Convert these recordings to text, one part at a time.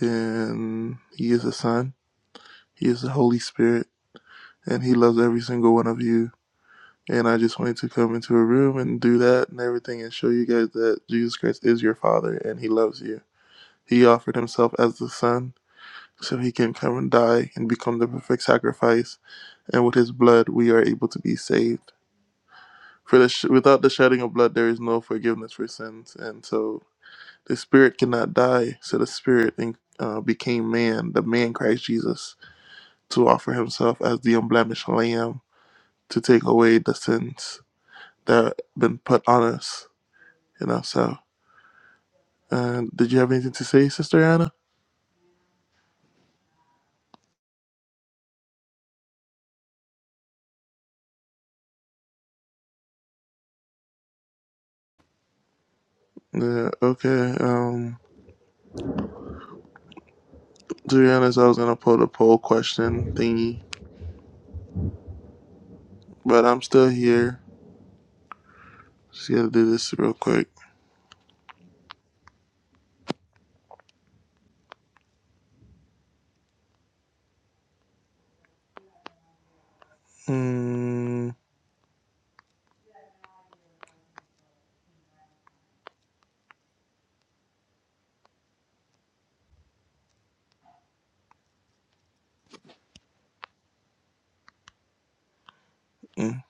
and He is the Son, He is the Holy Spirit, and He loves every single one of you. And I just wanted to come into a room and do that and everything and show you guys that Jesus Christ is your Father and He loves you. He offered Himself as the Son so He can come and die and become the perfect sacrifice. And with His blood, we are able to be saved. For the sh- without the shedding of blood, there is no forgiveness for sins. And so the Spirit cannot die. So the Spirit in- uh, became man, the man Christ Jesus to offer himself as the unblemished lamb to take away the sins that have been put on us. You know, so and did you have anything to say, Sister Anna? Yeah, okay. Um to be honest, I was gonna pull the poll question thingy. But I'm still here. Just gotta do this real quick. Mm, mm,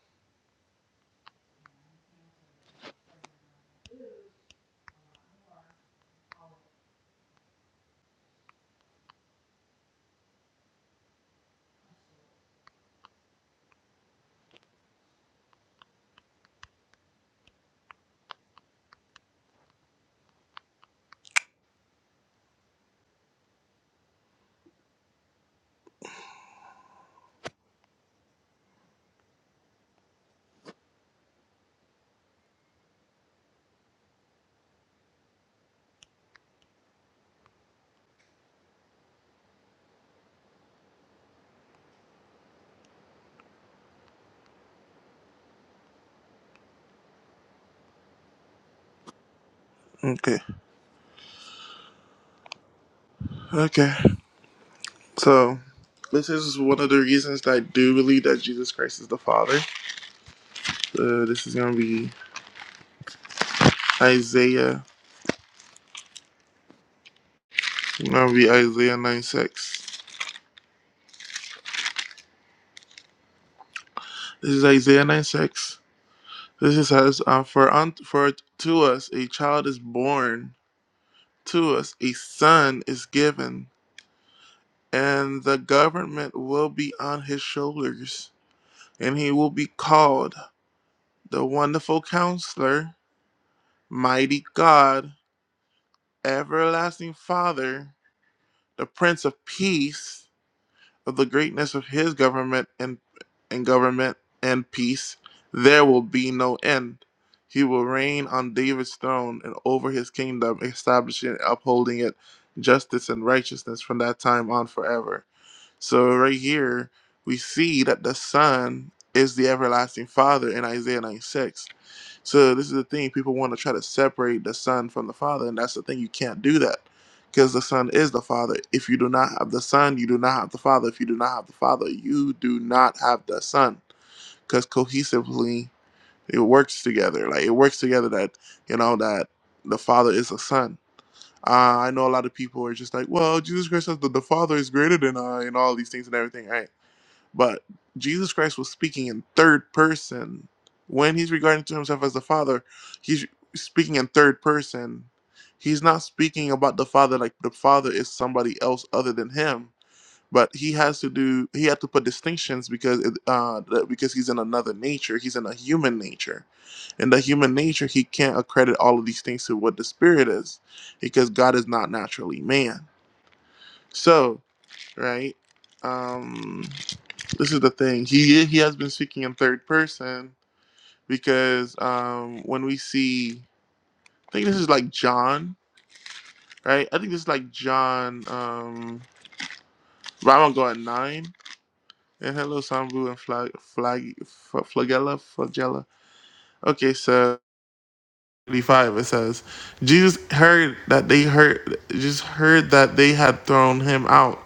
okay. Okay. So this is one of the reasons that I do believe that Jesus Christ is the Father. Uh, this is gonna be Isaiah. It's gonna be Isaiah 9 6. This is Isaiah 9 6. This is says, uh, for, unto, for to us a child is born, to us a son is given, and the government will be on his shoulders, and he will be called the Wonderful Counselor, Mighty God, Everlasting Father, the Prince of Peace. of the greatness of his government and and government and peace there will be no end. He will reign on David's throne and over his kingdom, establishing and upholding it justice and righteousness from that time on forever. So right here we see that the Son is the everlasting Father in Isaiah 96 so this is the thing people want to try to separate the son from the father, and that's the thing you can't do that because the son is the father. If you do not have the son, you do not have the father. If you do not have the father, you do not have the son because cohesively it works together. Like it works together that you know that the father is a son. Uh, I know a lot of people are just like, well, Jesus Christ says that the father is greater than I, and all these things and everything, right? But Jesus Christ was speaking in third person. When he's regarding to himself as the Father, he's speaking in third person. He's not speaking about the Father like the Father is somebody else other than him. But he has to do. He had to put distinctions because it, uh, that- because he's in another nature. He's in a human nature. In the human nature, he can't accredit all of these things to what the Spirit is, because God is not naturally man. So right. Um, this is the thing. He he has been speaking in third person because um, when we see, I think this is like John, right? I think this is like John. Um, right, I'm gonna go at nine. And hello, Sambu and Flag Flag F- Flagella Flagella. Okay, so. 35 it says jesus heard that they heard just heard that they had thrown him out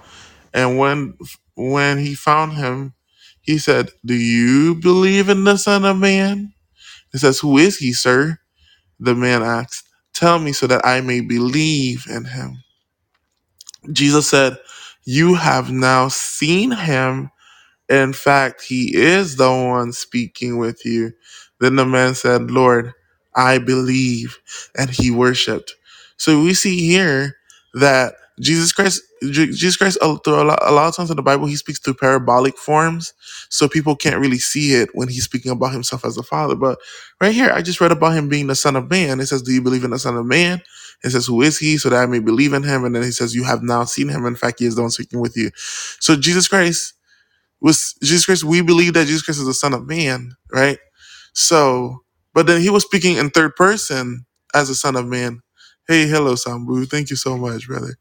and when when he found him he said do you believe in the son of man It says, Who is he, sir? The man asked, Tell me so that I may believe in him. Jesus said, You have now seen him. In fact, he is the one speaking with you. Then the man said, Lord, I believe. And he worshiped. So we see here that Jesus Christ, Je- Jesus Christ, uh, through a lot, a lot of times in the Bible, he speaks through parabolic forms. So people can't really see it when he's speaking about himself as the Father. But right here, I just read about him being the Son of Man. It says, Do you believe in the Son of Man? It says, Who is he? So that I may believe in him. And then he says, You have now seen him. In fact, he is the one speaking with you. So Jesus Christ was Jesus Christ. We believe that Jesus Christ is the Son of Man, right? So, but then he was speaking in third person as the Son of Man. Hey, hello, Sambu. Thank you so much, brother.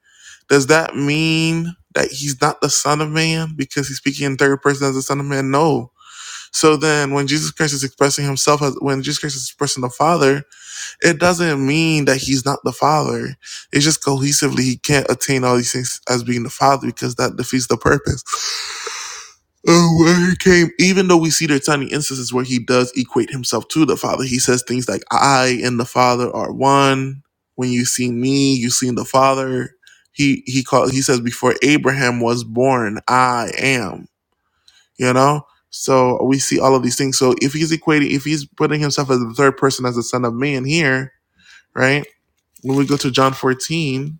Does that mean that he's not the Son of Man because he's speaking in third person as the Son of Man? No. So then, when Jesus Christ is expressing himself as when Jesus Christ is expressing the Father, it doesn't mean that he's not the Father. It's just cohesively he can't attain all these things as being the Father because that defeats the purpose. Oh, where he came, even though we see there are tiny instances where he does equate himself to the Father, he says things like, I and the Father are one. When you see me, you see the Father. He he called he says, Before Abraham was born, I am. You know? So we see all of these things. So if he's equating, if he's putting himself as the third person as the Son of Man here, right? When we go to John 14,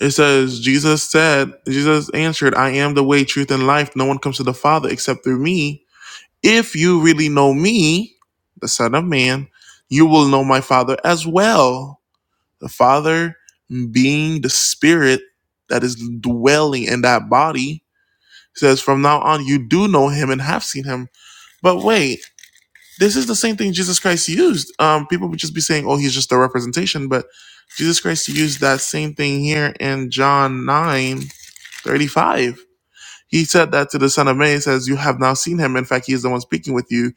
it says, Jesus said, Jesus answered, I am the way, truth, and life. No one comes to the Father except through me. If you really know me, the Son of Man, you will know my Father as well. The Father being the Spirit that is dwelling in that body says, From now on, you do know him and have seen him. But wait, this is the same thing Jesus Christ used. Um, people would just be saying, Oh, he's just a representation. But Jesus Christ used that same thing here in John 9 35. He said that to the Son of Man. He says, You have now seen him. In fact, he is the one speaking with you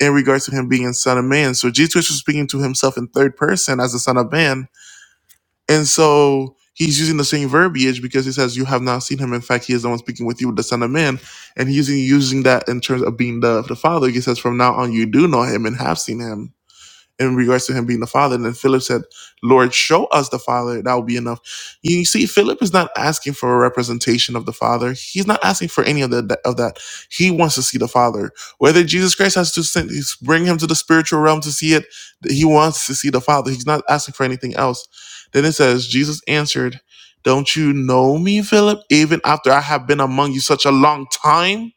in regards to him being son of man. So Jesus was speaking to himself in third person as the son of man. And so he's using the same verbiage because he says, You have not seen him. In fact, he is the one speaking with you with the son of man. And he's using using that in terms of being the, the father. He says, From now on you do know him and have seen him in regards to him being the father. And then Philip said, Lord, show us the father. That will be enough. You see, Philip is not asking for a representation of the father. He's not asking for any of, the, of that. He wants to see the father. Whether Jesus Christ has to send, bring him to the spiritual realm to see it, he wants to see the father. He's not asking for anything else. Then it says, Jesus answered, don't you know me, Philip? Even after I have been among you such a long time,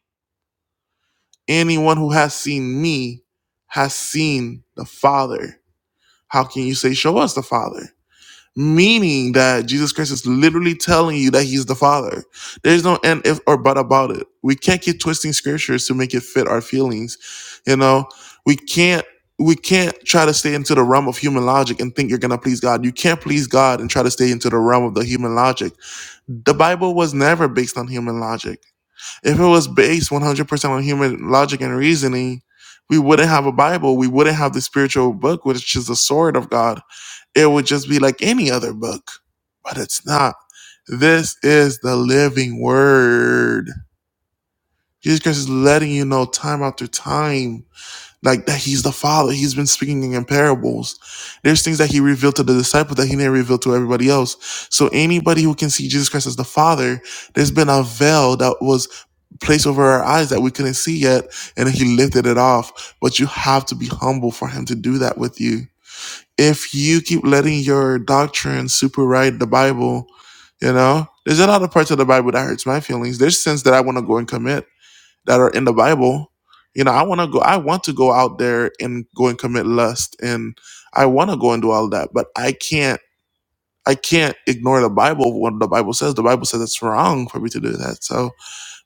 anyone who has seen me has seen the Father. How can you say, Show us the Father? Meaning that Jesus Christ is literally telling you that he's the Father. There's no end if or but about it. We can't keep twisting scriptures to make it fit our feelings. You know, we can't we can't try to stay into the realm of human logic and think you're gonna please God. You can't please God and try to stay into the realm of the human logic. The Bible was never based on human logic. If it was based 100% on human logic and reasoning, we wouldn't have a Bible. We wouldn't have the spiritual book, which is the sword of God it would just be like any other book, but it's not. This is the living word. Jesus Christ is letting you know time after time, like that He's the Father. He's been speaking in parables. There's things that He revealed to the disciples that He didn't reveal to everybody else. So anybody who can see Jesus Christ as the Father, there's been a veil that was placed over our eyes that we couldn't see yet, and He lifted it off. But you have to be humble for Him to do that with you if you keep letting your doctrine superride the Bible, you know, there's a lot of parts of the Bible that hurts my feelings. There's sins that I want to go and commit that are in the Bible. You know, I want to go. I want to go out there and go and commit lust, and I want to go and do all that, but I can't. I can't ignore the Bible. What the Bible says, the Bible says it's wrong for me to do that. So,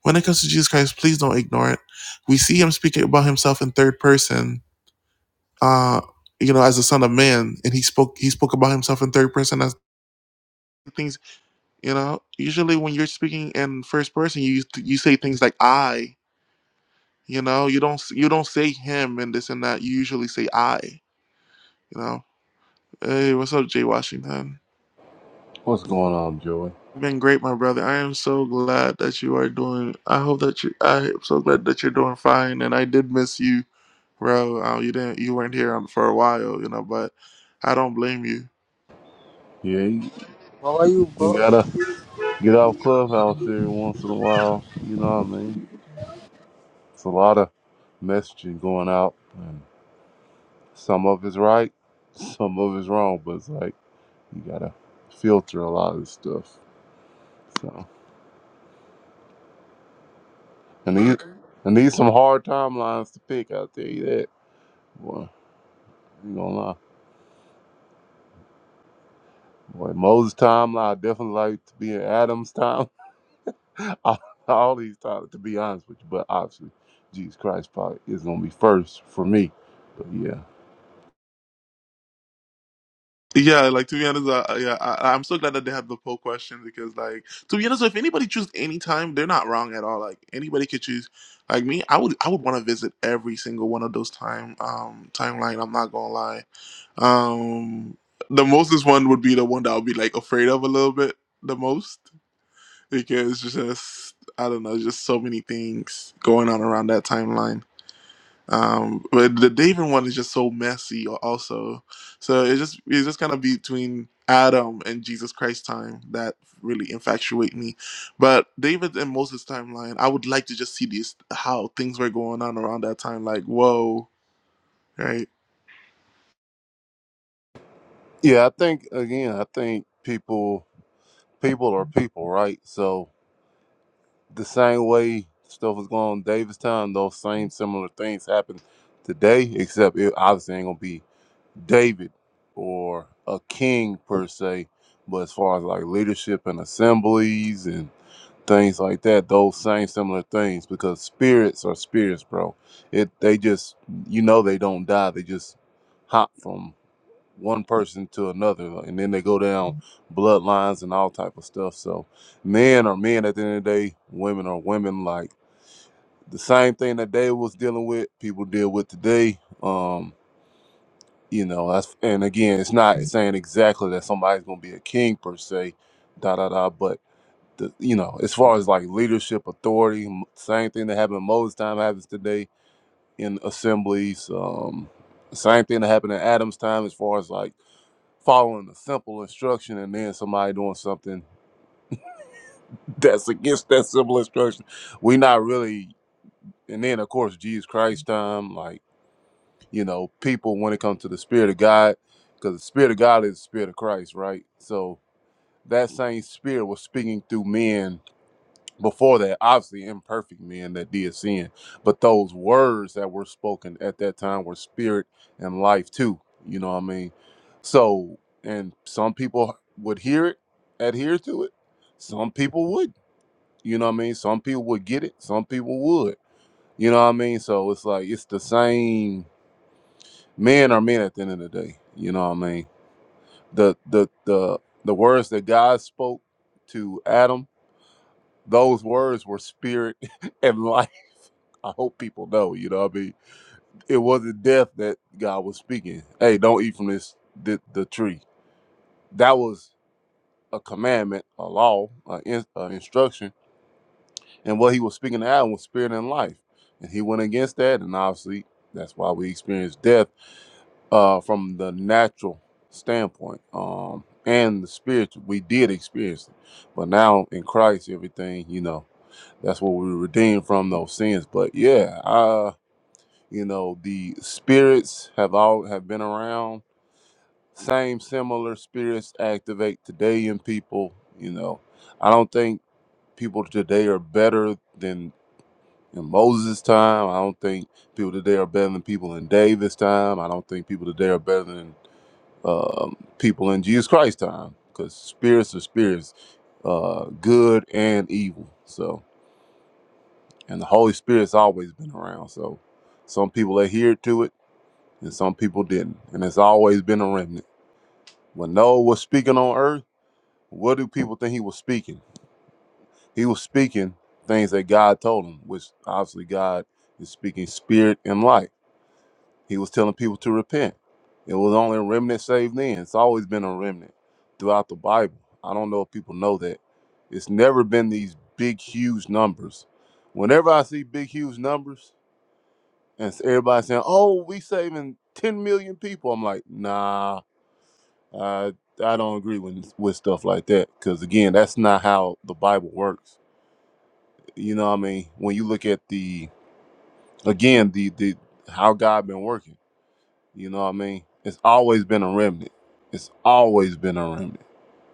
when it comes to Jesus Christ, please don't ignore it. We see Him speaking about Himself in third person uh, you know, as a son of man, and he spoke he spoke about himself in third person as things. You know, usually when you're speaking in first person, you you say things like I. You know, you don't you don't say him and this and that. You usually say I. You know, hey, what's up, Jay Washington? What's going on, Joey? You've been great, my brother. I am so glad that you are doing. I hope that you. I am so glad that you're doing fine. And I did miss you, bro. Uh, you didn't. You weren't here on, for a while, you know. But I don't blame you. Yeah, you How are you, you bro? gotta get out of clubhouse every once in a while. You know what I mean? It's a lot of messaging going out. Some of it's right, some of it's wrong, but it's like you gotta filter a lot of this stuff. So I need I need some hard timelines to pick. I'll tell you that. Boy, you gonna lie. Boy, Moses' timeline I definitely like to be in Adam's all, all these titles, to be honest with you. But obviously, Jesus Christ probably is going to be first for me. But yeah, Yeah, like to be honest, uh, uh, yeah, I, I'm so glad that they have the poll question because, like, to be honest, if anybody choose any time, they're not wrong at all. Like anybody could choose. Like me, I would I would want to visit every single one of those time um timeline. I'm not gonna lie. Um, the mostest one would be the one that I'll be like afraid of a little bit the most because it's just I don't know, just so many things going on around that timeline. Um, but the David one is just so messy, also. So it's just it's just kind of between Adam and Jesus Christ time that really infatuate me. But David and Moses timeline, I would like to just see this how things were going on around that time. Like, whoa, right? yeah. I think again, I think people, people are people, right? So the same way stuff was going on in Davistown, those same similar things happen today, except it obviously ain't going to be David or a king per se. But as far as like leadership and assemblies and. things like that those same similar things because spirits are spirits bro it they just you know they don't die they just hop from one person to another like, and then they go down bloodlines and all type of stuff so men are men at the end of the day women are women like the same thing that they was dealing with people deal with today um you know that's and again it's not saying exactly that somebody's gonna be a king per se da da da But the, you know, as far as like leadership, authority, m- same thing that happened in Moses' time happens today in assemblies. Um, same thing that happened in Adam's time, as far as like following a simple instruction and then somebody doing something that's against that simple instruction. We not really, and then of course Jesus Christ time, like you know, people when it comes to the Spirit of God, because the Spirit of God is the Spirit of Christ, right? So that same Spirit was speaking through men before that, obviously imperfect men that did sin, but those words that were spoken at that time were spirit and life too. You know what I mean? So, and some people would hear it, adhere to it. Some people would. You know what I mean? Some people would get it. Some people would. You know what I mean? So it's like it's the same. Men are men at the end of the day. You know what I mean? The the the the words that God spoke to Adam, those words were spirit and life I hope people know, you know what I mean? It wasn't death that God was speaking. Hey, don't eat from this the, the tree. That was a commandment, a law, an in, a instruction. And what he was speaking to Adam was spirit and life. And he went against that. And obviously, that's why we experience death uh, from the natural standpoint um, and the spiritual. We did experience it. But now in Christ, everything, you know, that's what we were redeemed from those sins. But yeah, I. you know the spirits have all have been around same similar spirits activate today in people you know i don't think people today are better than in moses time i don't think people today are better than people in david's time i don't think people today are better than um, people in jesus christ's time because spirits are spirits uh, good and evil so and the holy spirit's always been around so some people adhere to it and some people didn't. And it's always been a remnant. When Noah was speaking on earth, what do people think he was speaking? He was speaking things that God told him, which obviously God is speaking spirit and light. He was telling people to repent. It was only a remnant saved then. It's always been a remnant throughout the Bible. I don't know if people know that. It's never been these big, huge numbers. Whenever I see big, huge numbers, and everybody saying, "Oh, we saving 10 million people," I'm like, "Nah, I I don't agree with with stuff like that because again, that's not how the Bible works. You know what I mean? When you look at the again the the how God been working, you know what I mean? It's always been a remnant. It's always been a remnant.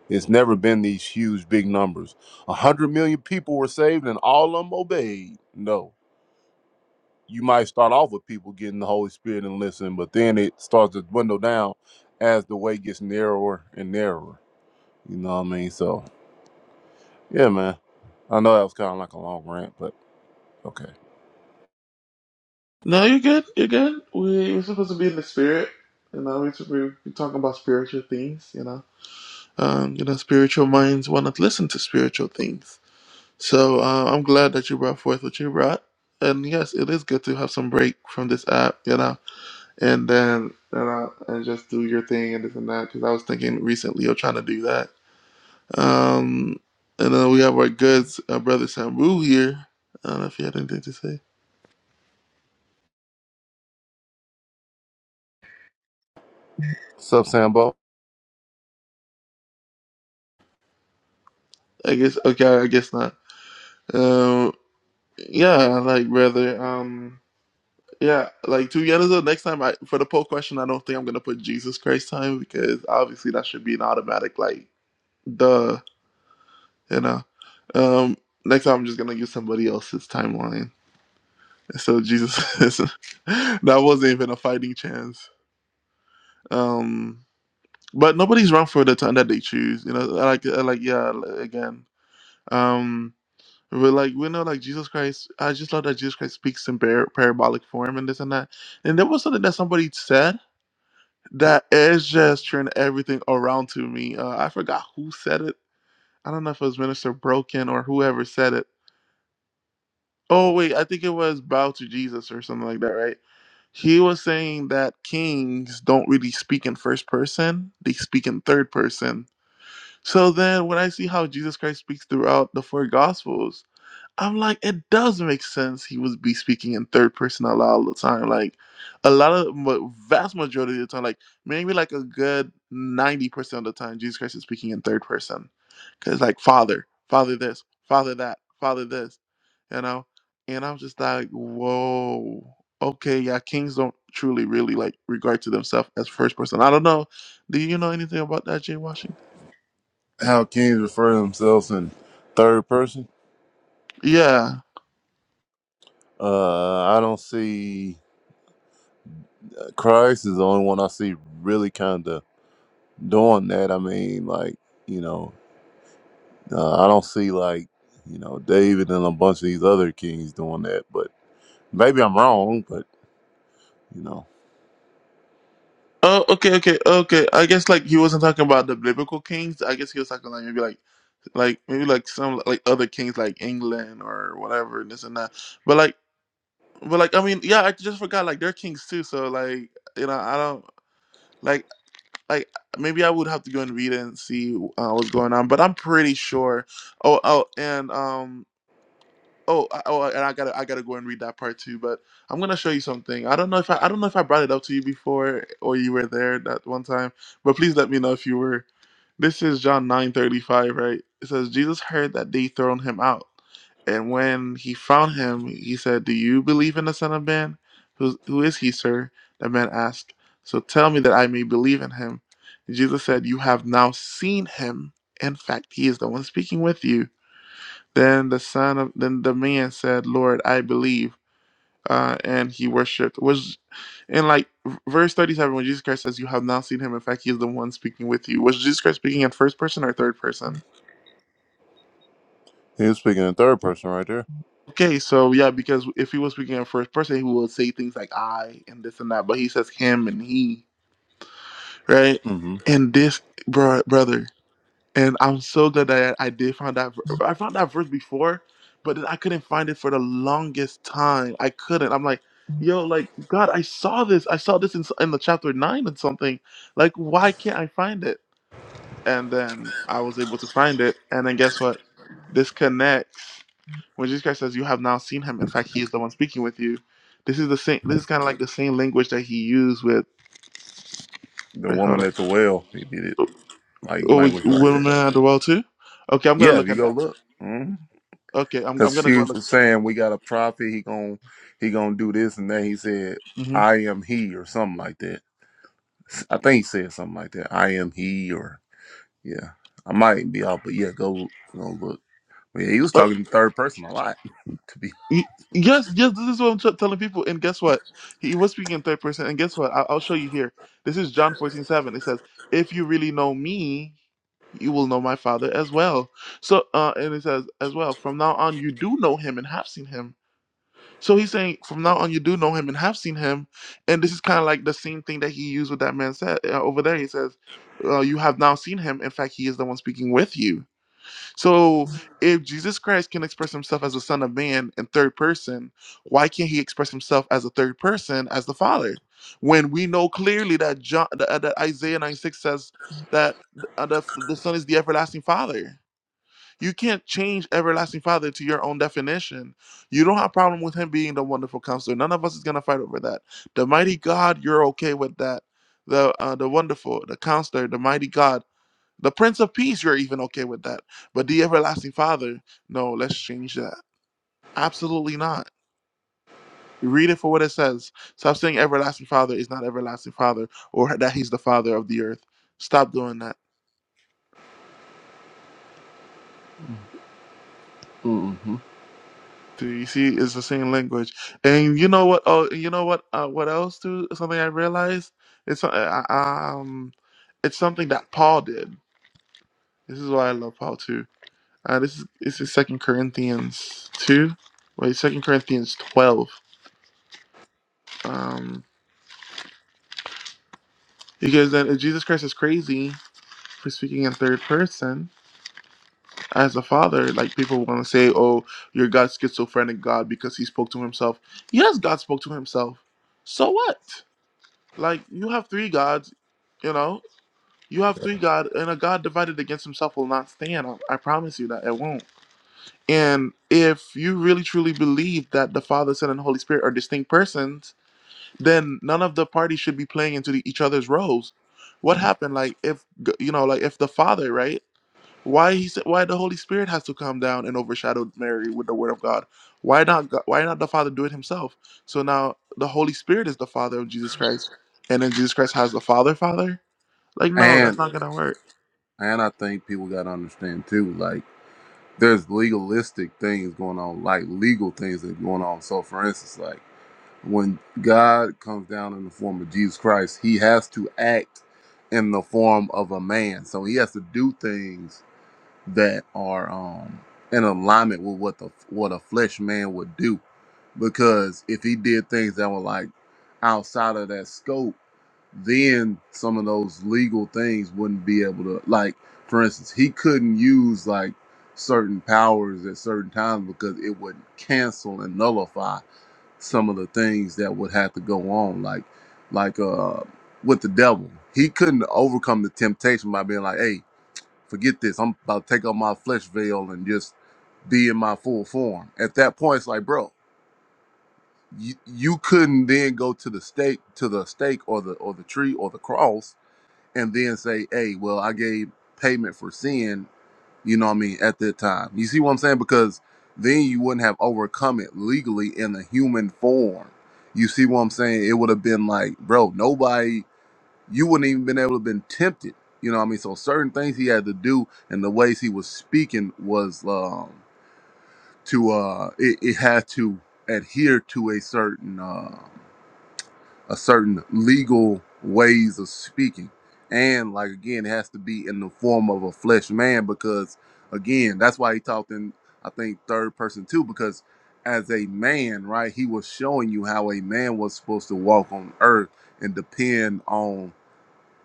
It's never been these huge big numbers. A hundred million people were saved and all of them obeyed. No. You might start off with people getting the Holy Spirit and listen, but then it starts to dwindle down as the way gets narrower and narrower. You know what I mean? So yeah, man. I know that was kind of like a long rant, but okay. No, you're good. You're good. We, we're supposed to be in the spirit. You know, we're, sup- we're we're talking about spiritual things. You know, um, you know, spiritual minds want to listen to spiritual things. So uh, I'm glad that you brought forth what you brought. And yes, it is good to have some break from this app, you know, and then you know, and just do your thing and this and that. Because I was thinking recently of trying to do that. Um, and then we have our good uh, brother Sambu here. I don't know if you had anything to say. What's up, Sambo? I guess okay, I guess not. Um, yeah, like brother. Um, yeah, like to be honest, though, next time I for the poll question, I don't think I'm gonna put Jesus Christ time because obviously that should be an automatic like, duh You know, um, next time I'm just gonna use somebody else's timeline. So Jesus, that wasn't even a fighting chance. Um, but nobody's wrong for the time that they choose. You know, like like yeah, again. Um, we're like we know like Jesus Christ. I just love that Jesus Christ speaks in par- parabolic form and this and that. And there was something that somebody said that is just turned everything around to me. Uh, I forgot who said it. I don't know if it was Minister Broken or whoever said it Oh wait, I think it was bow to Jesus or something like that, right? He was saying that kings don't really speak in first person; they speak in third person. So then, when I see how Jesus Christ speaks throughout the four Gospels, I'm like, it does make sense. He would be speaking in third person a lot of the time. Like, a lot of ma- vast majority of the time, like maybe like a good ninety percent of the time, Jesus Christ is speaking in third person, because like Father, Father this, Father that, Father this, you know. And I'm just like, whoa, okay, yeah. Kings don't truly really like regard to themselves as first person. I don't know. Do you know anything about that, Jay Washington? How kings refer to themselves in third person? Yeah. Uh, I don't see uh, Christ is the only one I see really kind of doing that. I mean, like you know, uh, I don't see like you know David and a bunch of these other kings doing that. But maybe I'm wrong. But you know, Oh, okay, okay, okay. I guess like he wasn't talking about the biblical kings. I guess he was talking like maybe like like maybe like some like other kings like England or whatever this and that. But like but like I mean yeah I just forgot like they're kings too. So like you know I don't like like maybe I would have to go and read it and see uh, what's going on. But I'm pretty sure. Oh oh and um Oh, I- oh, and I gotta, I gotta go and read that part too. But I'm gonna show you something. I don't know if I, I don't know if I brought it up to you before or you were there that one time. But please let me know if you were. This is John nine thirty five, right? It says Jesus heard that they thrown him out, and when he found him, he said, "Do you believe in the Son of Man? Who, who is he, sir?" The man asked. So tell me that I may believe in him. Jesus said, "You have now seen him. In fact, he is the one speaking with you." Then the son of then the man said, "Lord, I believe," uh, and he worshipped. Was in like verse thirty-seven when Jesus Christ says, "You have now seen him." In fact, he is the one speaking with you. Was Jesus Christ speaking in first person or third person? he was speaking in third person right there. Okay, so yeah, because if he was speaking in first person, he would say things like "I" and this and that, but he says "him" and "he," right? hmm And this, bro, brother. And I'm so glad that I, I did find that. ver- I found that verse before, but then I couldn't find it for the longest time. I couldn't. I'm like, yo, like God, I saw this. I saw this in, s- in the chapter nine and something. Like, why can't I find it? And then I was able to find it. And then guess what? This connects when Jesus Christ says, "You have now seen Him." In fact, He is the one speaking with you. This is the same. This is kind of like the same language that He used with. The Wait, woman hold up. at the well, he did it like Oh, with language right women there. at the well too. Okay, I'm gonna Yeah, if look you at go that. look. Okay, I'm, I'm Cause gonna go she and look at was that. saying we got a prophet, he gon' he gonna do this and that. He said, hmm I am he or something like that. I think he said something like that. I am he or yeah. I might be off, but yeah, go go look. But yeah, he was Uh, talking in third person a lot, to be y- yes, yes. This is what I'm t- telling people. And guess what? He, he was speaking in third person. And guess what? I- I'll show you here. This is John fourteen seven. It says, "If you really know me, you will know my Father as well." So, uh, and it says as well, "From now on, you do know him and have seen him." So he's saying, "From now on, you do know him and have seen him." And this is kind of like the same thing that he used with that man said uh, over there. He says, uh, "You have now seen him. In fact, he is the one speaking with you." So if Jesus Christ can express himself as the Son of Man in third person, why can't he express himself as a third person as the Father? When we know clearly that John, that, that Isaiah 96 says that uh, the, the Son is the everlasting Father. You can't change everlasting Father to your own definition. You don't have problem with him being the wonderful counselor. None of us is gonna fight over that. The mighty God, you're okay with that. The uh, the wonderful, the counselor, the mighty God. The Prince of Peace, you're even okay with that. But the Everlasting Father, no, let's change that. Absolutely not. Read it for what it says. Stop saying Everlasting Father is not Everlasting Father or that He's the Father of the earth. Stop doing that. hmm So you see, it's the same language. And you know what? Oh, you know what? Uh, what else? Too something I realized. It's uh, um, it's something that Paul did. This is why I love Paul too. Uh, this is this is Second Corinthians two. Wait, Second Corinthians twelve. Um. Because then if Jesus Christ is crazy for speaking in third person as a father, like people want to say, oh, you're God's schizophrenic God because he spoke to himself. Yes, God spoke to himself. So what? Like you have three gods, you know? You have three God and a God divided against himself will not stand. I, I promise you that it won't. And if you really truly believe that the Father, Son, and Holy Spirit are distinct persons, then none of the parties should be playing into the, each other's roles. What yeah. happened? Like if g- you know, like if the Father, right? Why he said why the Holy Spirit has to come down and overshadow Mary with the Word of God? Why not? Go- Why not the Father do it Himself? So now the Holy Spirit is the Father of Jesus Christ, and then Jesus Christ has the Father, Father. Like no, and that's not gonna work. and I think people gotta understand too, like there's legalistic things going on, like legal things that are going on. So for instance, like When God comes down in the form of Jesus Christ, he has to act in the form of a man. So he has to do things that are um in alignment with what the what a flesh man would do. Because if he did things that were like outside of that scope, then some of those legal things wouldn't be able to like for instance, he couldn't use like certain powers at certain times because it would cancel and nullify some of the things that would have to go on, like like uh with the devil. He couldn't overcome the temptation by being like, Hey, forget this, I'm about to take off my flesh veil and just be in my full form. At that point it's like, bro, you, you couldn't then go to the stake to the stake or the or the tree or the cross and then say, Hey, well I gave payment for sin you know what I mean, at that time. You see what I'm saying? Because then you wouldn't have overcome it legally in the human form. You see what I'm saying? It would have been like, bro, nobody, you wouldn't even been able to have been tempted. You know what I mean? So certain things he had to do and the ways he was speaking was um, to, uh, it, it had to adhere to a certain, uh, a certain legal ways of speaking. And like again, it has to be in the form of a flesh man because again, that's why he talked in I think third person too, because as a man, right, he was showing you how a man was supposed to walk on earth and depend on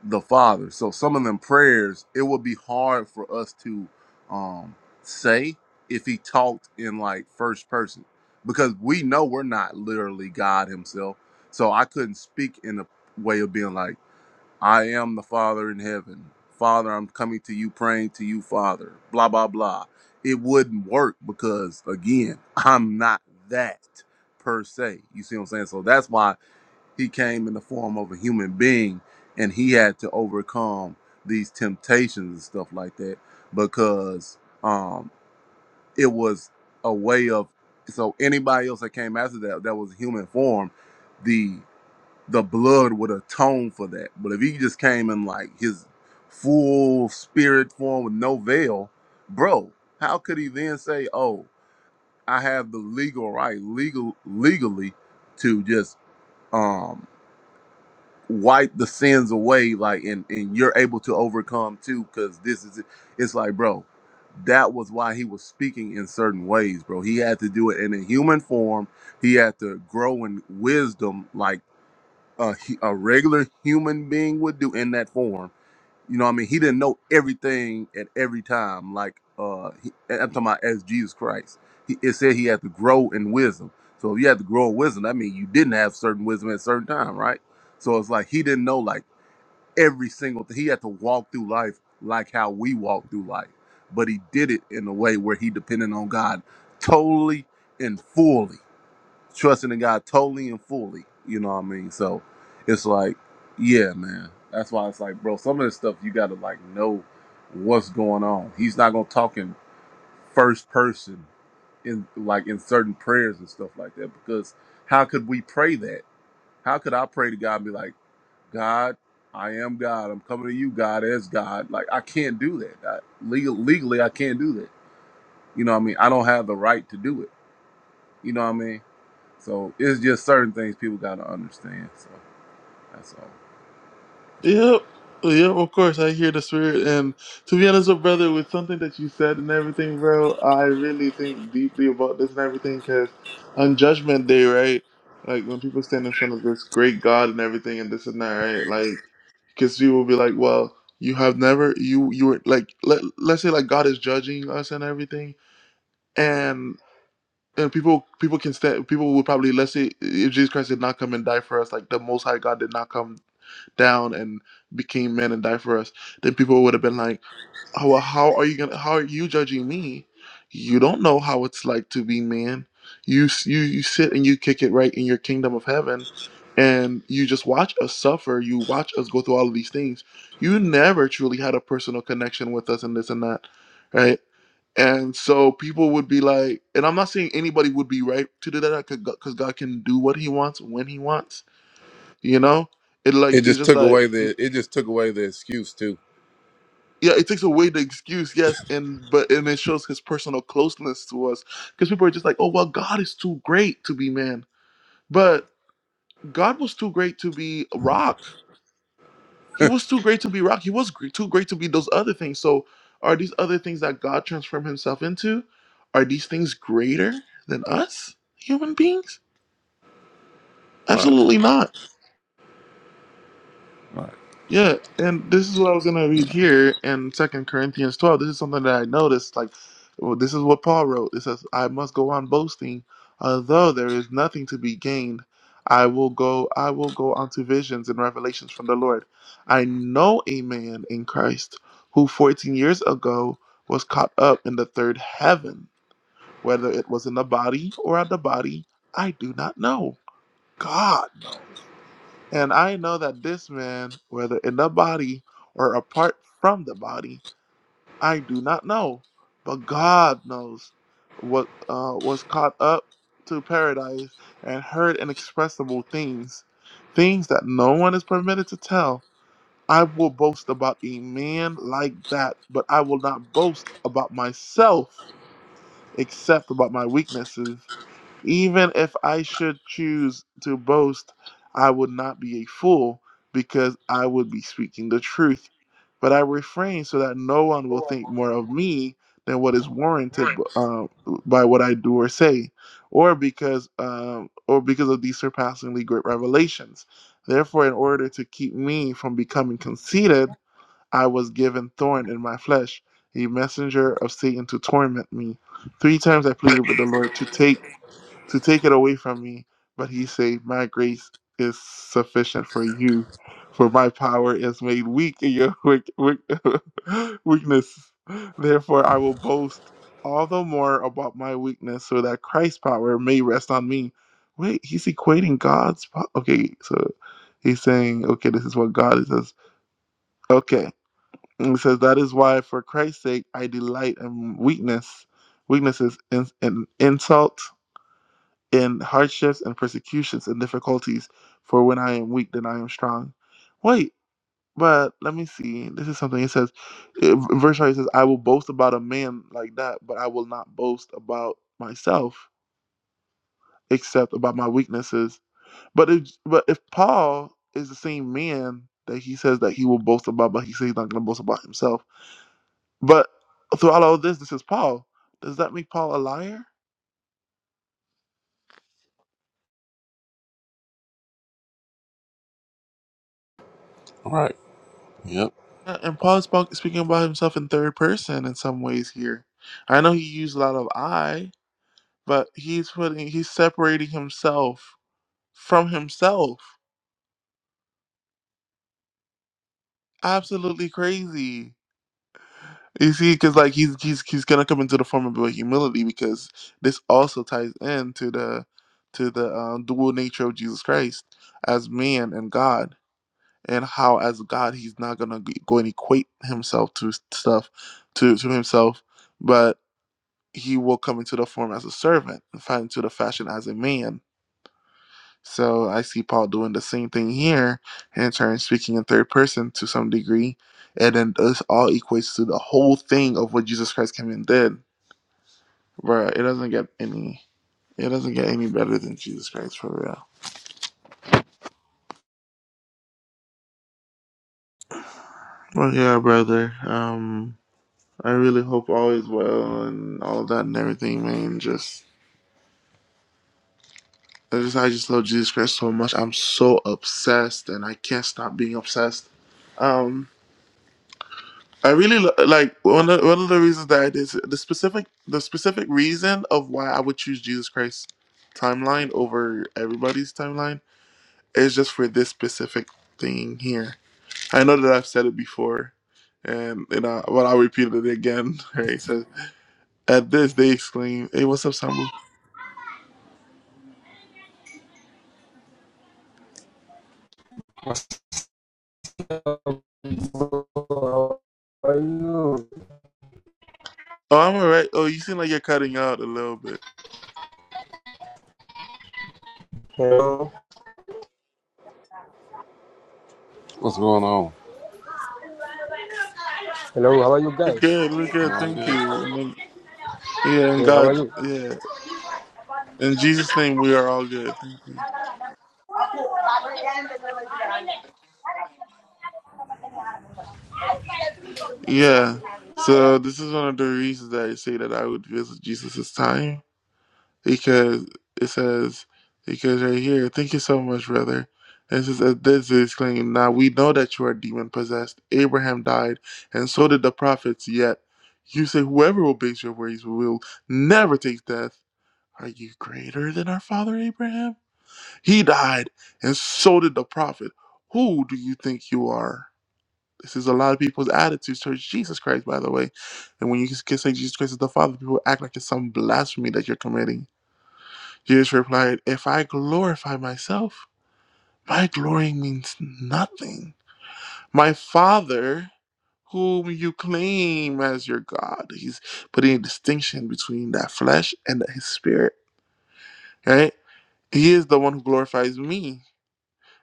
the Father. So some of them prayers, it would be hard for us to um, say if he talked in like first person, because we know we're not literally God Himself. So I couldn't speak in a way of being like, "I am the Father in heaven, Father, I'm coming to you, praying to you, Father." Blah blah blah. It wouldn't work because again, I'm not that per se. You see what I'm saying? So that's why he came in the form of a human being and he had to overcome these temptations and stuff like that because um it was a way of so anybody else that came after that that was human form, the the blood would atone for that. But if he just came in like his full spirit form with no veil, bro, how could he then say, "Oh, I have the legal right, legal legally, to just um." wipe the sins away like and and you're able to overcome too because this is it. it's like bro that was why he was speaking in certain ways bro he had to do it in a human form he had to grow in wisdom like a, hu- a regular human being would do in that form you know what I mean? He didn't know everything at every time. Like uh he, I'm talking about as Jesus Christ. He, it said he had to grow in wisdom. So if you had to grow in wisdom, that means you didn't have certain wisdom at a certain time, right? So it's like he didn't know like every single thing. He had to walk through life like how we walk through life. But he did it in a way where he depended on God totally and fully trusting in God totally and fully. You know what I mean? So it's like, yeah, man. That's why it's like, bro, some of this stuff you gotta like know what's going on. He's not gonna talk in first person in like in certain prayers and stuff like that because how could we pray that? How could I pray to God and be like, God, I am God. I'm coming to you, God, as God. Like I can't do that. I, legal, legally, I can't do that. You know what I mean? I don't have the right to do it. You know what I mean? So it's just certain things people got to understand. So that's all. Yep. Yep, of course, I hear the spirit. And to be honest, with brother, with something that you said and everything, bro, I really think deeply about this and everything because on Judgment Day, right? Like when people stand in front of this great God and everything and this and that, right? Like, because people will be like, well, you have never, you, you were like, let, let's say like God is judging us and everything. And, and people, people can stand, people would probably, let's say if Jesus Christ did not come and die for us, like the Most High God did not come down and became man and died for us, then people would have been like, "Oh, well, how are you gonna? How are you judging me? You don't know how it's like to be man. You you you sit and you kick it right in your kingdom of heaven." And you just watch us suffer. You watch us go through all of these things. You never truly had a personal connection with us, and this and that, right? And so people would be like, and I'm not saying anybody would be right to do that because God can do what He wants when He wants, you know? It like It it's just just took like away the it just took away the excuse too. yeah, it takes away the excuse, yes, and but and it shows his personal closeness to us because people are just like, oh well, God is too great to be man, but God was too great to be rock. He was too great to be rock. He was gr- too great to be those other things. So are these other things that God transformed Himself into? Are these things greater than us human beings? All Right. Absolutely not. Right. Yeah, and this is what I was gonna read here in Second Corinthians twelve. This is something that I noticed. Like, well, this is what Paul wrote. It says, "I must go on boasting, although there is nothing to be gained. I will go. I will go on to visions and revelations from the Lord. I know a man in Christ who fourteen years ago was caught up in the third heaven. Whether it was in the body or out the body, I do not know. God knows." And I know that this man, whether in the body or apart from the body, I do not know, but God knows, what uh, was caught up to paradise and heard inexpressible things, things that no one is permitted to tell. I will boast about a man like that, but I will not boast about myself except about my weaknesses. Even if I should choose to boast, I would not be a fool because I would be speaking the truth. But I refrain so that no one will think more of me than what is warranted uh, by what I do or say, or because uh, or because of these surpassingly great revelations. Therefore, in order to keep me from becoming conceited, I was given thorn in my flesh, a messenger of Satan to torment me. Three times I pleaded with the Lord to take to take it away from me. But he said, My grace is sufficient for you, for my power is made weak in your weak, weak, weakness. Therefore, I will boast all the more about my weakness, so that Christ's power may rest on me. Wait, he's equating God's. Po- okay, so he's saying, okay, this is what God says. Okay, and it says that is why, for Christ's sake, I delight in weakness, weaknesses, in, in insult in hardships and persecutions and difficulties, for when I am weak, then I am strong. Wait, but let me see. This is something it says, it, verse 5 it says, I will boast about a man like that, but I will not boast about myself except about my weaknesses. But if, but if Paul is the same man that he says that he will boast about, but he says he's not going to boast about himself, but throughout all this, this is Paul. Does that make Paul a liar? All right. Yep. Uh, And Paul is spo- speaking about himself in third person in some ways here. I know he used a lot of I, but he's putting he's separating himself from himself. Absolutely crazy. You see, because like he's he's he's gonna come into the form of like, humility because this also ties in to the to the um, dual nature of Jesus Christ as man and God, and how as God he's not gonna g- go and equate himself to s- stuff to to himself, but. he will come into the form as a servant, and find into the fashion as a man. So I see Paul doing the same thing here, in turn speaking in third person to some degree, and then this all equates to the whole thing of what Jesus Christ came and did. Bruh, it doesn't get any, it doesn't get any better than Jesus Christ for real. Well, yeah, brother. Um, I really hope all is well and all of that and everything, man. Just, I just, I just love Jesus Christ so much. I'm so obsessed, and I can't stop being obsessed. Um. I really lo- like one of, one of the reasons that I did the specific the specific reason of why I would choose Jesus Christ timeline over everybody's timeline is just for this specific thing here. I know that I've said it before, and you know, but I'll repeat it again. Right? So at this, they exclaim, "Hey, what's up, Sambu? Bro, How are you? Oh, I'm alright. Oh, you seem like you're cutting out a little bit. Hello. What's going on? Hello. How are you We're guys? good, We're good. Doing Thank good. you. And then yeah, and Hey, how God, are you? yeah, in Jesus' name, we are all good. Thank you. Yeah. So this is one of the reasons that I say that I would visit Jesus' time because it says because right here, thank you so much, brother. And It says "At this is claim. Now we know that you are demon possessed. Abraham died, and so did the prophets. Yet you say whoever obeys your ways will never taste death. Are you greater than our father Abraham? He died, and so did the prophet. Who do you think you are? This is a lot of people's attitudes towards Jesus Christ, by the way. And when you can say Jesus Christ is the Father, people act like it's some blasphemy that you're committing. Jesus replied, If I glorify myself, my glory means nothing. My Father, whom you claim as your God, he's putting a distinction between that flesh and his spirit, right? He is the one who glorifies me.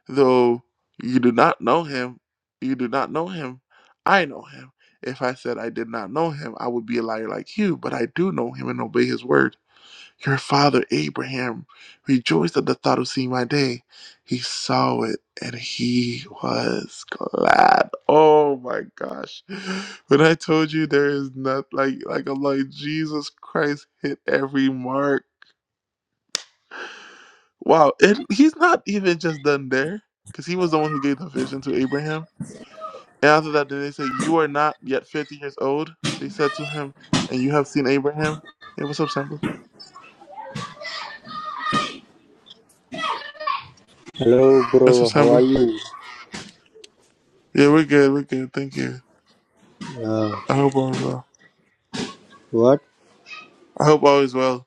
Though you do not know him, you do not know him. I know him. If I said I did not know him, I would be a liar like you, but I do know him and obey his word. Your father Abraham rejoiced at the thought of seeing my day. He saw it and he was glad. Oh my gosh. When I told you there is not like like I'm like Jesus Christ hit every mark. Wow, and he's not even just done there because he was the one who gave the vision to Abraham And after that, did they said, You are not yet 50 years old? They said to him, And you have seen Abraham? Hey, what's up, Sambo? Hello, What's up, bro. How Sambo? are you? Yeah, we're good. We're good. Thank you. Uh, I hope all is well. what? I hope all is well.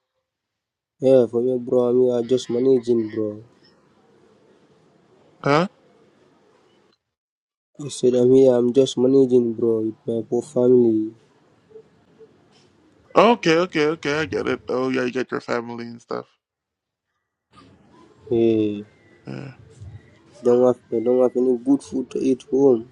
Yeah, for me, bro. I mean, I'm here just managing, bro. Huh? I said I'm here. I'm just managing, bro. With my poor family. Okay, okay, okay. I get it. Oh, yeah, you get your family and stuff. Hey, Yeah. don't have I don't have any good food to eat home.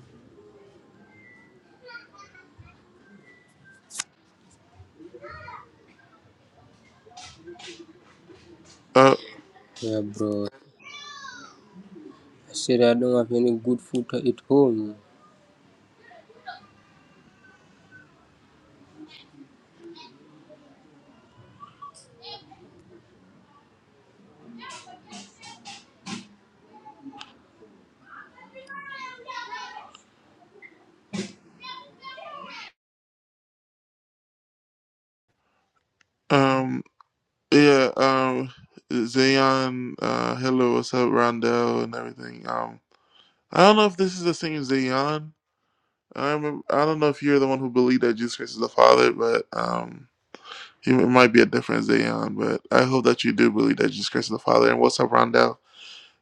Uh, Yeah, bro. I said I don't have any good food to eat home. um, yeah, um, Zayon, uh, hello, what's up, Rondell and everything. Um, I don't know if this is the same Zayon. I remember, I don't know if you're the one who believed that Jesus Christ is the Father, but, um, It might be a different Zion, but I hope that you do believe that Jesus Christ is the Father. And what's up, Rondell?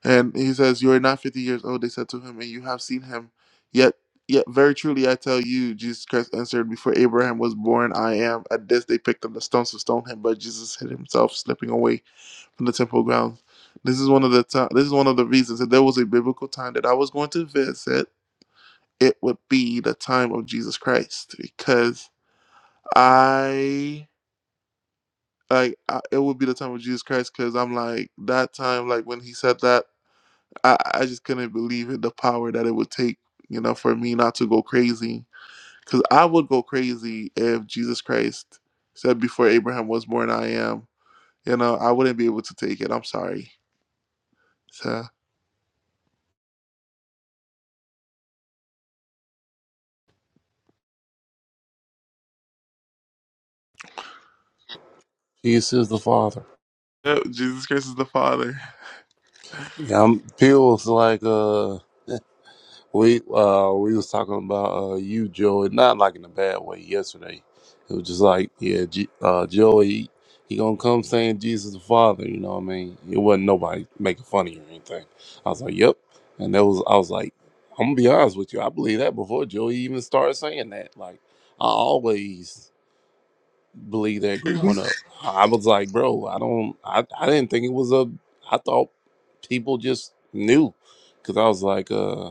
And he says, You are not 50 years old, they said to him, and you have seen him. Yet, yet very truly I tell you, Jesus Christ answered, Before Abraham was born, I am. At this they picked up the stones to stone him, but Jesus hid himself, slipping away from the temple grounds. This is one of the time, this is one of the reasons that there was a biblical time that I was going to visit. It would be the time of Jesus Christ because I like I, it would be the time of Jesus Christ because I'm like that time like when he said that I I just couldn't believe it the power that it would take you know for me not to go crazy because I would go crazy if Jesus Christ said before Abraham was born I am you know I wouldn't be able to take it I'm sorry so Jesus is the Father. yeah, Jesus Christ is the Father Yeah, I'm, Peel's like, uh, We uh we was talking about uh you Joey, not like in a bad way yesterday. It was just like, yeah, G- uh Joey, he gonna come saying Jesus the Father, you know what I mean? It wasn't nobody making fun of you or anything. I was like, Yep. And that was I was like, I'm gonna be honest with you, I believe that before Joey even started saying that. Like I always believed that growing up. I was like, bro, I don't I, I didn't think it was a I thought people just knew. Cause I was like, uh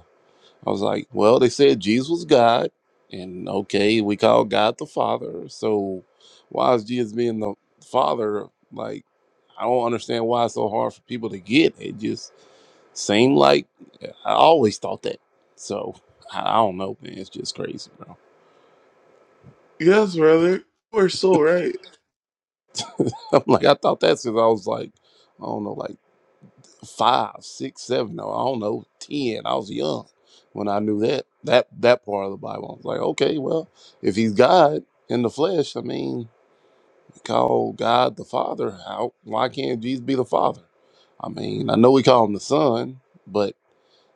I was like, well, they said Jesus was God, and okay, we call God the Father. So why is Jesus being the Father? Like, I don't understand why it's so hard for people to get. It just seemed like I always thought that. So I I don't know, man. It's just crazy, bro. yes brother we're so right I'm like, I thought that since I was like, I don't know, like five, six, seven, or I don't know, ten. I was young when I knew that that that part of the Bible. I was like, okay, well, if he's God in the flesh, I mean call God the Father. How why can't Jesus be the Father? I mean, I know we call him the Son, but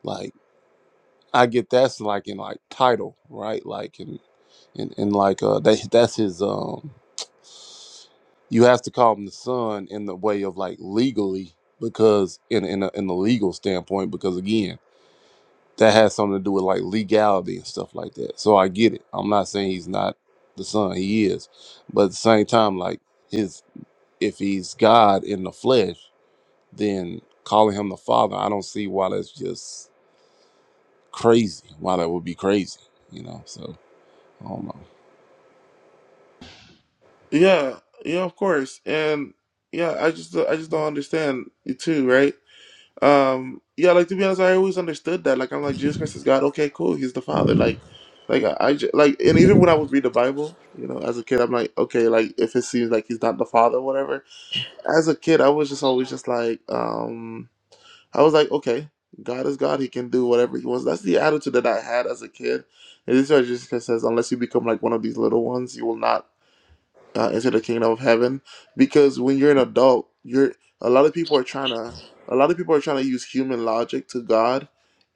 like I get that's like in like title, right? Like in in, in like uh that that's his um you have to call him the son in the way of like legally because in in a, in the legal standpoint because again that has something to do with like legality and stuff like that so i get it i'm not saying he's not the son he is but at the same time like if he's God in the flesh, then calling him the Father, I don't see why that's just crazy. Why that would be crazy, you know? So I don't know. yeah yeah of course and yeah I just I just don't understand you too right Um, yeah, like to be honest, I always understood that. Like I'm like Jesus Christ is God. Okay, cool. He's the Father. Like, like I, I ju- like, and even when I would read the Bible, you know, as a kid, I'm like, okay, like if it seems like he's not the Father, whatever. As a kid, I was just always just like, um, I was like, okay, God is God. He can do whatever he wants. That's the attitude that I had as a kid. And this is why Jesus Christ says, unless you become like one of these little ones, you will not uh, into the kingdom of heaven because when you're an adult you're a lot of people are trying to a lot of people are trying to use human logic to god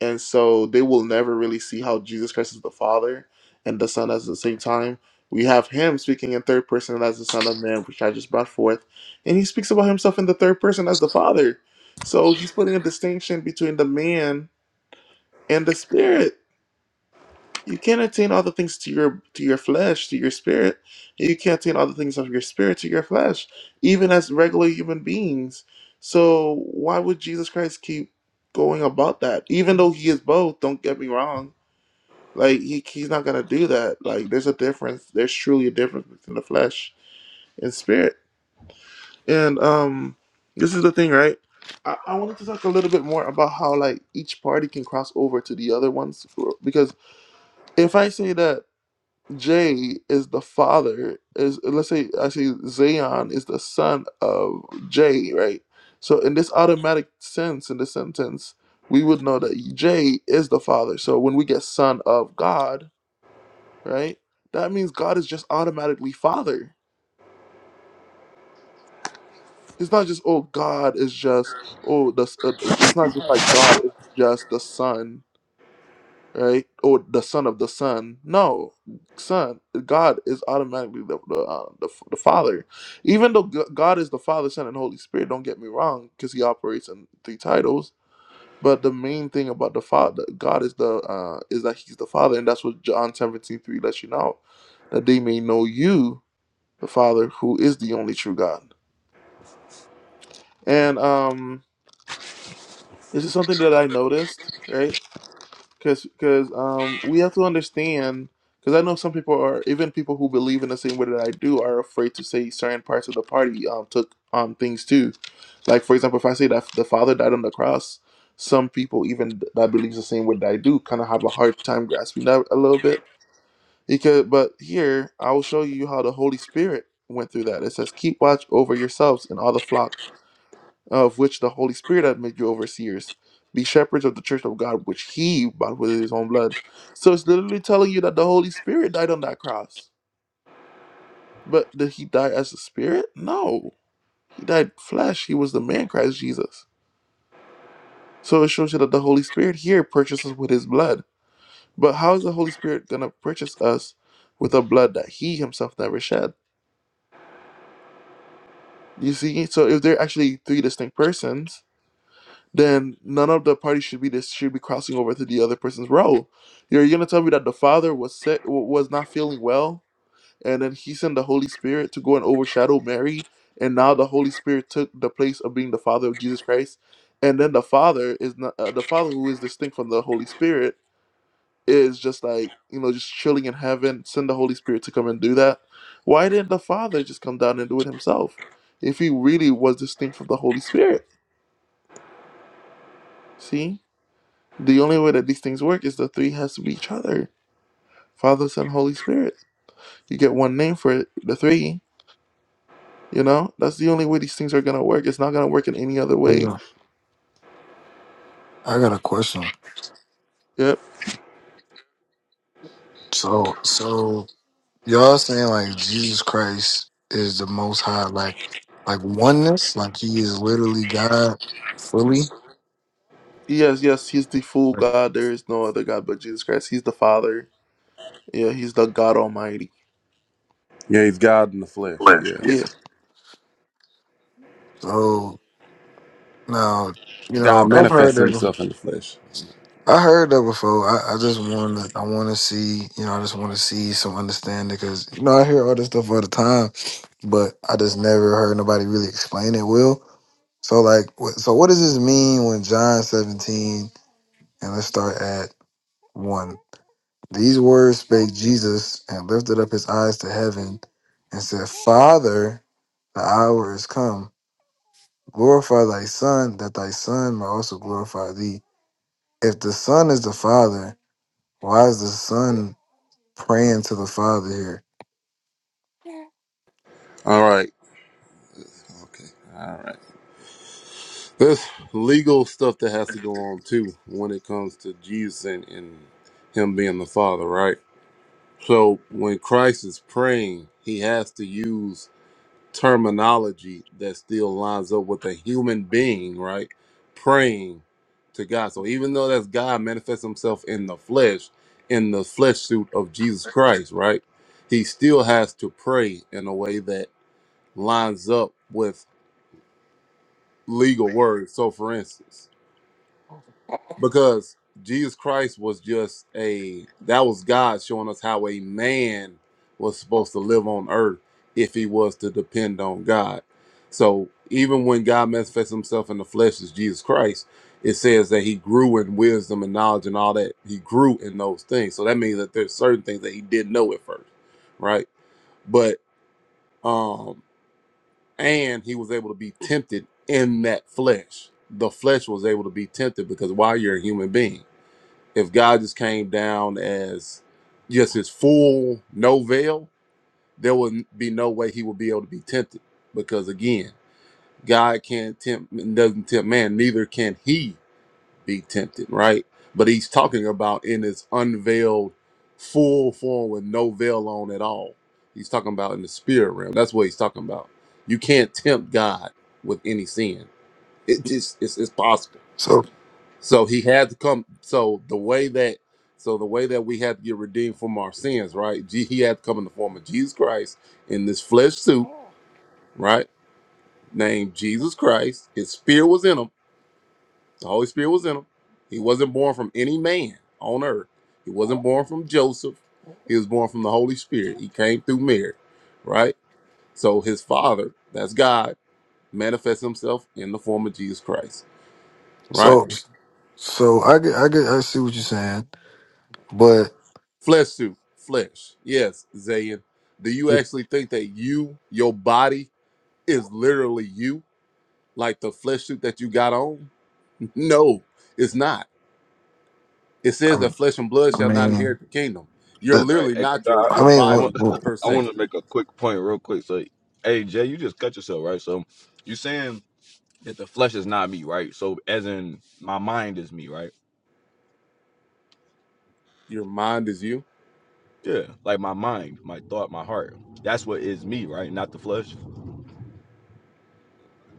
and so they will never really see how jesus christ is the father and the son at the same time we have him speaking in third person as the son of man which i just brought forth and he speaks about himself in the third person as the father so he's putting a distinction between the man and the spirit you can't attain all the things to your to your flesh, to your spirit. You can't attain all the things of your spirit to your flesh, even as regular human beings. So why would Jesus Christ keep going about that? Even though he is both, don't get me wrong. Like he, he's not gonna do that. Like there's a difference. There's truly a difference between the flesh and spirit. And um this is the thing, right? I, I wanted to talk a little bit more about how like each party can cross over to the other ones because if I say that Jay is the father is let's say I say Zion is the son of Jay, right? So in this automatic sense in this sentence, we would know that Jay is the father. So when we get son of God, right? That means God is just automatically father. It's not just oh God is just oh the s- uh, it's not just like God is just the son. right? Or the son of the son. No, son, God is automatically the the, uh, the the Father. Even though G- God is the Father, Son, and Holy Spirit, don't get me wrong, because He operates in three titles. But the main thing about the Father, God is the uh, is that He's the Father, and that's what John seventeen three lets you know, that they may know you, the Father, who is the only true God. And um, this is something that I noticed, right? Because because um we have to understand because I know some people are even people who believe in the same way that I do are afraid to say certain parts of the party um took um things too, like for example if I say that the Father died on the cross, some people even that believes the same way that I do kind of have a hard time grasping that a little bit. Because but here I will show you how the Holy Spirit went through that. It says keep watch over yourselves and all the flock of which the Holy Spirit hath made you overseers. Be shepherds of the church of God, which he bought with his own blood. So it's literally telling you that the Holy Spirit died on that cross. But did he die as a spirit? No. He died flesh. He was the man Christ Jesus. So it shows you that the Holy Spirit here purchases with his blood. But how is the Holy Spirit going to purchase us with a blood that he himself never shed? You see? So if they're actually three distinct persons, then none of the parties should be this should be crossing over to the other person's role. You're gonna tell me that the father was sick, w- was not feeling well, and then he sent the Holy Spirit to go and overshadow Mary, and now the Holy Spirit took the place of being the father of Jesus Christ, and then the father is not uh, the father who is distinct from the Holy Spirit is just like you know just chilling in heaven. Send the Holy Spirit to come and do that. Why didn't the father just come down and do it himself if he really was distinct from the Holy Spirit? See. The only way that these things work is the three has to be each other Father, Son, Holy Spirit. You get one name for it, the three. You know, that's the only way these things are going to work. It's not going to work in any other way. Yeah. I got a question. Yep. So, so y'all saying like Jesus Christ is the Most High, like like oneness, like He is literally God fully. Yes, yes, he's the full Right. God. There is no other God but Jesus Christ. He's the Father. Yeah, he's the God Almighty. Yeah, he's God in the flesh. Flesh, yeah. Yeah. Yes, So now you God know I've heard manifests that. bef- Himself in the flesh. I heard that before. I, I just want to. I want to see. You know, I just want to see some understanding because you know I hear all this stuff all the time, but I just never heard nobody really explain it. Will so like what, so what does this mean when John seventeen? And let's start at one. These words spake Jesus and lifted up his eyes to heaven and said, Father, the hour is come. Glorify thy Son, that thy Son may also glorify thee. If the Son is the Father, why is the Son praying to the Father here? All right. Okay. All right. There's legal stuff that has to go on too when it comes to Jesus and, and Him being the Father, right? So when Christ is praying, He has to use terminology that still lines up with a human being, right? Praying to God. So even though that's God manifests himself in the flesh, in the flesh suit of Jesus Christ, right? He still has to pray in a way that lines up with legal words. So for instance, because Jesus Christ was just a that was God showing us how a man was supposed to live on earth if he was to depend on God. So even when God manifests himself in the flesh as Jesus Christ, it says that he grew in wisdom and knowledge and all that. He grew in those things. So that means that there's certain things that he didn't know at first, right? But um and he was able to be tempted in that flesh. The flesh was able to be tempted because while you're a human being if God just came down as just his full no veil, there would be no way he would be able to be tempted. Because again, God can't tempt and doesn't tempt man, neither can he be tempted, right? But he's talking about in his unveiled full form with no veil on at all. He's talking about in the spirit realm. That's what he's talking about. You can't tempt God with any sin. It just it's, it's possible So, so he had to come. So the way that, so the way that we had to get redeemed from our sins, right? Je- He had to come in the form of Jesus Christ in this flesh suit, right? Named Jesus Christ. His spirit was in him. The Holy Spirit was in him. He wasn't born from any man on earth. He wasn't born from Joseph. He was born from the Holy Spirit. He came through Mary, right? So his father, that's God, manifests himself in the form of Jesus Christ, right? so, so I get, I get, I see what you're saying, but Flesh suit, flesh. Yes, Zayn. Do you I, actually think that you, your body, is literally you, like the flesh suit that you got on? No, it's not. It says that flesh and blood I shall not mean, inherit the kingdom. You're that, All right, literally hey, not your Kadar, your I mean, I I what, body want per I se. what- want to make a quick point real quick. So, hey Jay, you just cut yourself right. So, you saying that the flesh is not me, right? So, as in my mind is me, right? Your mind is you. Yeah, like my mind, my thought, my heart. That's what is me, right? Not the flesh.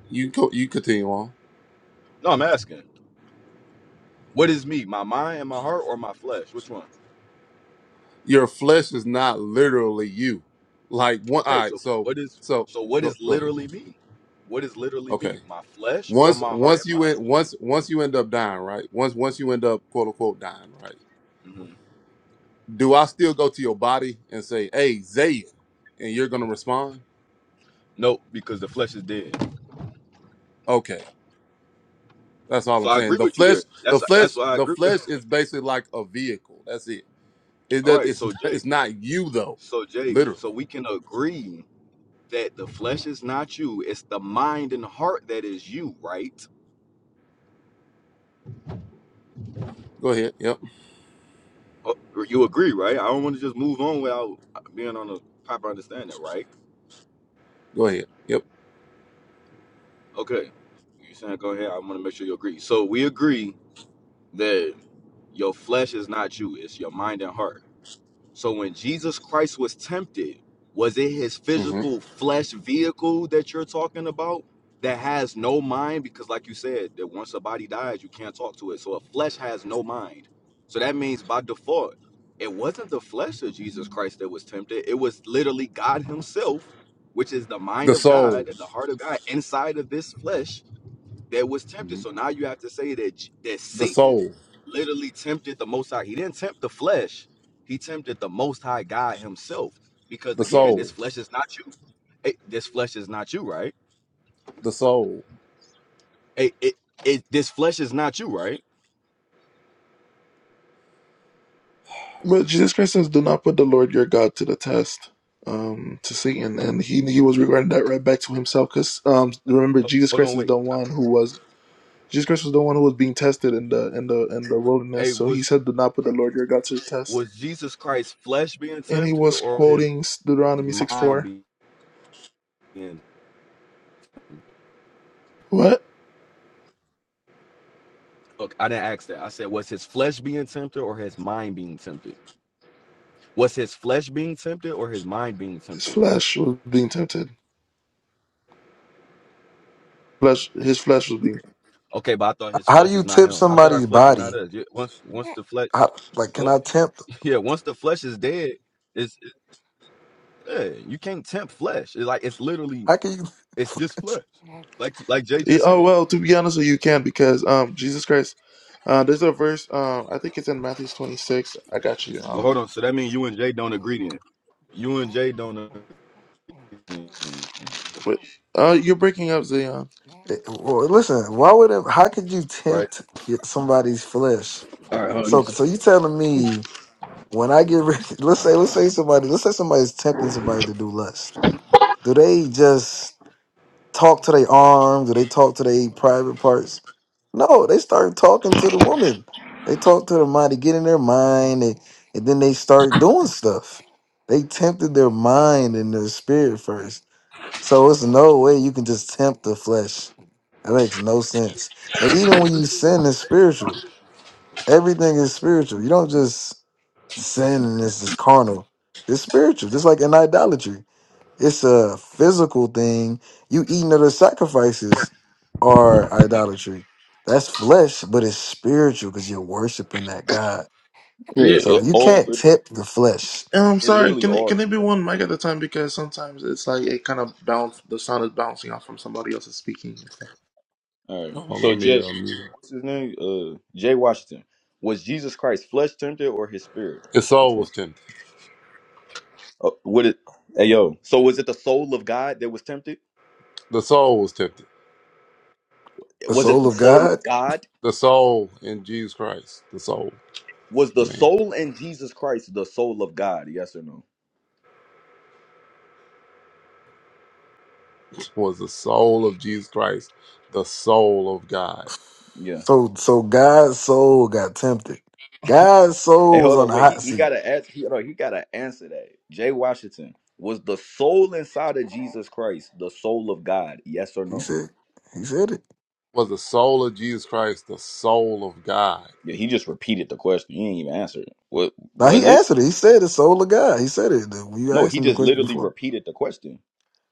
You co- you continue on. No, I'm asking, what is me? My mind and my heart, or my flesh? Which one? Your flesh is not literally you. Like one. All Okay, right. so So what is so so what go is go ahead. literally me? What is literally Okay. me? My flesh or Once my heart once and you mind? in once once you end up dying, right? Once once you end up quote unquote dying, right? Mhm. Do I still go to your body and say, "Hey, Zayn," and you're gonna respond? No, because the flesh is dead. Okay, that's all So I'm I saying. agree The with you flesh, there. the That's flesh, that's why I the agree with. flesh is basically like a vehicle. That's it. It All does. right, It's so Jay, it's not you though, so Jay, literally. so we can agree that the flesh is not you, it's the mind and heart that is you, right? Go ahead. Yep. Oh, You agree, right? I don't want to just move on without being on a proper understanding, right? Go ahead. Yep. Okay, you saying go ahead, I want to make sure you agree. So we agree that your flesh is not you, it's your mind and heart. So when Jesus Christ was tempted, was it his hmm physical flesh vehicle that you're talking about that has no mind? Because like you said, that once a body dies, you can't talk to it. So a flesh has no mind. So that means by default, it wasn't the flesh of Jesus Christ that was tempted. It was literally God Himself, which is the mind The of soul. God and the heart of God inside of this flesh that was tempted. hmm So now you have to say that J- that The Satan soul. literally tempted the Most High. He didn't tempt the flesh. He tempted the Most High God Himself. Because The again, soul. this flesh is not you. Hey, this flesh is not you, right? The soul. Hey, it, it this flesh is not you, right? But Jesus Christ says, do not put the Lord your God to the test. Um, to Satan, and he he was regarding that right back to himself, because um, remember Jesus Hold Christ on, is wait. the one who was Jesus Christ was the one who was being tested in the in the in the wilderness. Hey, So he was said, "Do not put the Lord your God to the test." was Jesus Christ's flesh being And he tempted was or his quoting Deuteronomy six mind four. being? What? Look, I didn't ask that. I said, was his flesh being tempted or his mind being tempted? Was his flesh being tempted or his mind being His tempted? flesh was being tempted. Flesh, his flesh was being. Okay, but I thought his how do flesh you is not tip him. I thought our somebody's flesh is not body? us. You- Once, once the flesh, How, like, can on- I tempt? yeah, once the flesh is dead, it's yeah, you can't tempt flesh. It's like it's literally, How can you? it's just flesh. Like, like Jay Eh, just Oh said. well, to be honest, with you you can because um Jesus Christ. Uh, there's a verse. Um, I think it's in Matthew twenty six. I got you. Well, Um, hold on. So that means you and Jay don't agree then. You and Jay don't agree, then, wait. Uh, you're breaking up, Zion. Well, listen. Why would? It, how could you right? tempt somebody's flesh? All right, hold on, give me So, a second. so you telling me when I get ready? Let's say, let's say somebody, let's say somebody's tempting somebody to do lust. Do they just talk to their arm? Do they talk to their private parts? No, they start talking to the woman. They talk to the mind. They get in their mind, and, and then they start doing stuff. They tempted their mind and their spirit first. So it's no way you can just tempt the flesh. That makes no sense. And even when you sin, it's spiritual. Everything is spiritual. You don't just sin and it's just carnal. It's spiritual, just like in idolatry. It's a physical thing. You eating other sacrifices are idolatry. That's flesh, but it's spiritual because you're worshiping that God. Yeah. Yeah, So if it you all can't lit- tempt the flesh, And I'm it sorry. literally Can it, all. can it be one mic at a time? Because sometimes it's like it kind of bounce. The sound is bouncing off from somebody else's speaking and stuff. All right, Oh, so let me. Jay, Um, what's his name? Uh, Jay Washington. Was Jesus Christ flesh tempted or his spirit? the Which soul one? was tempted. Uh, what it? Hey yo. So was it the soul of God that was tempted? The soul was tempted. the Was it soul the of soul of God. God? the soul in Jesus Christ, the soul, Was the man, soul in Jesus Christ the soul of God? Yes or no? was the soul of Jesus Christ, the soul of God. Yeah. So so God's soul got tempted. God's Hey, soul was hold on on. the Wait. He, hot he seat. gotta ask. He, hold on, he gotta answer that. Jay Washington was the soul inside of Jesus Christ the soul of God? Yes or He no? said he said it. Was the soul of Jesus Christ the soul of God? Yeah. He just repeated the question. He didn't even answer it. What Now he was it? answered it. He said the soul of God. He said it. The- You No. asked He him the just question literally before. repeated the question.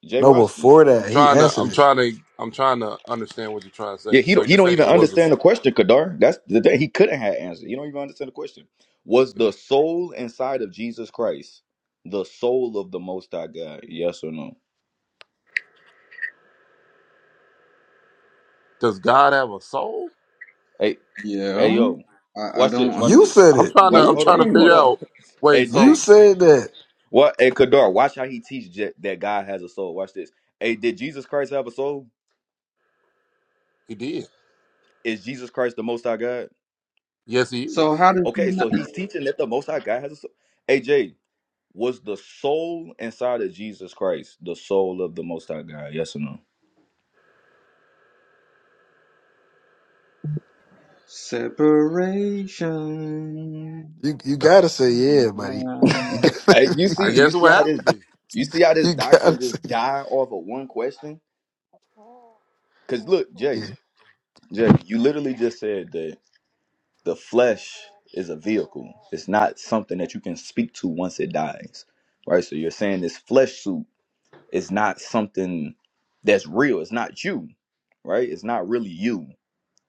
Jay No, Washington. before I'm that he trying to, answered I'm it. trying to, I'm trying to understand what you're trying to Yeah, say. he So don't he you're don't saying, even was this, understand the question, Kadar. That's the thing. He couldn't have answered. You don't even understand the question. Was the soul inside of Jesus Christ the soul of the Most High God? Yes or no? does God have a soul? Hey, Yeah, hey, yo, I, I watch don't. this. Watch un- You this. said I'm it. trying to, Watch. You're I'm Hold trying to on. Hold figure saying it. on. out. Wait, Hey, You Jay. so said that. What? Hey, Kadar. Watch how he teaches that that God has a soul. Watch this. Hey, did Jesus Christ have a soul? he did? Is Jesus Christ the Most High God? Yes, he is. So how does he Okay, not? so he's teaching that the Most High God has a soul. Hey, Jay. Was the soul inside of Jesus Christ the soul of the Most High God? Yes or no? Separation. You you gotta say yeah, buddy. You Line. Hey, gotta you see, I you guess it see would how have to this, be. you see how this you doctrine gotta say just died off of one question. Cause look, Jay, yeah. Jay, you literally just said that the flesh is a vehicle. It's not something that you can speak to once it dies, right? So you're saying this flesh suit is not something that's real. It's not you, right? It's not really you.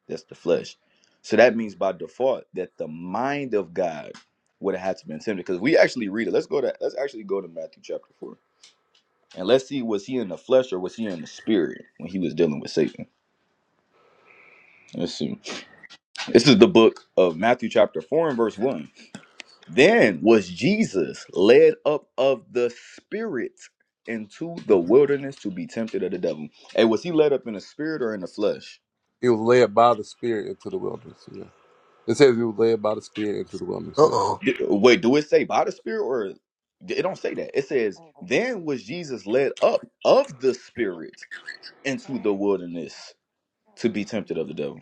That's the flesh. So that means by default that the mind of God would have had to been tempted. Because we actually read it. Let's go to let's actually go to Matthew chapter four. And let's see, was he in the flesh or was he in the spirit when he was dealing with Satan? Let's see. This is the book of Matthew chapter four and verse one. Then was Jesus led up of the spirit into the wilderness to be tempted of the devil. Hey, was he led up in the spirit or in the flesh? He was led by the Spirit into the wilderness. Yeah, it says he was led by the Spirit into the wilderness. Uh Yep. oh. D- Wait, do it say by the Spirit or it don't say that? It says, Then was Jesus led up of the Spirit into the wilderness to be tempted of the devil.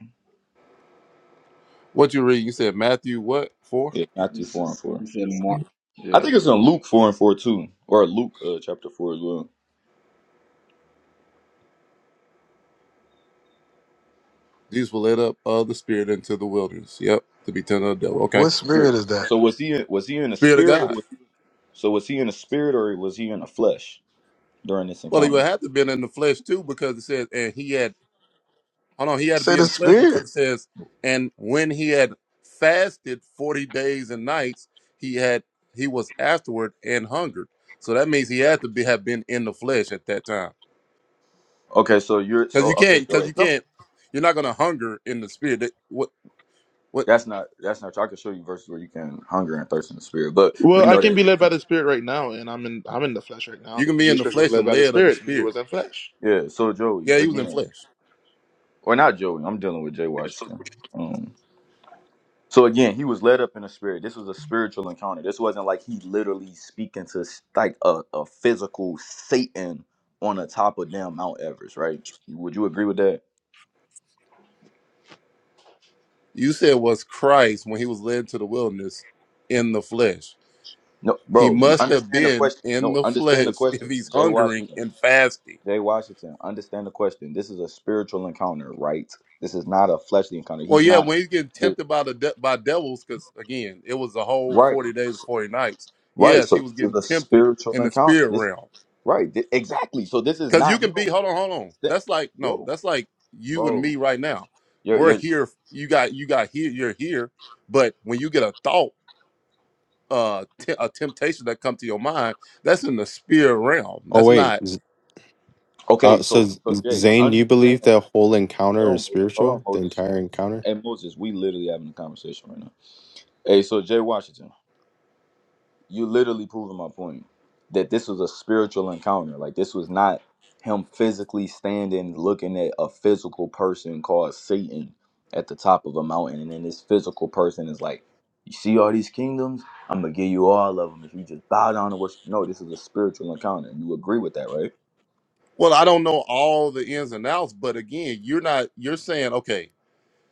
What you read? You said Matthew what four? Yeah, Matthew It's, 4 and 4. it's a mar- I yeah. think it's in Luke 4 and 4 too, or Luke uh, chapter 4 as well. These will let up of the Spirit into the wilderness. Yep, to be tempted of the devil. Okay, What Yeah. spirit is that? So was he in, was he in the Spirit of spirit? Or God. was, so was he in the spirit or was he in the flesh during this Well, he would encounter? have to been in the flesh too, because it says, and he had. Hold on, he had to Say be in the the flesh because spirit. it says, and when he had fasted forty days and nights, he had he was afterward and hungered. So that means he had to be have been in the flesh at that time, Okay, so you're because so you can't, okay. So because it's you some- can't, you're not gonna hunger in the spirit. That- What what that's not that's not. I can show you verses where you can hunger and thirst in the spirit, but we Well, I know can that. be led by the Spirit right now, and I'm in I'm in the flesh right you now. can be in Jesus the Christ was flesh led and by the led of the Spirit, and he spirit. was in flesh. Yeah. So Joey, Yeah, he was in again, flesh. or not Joey. I'm dealing with Jay Washington. Um, so again, he was led up in the spirit. This was a spiritual encounter. This wasn't like he literally speaking to s- like a, a physical Satan on the top of damn Mount Everest, right? Would you agree with that? you said was Christ when he was led to the wilderness in the flesh. No, He bro. must have Understand the been question. in No, the understand the flesh if question. he's Jay hungering Washington. and fasting. Jay Washington. Understand the question. This is a spiritual encounter, right? This is not a fleshly encounter. Well, He's yeah, not. when he's getting The, tempted by the de- by devils, because again, it was a whole right. forty days, and forty nights. Right. Yes, So he was this is getting a tempted spiritual in the encounter. spirit This realm. Right. th- exactly. So this is Because you not can him. be, hold on, hold on. Th- That's like no, Yo, that's like you and bro, me right now. you're We're you're here. You got you got here. You're here. But when you get a thought. uh t- a temptation that come to your mind that's in the spirit realm Oh that's wait, not Z- okay. uh, so So, Z- so Jay, Zane, you understand. believe the whole encounter Hold on, is Moses. Hold on, spiritual? The Moses. entire encounter? Hey, Moses, we literally having a conversation right now. Hey, so Jay Washington, you literally proving my point that this was a spiritual encounter. Like this was not him physically standing looking at a physical person called Satan at the top of a mountain, and then this physical person is like, "You see all these kingdoms? I'm gonna give you all of them if you just bow down and worship." No, this is a spiritual encounter. You agree with that, right? well i don't know all the ins and outs but again you're not you're saying okay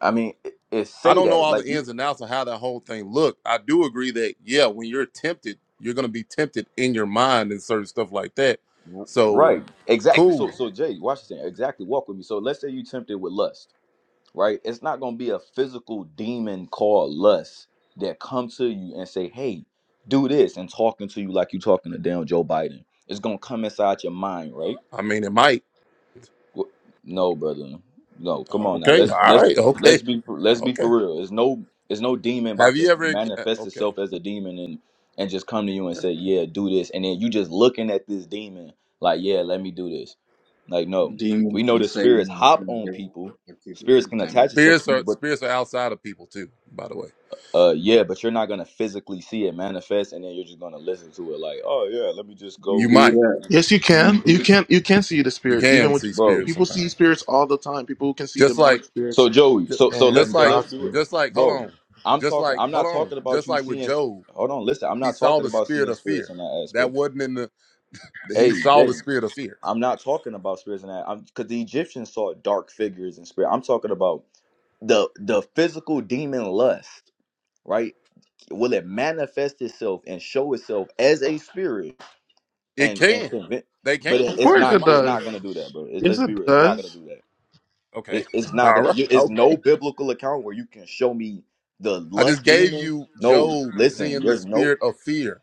I mean, it, it i say don't know that all like the you ins and outs of how that whole thing look i do agree that yeah when you're tempted you're going to be tempted in your mind and certain stuff like that r- so right exactly. So cool so Jay, watch this thing. Exactly, walk with me. So let's say you tempted with lust, right? It's not gonna be a physical demon called lust that come to you and say, "Hey, do this," and talking to you like you talking to damn Joe Biden. It's gonna come inside your mind, right? i mean it might Wh- No, brother. No, come on now. okay Let's all let's right okay let's be let's be okay for real. It's no it's no demon have about you to ever uh, manifest okay itself as a demon and and just come to you and okay say, "Yeah, do this." And then you just looking at this demon like, "Yeah, let me do this." Like, no. We Demons know and the spirits Satan are hop two on different, people. are two Spirits different can things. attach itself to spirits are you, but spirits are outside of people too by the way uh yeah, but you're not going to physically see it manifest and then you're just going to listen to it like, "Oh, yeah, let me just You you go." do might that. Yes, you You can. You do can. You can see the You Spirit, even can with see Bro. spirits people see sometimes. spirits all the time. People who can see Just like, demonic So spirits Joey, ju- so so let just and so like, let's God's do it, spirit. just like, hold bro. on. I'm Just talking. like, I'm hold not on. talking about Just you like with seeing. sp- Job, Hold on, listen. I'm he not saw talking the about spirit seeing of spirits fear. in that That aspect. wasn't in the, Hey he saw the Jay, spirit of fear. I'm not talking about spirits in that. I'm because the Egyptians saw dark figures and spirit. I'm talking about the the physical demon lust, right? Will it manifest itself and show itself as a spirit It and and can. convince? They But it, can. Of it's Yeah, course, they it not. It's might. not gonna does. do that, bro. It- Yes, let's be it real. It's not gonna does. do that. Okay. It, it's not All gonna. right. You, it's Okay. no biblical account where you can show me the I just lust gave demon. you No, Job listen. seeing the There's no. spirit of fear.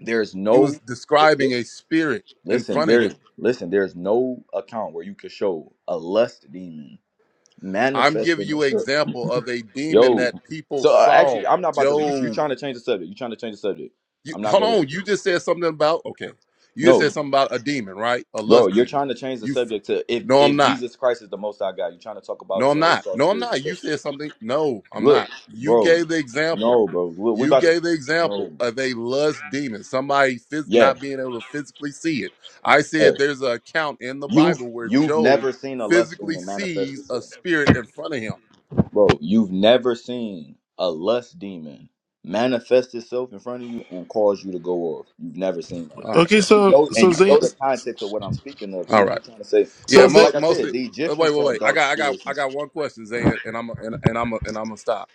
There's He no. was describing a Listen. spirit in Listen. front of him. There's listen. There's no account where you can show a lust demon I'm giving manifesting you an itself. example of a demon Yo. that people So uh, saw. actually, I'm not about to. You, you're Job trying to change the subject. You're trying to change the subject. You, I'm not hold gonna let on, you. do you just said something about okay. You just No, said something about a demon, right? A bro. lust You're demon. trying to change the You f- subject to if no, I'm if not. Jesus Christ is the Most High God. You're trying to talk about No, I'm Job not. saw No, I'm spirits and not. You stuff. said something. No, I'm Look, not. You bro. gave the example. No, bro. Look, we You about to. gave the example No. of a lust demon, somebody phys- Yeah. not being able to physically see it. I Yeah. said there's an account in the You've Bible where you've Job never seen a lust physically demon manifest sees a itself, spirit in front of him. bro. You've never seen a lust demon manifest itself in front of you and cause you to go off. You've never seen that. All right, Okay, bro. You so know, and so All you right, Zay, know the context of what I'm speaking of bro. All too. right. You're trying to say, Yeah, so oh, Zay. mo- like I said, mostly. the uh, Wait, Egyptians wait, saw wait. I dark got, I got, spirits. I And... got one question, Zay, and I'm, and, and I'm, and I'm gonna stop.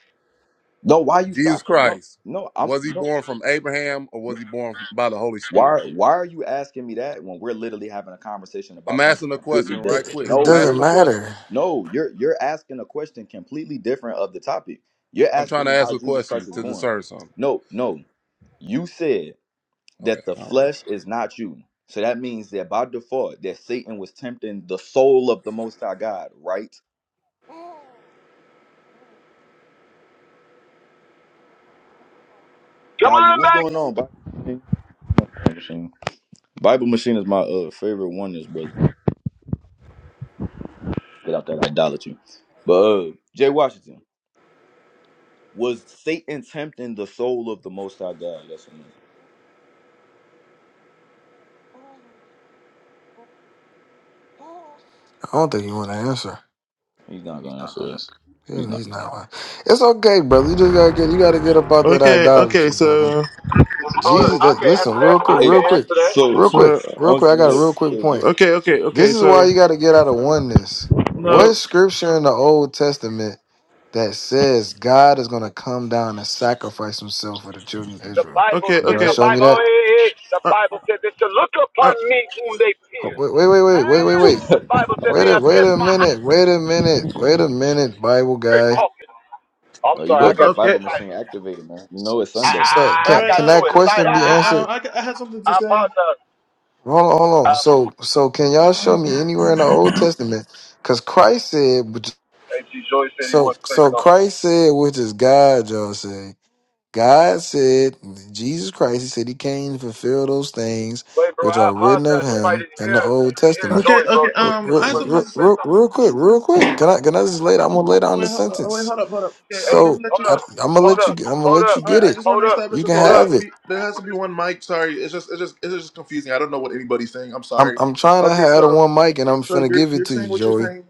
No, why you Jesus stopping? No, Christ, no, I'm was he no. born from Abraham or was he born by the Holy Spirit? Why why are you asking me that when we're literally having a conversation I'm about something asking a completely question, right? It, different? Quick, it I'm No, you're doesn't asking a not. question. matter. No, you're you're asking a question completely different of the topic. You're I'm trying asking to me ask how a Jesus question Christ is to born. discern something. No, no. You said Okay, that the all right. flesh is not you. So that means that by default that Satan was tempting the soul of the most high God, right? Come Dottie, on what's back. going on, Bible Machine? Bible Machine Bible Machine is my uh favorite one is brother. Get out that idolatry. But uh Jay Washington. Was Satan tempting the soul of the Most High God? Yes or no? I don't think you want to answer. He's not gonna answer it. He's Yeah, not. He's not lying. It's okay, brother. You just gotta get you gotta get up out that Okay, okay, idolatry, brother. so Hold uh, on. Jesus, I that can't answer listen, that. real I quick, Hey, real can't quick, answer that. so real quick, so real quick. I got uh, a honestly, real quick is you point. okay, okay, This okay, is why so you gotta get out of oneness. What no, scripture in the Old Testament that says God is gonna come down and sacrifice himself for the children of The Israel? Bible okay, said, Y'all the okay, show me Bible, oh, that? hey, hey. hey. the uh, Bible said they should look upon uh, me whom they Oh, pierced. Wait, wait, wait, wait, wait, wait, And wait. the Bible said oh, Wait they a have wait pierced a my heart. minute, wait a minute, wait a minute, Bible guy. talking. I'm you sorry, I What gonna got get too okay, Bible machine excited. activated, man? You know it's I, so, I, Sunday. I so All can right, got can uh, too that excited. all question I, be I, right. I answered? Um, I, I had something to say. apologize. Hold on, hold on. Um, So, so can y'all show me anywhere in the Old Testament? Because Christ said, which- hey, Joey said he so, wants to say so something. Christ said, which is God, y'all say. God said, Jesus Christ, he said he came to fulfill those things Wait, bro, which I are written of apologize. You probably him didn't in hear. the You Old didn't hear Testament. Okay, Joey, bro. okay. Joey Um, said he I Real, had was something. To, real, trying to s- say real, something. real quick, real quick. Can I, can I just lay down, I'm gonna lay down the wait, ho- uh, wait, sentence. hold up, hold up. Okay, Hey, I'm gonna So let hold you. I, up, I'm gonna hold let you, up, I'm gonna hold let up, you All right, get I it. just want hold to up, establish. You can Okay, hold there's up. have gonna it. be there has to be one mic. Sorry, it's just it's just it's just confusing. I don't know what anybody's saying. I'm I'm, sorry. I'm trying to Okay, have the so one mic and I'm so finna you're give it you're to you, saying what you're Joey. saying.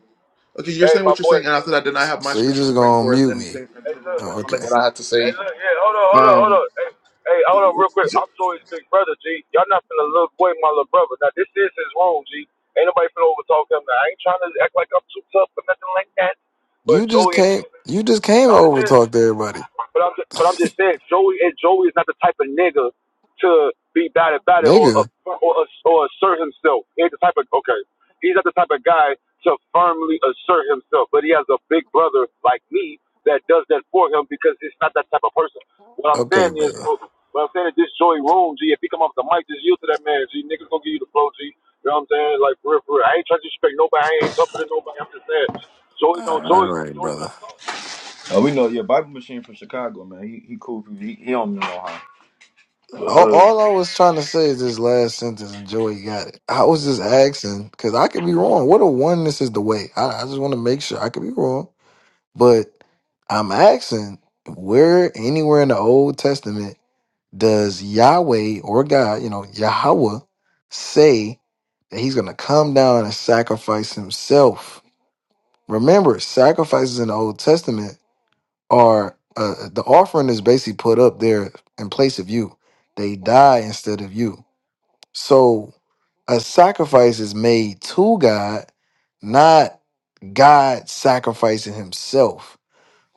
Okay, you're Hey, saying my what you're boy, saying, and after that, then I S- have my So you scripture just to bring gonna forth mute and me? things in Hey, terms look. of Oh, something okay. that I had to Hey, say. look. Yeah, hold on, hold on, hold Um, on. Hey, hey, hold on real quick. I'm Joey's big brother, G. Y'all not finna look away my little brother. Now, this is his role, G. Ain't nobody finna overtalk him. Now, I ain't trying to act like I'm too tough or nothing like that. But You just Joey, came. You just came now this over to is. talk to everybody, But I'm just, but I'm just saying, Joey and Joey is not the type of nigga to be bad about it or nigga. or or assert himself. He ain't the type of okay. He's not the type of guy to firmly assert himself. But he has a big brother like me that does that for him because he's not that type of person. What I'm Okay, saying is, brother. bro, what I'm saying is this Joey Room, G. If he come off the mic, just yield to that man, G. Niggas gonna give you the flow, G. You know what I'm saying? Like for real, for real. I ain't trying to disrespect nobody. I ain't tougher than nobody. I'm just saying, Joey don't All Joey right, Joey trying brother. to talk. Oh, we know your Bible machine from Chicago, man. He he cool. He, he don't know how. But All, uh, all I was trying to say is this last sentence, and Joey got it. I was just asking because I could be wrong. What a oneness is the way. I, I just want to make sure I could be wrong, but I'm asking where anywhere in the Old Testament does Yahweh or God, you know, Yahweh, say that he's going to come down and sacrifice himself? Remember, sacrifices in the Old Testament are uh, the offering is basically put up there in place of you. They die instead of you. So a sacrifice is made to God, not God sacrificing himself.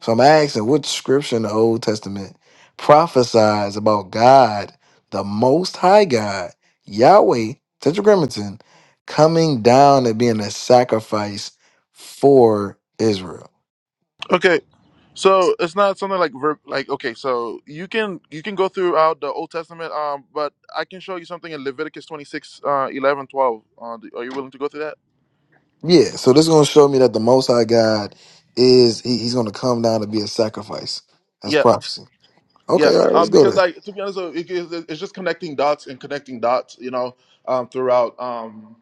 So I'm asking what scripture in the Old Testament prophesies about God, the Most High God, Yahweh, Tetragrammaton, coming down and being a sacrifice for Israel. Okay, so it's not something like ver- like okay, so you can you can go throughout the Old Testament, um, but I can show you something in Leviticus 26, uh, 11, twelve. Uh, do- are you willing to go through that? Yeah, so this is going to show me that the Most High God is, he- he's going to come down to be a sacrifice. That's Yeah, prophecy. yeah. Okay, all right, let's Um, go because there. like to be honest, uh, it, it- it's just connecting dots and connecting dots, you know, um, throughout um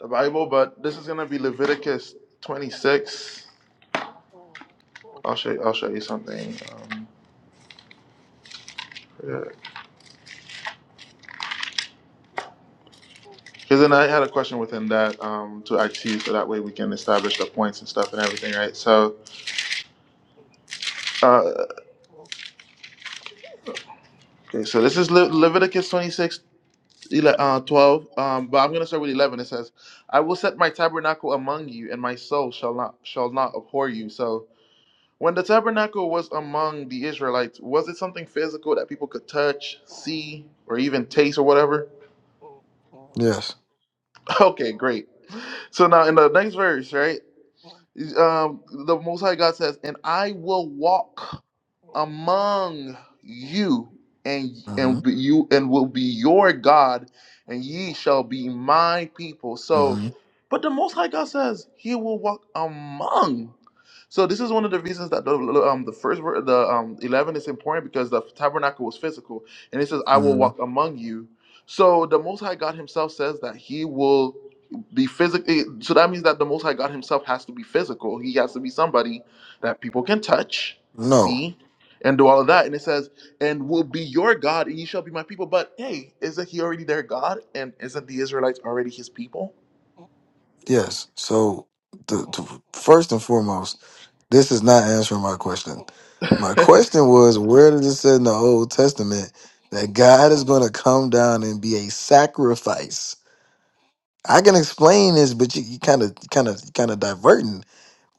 the Bible. But this is gonna be Leviticus 26. I'll show you, I'll show you something. Um, yeah. because then I had a question within that um, to ask you, so that way we can establish the points and stuff and everything, right? So Uh, okay, so this is Le- Leviticus 26, ele- uh, 12. Um, but I'm going to start with 11. It says, I will set my tabernacle among you, and my soul shall not shall not abhor you. So when the tabernacle was among the Israelites, was it something physical that people could touch, see, or even taste or whatever? Yes. Okay, great. So now in the next verse, right? Um, the Most High God says, and I will walk. among you and hmm and be you and will be your god and ye shall be my people so hmm but the most high god says he will walk among so this is one of the reasons that the um the first ver- the um 11 is important because the tabernacle was physical and it says i will hmm walk among you so the most high god himself says that he will be physically so that means that the most high god himself has to be physical he has to be somebody that people can touch No, see and do all of that. And it says, and will be your God, and ye shall be my people. But hey, isn't he already their God? And isn't the Israelites already his people? yes. So the, the, first and foremost, This is not answering my question. My question was, where does it say in the Old Testament that God is going to come down and be a sacrifice? I can explain this, but you you kind of, kind of, kind of diverting.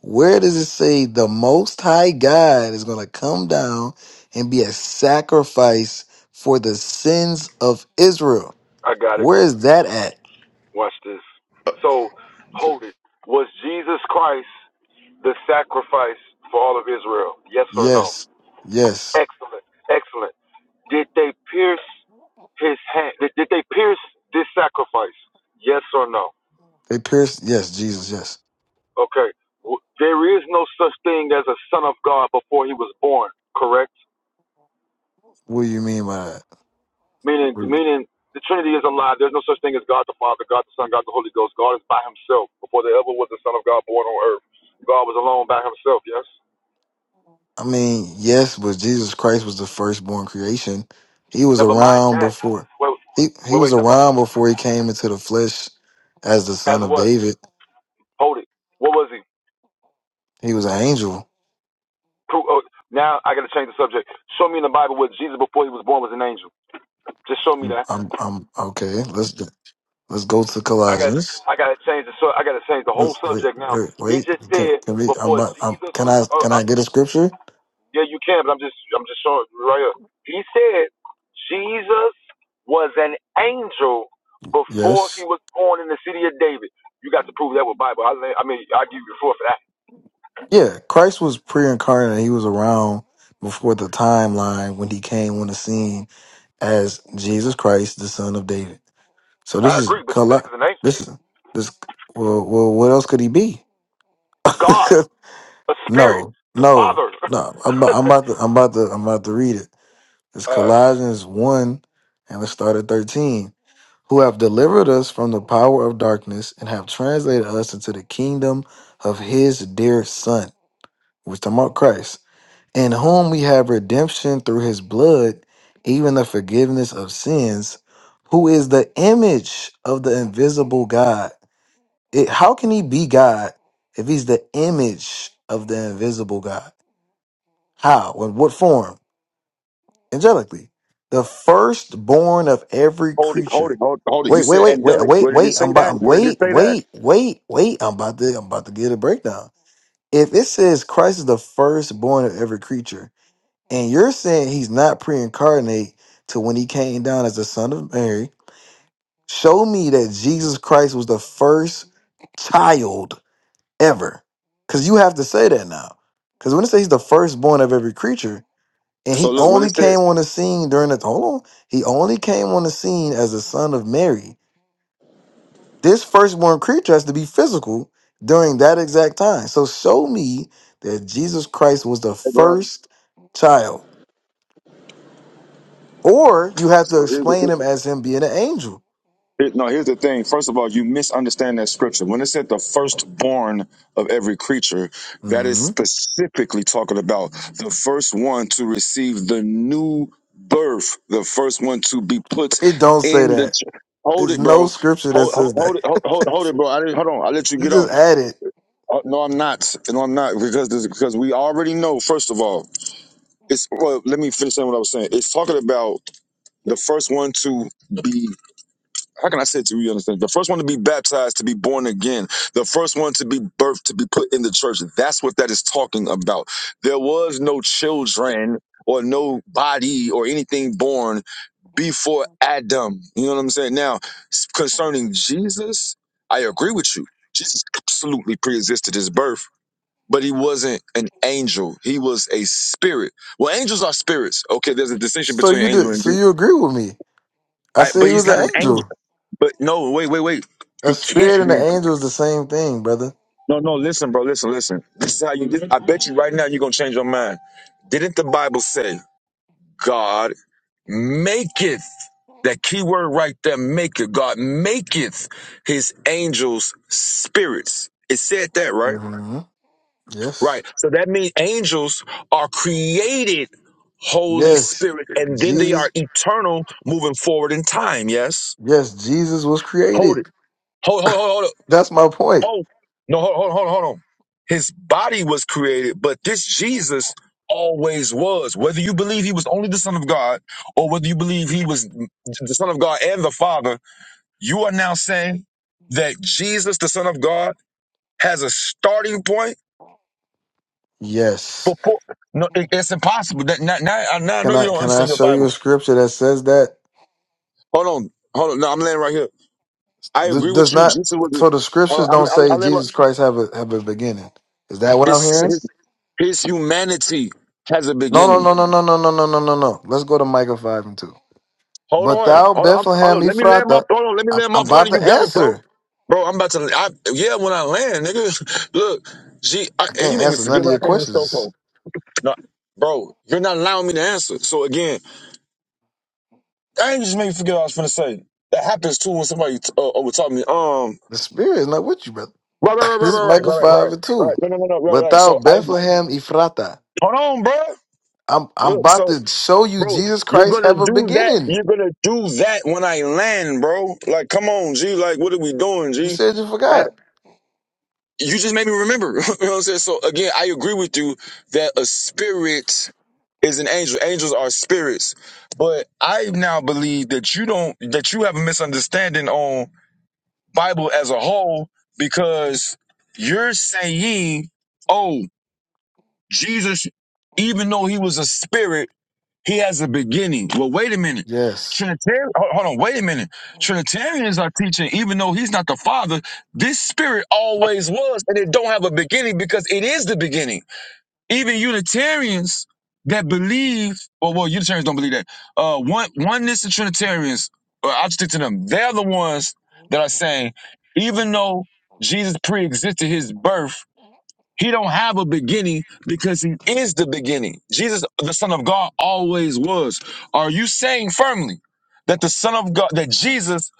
Where does it say the Most High God is going to come down and be a sacrifice for the sins of Israel? I got it. Where is that at? Watch this. So hold it. Was Jesus Christ the sacrifice for all of Israel? Yes or no? Yes, yes, Excellent. Excellent. Did they pierce his hand? Did, did they pierce this sacrifice? Yes or no? they pierced. Yes, Jesus. Yes. Okay. W- There is no such thing as a son of God before he was born, correct? What do you mean by that? Meaning, meaning the Trinity is alive. There's no such thing as God the Father, God the Son, God the Holy Ghost. God is by himself before there ever was a son of God born on earth. God was alone by himself, yes? I mean, yes, but Jesus Christ was the firstborn creation. He was Never mind around that. before Wait, he he wait, was wait. Never. around before he came into the flesh as the As son of what? David. Hold it. What was he? He was an angel. Pro- oh, now I got to change the subject. Show me in the Bible where Jesus before he was born was an angel. Just show me that. I'm I'm okay. Let's let's go to I got. Colossians. I got to change the. su- I got to change the whole Let's wait subject now. wait He wait. just Can, said can we? I'm, before about- I'm Jesus can was. I Oh, can I I'm just. get a scripture? Yeah, you can, but I'm just. I'm just showing right here. He said Jesus was an angel before Yes. he was born in the city of David. You got to prove that with Bible. I, I mean, I give you the floor for that. Yeah. Christ was pre-incarnate. He was around before the timeline when he came on the scene as Jesus Christ, the son of David. So I this is agree, but you said Col- he was an angel. this is this. Well, well, what else could he be? God, a spirit, no, the no, Father. no. I'm, about- I'm about to, I'm about to, I'm about to read it. It's uh, Colossians one, and let's start at thirteen. Who have delivered us from the power of darkness and have translated us into the kingdom of His dear Son, which talking about Christ, in whom we have redemption through His blood, even the forgiveness of sins. Who is the image of the invisible God? It, how can he be God if he's the image of the invisible God? How? In what form? Angelically. The firstborn of every Hold it, hold it, creature. hold, hold it. You Wait, wait, said wait, wait, angelic. wait, Where did it wait. say I'm that? about Where did it wait, say that? wait, wait, wait. I'm about to I'm about to get a breakdown. If it says Christ is the firstborn of every creature, and you're saying he's not pre-incarnate to when he came down as the son of Mary, show me that Jesus Christ was the first child ever. Because you have to say that now. Because when it says he's the firstborn of every creature, and So he look, when it only said, came on the scene during the hold on, he only came on the scene as the son of Mary. This firstborn creature has to be physical during that exact time. So show me that Jesus Christ was the hey, bro. first child, or you have to So here's the, explain him as him being an angel. here- no, here's the thing. First of all, you misunderstand that scripture. When it said the firstborn of every creature, that is Mhm. specifically talking about the first one to receive the new birth, the first one to be put It don't say in the. that. Ch- hold There's it, no bro. scripture that Hold, hold, says that. hold it, hold, hold, hold it, bro. I didn't, hold on. I let you you get off. just add it. Oh, no, I'm not. No, I'm not because this, because we already know. First of all, it's well. Let me finish saying what I was saying. It's talking about the first one to be. How can I say it to you? You Understand? The first one to be baptized, to be born again. The first one to be birthed, to be put in the church. That's what that is talking about. There was no children or no body or anything born before Adam. You know what I'm saying? Now, s- concerning Jesus, I agree with you. Jesus absolutely pre-existed his birth but he wasn't an angel. He was a spirit. Well, angels are spirits. Okay, there's a distinction So between you do. angel and So de- you agree with me? I I, said but he he's was not an an angel. angel. But no, wait, wait, wait. A He can't spirit be. and an An, angel is the same thing, brother. no, no. Listen, bro. Listen, listen. This is how you. This, I bet you right now you're gonna change your mind. Didn't the Bible say God maketh? That key word right there, maketh. God maketh his angels spirits. It said that, right? hmm Yes. Right. So that means angels are created Holy Yes. Spirit, and then they are Jesus. eternal moving forward in time. Yes. Yes, Jesus was created. Hold it. Hold, hold, hold, hold it. That's my point. Oh, no, hold, hold, hold, hold on. His body was created, but this Jesus always was. Whether you believe he was only the Son of God or whether you believe he was the Son of God and the Father, you are now saying that Jesus, the Son of God, has a starting point Yes. But poor, no, it, it's impossible. That, now, now, I- now I know Can you I don't can I understand your show you Bible. a scripture that says that Hold on, hold on. No, I'm laying right here. I D- agree does with you. not? Jesus was. So the Hold scriptures on, I'm, don't I'm, say I'm laying right. Jesus Christ have a have a beginning. Is that what I'm His, hearing? his his humanity has a No, no, beginning. no, no, no, no, no, no, no, no, no. Let's go to Micah five and two. Hold But on, thou hold on, I'm, hold Bethlehem on. Let me land my. Ephrathah, Hold on, let me I'm, land my I'm point. about And to you got it, bro. answer. Bro, I'm about to. I, yeah, when I land, nigga. Look, gee, I, I and you can't made me answer forget none of what I your came to the store questions. for. No, bro, you're not allowing me to answer. So again, I ain't just made me forget what I was gonna say. That happens too when somebody uh, over taught me. Um. The spirit is not with you, brother. Right, right, right, This right, is right, right, Michael right, right, five and right. two. No, no, no, no, right, right. So Without I Bethlehem Ephrata, hold on, bro. I'm I'm Look, about so to show you bro, Jesus you're Christ have gonna a do that. beginning. You're gonna do that when I land, bro. Like, come on, G. Like, what are we doing, You G? said you I, forgot. you just made me remember. you know what I'm saying? So again, I agree with you that a spirit is an angel. Angels are spirits. But I now believe that you don't that you have a misunderstanding on Bible as a whole because you're saying, oh. Jesus, even though he was a spirit, he has a beginning. Well, wait a minute. Yes, Trinitarian, hold on, wait a minute. Trinitarians are teaching, even though he's not the father, this spirit always was, and it don't have a beginning because it is the beginning. Even Unitarians that believe, well, well, Unitarians don't believe that. Uh, one, oneness and Trinitarians, uh, I'll stick to them. They're the ones that are saying, even though Jesus pre-existed his birth, he don't have a beginning because he is the beginning. Jesus, the Son of God, always was. Are you saying firmly that the Son of God, that Jesus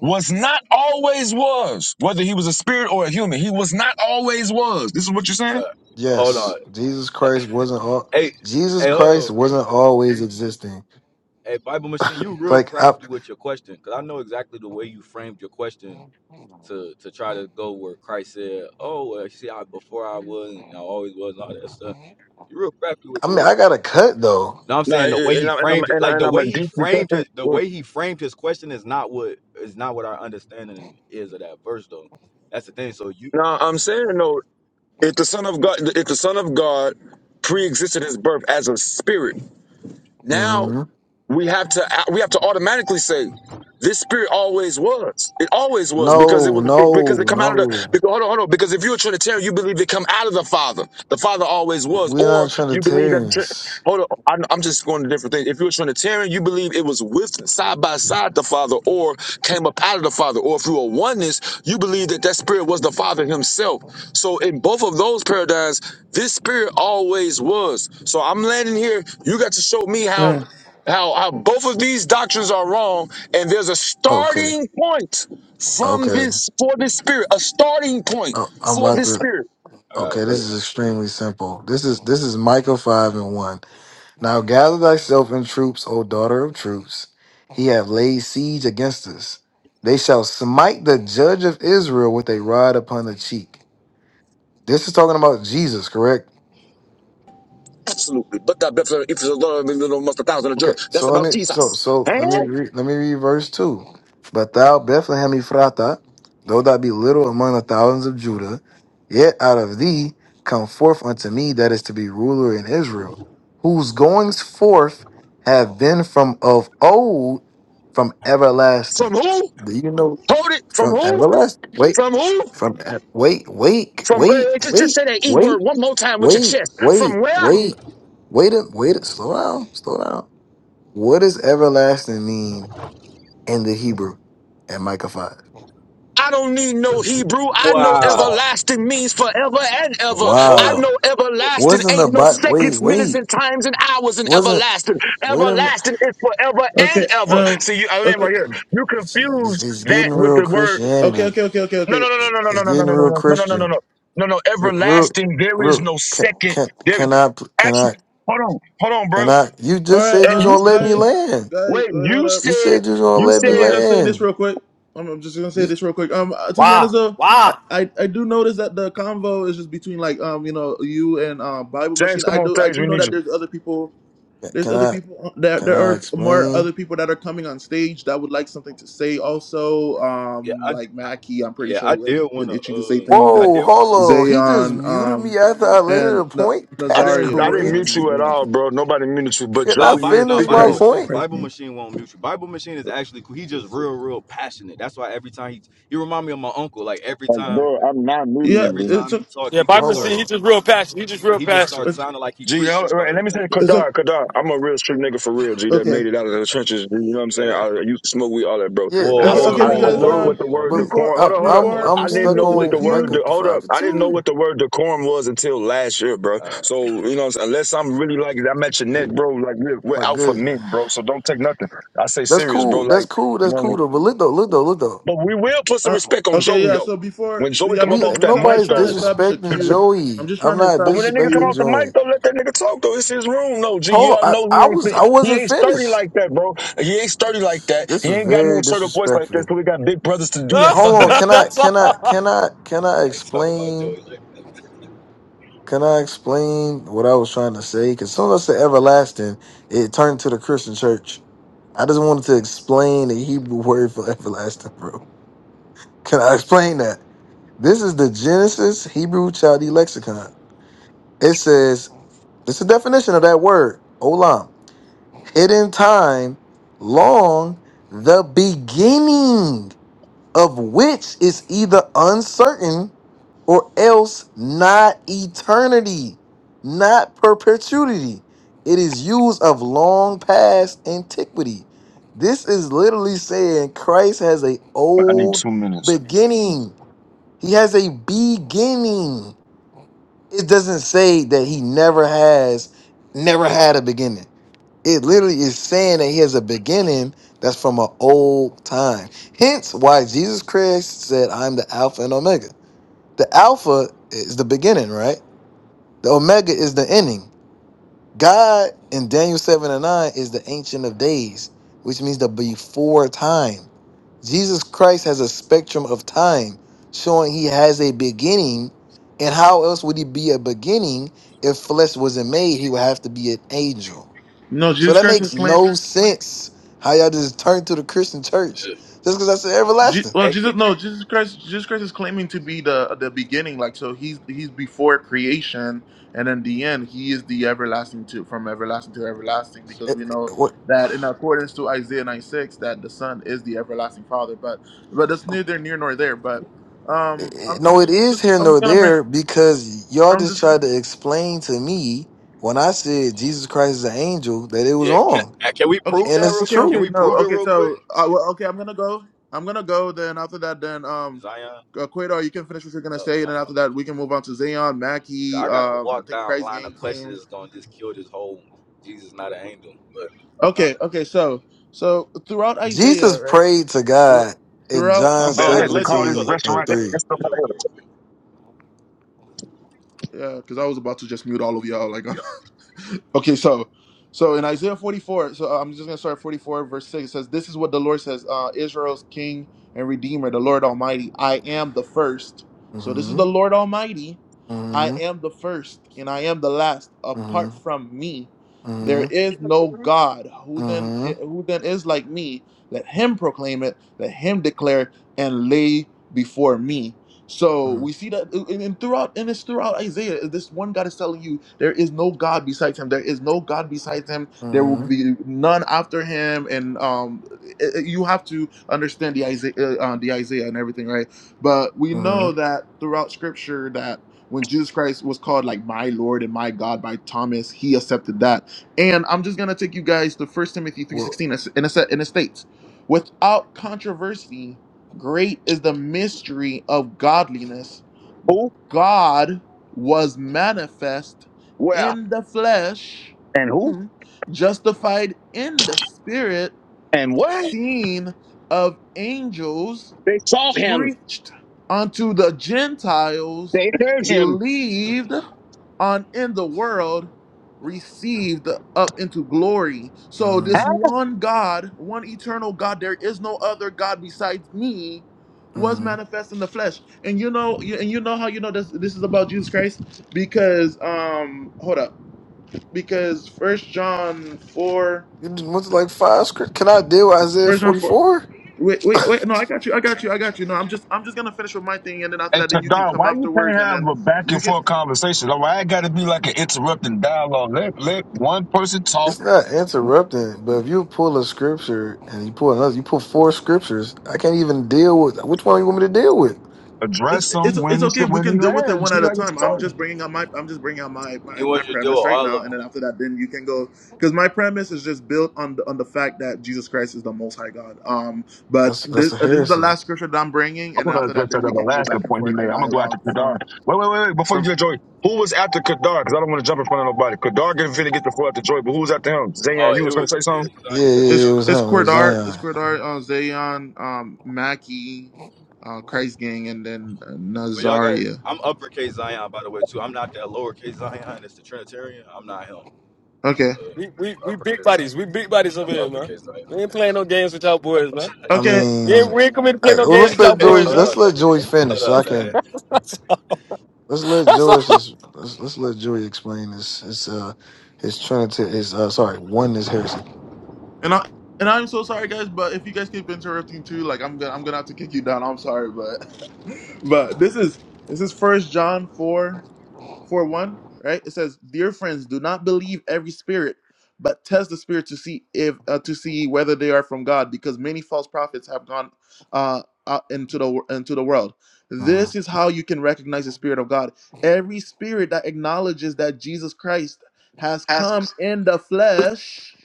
was not always was, whether he was a spirit or a human, he was not always was. This is what you're saying? Uh, hold on. yes. Jesus Christ wasn't all. Hey, Jesus hey, hold on. Christ wasn't always existing. Hey, Bible Machine, you real Like I, crafty with your question because I know exactly the way you framed your question to to try to go where Christ said, "Oh, well, see, I before I was and I always was and all that stuff." You real crafty with I the mean, way. I got a cut though. No, I'm No, saying and the way and he I'm and I'm framed it, and I'm, like and the I'm a way he deeply cut framed that. it, the word. way he framed his question is not what is not what our understanding is of that verse, though. That's the thing. So you, No, I'm saying no. If the Son of God, if the Son of God pre-existed his birth as a spirit, now. hmm we have to we have to automatically say this spirit always was. It always was because it No, was no, because it come out of the no. because hold on, hold on. Because if you're a Trinitarian, you believe it come out of the Father. The Father always was, We're or not you believe that. Trin- Trinitarians. Hold on, I'm, I'm just going to different things. If you're a Trinitarian, you believe it was with side by side the Father, or came up out of the Father. Or if you are oneness, you believe that that Spirit was the Father Himself. So in both of those paradigms, this Spirit always was. So I'm landing here. You got to show me how. Um, How, how both of these doctrines are wrong, and there's a Okay, starting point from okay. this for this spirit, a starting point I, I'm for about this to. spirit. I got a Okay, this great is answer for that. extremely simple. This is this is Micah five and one. Now gather thyself in troops, O daughter of troops. He hath laid siege against us. They shall smite the judge of Israel with a rod upon the cheek. This is talking about Jesus, correct? Absolutely. But that Bethlehem, if it's a lot of little must a thousand of Okay, Judah. That's so let about me so Jesus. so Eh? let me re, let me read verse two. But thou Bethlehem Ephratah, though thou be little among the thousands of Judah, yet out of thee come forth unto me that is to be ruler in Israel, whose goings forth have been from of old, from everlasting. From who? Do you know Hold it. From from who? everlasting? Wait, From who? from e- wait, wait, From wait, uh, just, wait, just say that E wait, wait, word one more time with your wait, chest. wait, From where? wait, wait, wait, a- slow down, slow down. What does everlasting mean in the Hebrew at Micah 5? I don't need no Hebrew. I know Wow. everlasting means forever and ever. Oh, I the- know Wow. oh, everlasting Wasn't the ain't no Bible, wait, seconds, minutes, wait. and times and hours in Wasn't, everlasting. wait a minute. Everlasting is forever and okay. ever. Um. See, you, I land Okay. right here. You It's, it's- confuse it's that getting with real the word. this is Okay. Christianity. Okay. madness. Okay. Okay. No, Okay. no, no, no, It's, no, it's no, no, no, getting no, no, real no, no, no, no, no, Christian. no. No, no, Real, real, everlasting. There is real no can, second. can, There, can I, pl- can actually, I, hold on, hold on, bro. can Eh, I, you All just right. said you was You going to Um. let me Guys. land. Guys. Wait, wait. hold You up. You said, said you was Uh, going to you let me Let me said, just say this land. real quick. I'm, I'm just gonna say You, this real quick. Um. uh, To be Wow. honest, though, I, Wow. I I do notice that the convo is just between like um you know you and um Bible James, Machine. come I on do I stage. We do know need you. that there's other people There's can other I, people. on- There, can there I are more explain? other people that are coming on stage that would like something to say. Also, Yeah, um, I like Mackie, I'm pretty yeah sure I did has been wanna itching to say uh things, I and did Whoa, hold on. He just Zayon, muted um, me after I landed and a Na- point? I That's didn't I didn't Nazaria, mute crazy. and you you at know, all, bro. Nobody muted you, but Can No, I Joey Bi- is no, finish speaking my Bible though. Christ, Machine, point? Christ. Bible name. Machine won't mute you. Bible Machine is actually cool. He just real, real passionate. That's why every time he he remind me of my uncle. Like every Like, time, bro, I'm not Yeah, muting every you. it's time he a, talk, Yeah, he Bobby just Hold Messina, started. he on. just real passionate. He just real He just passionate. starts sounding like he G, preaching hold- about and let me say, everything. it's a, Kadar, Kadar, I'm a real street nigga for real, G, that okay. made it out of the trenches. G, you know what I'm saying? Yeah. I, I used to smoke weed, all that, bro. Yeah, Whoa, I Because, that's don't, hold okay, on, I, I cool, whoa, because learned hold bro. what um, on, the hold word But on, before decorum, hold I'm up, hold up. I'm hold before on. I'm I before we didn't stuck go know to the what the on word, queue, Michael de- hold five up. to I didn't know two. what the word decorum was until last year, bro. All right, So, you know what I'm saying? Unless I'm really like, I'm at your neck, bro, like, we're, we're My out for good. mint, bro. So don't take nothing. I say That's serious, bro. cool. Like, That's cool. you That's know cool though. But look though, look though, look though. But we will put some uh, respect on okay, Joey yeah. though. So before, When Joey yeah, come up We because off that because I'm mic just nobody's trying to though, establish a disrespecting queue. I'm Joey. just I'm trying to not but when establish a that nigga come disrespecting off queue. the mic Joey. though, let that nigga talk though. It's his room though. G, Hold y'all on. know I, he I ain't was fin- I he wasn't ain't sturdy finished. like that, bro. He ain't sturdy like that. He This was ain't got no very assertive voice like that. So disrespectful. we got big brothers to do that for Hold on. him. Can I That's can I all. can I can I I ain't talking about Joey explain like that. Can I explain what I was trying to say? Because as soon as I said everlasting, it turned to the Christian church. I just wanted to explain the Hebrew word for everlasting, bro. Can I explain that? This is the Genesis Hebrew Chaldee Lexicon. It says, this is the definition of that word, olam, hidden time, long, the beginning of which is either uncertain or else not eternity, not perpetuity. It is used of long past antiquity. This is literally saying Christ has a I need old two minutes. beginning. He has a beginning. It doesn't say that he never has, never had a beginning. It literally is saying that he has a beginning that's from an old time. Hence why Jesus Christ said, I'm the Alpha and Omega. The Alpha is the beginning, right? The Omega is the ending. God in Daniel 7 and 9 is the Ancient of Days, which means the before time. Jesus Christ has a spectrum of time, showing he has a beginning. And how else would he be a beginning if flesh wasn't made? He would have to be an angel. No, So Jesus that Christ was makes claiming. no sense how y'all just turn to the Christian church Yeah. just because I said Je- everlasting. Well, Hey, can, Jesus, no, Jesus Christ, Jesus Christ is claiming to be the the beginning. Like, so he's he's before creation, and in the end, he is the everlasting to from everlasting to everlasting. Because we know that in accordance to Isaiah nine six, that the Son is the everlasting Father. But but that's neither near nor there. But Eh, um, eh, I'm, I'm No, it just I'm is just here I'm just nor gonna bring. there because y'all I'm just just tried to explain to me when I said Jesus Christ is an angel that it was yeah, can, wrong. uh, can we Okay, prove And that o- real? it's okay, Can true. okay. we No, prove it okay. real So, quick? uh, well, okay, I'm gonna go. I'm gonna go. Then after that, then um, Zion, uh, Quaidar, you can finish what you're gonna oh say, my and then fault. after my that, we can move on to Zayon, fault. Mackie. I got a Um, I walk think down Christ line of Gang questions came. that's gonna just kill this whole Jesus not an angel, but. Okay, okay. So, so throughout Jesus Isaiah, right? prayed to Thro- God in Throughout, My John bad. Oh, I let, had to let call Joey this go. 17 Let Joey and restaurant. 3. go. That- To, That's let Joey somebody go else. real quick. yeah, because I was about to just mute all of y'all. Like, Okay, so so in Isaiah 44, so uh, I'm just gonna start at 44 verse 6. It says, This is what the Lord says, uh, Israel's king and redeemer, the Lord Almighty. I am the first." So this is Mm-hmm. the Lord Almighty I Mm-hmm. am the first and I am the last. Apart Mm-hmm. from me, Mm-hmm. there is no God. Who then eh, Mm-hmm. who then is like me? Let him proclaim it, let him declare and lay before me. So we see that uh, and and throughout and it's throughout Isaiah. uh, This one God is telling you there is no God besides him. There is no God besides him. There will Mm-hmm. be none after him. And um i- i- you have to understand the Isaiah uh, uh, the Isaiah and everything, right? But we Mm-hmm. know that throughout scripture that when Jesus Christ was called like my Lord and my God by Thomas, he accepted that. And I'm just gonna take you guys to First Timothy Well, 3:16 and it sa- and it states, without controversy, great is the mystery of godliness. Who? God was manifest Where? in the flesh, And who? hmm, justified in the spirit, And what? seen of angels, They saw him. preached unto the Gentiles, They heard him. believed and in the world received up into glory. So mm-hmm. this one God, one eternal God, there is no other God besides me, was Mm-hmm. manifest in the flesh. And you know, you, and you know how you know this this is about Jesus Christ? Because um hold up. Because first John 4, You just went to like five script. Can I deal with First Isaiah John 4 44? Wait, wait, wait! No, I got you. I got you. I got you. No, I'm just, I'm just gonna finish with my thing, and then after Hey, that, then you can Tadar, come why you afterwards, can't and have then a back and you can. forth conversation? Like, why I got to be like an interrupting dialogue? Let let one person talk, It's not interrupting, but if you pull a scripture and you pull another, you pull four scriptures. I can't even deal with which one you want me to deal with. It's, address him it's it's when it's okay. We when can he deal with it lands. one at He a like it's time. I'm talking. just bringing out my I'm just bringing out my It my, my was your deal premise with right all now, of and them. then after that, then you can go because my premise is just built on the on the fact that Jesus Christ is the Most High God. Um, but That's this that's a uh, this is the heresy. last scripture that I'm bringing, i and want then to after that, address that then we other can go last good back and point he forth made. and I'm gonna go after dialogue Kadar. from Wait, wait, wait, wait. Before you from do that, Joy, who was after Kadar? Because I don't want to jump in front of nobody. Kadar getting finna get the floor after Joy, but who was after him? Oh, Zayan, you it was gonna was say yeah, something? Yeah, yeah, Zion. Yeah, it's yeah. it It was was him. it's Zion. It was Cordar it's Zion. Cordar uh, Zayon um Mackie, uh Christ Gang, and then uh, But y'all got it. Nazaria. I'm uppercase Zion, by the way, too. I'm not that lowercase Zion. It's the Trinitarian. I'm not him. I'm Okay, We, we, uh, we big uppercase buddies. Zion. We big buddies over I'm here, man. uppercase We Zion. ain't playing no games with y'all boys, man. I okay. We ain't, mean, we ain't coming to play I, no well, games let's with y'all let Hey, Joey. boys, hold man. Let's on, let man. Joey hold finish, so I on. Man. can. That's Let's let Joey all. just. Let's, let's let Joey explain his his uh his trinity his uh sorry one is heresy. And I and I'm so sorry, guys. But if you guys keep interrupting too, like I'm gonna I'm gonna have to kick you down. I'm sorry, but but this is this is First John four four one, right? It says, "Dear friends, do not believe every spirit, but test the spirit to see if uh, to see whether they are from God, because many false prophets have gone uh, out into the wor- into the world." This is how you can recognize the spirit of God. Every spirit that acknowledges that Jesus Christ has come in the flesh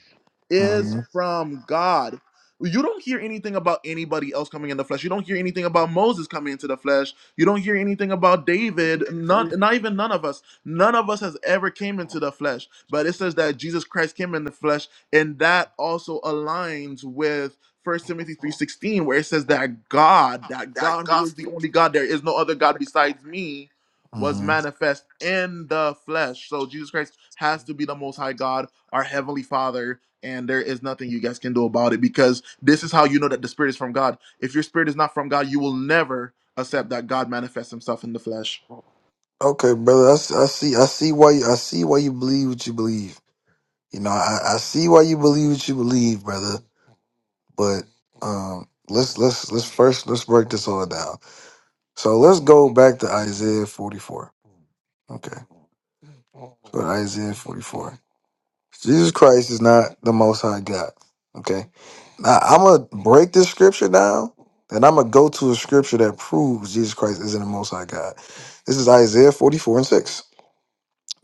is Mm-hmm. from God. You don't hear anything about anybody else coming in the flesh. You don't hear anything about Moses coming into the flesh. You don't hear anything about David. Not, not even none of us. None of us has ever came into the flesh. But it says that Jesus Christ came in the flesh, and that also aligns with First Timothy 3:16, where it says that God, that God who is the only God, there is no other God besides me, was hmm manifest in the flesh. So Jesus Christ has to be the most high God, our heavenly Father and there is nothing you guys can do about it because this is how you know that the spirit is from God. If your spirit is not from God, you will never accept that God manifests himself in the flesh. Okay, brother. I, s- I see. I see why. You, I see why you believe what you believe. You know, I, I see why you believe what you believe, brother. But um, let's let's let's first let's break this all down. So let's go back to Isaiah 44. Okay, so Isaiah 44. Jesus Christ is not the Most High God. Okay, now I'm gonna break this scripture down, and I'm gonna go to a scripture that proves Jesus Christ isn't the Most High God. This is Isaiah 44 and 6.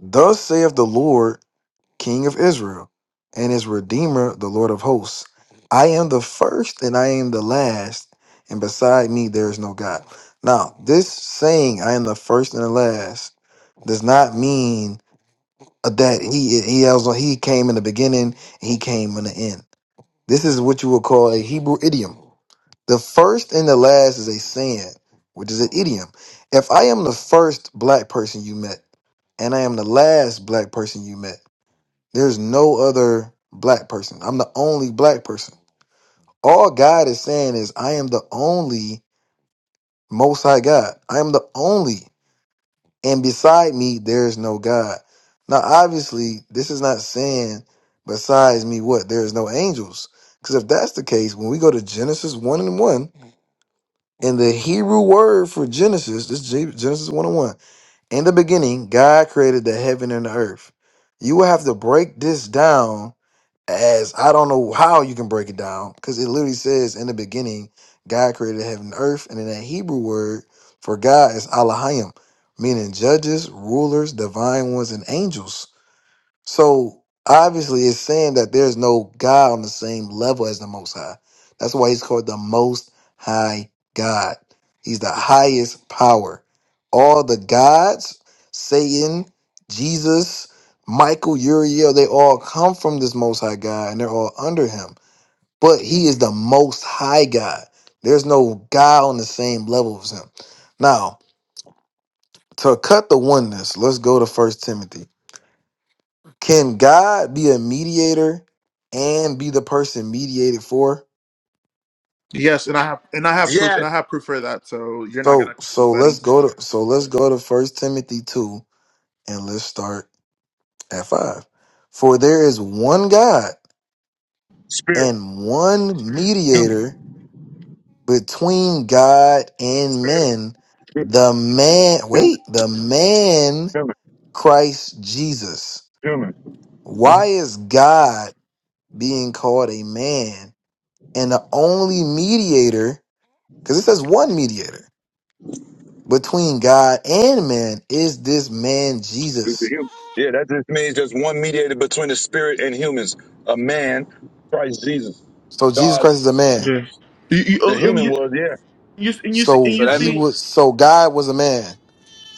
Thus saith the Lord King of Israel, and his Redeemer, the Lord of hosts. I am the first and I am the last, and beside me there is no God. Now, this saying, I am the first and the last, does not mean that he he also, he came in the beginning and he came in the end. This is what you would call a Hebrew idiom. The first and the last is a saying, which is an idiom. If I am the first black person you met, and I am the last black person you met. There's no other black person. I'm the only black person. All God is saying is, I am the only most high God. I am the only. And beside me, there is no God. Now, obviously, this is not saying besides me what? There is no angels. Because if that's the case, when we go to Genesis 1 and 1, and the Hebrew word for Genesis, this is Genesis 1 and 1, In the beginning, God created the heaven and the earth. You will have to break this down as I don't know how you can break it down because it literally says in the beginning, God created heaven and earth, and in that Hebrew word for God is Elohim, meaning judges, rulers, divine ones, and angels. So obviously, it's saying that there's no God on the same level as the Most High. That's why he's called the Most High God. He's the highest power. All the gods, Satan, Jesus, Michael, Uriel, they all come from this Most High God and they're all under him. But he is the Most High God. There's no God on the same level as him. Now, to cut the oneness, let's go to First Timothy. Can God be a mediator and be the person mediated for? Yes, and I have and I have proof Yeah, and I have proof for that. So you're not So gonna cut so let's anybody. go to so let's go to First Timothy two and let's start at five. For there is one God spirit, and one human, mediator between God and spirit, men, human, the man human. wait, the man human. Christ Jesus. humans. Uh, Why is God being called a man and the only mediator? Because it says one mediator between God and man is this man It's the Jesus. human. Yeah, that just means there's one mediator between the spirit and humans, a man, Christ Jesus. So Jesus God, Christ is a man. yeah. You, you, the oh, and human you, was, yeah, you and you see- and So So you that he means see, was so God was a man.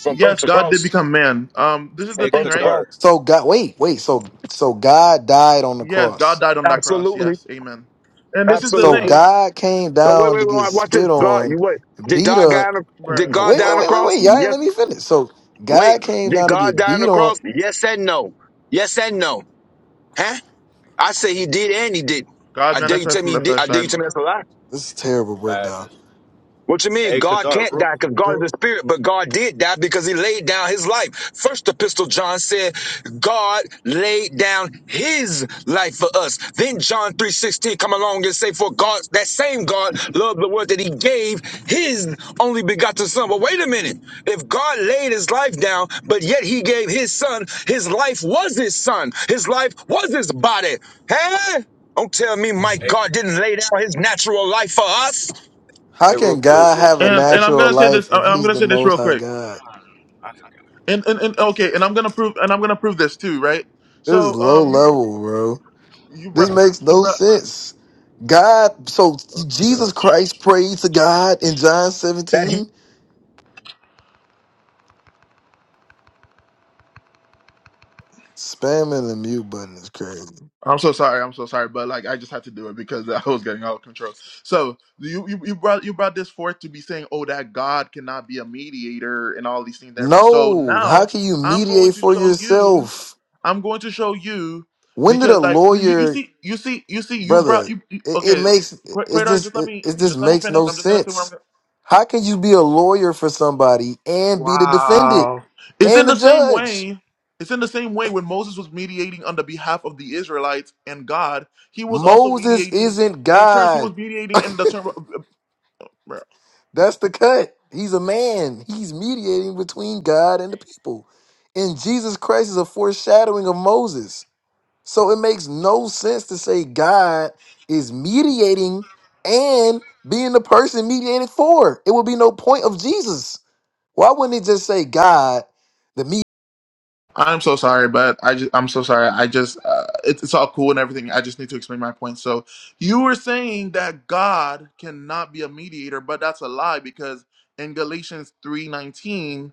from birth yes, to God did cross, become man. Um, this is from the a thing, birth to right? cross. kadar. So God wait, wait, so so God died on the Yes, God cross. died on that cross. Absolutely, Yes, Amen. And this is the So absolutely. Wow, thing, God came No, wait, down wait, to get wait, watch this. spit God, you on, wait. Did beat God die up. on the, did bruh. Oh, God wait, die wait, on the wait, wait, cross? wait. Y'all ain't Yes. let me finish. So Wait, God came did down to God get die on beat the on. cross? Yes and no. Yes and no. Huh? I say he did and he did. not God I dare you tell manifests in me he the did. flesh, I dare died you on the tell me that's cross. a lie. This is a terrible breakdown. madness. What you mean? A God kadar. can't Real, die because God is real, a spirit, but God did die because he laid down his life. First epistle, John said, God laid down his life for us. Then John 3.16 come along and say, for God, that same God loved the world that he gave his only begotten son. Well, wait a minute. If God laid his life down, but yet he gave his son, his life was his son. His life was his body. Huh? Don't tell me my hey, God didn't lay down his natural life for us How hey, real can quick, God real have a quick. And A. and I'm natural gonna say this. life I- if I'm he's gonna the say this most real high quick. God? I just got. and and, and okay, and I'm gonna prove and I'm gonna prove this too, right? This is So low um, you level, bro. you This brought makes you no brought. sense. God, so Oh my Jesus gosh, Christ prayed to God in John that He. 17. Spamming the mute button is crazy. I'm so sorry. I'm so sorry, but like I just had to do it because I was getting out of control. So you you, you brought you brought this forth to be saying, oh, that God cannot be a mediator and all these things and everything. So No, how now can you I'm going mediate to for show you. yourself? I'm going to show you When did because a like you, you lawyer, see you see you see you brought brother? you you- It, it okay. makes Qu- it Quaidar, just just let it, me it just just let me makes finish. no I'm just gonna say what I'm gonna sense. How can you be a lawyer for somebody and be the defendant Wow. It's in and the the same judge? way. It's in the same way when Moses was mediating on the behalf of the Israelites and God, he was also Moses mediating isn't in terms he God. was mediating in the term That's the cut. He's a man. He's mediating between God and the people. And Jesus Christ is a foreshadowing of Moses. So it makes no sense to say God is mediating and being the person mediated for. It would be no point of Jesus. Why wouldn't it just say God, the me? I'm so sorry, but I just I'm so sorry. I just uh, it's, it's all cool and everything. I just need to explain my point. So, you were saying that God cannot be a mediator, but that's a lie because in Galatians 3:19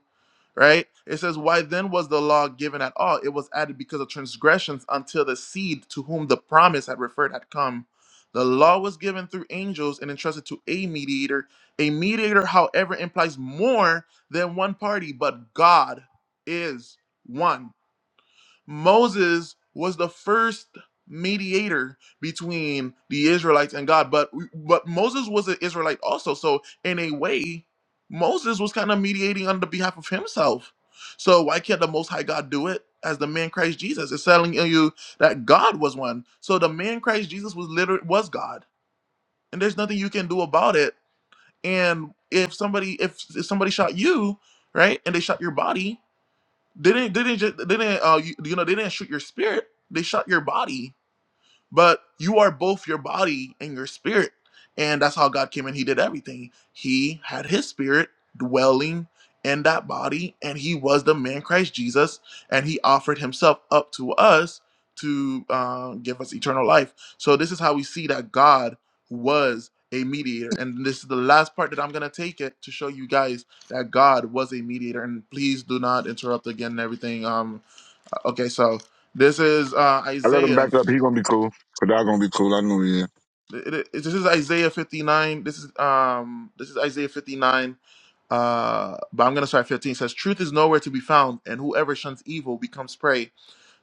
right? It says, Why then was the law given at all? It was added because of transgressions until the seed to whom the promise had referred had come. The law was given through angels and entrusted to a mediator. A mediator, however, implies more than one party, but God is one. Moses was the first mediator between the Israelites and God, but but Moses was an Israelite also. So in a way, Moses was kind of mediating on the behalf of himself. So why can't the Most High God do it as the man Christ Jesus? It's telling you that God was one. So the man Christ Jesus was literally was God, and there's nothing you can do about it. And if somebody if, if somebody shot you, right, and they shot your body, they didn't. They didn't. Just, they didn't. Uh, you, you know, they didn't shoot your spirit. They shot your body but you are both your body and your spirit. And that's how God came in. He did everything. He had his spirit dwelling in that body, and he was the man Christ Jesus, and he offered himself up to us to uh, give us eternal life. So, this is how we see that God was a mediator. And this is the last part that I'm going to take it to show you guys that God was a mediator. And please do not interrupt again and everything. Um, okay, so this is uh, I let him Isaiah back up. He gonna be cool. Kadar gonna be cool. I know he is. It, it, it- this is Isaiah 59. This is um this is Isaiah 59. Uh but I'm gonna start at 15. It says, Truth is nowhere to be found, and whoever shuns evil becomes prey.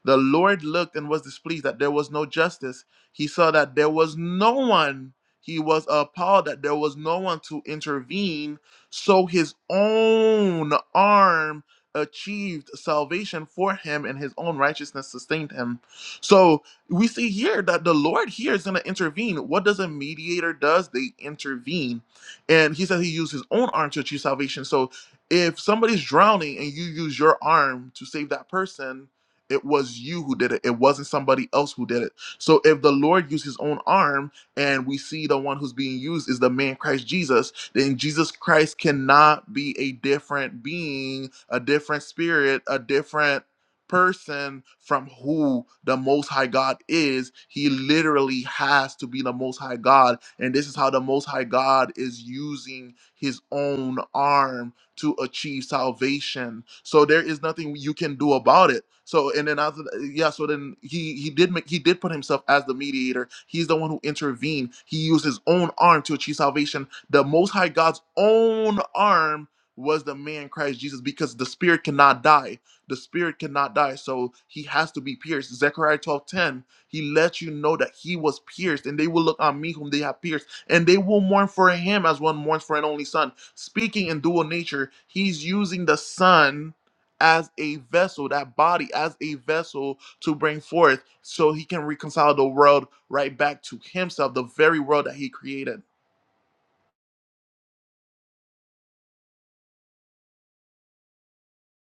The Lord looked and was displeased that there was no justice. He saw that there was no one. He was appalled that there was no one to intervene. So his own arm achieved salvation for him, and his own righteousness sustained him. So we see here that the Lord here is going to intervene. What does a mediator does? They intervene, and he said he used his own arm to achieve salvation. So if somebody's drowning and you use your arm to save that person, it was you who did it. It wasn't somebody else who did it. So if the Lord used his own arm and we see the one who's being used is the man Christ Jesus, then Jesus Christ cannot be a different being, a different spirit, a different person from who the most high God is. He literally has to be the most high God. And this is how the most high God is using his own arm to achieve salvation. So there is nothing you can do about it. So and then after yeah, so then he he did make he did put himself as the mediator. He's the one who intervened. He used his own arm to achieve salvation. The Most High God's own arm was the man Christ Jesus because the spirit cannot die. The spirit cannot die. So he has to be pierced. Zechariah 12 10. he lets you know that he was pierced, and they will look on me whom they have pierced, and they will mourn for him as one mourns for an only son speaking in dual nature, he's using the sun as a vessel, that body as a vessel to bring forth so he can reconcile the world right back to himself, the very world that he created.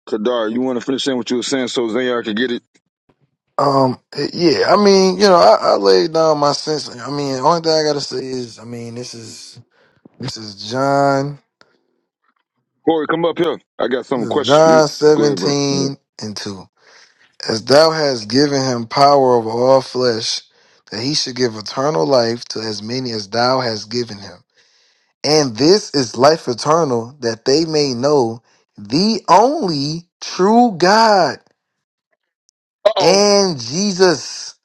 Kadar, you want to finish saying what you were saying so Zayar can get it? Um, yeah, I mean, you know, I, I laid down my sense. I mean, only thing I gotta say is, I mean, this is this is John, Corey, come up here. I got this some is questions for you. John Go ahead, bro. 17 and 2. as thou hast given him power over all flesh, that he should give eternal life to as many as thou hast given him. And this is life eternal, that they may know the only true God Uh oh. and Jesus,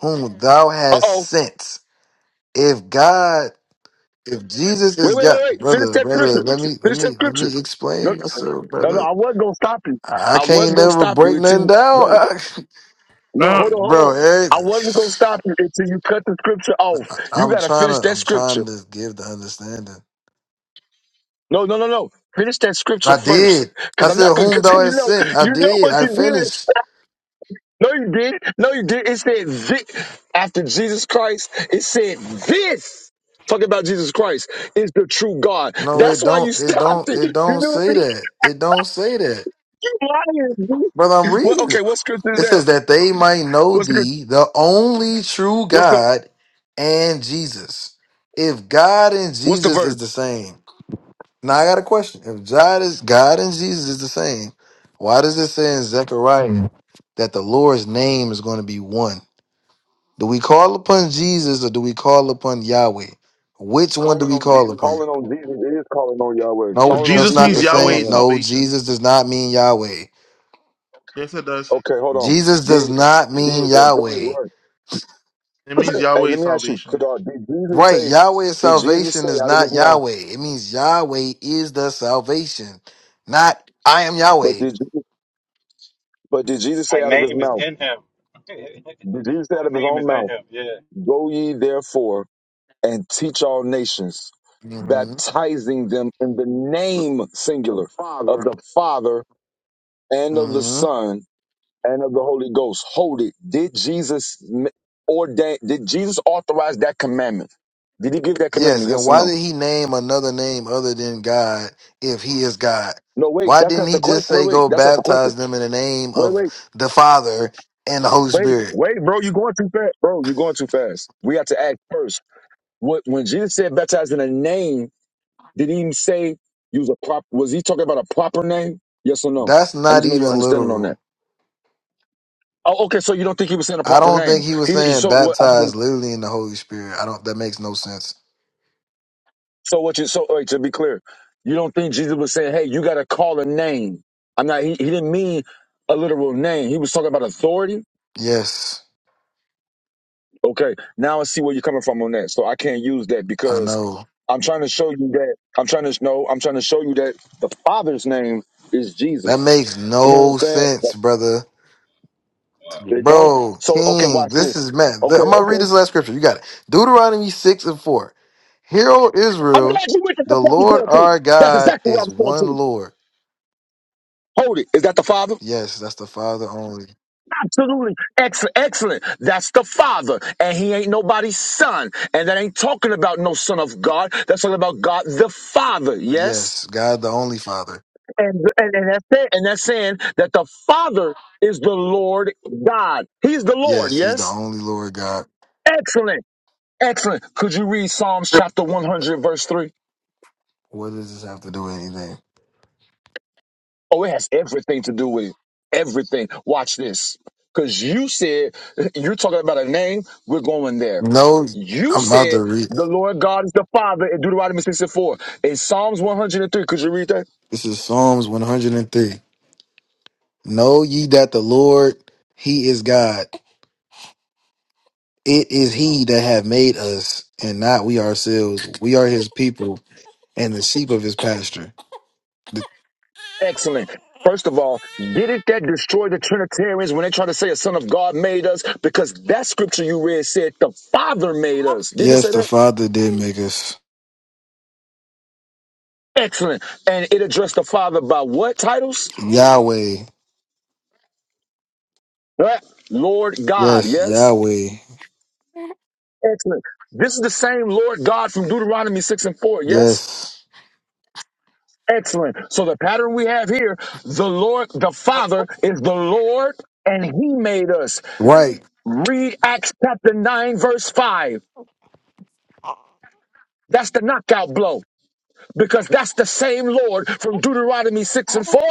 whom thou Uh hast oh. sent. If God, if Jesus Wait, is wait, God, wait, wait. Finish brother, that brother, scripture. let me, let Finish that me, let scripture. me No, explain myself, no, no. brother. I wasn't gonna stop you. I I I can't wasn't gonna never stop you break until nothing you. down, No, no. Uh, Hold on, hold bro. on. I wasn't gonna Eric. stop you until you cut the scripture off. I, You I'm gotta trying finish to. that I'm scripture. trying to give the understanding. No, no, no, no. Finish that scripture I first, did. because I I'm not said, gonna. "Whom Because thou you hast know, sent." I you know did. what I you did. finished. No, you didn't. No, you didn't. It said this. After Jesus Christ, it said this. Talking about Jesus Christ is the true God. No, That's it why you don't. It stopped don't. it. You It don't knew say it that. It don't say that. was lying. Brother, I'm Well, reading okay, it. what scripture is It that? says that they might know What's the thee, the only true what's the God, and Jesus. If God and what's the Jesus is verse? the same, now I got a question. If God is God and Jesus is the same, why does it say in Zechariah that the Lord's name is going to be one? Do we call upon Jesus or do we call upon Yahweh? Which one do we call upon? Calling on Jesus is calling on Yahweh. No, Calling on that's Jesus Jesus not means the is calling Yahweh same. is on Him. No, salvation. Jesus does not mean Yahweh. Yes, it does. Okay, hold on. Jesus does Did not mean did and do it Yahweh. right. It means Hey, Yahweh let is me ask you, salvation. Kadar, did Jesus Right, say? Yahweh's Did Jesus say salvation is out of His not mouth? Yahweh. It means Yahweh is the salvation, not I am But Yahweh. did Jesus, but did Jesus My say out of His name is mouth? in him. Did Jesus say out My of His name own is in mouth? him. Yeah. Go ye therefore and teach all nations, hmm baptizing them in the name singular of the Father and of the Son and of the Holy Ghost. Hold it. Did Jesus m- ordain? Did Jesus authorize that commandment? Did he give that Yes, commandment? and Yes or why no? did he name another name other than God if he is God? No, wait. Why That's didn't not he the question. just Wait, say wait. go That's not the question. baptize them in the name Wait, of wait, the Father and the Holy wait, Spirit? wait, bro. You're going too fast, bro. You're going too fast. We have to act first. What when Jesus said baptize in the name? Did he even say use a prop? Was he talking about a proper name? Yes or no? That's I need not to know your even understanding on that. literal. Oh, okay. So you don't think he was saying a I proper don't name? think he was He he- saying so what? baptize literally in the Holy Spirit. I don't that makes no sense. So what? You so wait, to be clear, you don't think Jesus was saying, "Hey, you got to call a name." I'm not. He, he didn't mean a literal name. He was talking about authority. Yes, Okay. Now I see where you're coming from on that. So I can't use that I because know. I'm trying to show you that I'm trying to know. I'm trying to show you that the Father's name is That Jesus. makes You no understand? sense, brother. They don't. Bro, So okay, King, watch this. this is man. th- Okay, I'm gonna read okay. this last scripture. You got it. Deuteronomy 6 and 4. Hear, O I'm glad Israel, you went to the that's what Lord going to. our That's God exactly what I is was going one to. Lord. Hold it. Is that the father? Yes, that's the Father only. Absolutely. Excellent. Excellent. That's the father. And he ain't nobody's son. And that ain't talking about no son of God. That's talking about God the Father. Yes? Yes, God the only Father. And and, and that's it. And that's saying that the Father is the Lord God. He's the Lord, Yes, He's the yes? only Lord God. Excellent. Excellent. Could you read Psalms chapter 100, verse 3? What does this have to do with anything? Oh, it has everything to do with it. Everything. Watch this. Because you said, you're talking about a name, we're going there. No, You I'm about said to read. the Lord God is the Father in Deuteronomy 64. In Psalms 103, could you read that? This is Psalms 103. Know ye that the Lord, He is God. It is He that have made us, and not we ourselves. We are His people and the sheep of his pasture. The- Excellent. First of all, didn't that destroy the Trinitarians when they try to say a son of God made us? Because that scripture you read said the Father made us. Didn't it yes, say the that? Father did make us. Excellent. And it addressed the Father by what titles? Yahweh. Right? Lord God, Yes, yes? Yahweh. Excellent. This is the same Lord God from Deuteronomy 6 and 4, yes? Yes. Excellent. So the pattern we have here, the Lord, the Father is the Lord and he made us. Right. Read Acts chapter 9, verse 5. That's the knockout blow because that's the same Lord from Deuteronomy 6 and 4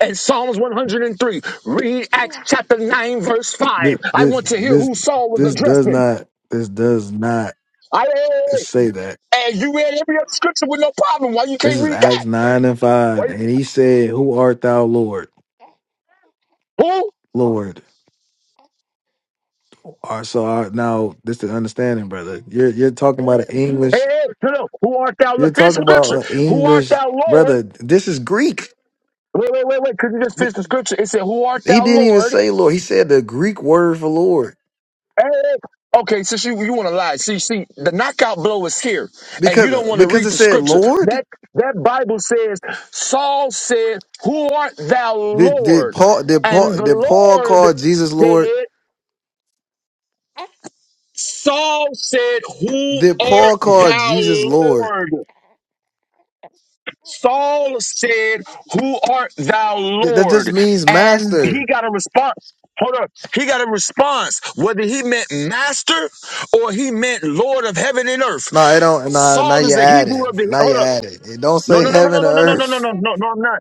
and Psalms 103. Read Acts chapter 9, verse This 5. I this want to hear this, who Saul was this does addressing. not this does not I, say that. and you read every other scripture with no problem. Why you This can't is read Acts that? nine and five, Wait, and he said, "Who art thou, Lord? who? Lord." All right, so I, now this is understanding, brother. You're you're talking about an English. Hey, hey, no, no. Who art thou? You're Look, finish the talking about scripture. an Who art English, thou, Lord? brother. This is Greek. Wait, wait, wait, wait. Could you just Th- finish the scripture? It said, Who art He thou, didn't even Lord? say Lord. He said the Greek word for Lord. Hey, hey. Okay, since you, you want to lie. See, see, the knockout blow is here, and you don't Because want to because read it the said scripture. Lord. That that Bible says, Saul said, Who art thou, Did did Lord? Paul did And Paul the did Paul call Lord Jesus said, Lord? Saul said, Who Did art Paul call thou, Jesus Lord? Lord? Saul said, Who art thou, That, that just Lord? means And he master. got a response. Hold up. He got a response, whether he meant master or he meant Lord of heaven and earth. No, it don't. Nah, now Saul is you the add Hebrew it. of the. Now you Hold up. add it. It don't No, say no, no, no, no, heaven or no, no, no, no, earth, no, no, no, no, I'm not.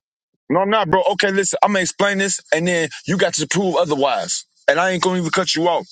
No, I'm not, bro. Okay, listen, I'm going to explain this, and then you got to prove otherwise. And I ain't going to even cut you off.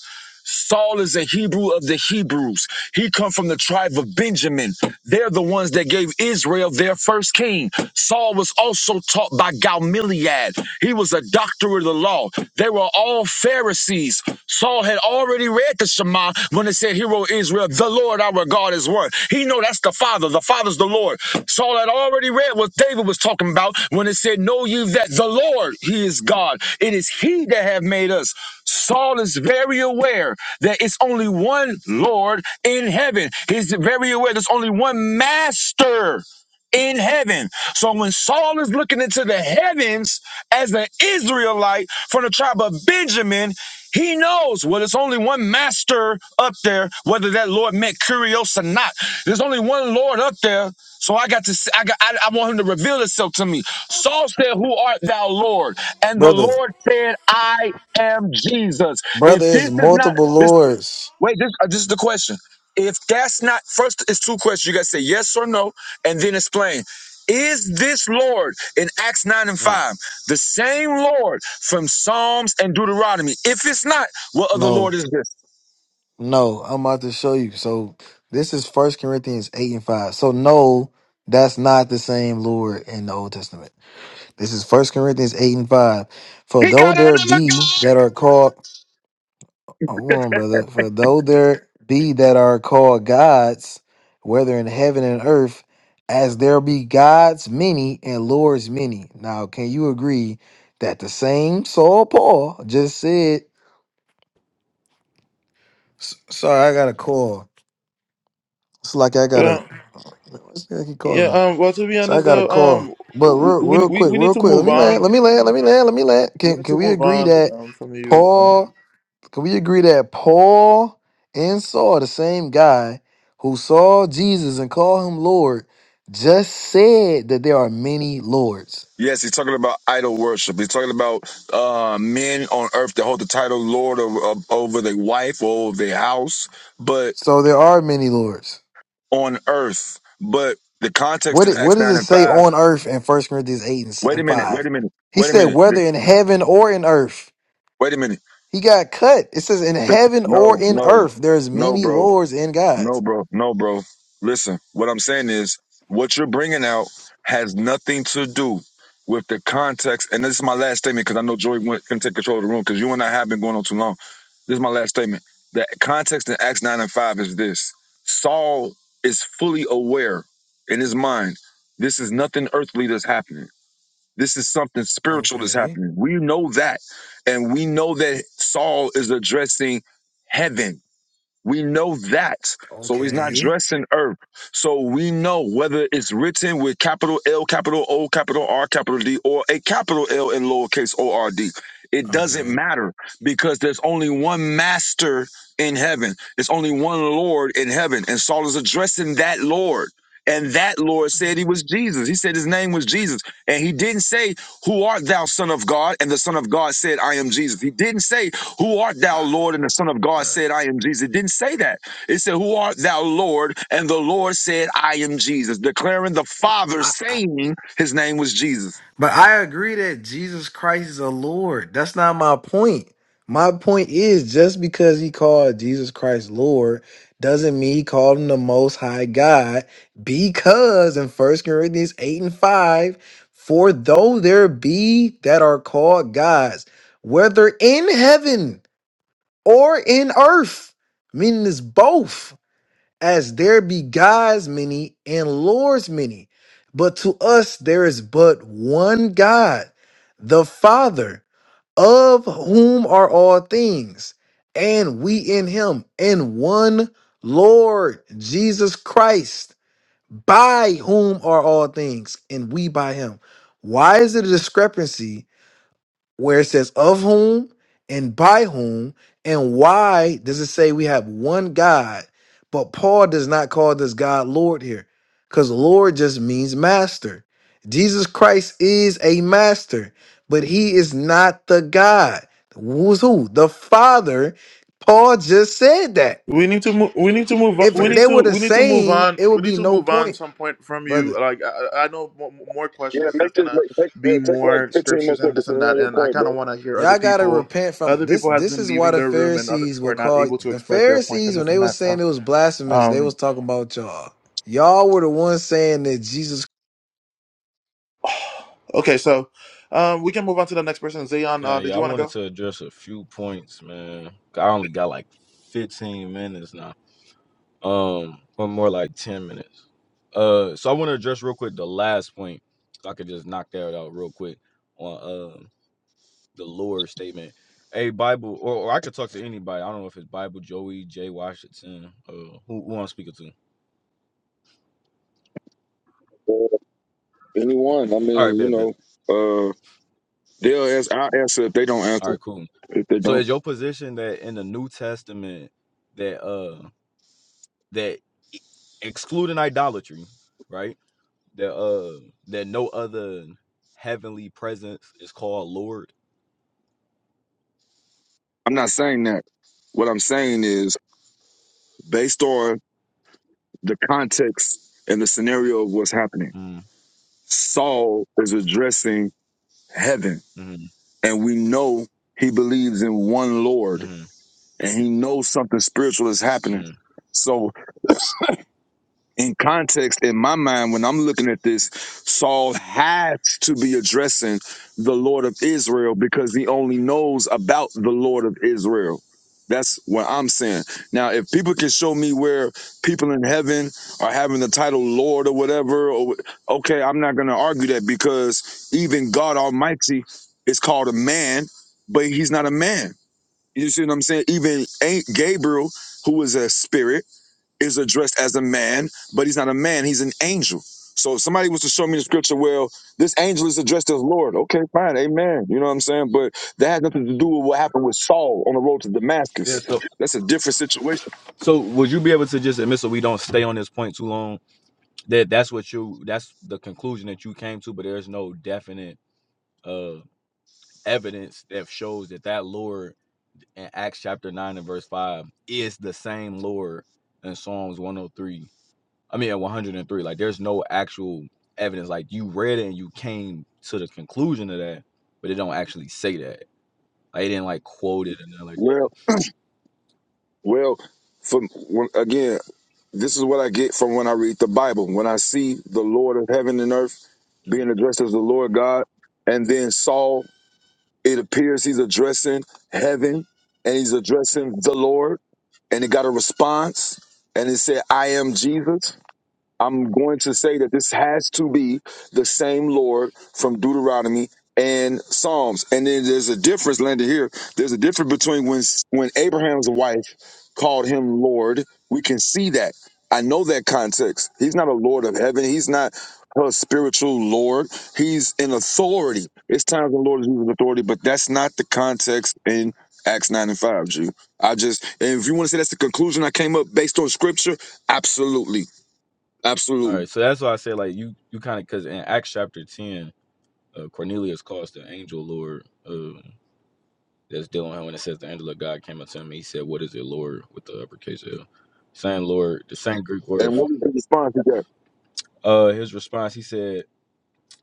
Saul is a Hebrew of the Hebrews. He come from the tribe of Benjamin. They're the ones that gave Israel their first king. Saul was also taught by Gamaliel. He was a doctor of the law. They were all Pharisees. Saul had already read the Shema when it said, "Hear, O Israel, the Lord our God is one. He know that's the Father. The Father's the Lord. Saul had already read what David was talking about when it said, Know you that the Lord, He is God. It is He that have made us. Saul is very aware that it's only one Lord in heaven. He's very aware there's only one master in heaven. So when Saul is looking into the heavens as an Israelite from the tribe of Benjamin, he knows well, there's only one master up there, whether that Lord meant Kyrios or not. There's only one Lord up there, so I got to. See, I got. I, I want Him to reveal Himself to me. Saul said, "Who art thou, Lord?" And the brother. Lord said, "I am Jesus." If Brother, this it's is not multiple this, lords. wait. This, uh, this is the question. If that's not first, it's two questions. You got to say yes or no, and then explain. Is this Lord in Acts 9 and Hmm. 5 the same Lord from Psalms and Deuteronomy? If it's not, what other No, Lord is this? no. I'm about to show you. So this is First Corinthians eight and five. So no, that's not the same Lord in the Old Testament. This is First Corinthians 8 and 5. For though there be that are called, hold on, brother. For though there be that are called gods, whether in heaven and earth, as there be gods many and lords many. Now, can you agree that the same Saul Paul just said, S- sorry, I got a call. It's like I got a, Yeah, what's the heck he yeah. calling me? Um, well, to be So I honest, got a though, call. um, But w- real, we real we, quick, we need real to quick, let move me land, let on. me land, let me land, let me land. We Can, need to can we move agree on that um, from you. Um, Paul? Can we agree that Paul and Saul, the same guy who saw Jesus and called him Lord, just said that there are many lords? Yes, he's talking about idol worship. He's talking about uh, men on earth that hold the title Lord of, of, over their wife or over their house, but So there are many lords. on earth. But the context What in it, what Acts does 9 it and say 5, on earth in First Corinthians 8 and s- wait a and minute, wait 5? a minute, He wait a said, minute, the- whether in heaven or in earth. wait a minute. He got cut. It says, in The- heaven or no, in no, earth, there's no, many bro. lords and No, gods. bro. No, bro. Listen, what I'm saying is what you're bringing out has nothing to do with the context. And this is my last statement because I know Joey went, can take control of the room because you and I have been going on too long. This is my last statement. The context in Acts 9 and 5 is this Saul is fully aware in his mind, this is nothing earthly that's happening. This is something spiritual that's Okay. happening. We know that. And we know that Saul is addressing heaven we know that. So he's not Okay. dressed in herb. So we know whether it's written with capital L, capital O, capital R, capital D, or a capital L and lowercase O R D. It doesn't Okay. matter because there's only one master in heaven. It's only one Lord in heaven. And Saul is addressing that Lord. And that Lord said he was Jesus. He said his name was Jesus. And he didn't say who art thou, Son of God? And the Son of God said, I am Jesus. He didn't say, Who art thou, Lord? And the Son of God said, I am Jesus. It didn't say that. It said, Who art thou, Lord? And the Lord said, I am Jesus, declaring the Father God. saying his name was Jesus. But I agree that Jesus Christ is a Lord. That's not my point. My point is just because he called Jesus Christ Lord doesn't mean he called him the most high God. Because in First Corinthians 8 and 5, for though there be that are called gods, whether in heaven or in earth, meaning it's both as there be gods many and lords many. But to us there is but one God, the Father, of whom are all things, and we in him, and one Lord Jesus Christ, by whom are all things, and we by him. Why is it a discrepancy where it says of whom and by whom and why does it say we have one God? But Paul does not call this God Lord here because Lord just means master. Jesus Christ is a master, but he is not the God. Who's who? The Father. Paul just said that. We need to move. We need to move. On. If When We need it's, they to. were the We need to move same, on. it We would need be to no move on point, some point from brother. you. Like I, I know mo- more yeah, questions is make just this, gonna make, take, be yeah, take like more 15 more scriptures and seconds this to and land that. your And I point, kind of bro. want to hear other Y'all gotta people. repent from Other this. people has This been is why leaving the their room, and other Pharisees people were are not called able to the express their points Pharisees and when this they and were that. saying So, it was blasphemous. They was um, talking about y'all. Y'all were the ones saying that Jesus okay, so, um, we can move on to the next person. Zayon, uh, Kanye, did I you want to wanted go? to address a few points, man. I only got like 15 minutes now. Um, or more like 10 minutes. Uh, so I want to address real quick the last point. So I could just knock that out real quick on um the Lord statement. Hey, Bible, or, or I could talk to anybody. I don't know if it's Bible, Joey, Jay Washington, uh, who, who I'm speaking to. Or anyone. I All mean, right, you bet, bet. know, uh, they'll answer, I'll answer if they don't All answer, right, cool. if they So don't. is your position that in the New Testament that uh that e- excluding idolatry, right? that uh that no other heavenly presence is called Lord. I'm not saying that. What I'm saying is, based on the context and the scenario of what's happening. Mm, Saul is addressing heaven, mm, and we know he believes in one Lord, mm, and he knows something spiritual is happening. mm. So in context in my mind when I'm looking at this, Saul has to be addressing the Lord of Israel because he only knows about the Lord of Israel. That's what I'm saying. Now, if people can show me where people in heaven are having the title Lord or whatever, or okay, I'm not going to argue that because even God Almighty is called a man, but he's not a man. You see what I'm saying? Even ain't Gabriel, who is a spirit is addressed as a man, but he's not a man, he's an angel. So if somebody was to show me the scripture, well, this angel is addressed as Lord. Okay, fine, amen. You know what I'm saying? But that has nothing to do with what happened with Saul on the road to Yeah. Damascus. So, That's a different situation. so would you be able to just admit so we don't stay on this point too long? That that's what you that's the conclusion that you came to, but there's no definite uh evidence that shows that that Lord in Acts chapter nine and verse five is the same Lord in Psalms 103 I mean, at 103. Like, there's no actual evidence. Like, you read it and you came to the conclusion of that, but it don't actually say that. Like, it didn't like quote it and nothing like Well, that. well, from when, again, this is what I get from when I read the Bible. When I see the Lord of heaven and earth being addressed as the Lord God, and then Saul, it appears he's addressing heaven and he's addressing the Lord and it got a response and it said, I am Jesus. I'm going to say that this has to be the same Lord from Deuteronomy and Psalms. And then there's a difference, Linda, here. There's a difference between when when Abraham's wife called him Lord. We can see that. I know that context. He's not a Lord of heaven. He's not her spiritual Lord. He's in authority. It's times when the Lord is using authority, but that's not the context in Acts 9 and 5, G. I just, and if you want to say that's the conclusion I came up based on scripture, absolutely. All Absolutely. right, so that's why I said like you you kind of because in Acts chapter 10, uh, Cornelius calls the angel Lord uh, that's dealing with him, and it says the angel of God came up to him. And he said, "What is it, Lord?" With the uppercase L, same Lord, the same Greek And word. For, what was the response he got? uh, his response, he said,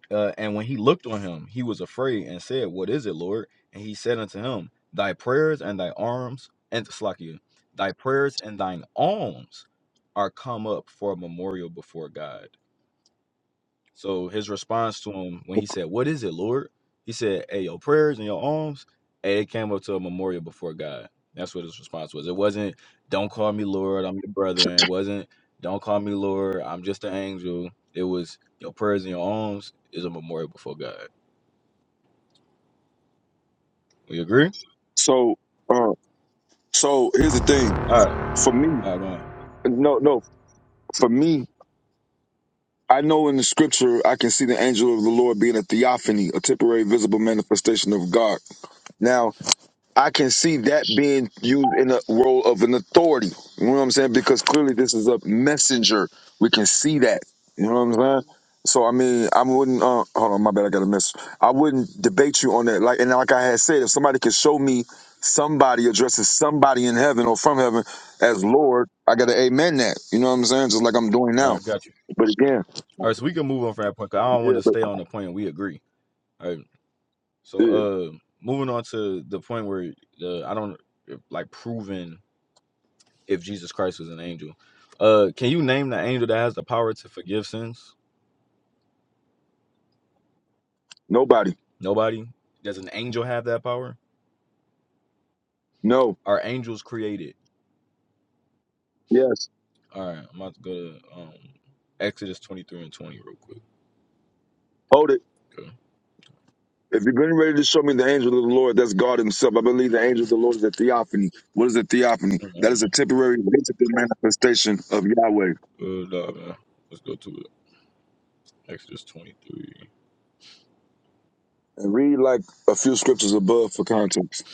Uh, and when he looked on him, he was afraid and said, What is it, Lord? And he said unto him, Thy prayers and thy arms, and Slakia, thy prayers and thine alms are come up for a memorial before God. So his response to him when he said, What is it, Lord? He said, Hey, your prayers and your alms, hey, it came up to a memorial before God. That's what his response was. It wasn't, Don't call me Lord, I'm your brother. And it wasn't, Don't call me Lord, I'm just an angel. It was, Your prayers and your alms is a memorial before God. We agree? So, uh, so here's the thing. All right. For All me, right, man. no, no. For me, I know in the scripture I can see the angel of the Lord being a theophany, a temporary visible manifestation of God. Now, I can see that being used in the role of an authority. You know what I'm saying? Because clearly this is a messenger. We can see that. You know what I'm saying? So I mean, I wouldn't. Uh, hold on, my bad. I got a mess. I wouldn't debate you on that. Like and like I had said, if somebody could show me somebody addressing somebody in heaven or from heaven as Lord, I got to amen that. You know what I'm saying? Just like I'm doing All now. right, got you. But again, All right, so we can move on from that point because I don't want yeah, to but stay on the point we agree. All right. So yeah, uh moving on to the point where uh, I don't like proving if Jesus Christ was an angel. Uh can you name the angel that has the power to forgive sins? nobody. Nobody? Does an angel have that power? No. Are angels created? Yes. All right, I'm about to go to um Exodus 23 and 20 real quick. Hold it. Okay. If you've been ready to show me the angel of the Lord, that's God Himself. I believe the angel of the Lord is a theophany. What is a theophany? That Mhm. is a temporary visible manifestation of Yahweh. Good, uh, man. Let's go to it. Exodus 23. And read like a few scriptures above for context.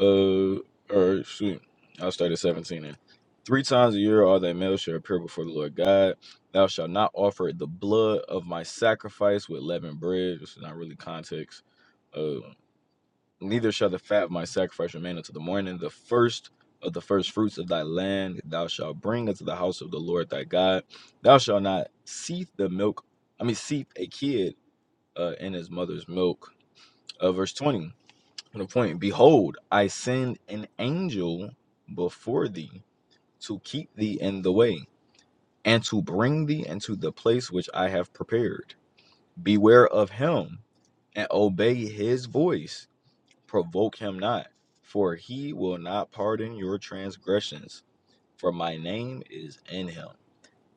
uh, or shoot, I'll start at 17 then. Three times a year all thy males shall appear before the Lord God. Thou shalt not offer the blood of my sacrifice with leavened bread. This is not really context. Uh, neither shall the fat of my sacrifice remain until the morning. The first of the first fruits of thy land thou shalt bring into the house of the Lord thy God. Thou shalt not seethe the milk, I mean, seethe a kid uh, in his mother's milk. Uh, verse 20 the point behold i send an angel before thee to keep thee in the way and to bring thee into the place which i have prepared beware of him and obey his voice provoke him not for he will not pardon your transgressions for my name is in him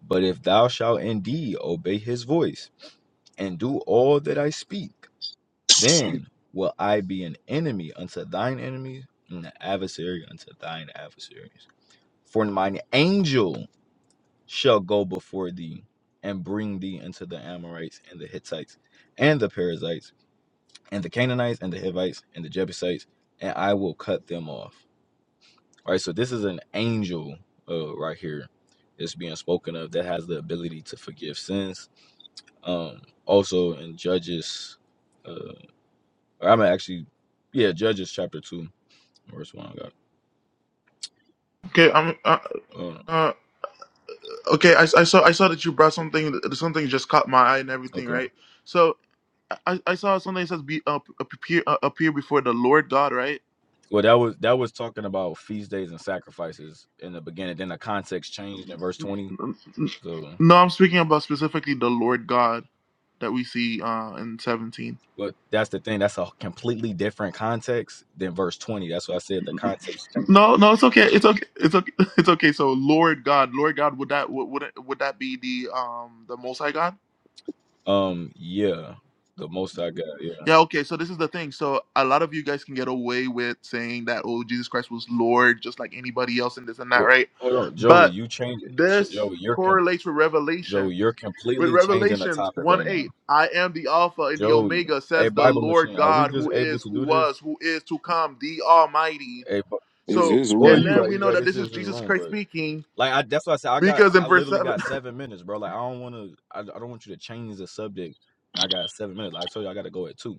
but if thou shalt indeed obey his voice and do all that i speak Then will I be an enemy unto thine enemies, and an adversary unto thine adversaries. For mine angel shall go before thee and bring thee into the Amorites and the Hittites and the Perizzites and the Canaanites and the Hivites and the Jebusites, and I will cut them off. All right, so this is an angel uh, right here that's being spoken of that has the ability to forgive sins. Um, also in Judges, uh, or I'm actually, yeah, Judges chapter 2 First one I got. Okay, I'm. Uh, Oh, uh, okay, I, I saw. I saw that you brought something. Something just caught my eye and everything, okay. right? So. I, I saw something that says be uh, appear uh, appear before the Lord God, right? Well, that was that was talking about feast days and sacrifices in the beginning. Then the context changed in verse twenty. So, No, I'm speaking about specifically the Lord God that we see uh in 17. but that's the thing. That's a completely different context than verse twenty. That's why I said the context changed. No, no, it's okay. It's okay. It's okay. It's okay. So Lord God, Lord God, would that would would, it, would that be the um the Most High God? Um, yeah, the most I got. Yeah. Yeah. Okay. So this is the thing. So a lot of you guys can get away with saying that oh Jesus Christ was Lord just like anybody else and this and that, Well, right? hold on, Joey. But You change it. Ch- this Joey, you're com- correlates with Joey, Revelation you're With completely changing the Revelations topic 1 right now. 8, I am the Alpha and the Joey, Omega, hey, says the Bible Lord machine, are we God, just who able is, to who do this? was, who is to come, the Almighty. Hey, Bi- His So, his oh, and room. you then right. we You know right. that This this is is his Jesus room, Christ but. speaking Like I, that's why I said I got. because in I verse literally 7, got seven minutes, bro. Like I don't want to. I, I don't want you to change the subject. And I got seven minutes. Like I told you, I got to go at two.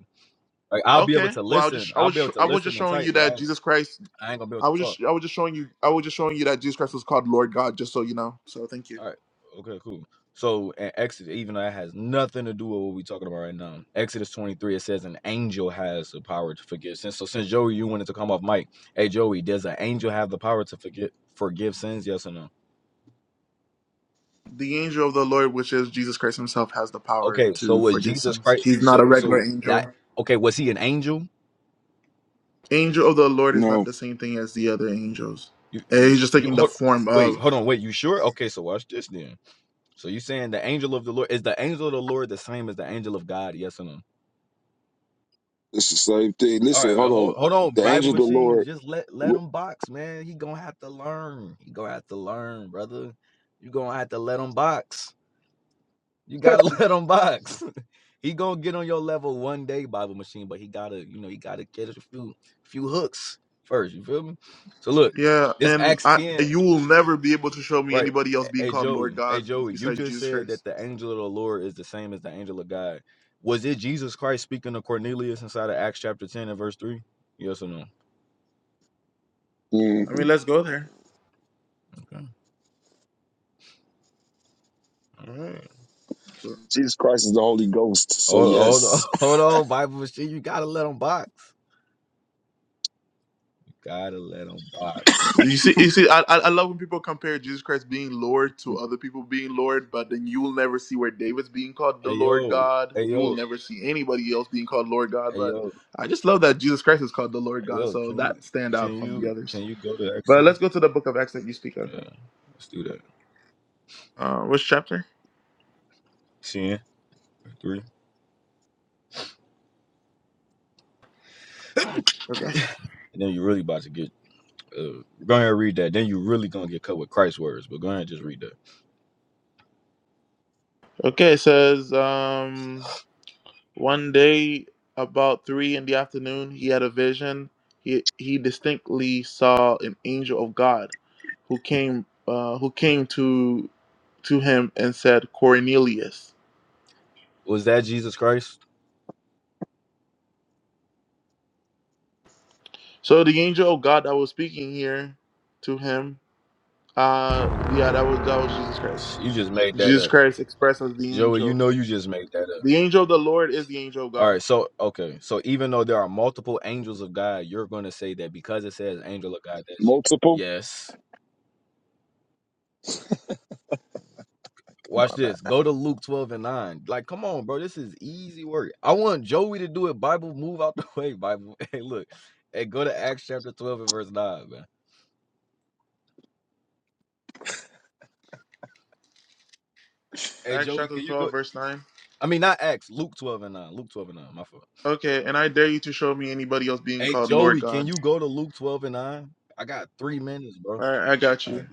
Like I'll be able okay, to well, I was listen. just, I I'll was, be able to I was just listen and showing type, you but I that ain't. Jesus Christ. I ain't gonna be able I to was talk. just I was just showing you I was just showing you that Jesus Christ was called Lord God just so you know. So thank you. All right. Okay. Cool. So in Exodus, even though that has nothing to do with what we're talking about right now, Exodus 23, it says an angel has the power to forgive sins. So since Joey, you wanted to come off mic, hey Joey, does an angel have the power to forgive forgive sins? Yes or no? The angel of the Lord which is Jesus Christ himself has the power Okay. So to was forgive Jesus sins. Christ? He's not So a so regular that angel. okay? Was he an angel? Angel of the Lord is not No, the same thing as the other angels. You And you he's just you taking the hold, form wait, hold of. on, wait. You sure? Okay, so watch this then. So you saying the angel of the Lord is the angel of the Lord the same as the angel of God? Yes or no? this is like they, All listen. right, well, Hold hold on. hold on, The Bible angel of the machine. Lord. Just let let w- him box, man. He gonna have to learn. He gonna have to learn, brother. You gonna have to let him box. You gotta let him box. he gonna get on your level one day, Bible machine. But he gotta, you know, he gotta get a few few hooks first. You feel me? So look, Yeah, this and Acts I ten. you will never be able to show me Right. anybody else being Hey called Lord Joey, hey God Joey, you besides just Jesus said Christ. that the angel of the Lord is the same as the angel of God. Was it Jesus Christ speaking to Cornelius inside of Acts chapter 10 and verse 3? Yes or no? I mean, mhm. let's go there. Okay. All right. So- Jesus Christ is the Holy Ghost. So Hold, hold on, yes, hold on, Bible machine. You gotta let them box. You gotta let them box. You see, you see, I I I love when people compare Jesus Christ being Lord to other people being Lord, but then you will never see where David's being called the Hey Lord yo, God. hey You will yo, never see anybody else being called Lord God. hey But yo, I just love that Jesus Christ is called the Lord hey God, yo, so can you that stand out can from the you others. can you go to Acts But 10? let's go to the book of Acts that you speak of. Yeah, let's do that. Uh, which chapter? Ten, three, Okay. And then you really about to get uh go ahead and read that. Then you really gonna get cut with Christ's words, but go ahead and just read that. Okay, it says um one day about three in the afternoon he had a vision. He he distinctly saw an angel of God who came uh who came to to him and said, Cornelius. Was that Jesus Christ? So the angel of God that was speaking here to him, uh yeah, that was that was Jesus Christ. You just made that Jesus up. Christ expressed as the Joey, you angel. know you just made that up. The angel of the Lord is the angel of All God. right, so okay. So even though there are multiple angels of God, you're going to say that because it says angel of God that's you. multiple. Yes. Watch this. Go to Luke 12 and 9. Like, come on, bro. This is easy work. I want Joey to do it. Bible, move out the way, Bible. Hey, look. Hey, go to Acts chapter 12 and verse 9, man. Hey, Acts Joey, chapter can you go? twelve, verse nine. I mean, not Acts, Luke 12 and 9. Luke 12 and 9, my fault. Okay, and I dare you to show me anybody else being Hey, called Lord Joey, can God. you go to Luke 12 and 9? I got three minutes, bro. I, I got All you. right.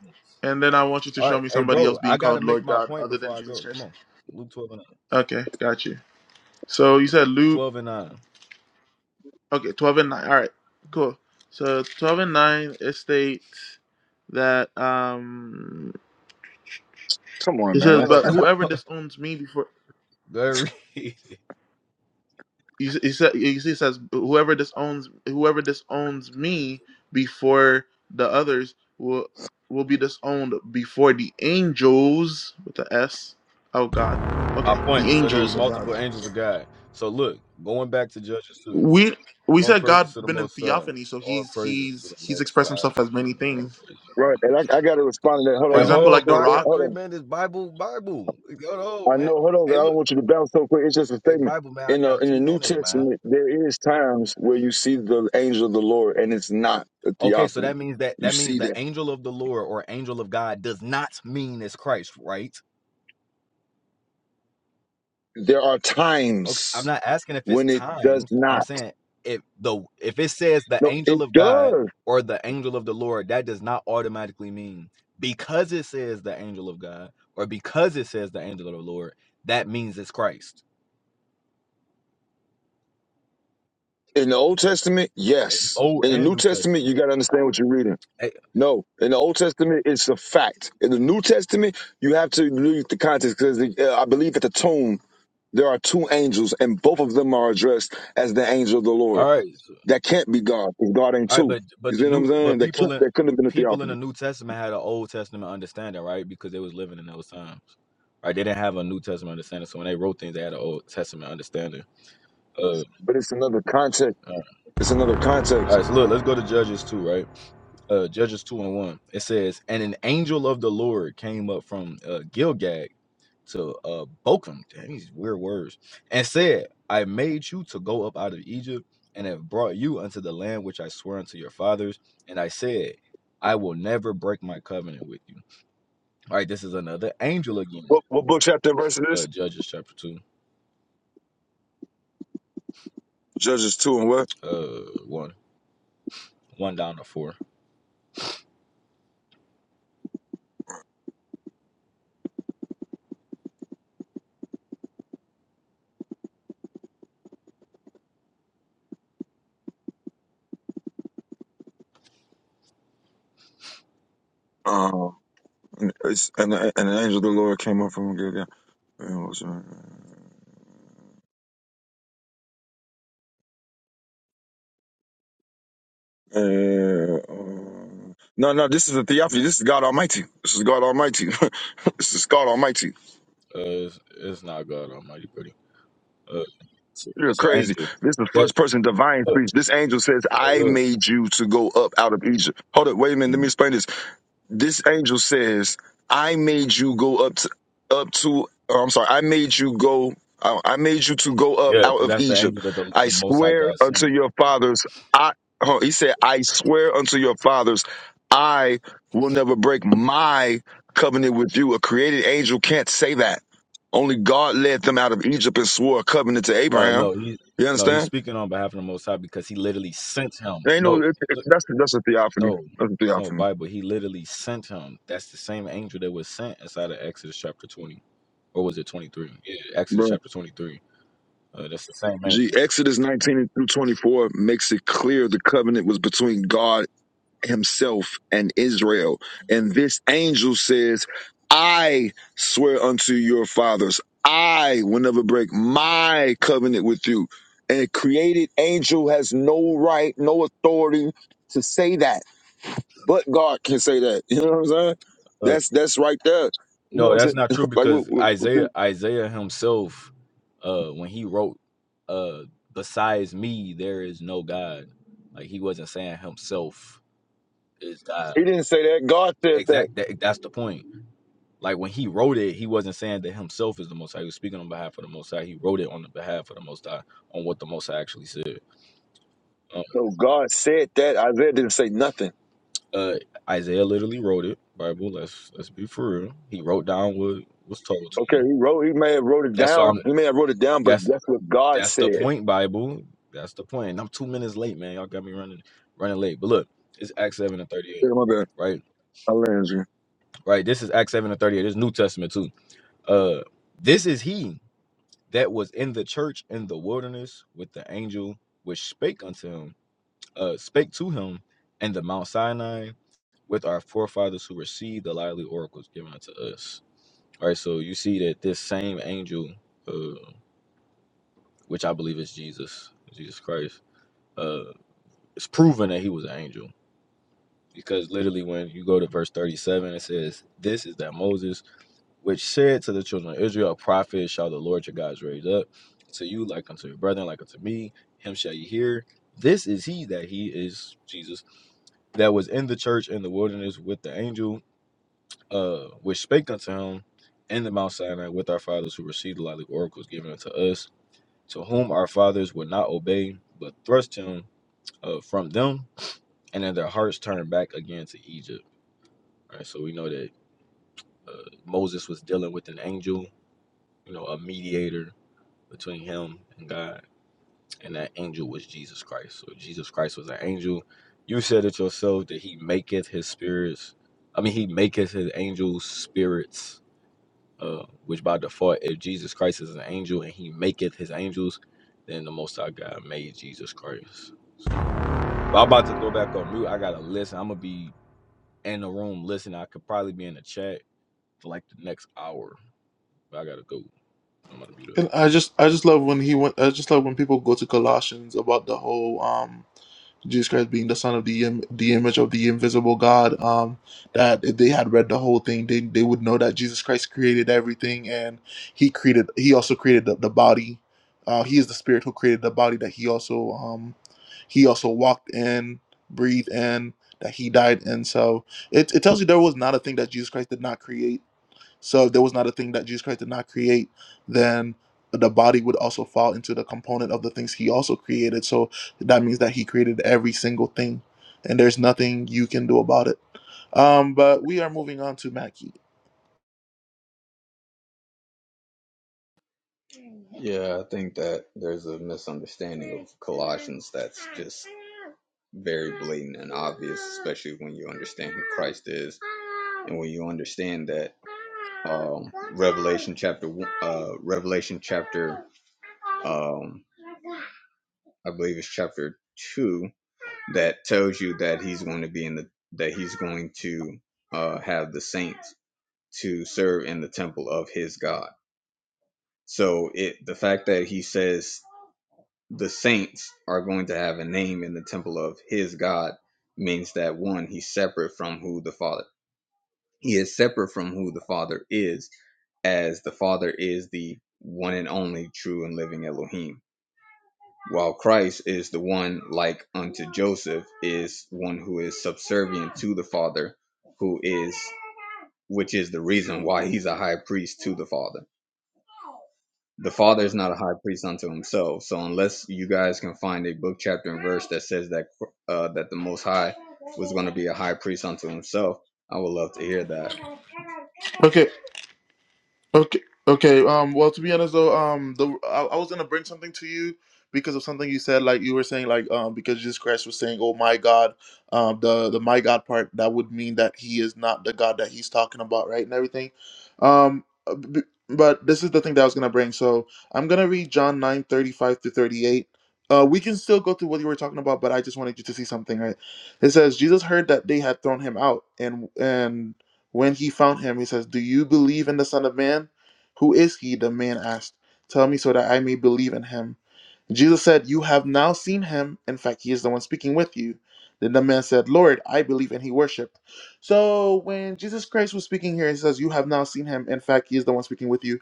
And then I want you to All right. show me Hey, somebody bro, else I being got to called make Lord my God point other than before I Jesus go. Come Christ. on. Luke 12 and 9. Okay, got you. So you said Luke. 12 and 9. Okay, 12 and 9. All right, cool. So 12 and 9, it states that, um, Come on, it man. says, But Oh, whoever disowns me before go ahead, read. he, he said he says whoever disowns whoever disowns me before the others will will be disowned before the angels with the s oh god okay My the point. So there's angels of god multiple angels of God. So look, going back to Judges 2. we we All said praises god to the been in Most High. theophany so All he's praises to the he's he's Most expressed High. himself as many All things praises. Right, and I, I got to respond to that. Hold for Hey, hold example on, like on, bro. the I Eh, eh, got rock three hold minutes. Bible, Bible. Hold on. on, I man. know, hold on, 'cause Hey, I don't look. want you to bounce so quick. It's just a Hey, statement. Bible, man. I In the got in the two New minutes, man. Testament, there is times where you see the angel of the Lord, and it's not a Okay, so theophany. that means that You that means see the that angel of the Lord or angel of God does not mean it's Christ, right? there are Okay, I'm times not asking if it's when it does times. I'm not. saying if the if it says the No, angel it of God does. or the angel of the Lord, that does not automatically mean because it says the angel of God or because it says the angel of the Lord, that means it's Christ. In the Old Testament, yes. Old In the and New New Testament, Testament. you got to understand what you're reading. Eh, No, in the Old Testament, it's a fact. In the New Testament, you have to read the context because I believe at the tone There are two angels, and both of them are addressed as the angel of the Lord. all right, so- That can't be God, because God ain't all right, two. but but You see the what new I'm saying? but That, can't, people in that couldn't have been a people in theophany. the New Testament had an Old Testament understanding, right? Because they was living in those times, right? They didn't have a New Testament understanding, so when they wrote things, they had an Old Testament understanding. Uh, But it's another context. It's another All context. right, so look, let's go to Judges 2, right? Uh, Judges 2 and 1. It says, And an angel of the Lord came up from uh, Gilgad to uh, Bochum, damn, these weird words, and said, I made you to go up out of Egypt and have brought you unto the land which I swore unto your fathers. And I said, I will never break my covenant with you. All right, this is another angel again. What, what book, chapter, and verse it is? Uh, Judges chapter 2, Judges 2 and what? uh, 1, 1 down to 4. Um, and, it's, and, the, and the angel of the Lord came up from Gilgal. And what's that? Uh, uh, no, no, this is a theophany. This is God Almighty. This is God Almighty. this is God Almighty. Uh, it's, it's not God Almighty, buddy. Uh, it's, You're it's an crazy. angel. This is the first person divine Look, speech. This angel says, hey, I look. made you to go up out of Egypt. Hold up, wait a minute. Let me Mm. explain this this angel says, I made you go up to, up to, oh, I'm sorry, I made you go, I I made you to go up Yeah, out because of that's the Egypt. angel that the, I the Most High swear God unto sent. your fathers, I, oh, he said, I swear unto your fathers, I will never break my covenant with you. A created angel can't say that. Only God led them out of Egypt and swore a covenant to Uh, Abraham. no, he You no, he's understand? speaking on behalf of the Most High because he literally sent him. There ain't no, No, it, it- look, that's, that's a theophany. no, That's a no, theophany. Bible. He literally sent him. That's the same angel that was sent inside of Exodus chapter twenty, or was it twenty three? Yeah, Exodus chapter twenty three. Uh, that's the same G. angel. Exodus 19 through 24 makes it clear the covenant was between God himself and Israel. And this angel says, I swear unto your fathers, I will never break my covenant with you. And a created angel has no right, no authority to say that. But God can say that. You know what I'm saying? Uh, That's that's right there. You no, know what I'm that's saying? not true like what, because what, what- Isaiah, Isaiah himself, uh, when he wrote, uh, besides me there is no God. Like he wasn't saying himself Is God he didn't say that. God said that. exact? That, that's the point. Like when he wrote it, he wasn't saying that himself is the Most High. He was speaking on behalf of the Most High. He wrote it on the behalf of the Most High on what the Most High actually said. Um, So God said that. Isaiah didn't say nothing. uh, Isaiah literally wrote it. Bible. Let's let's be for real. He wrote down what was told to Okay, him. he wrote. He may have wrote it That's why down. I'm. He may have wrote it down, but That's that's what God that's the said. point. Bible. That's the point. And I'm two minutes late, man. Y'all got me running running late. But look, it's Acts seven and thirty eight. Yeah, my bad. Right, I land you. right. This is Acts seven and thirty eight. This is New Testament too. Uh, this is he. that was in the church in the wilderness with the angel which spake unto him, uh, spake to him in the Mount Sinai with our forefathers who received the lively oracles given unto us. All right, so you see that this same angel, uh, which I believe is Jesus, Jesus Christ, uh, it's proven that he was an angel because literally when you go to verse 37, it says, This is that Moses which said to the children of Israel, A prophet shall the Lord your God raise up to you, like unto your brethren, like unto me. Him shall you hear. This is he that he is Jesus that was in the church in the wilderness with the angel, uh, which spake unto him in the Mount Sinai with our fathers who received the lively oracles given unto us, to whom our fathers would not obey, but thrust him uh, from them, and then their hearts turned back again to Egypt. All right, so we know that uh, Moses was dealing with an angel, you know, a mediator between him and God, and that angel was Jesus Christ. So Jesus Christ was an angel. You said it yourself that he maketh his spirits. I mean, he maketh his angels spirits, uh, which by default, if Jesus Christ is an angel and he maketh his angels, then the Most High God made Jesus Christ. But I'm about to go back on mute. I gotta listen. I'm gonna be in the room listening. I could probably be in the chat for like the next hour, but I gotta go. I'm about to mute up. and i just i just love when he went i just love when people go to colossians about the whole um Jesus Christ being the son of the Im- the image of the invisible God. Um, that if they had read the whole thing, they they would know that Jesus Christ created everything, and he created he also created the, the body. Uh, he is the spirit who created the body that he also um he also walked in, breathed in, that he died in. So it it tells you there was not a thing that Jesus Christ did not create so if there was not a thing that Jesus Christ did not create, then the body would also fall into the component of the things he also created. So that means that he created every single thing, and there's nothing you can do about it. Um, but we are moving on to Mackie. Yeah, I think that there's a misunderstanding of Colossians that's just very blatant and obvious, especially when you understand who Christ is and when you understand that um, Revelation chapter one- uh, Revelation chapter um, I believe it's chapter two that tells you that he's going to be in the that he's going to uh, have the saints to serve in the temple of his God. So it the fact that he says the saints are going to have a name in the temple of his God means that one, he's separate from who the Father. He is separate from who the Father is, as the Father is the one and only true and living Elohim. While Christ is the one like unto Joseph, is one who is subservient to the Father, who is which is the reason why he's a high priest to the Father the father is not a high priest unto himself so unless you guys can find a book chapter and verse that says that uh, that the most high was going to be a high priest unto himself i would love to hear that Okay. Okay, okay. Um, well, to be honest, though, um, the I, I was gonna bring something to you because of something you said. Like you were saying, like um, because Jesus Christ was saying, "Oh my God," um, the the my God part that would mean that He is not the God that He's talking about, right, and everything. Um, uh, b- but this is the thing that I was gonna bring. So I'm gonna read John nine thirty five to thirty eight. Uh, we can still go through what you were talking about, but I just wanted you to see something, right? It says Jesus heard that they had thrown him out, and and when he found him, he says, Do you believe in the Son of Man? Who is he? The man asked. Tell me so that I may believe in him. Jesus said, You have now seen him. In fact, he is the one speaking with you. Then the man said, Lord, I believe, and he worshiped. So when Jesus Christ was speaking here, he says, You have now seen him. In fact, he is the one speaking with you.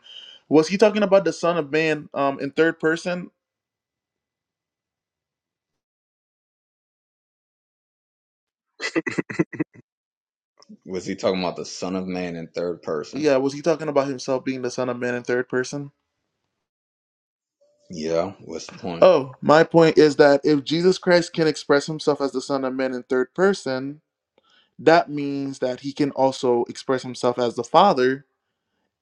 Was he talking about the Son of Man um, in third person? was he talking about the son of man in third person Yeah, was he talking about himself being the Son of Man in third person? yeah what's the point Oh, my point is that if Jesus Christ can express himself as the Son of Man in third person, that means that he can also express himself as the father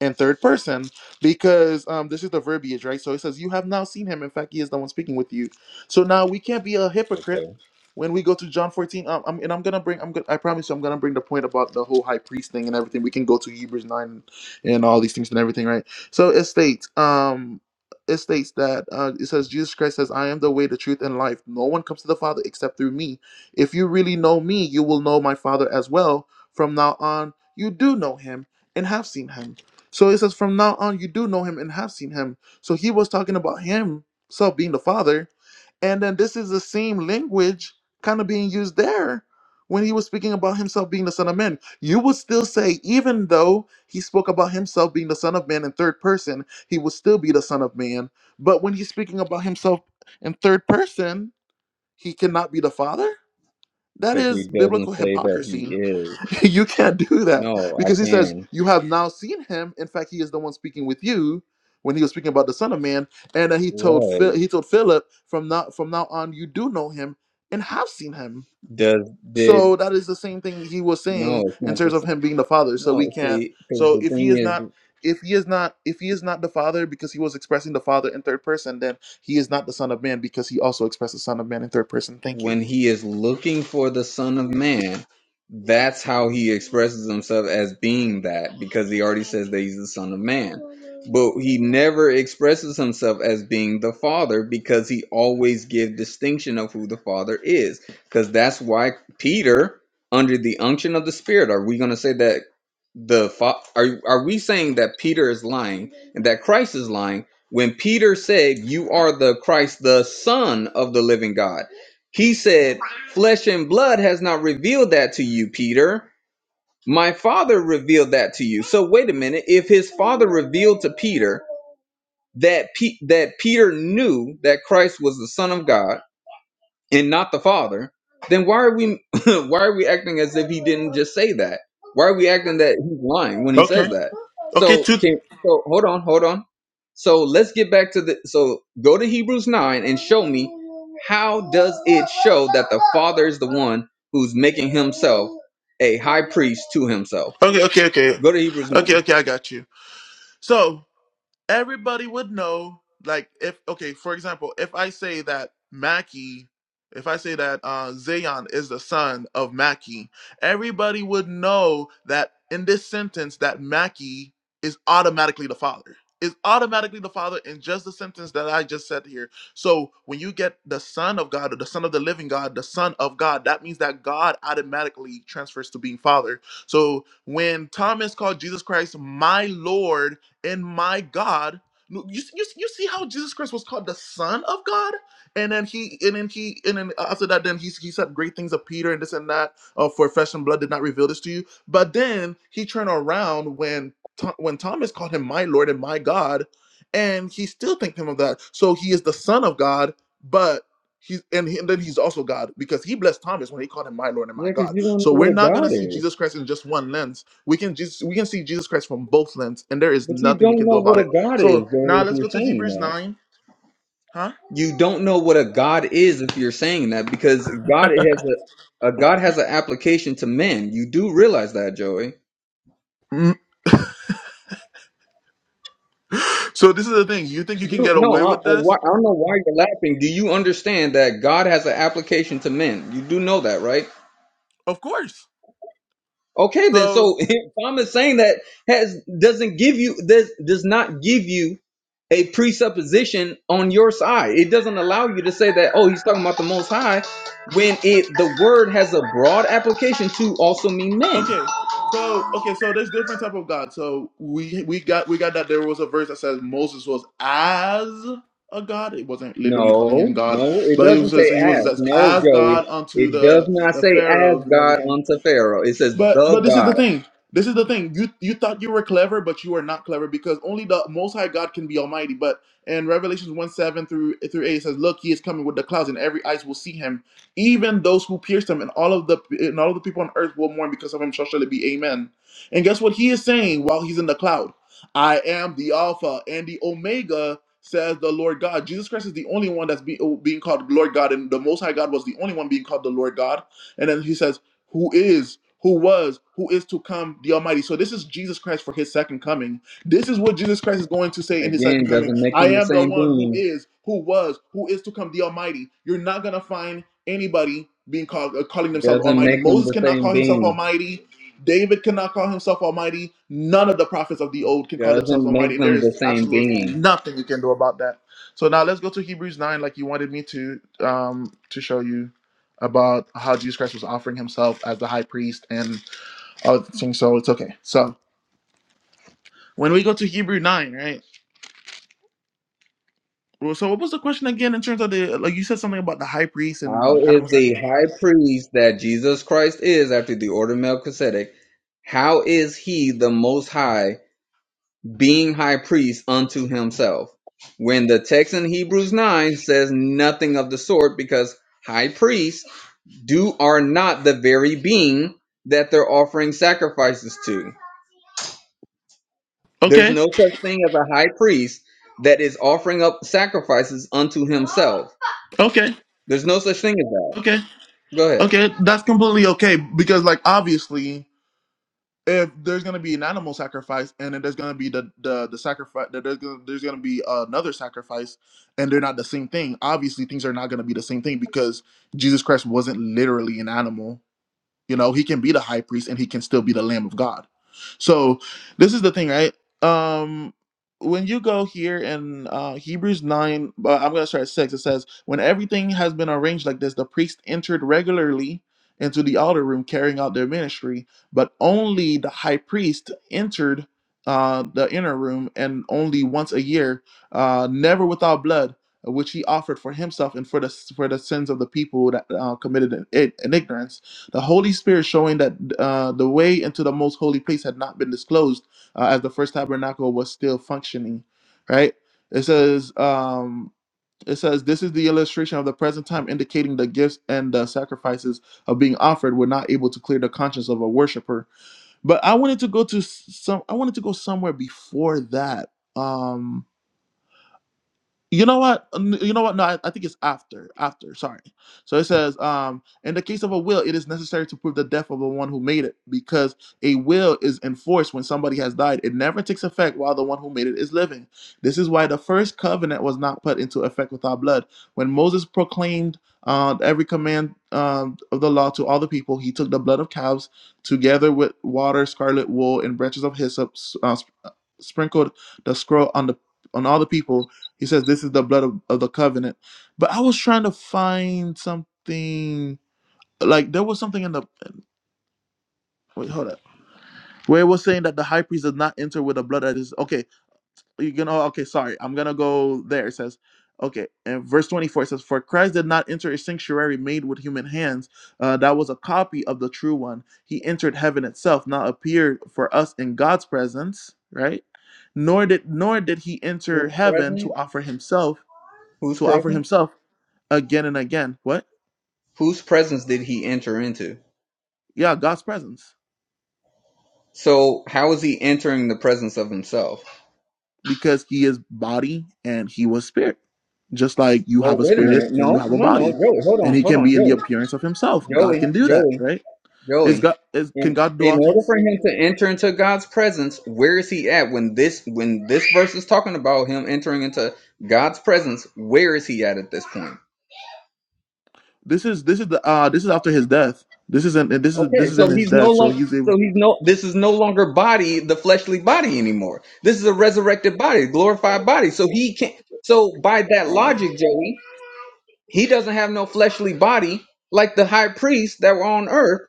in third person because um, this is the verbiage, right? So it says, You have now seen him. In fact, he is the one speaking with you. So now we can't be a hypocrite okay when we go to John 14. Um, I'm, and I'm going to bring, I'm gonna, I promise you, I'm going to bring the point about the whole high priest thing and everything. We can go to Hebrews 9 and all these things and everything, right? So it states, um, it states that uh, it says Jesus Christ says, "I am the way, the truth, and life. No one comes to the Father except through me. If you really know me, you will know my Father as well. From now on, you do know him and have seen him." So it says, From now on, you do know him and have seen him. So he was talking about himself being the Father. And then this is the same language kind of being used there when he was speaking about himself being the Son of Man. You would still say, even though he spoke about himself being the Son of Man in third person, he would still be the Son of Man. But when he's speaking about himself in third person, he cannot be the Father? That because he is doesn't biblical say that he hypocrisy. is you can't do that no i because he says can you have now seen him in fact he is the one speaking with you when he was speaking about the son of man and then he told Phil, right he told philip from now from now on you do know him and have seen him does did so that is the same thing he was no saying it's in not the terms s- of him being the father so we no can't see because so the if he thing is not is if he is not if he is not the father because he was expressing the father in third person then he is not the son of man because he also expressed the son of man in third person thank you when he is looking for the Son of Man, that's how he expresses himself as being that because he already says that he's the Son of Man. But he never expresses himself as being the Father because he always gives distinction of who the Father is. Because that's why Peter, under the unction of the Spirit, are we going to say that the fa- are are we saying that Peter is lying and that Christ is lying when Peter said, "You are the Christ, the Son of the Living God"? He said, Flesh and blood has not revealed that to you, Peter. My father revealed that to you. So wait a minute. If his father revealed to Peter that Pe- that Peter knew that Christ was the Son of God, and not the father, then why are we why are we acting as if he didn't just say that? Why are we acting that he's lying when he says Okay. that? Okay. So Two. can so hold on, hold on. So let's get back to the so go to Hebrews 9 and show me how does it show that the father is the one who's making himself a high priest to himself? Okay. Okay. Okay. Go to Hebrews 9. Okay. Okay. I got you. So everybody would know, like, if okay, for example, if I say that Mackie, if I say that uh, Zayon is the son of Mackie, everybody would know that in this sentence that Mackie is automatically the father. Is automatically the father in just the sentence that I just said here. So when you get the son of God or the son of the living God, the son of God, that means that God automatically transfers to being father. So when Thomas called Jesus Christ my Lord and my God. You, you, you see how Jesus Christ was called the Son of God, and then he and then he and then after that, then he he said great things of Peter and this and that. Uh, for flesh and blood did not reveal this to you, but then he turned around when Tho- when Thomas called him my Lord and my God, and he still thanked him of that. So he is the Son of God, but he's and, he, and then he's also God because he blessed Thomas when he called him my Lord and my Yeah, because God. you don't know So what we're a not God gonna see is. Jesus Christ in just one lens we can Jesus, we can see Jesus Christ from both lens, and there is But you nothing we don't can do know about what a it. God is, So though, now if let's you're go to saying Hebrews that. nine, huh? you don't know what a god is if you're saying that because god has a, a god has an application to men you do realize that joey Mm, So this is the thing. You think you you can do, get no away I, I, with why- this? I don't know why you're laughing do you understand that god has an application to men you do know that right Of course. okay then So so if thomas saying that has doesn't give you does does not give you a presupposition on your side. It doesn't allow you to say that, oh, he's talking about the most high, when it the word has a broad application to also mean men. okay, so okay, so there's different type of God. So we we got we got that there was a verse that says Moses was as a god. It wasn't literally calling him No, God, no, it but he was doesn't say just, he was as. as, No, as Joey, God unto it does the not the say as pharaohs and God everything. unto Pharaoh. It says But the but this is the God. thing. This is the thing. You you thought you were clever, but you are not clever because only the Most High God can be Almighty. But in Revelations one seven through through eight it says, "Look, He is coming with the clouds, and every eyes will see Him, even those who pierced Him, and all of the and all of the people on earth will mourn because of Him. Shall surely be Amen." And guess what He is saying while He's in the cloud? I am the Alpha and the Omega, says the Lord God. Jesus Christ is the only one that's be, being called Lord God, and the Most High God was the only one being called the Lord God. And then He says who is, who was, who is to come, the Almighty. So this is Jesus Christ for his second coming. This is what Jesus Christ is going to say in his second Again, coming. doesn't make I them the am the same one who being. is, who was, who is to come, the Almighty. You're not going to find anybody being called uh, calling themselves Doesn't Almighty. make them Moses the cannot same call himself being. Almighty. David cannot call himself Almighty. None of the prophets of the old can call themselves Doesn't Almighty, make and there them the is same absolutely being. nothing you can do about that. So now let's go to Hebrews nine, like you wanted me to um, to show you about how Jesus Christ was offering himself as the high priest and all the things. So it's okay. So when we go to Hebrew 9, right? Well, So what was the question again in terms of the, like you said something about the high priest and How the animal is the sacrifice? high priest that Jesus Christ is after the order of Melchizedek? How is he the most high being high priest unto himself? When the text in Hebrews 9 says nothing of the sort because high priest Do are not the very being that they're offering sacrifices to. There's Okay, no such thing as a high priest that is offering up sacrifices unto himself. okay, There's no such thing as that. okay, Go ahead. okay. That's completely okay because like obviously if there's gonna be an animal sacrifice and then there's gonna be the the, the sacrifice that there's gonna, there's gonna be another sacrifice and they're not the same thing. Obviously things are not gonna be the same thing because Jesus Christ wasn't literally an animal You know, he can be the high priest and he can still be the Lamb of God. So this is the thing, right? Um when you go here in uh, Hebrews 9, but I'm going to start at 6, it says, When everything has been arranged like this, the priest entered regularly into the altar room carrying out their ministry, but only the high priest entered uh, the inner room and only once a year, uh, never without blood, which he offered for himself and for the, for the sins of the people that uh, committed it in in ignorance the Holy Spirit showing that uh, the way into the most holy place had not been disclosed uh, as the first tabernacle was still functioning, right? It says, um, it says, this is the illustration of the present time, indicating the gifts and the sacrifices of being offered were not able to clear the conscience of a worshiper. But I wanted to go to s- some, I wanted to go somewhere before that. Um, you know what? N- You know what? No, I, I think it's after. After, sorry. So it says, um, in the case of a will, it is necessary to prove the death of the one who made it, because a will is enforced when somebody has died. It never takes effect while the one who made it is living. This is why the first covenant was not put into effect without blood. When Moses proclaimed uh, every command um, of the law to all the people, he took the blood of calves together with water, scarlet wool, and branches of hyssop, s- uh, sp- uh, sprinkled the scroll on the on all the people he says, This is the blood of, of the covenant. But I was trying to find something like there was something in the wait, hold up. Where it was saying that the high priest does not enter with the blood that is okay, you can oh okay, sorry. I'm gonna go there. It says, okay, and verse 24 it says, For Christ did not enter a sanctuary made with human hands. Uh, that was a copy of the true one. He entered heaven itself, now appeared for us in God's presence, right? Nor did nor did he enter Who's heaven to present? offer himself, Who's to offer present? himself again and again. What? Whose presence did he enter into? Yeah, God's presence So how is he entering the presence of himself? because He is body and He was spirit. Just like you Well, have a wait a spirit minute. and you No, have a no, body, no, Joey. Hold and on, He hold can on, be in the Joey. appearance of Himself. God Joey, can do that, Joey. right? Is Joey, God? Is can in God do in all order things? for him to enter into God's presence, where is he at when this when this verse is talking about him entering into God's presence? Where is he at at this point? This is this is the uh this is after His death. This isn't this is Okay, this is so in His he's no death. So longer He's so able. he's no this is no longer body the fleshly body anymore. This is a resurrected body, glorified body. So he can't. So by that Wow. logic, Joey, he doesn't have no fleshly body like the high priests that were on earth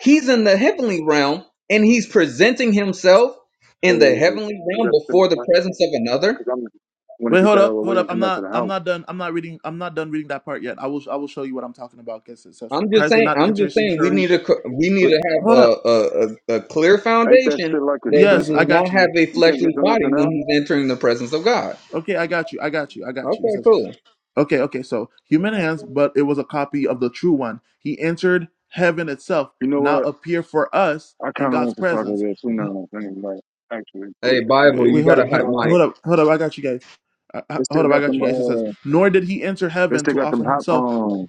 He's in the heavenly realm and he's presenting himself in the heavenly realm before the presence of another. Wait, hold up, hold up. I'm not I'm Oh, not done. I'm not reading. I'm not done reading that part yet. I will I will show you what I'm talking about. Because it says, "For I'm just Christ did saying. not I'm enter just His saying. We sanctuary." need to. co- We need Wait, to have Hold up. a a, a, a clear ain't that foundation shit like that Yes, he I does expensive? not got you. have a You can't get fleshly them body nothing when else. he's entering the presence of God. Okay, I got you. I got you. I got you. It Okay, says, cool. okay, okay, so human hands, but it was a copy of the true one. He entered heaven itself, You know now what? appear for us I kind in God's presence. N- of anyway. Actually, Hey, Wait, they, Bible, wait, wait, you they, got hold a up, hold hot up, mic. hold up, hold up. I got you guys. Uh, uh, they still hold up, I got got them. you guys. It says, Uh, nor did he enter they heaven still to got them offer hot. himself, Um,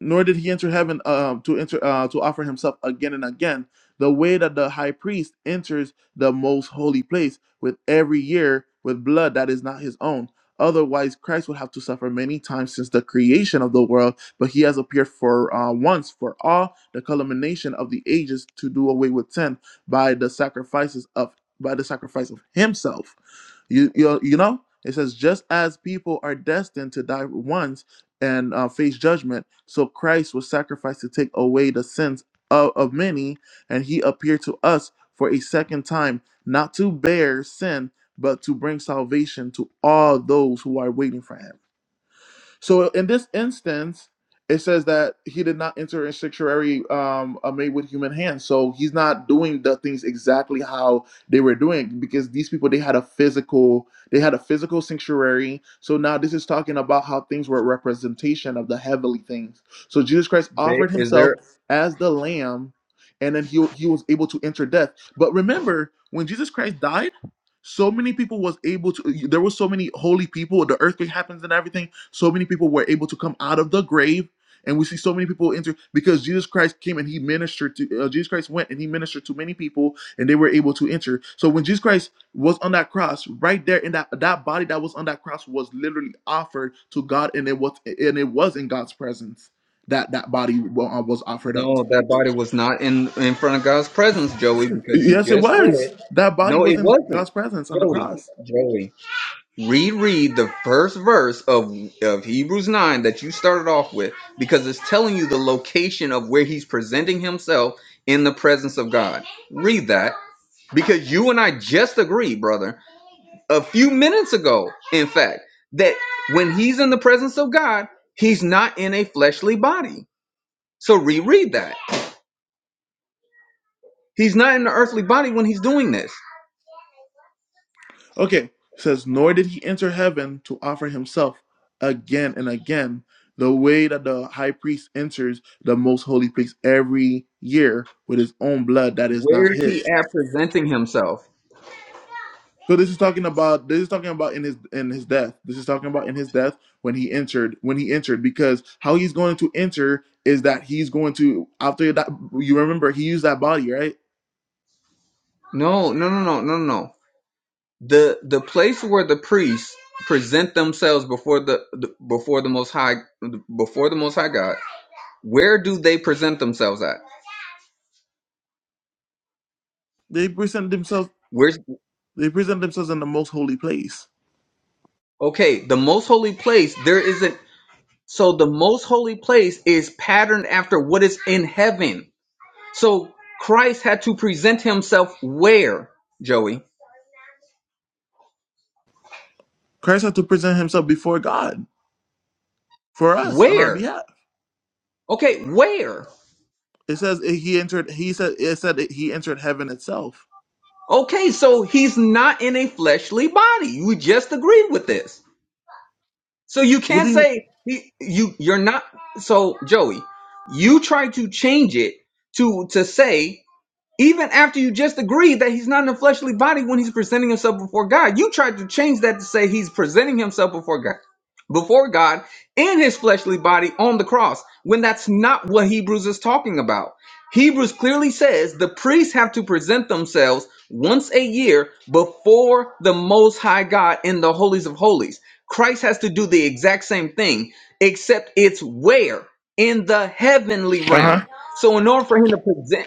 nor did he enter heaven uh, to enter uh, to offer himself again and again. The way that the high priest enters the most holy place with every year with blood that is not his own. Otherwise, Christ would have to suffer many times since the creation of the world. But he has appeared for uh, once for all, the culmination of the ages, to do away with sin by the sacrifices of by the sacrifice of himself. You you, you know. It says, just as people are destined to die once and uh, face judgment. So Christ was sacrificed to take away the sins of, of many, and he appeared to us for a second time, not to bear sin, but to bring salvation to all those who are waiting for him. So in this instance, it says that he did not enter a sanctuary um, uh, made with human hands. So he's not doing the things exactly how they were doing because these people they had a physical they had a physical sanctuary. So now this is talking about how things were a representation of the heavenly things. So Jesus Christ offered They, is himself there? as the lamb, and then he he was able to enter death. But remember when Jesus Christ died. So many people was able to. There were so many holy people. The earthquake happens and everything so many people were able to come out of the grave, and we see so many people enter because Jesus Christ came and he ministered to uh, Jesus Christ went and he ministered to many people, and they were able to enter. So when Jesus Christ was on that cross, right there in that that body that was on that cross was literally offered to God, and it was and it was in God's presence that that body uh, was offered up. No, that body was not in in front of God's presence, Joey, because you Yes, it just was. read. That body No, was it in wasn't, God's presence on the Joey. cross. Joey. reread the first verse of of Hebrews 9 that you started off with because it's telling you the location of where he's presenting himself in the presence of God. Read that because you and I just agreed, brother, a few minutes ago, in fact, that when he's in the presence of God, he's not in a fleshly body. So reread that. He's not in the earthly body when he's doing this. Okay, it says, nor did he enter heaven to offer himself again and again, the way that the high priest enters the most holy place every year with his own blood that is not Where is he his. at presenting himself? So this is talking about this is talking about in his in his death. This is talking about in his death when he entered when he entered because how he's going to enter is that he's going to after that you remember he used that body right. No, no, no, no, no, no. the the place where the priests present themselves before the, the before the most high before the most high god where do they present themselves at They present themselves where's they present themselves in the most holy place. okay the most holy place there isn't so the most holy place is patterned after what is in heaven so christ had to present himself where joey Christ had to present himself before God for us on our where behalf. okay where It says he entered. He said it said it- he entered heaven itself. okay so he's not in a fleshly body you just agreed with this So you What do can't you? say he- you you're not so Joey. You try to change it to to say even after you just agreed that he's not in a fleshly body when he's presenting himself before God, you tried to change that to say he's presenting himself before God, before God in his fleshly body on the cross, when that's not what Hebrews is talking about. Hebrews clearly says the priests have to present themselves once a year before the Most High God in the holies of holies. Christ has to do the exact same thing, except it's where in the heavenly Uh huh. realm. So in order for him to present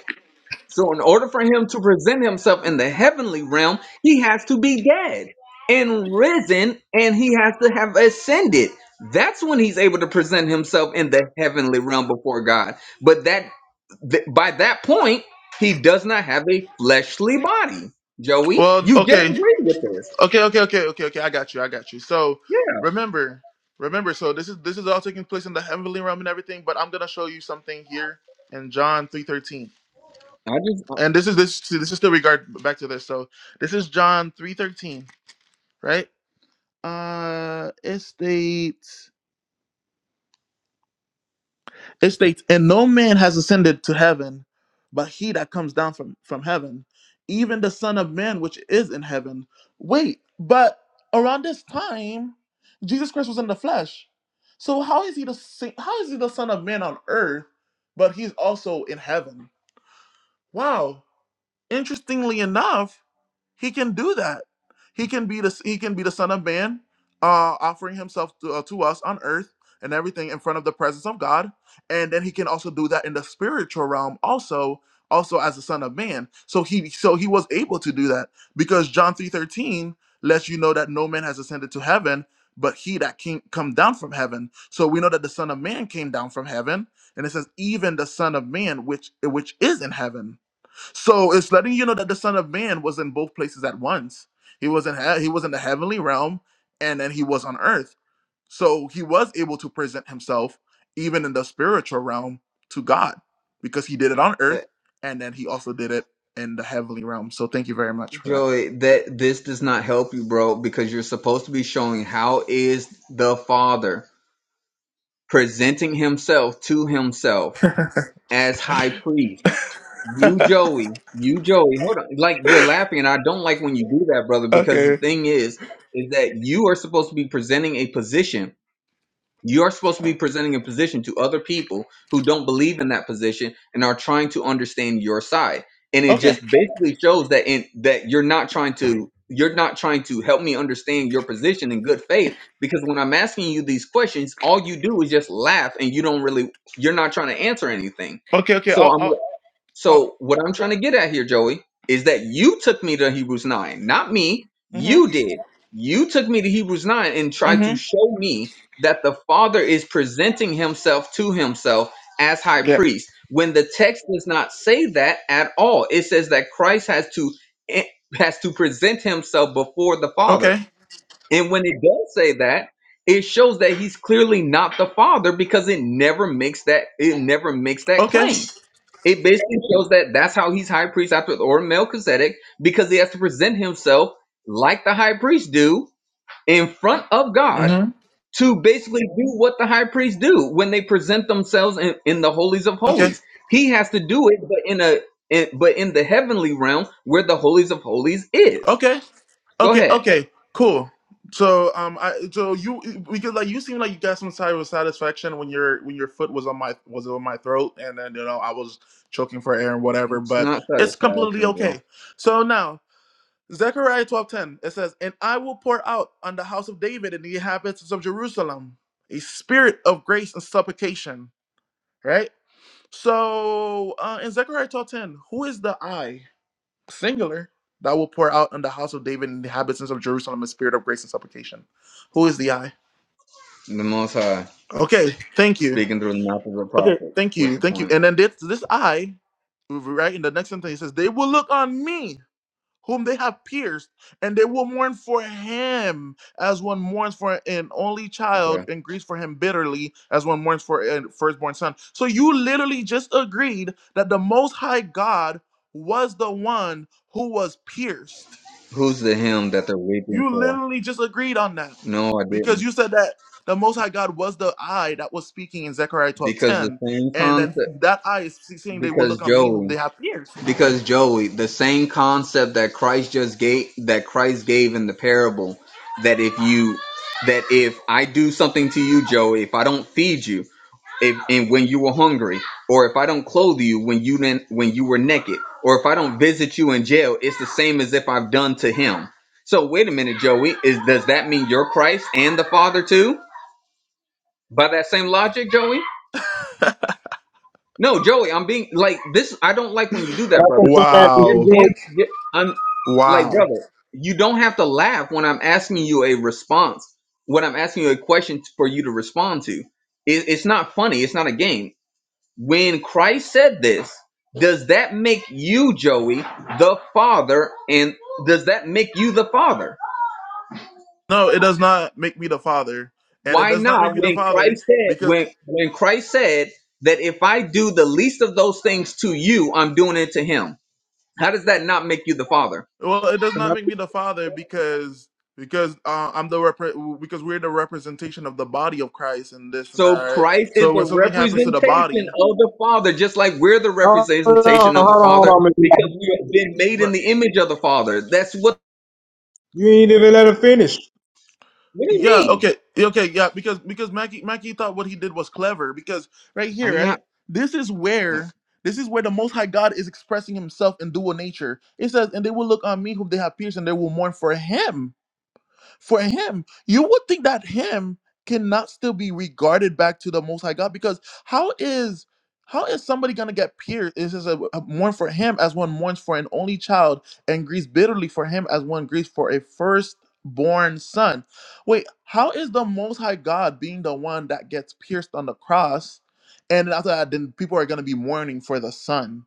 so, in order for him to present himself in the heavenly realm, he has to be dead and risen, and he has to have ascended. That's when he's able to present himself in the heavenly realm before God. But that th- by that point, he does not have a fleshly body. Joey, Well, you just okay, agreed with this. okay, okay, okay, okay, okay. I got you. I got you. So Yeah, remember, remember. So this is this is all taking place in the heavenly realm and everything. But I'm gonna show you something here in John three thirteen. I just And this is this see, this is still regard back to this. So this is John three thirteen, right? Uh, it states. It states, And no man has ascended to heaven, but he that comes down from, from heaven, even the Son of Man which is in heaven. Wait, but around this time, Jesus Christ was in the flesh. So how is he the sa- how is he the Son of Man on earth, but he's also in heaven? Wow. Interestingly enough, he can do that. He can be the he can be the Son of Man, uh, offering himself to, uh, to us on earth and everything in front of the presence of God, and then he can also do that in the spiritual realm, also also as the Son of Man. So he so he was able to do that because John three thirteen lets you know that no man has ascended to heaven. But he that came come down from heaven, so we know that the Son of Man came down from heaven, and it says even the Son of Man, which which is in heaven. So it's letting you know that the Son of Man was in both places at once. He was in he-, he was in the heavenly realm, and then he was on earth. So he was able to present himself even in the spiritual realm to God because he did it on earth, uh, and then he also did it in the heavenly realm. So thank you very much for that. Joey, that this does not help you, bro, because you're supposed to be showing how is the Father presenting himself to himself as high priest. You, Joey, you, Joey, hold on. Like, you're laughing, and I don't like when you do that, brother, because the Okay. thing is, is that you are supposed to be presenting a position. You're supposed to be presenting a position to other people who don't believe in that position and are trying to understand your side. And it Okay. just basically shows that in that you're not trying to you're not trying to help me understand your position in good faith because when I'm asking you these questions, all you do is just laugh and you don't really you're not trying to answer anything. Okay. Okay. So Oh. I'm Oh. Oh. so what I'm trying to get at here, Joey, is that you took me to Hebrews 9, not me. Mhm. You did. You took me to Hebrews 9 and tried to Mhm. show me that the Father is presenting himself to himself as high Yeah. priest when the text does not say that at all. It says that Christ has to eh, has to present himself before the Father. Okay. And when it does say that, it shows that he's clearly not the Father because it never makes that it never makes that Okay. claim. It basically shows that that's how he's high priest after the order of Melchizedek because he has to present himself like the high priest do in front of God hmm to basically do what the high priests do when they present themselves in, in the holies of Okay. holies. He has to do it, but in a in, but in the heavenly realm where the holies of holies is. Okay. Go Okay, ahead. okay, cool. So um I so you because like you seem like you got some type of satisfaction when your when your foot was on my was on my throat and then you know I was choking for air and whatever, It's but not it's completely satisfaction, bro. okay. So now Zechariah twelve ten it says, And I will pour out on the house of David and the inhabitants of Jerusalem a spirit of grace and supplication. Right? So uh in Zechariah twelve ten, who is the I? singular, that will pour out on the house of David and the inhabitants of Jerusalem a spirit of grace and supplication. Who is the I? The Most High Okay, thank you. speaking through the mouth of the Okay, prophets. thank What's you, your thank you. point? And then this, this I, right in the next sentence, he says, They will look on me, whom they have pierced, and they will mourn for him as one mourns for an only child Okay. and grieves for him bitterly as one mourns for a firstborn son. So you literally just agreed that the Most High God was the one who was pierced Who's the him that they're weeping You for? literally just agreed on that No, I didn't. because you said that the Most High God was the eye that was speaking in Zechariah twelve Because the ten, same and concept, then that eye is saying they will because look on me whom Joey, they have pierced. because Joey, the same concept that Christ just gave, that Christ gave in the parable, that if you, that if I do something to you, Joey, if I don't feed you, if, and when you were hungry, or if I don't clothe you when you didn't, when you were naked, or if I don't visit you in jail, it's the same as if I've done to him. So wait a minute, Joey, is does that mean you're Christ and the Father too? By that same logic, Joey? No, Joey, I'm being like this. I don't like when you do I that, put brother. your ass in the Just Wow. room, answer. Just, I'm like, Wow. brother, you don't have to laugh when I'm asking you a response. When I'm asking you a question for you to respond to, it, it's not funny. It's not a game. When Christ said this, does that make you, Joey, the father? And does that make you the father? No, it does not make me the father, and it Why does not not? make me the When father Christ said, because when when Christ said that if I do the least of those things to you, I'm doing it to him. How does that not make you the Father? well, it does and I not make put- me the father because because uh, I'm the repre- because we're the representation of the body of Christ and this and that. So Right? Christ is So the when something happens representation to the body. of the Father, just like we're the hold on, representation of the hold on, hold Father on, Mr. because Moffitt. we have been made in the image of the Father. That's what. You ain't even let her finish. What do you Yeah, mean? okay, yeah, okay, yeah, because because Mackie Mackie thought what he did was clever because right here, I'm right, not this is Okay. where this is where the Most High God is expressing Himself in dual nature. It says, "And they will look on me whom they have pierced, and they will mourn for Him." for him, you would think that him cannot still be regarded back to the Most High God because how is how is somebody gonna get pierced? This is a, a mourn for him as one mourns for an only child and grieves bitterly for him as one grieves for a firstborn son. Wait, how is the Most High God being the one that gets pierced on the cross, and after that, then people are gonna be mourning for the son?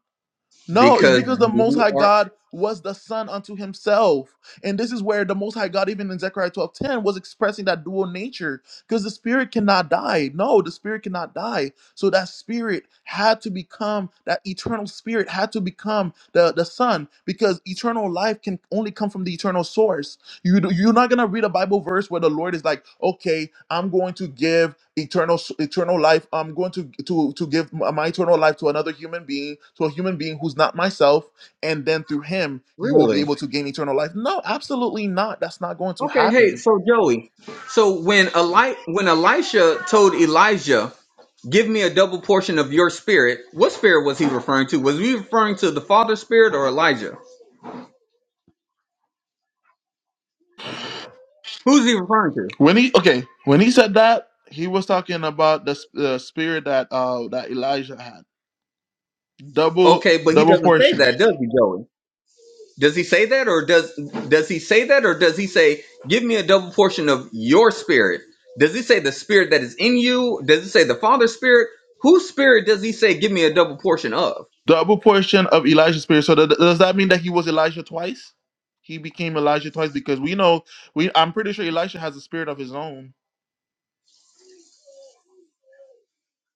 No, it's because because the Most you High are God was the Son unto Himself. And this is where the Most High God, even in Zechariah twelve ten, was expressing that dual nature because the Spirit cannot die. No, the Spirit cannot die. So that Spirit had to become, that eternal Spirit had to become the, the Son because eternal life can only come from the eternal source. You do- you're not gonna read a Bible verse where the Lord is like, okay, I'm going to give eternal s- eternal life. I'm going to to to give m- my eternal life to another human being, to a human being who's not myself, and then through him you will be really able to gain eternal life. No, absolutely not. That's not going to okay. Hey, happen. so Joey, so when Eli when Elisha told Elijah, "Give me a double portion of your spirit," what spirit was he referring to? Was he referring to the Father's spirit or Elijah? Who's he referring to? When he okay, when he said that, he was talking about the s- the spirit that uh that Elijah had, double Okay, but he double doesn't say portion. that, does he, Joey? Does he say that or does does he say that or does he say give me a double portion of your spirit? Does he say the spirit that is in you? Does he say the Father's spirit? Whose spirit does he say give me a double portion of? double portion of Elijah's spirit. So th- does that mean that he was Elijah twice? He became Elijah twice because we know we. I'm pretty sure Elisha has a spirit of his own.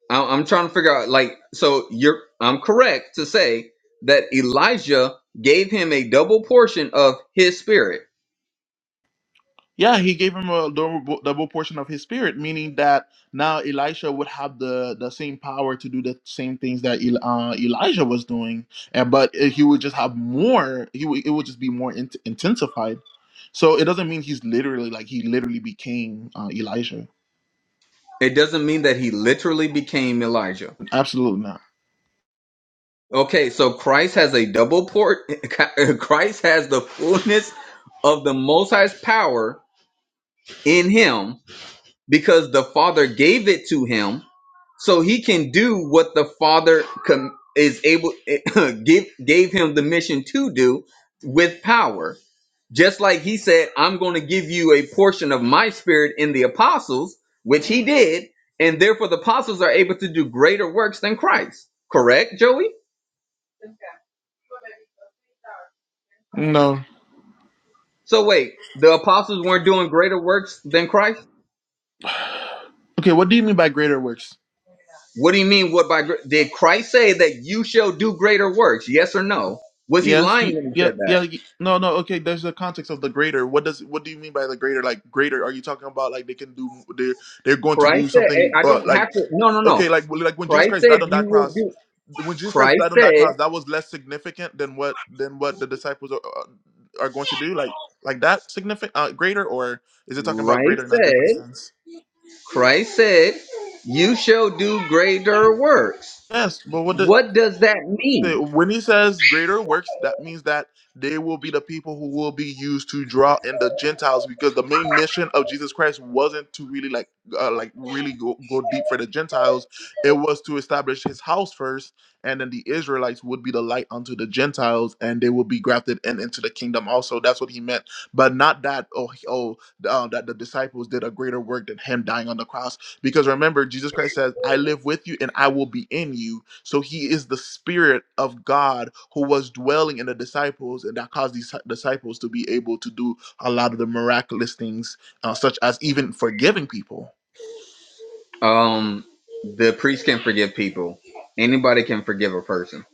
I- I'm trying to figure out like so you're I'm correct to say that Elijah gave him a double portion of his spirit. Yeah, he gave him a double, double portion of his spirit, meaning that now Elisha would have the the same power to do the same things that El, uh, Elijah was doing, and but he would just have more. He would, it would just be more int intensified. So it doesn't mean he's literally like he literally became uh, Elijah. It doesn't mean that he literally became Elijah. Absolutely not. Okay, so Christ has a double port Christ has the fullness of the most high's power in him because the Father gave it to him so he can do what the Father com- is able give gave him the mission to do with power. Just like he said, I'm going to give you a portion of my spirit in the apostles, which he did, and therefore the apostles are able to do greater works than Christ. Correct, Joey? No. So wait, the apostles weren't doing greater works than Christ? Okay, what do you mean by greater works? What do you mean? What by gr- did Christ say that you shall do greater works? Yes or no? Was he Yes. lying He, when he yeah. said Yeah. that? y- No. No. Okay. There's the context of the greater. What does? What do you mean by the greater? Like greater? Are you talking about like they can do? They're they're going to Christ do said, "Hey, something. "I Uh, don't have like to." No, no, no. okay. Like well, like when Jesus Christ Christ said, died on "You that will cross. do." When Jesus Christ Christ died on that said, cross, that was less significant than what than what the disciples are, uh, are going to do. Like like that significant uh, greater, or is it talking about greater "Christ in a different said, sense? Christ said, you shall do greater works." Yes, but what? What does that Okay, mean? when he says greater works, that means that they will be the people who will be used to draw in the Gentiles, because the main mission of Jesus Christ wasn't to really like, uh, like really go, go deep for the Gentiles. It was to establish His house first, and then the Israelites would be the light unto the Gentiles, and they would be grafted in into the kingdom. Also, that's what he meant, but not that oh he- oh uh, that the disciples did a greater work than him dying on the cross. Because remember, Jesus Christ says, I live with you and I will be in you. So he is the Spirit of God who was dwelling in the disciples, and that caused these disciples to be able to do a lot of the miraculous things, uh, such as even forgiving people. Um, the priest can forgive people. Anybody can forgive a person.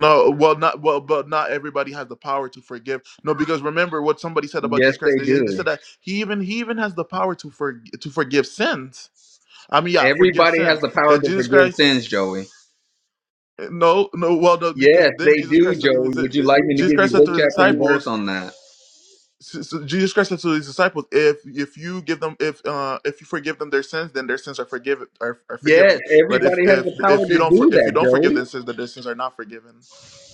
No, well, not well, but not everybody has the power to forgive. No, because remember what somebody said about Yes, Jesus Christ. they They, they said do. that he even he even has the power to forg to forgive sins. I mean, yeah, forgive Everybody has sins. the power And to Jesus forgive Christ sins, Joey. No, no. Well, no, because Yes, then they Jesus do, Christ said to Joey. his Would you like me to Jesus give Christ you said book, to his chapter, and verse disciples. on that? s- s- Jesus Christ said to his disciples, "If if you give them if uh if you forgive them their sins, then their sins are forgiven are, are Yes, forgiven. But if everybody has if the power if you to don't for, do if you that, don't forgive Joey. their sins, then their sins are not forgiven.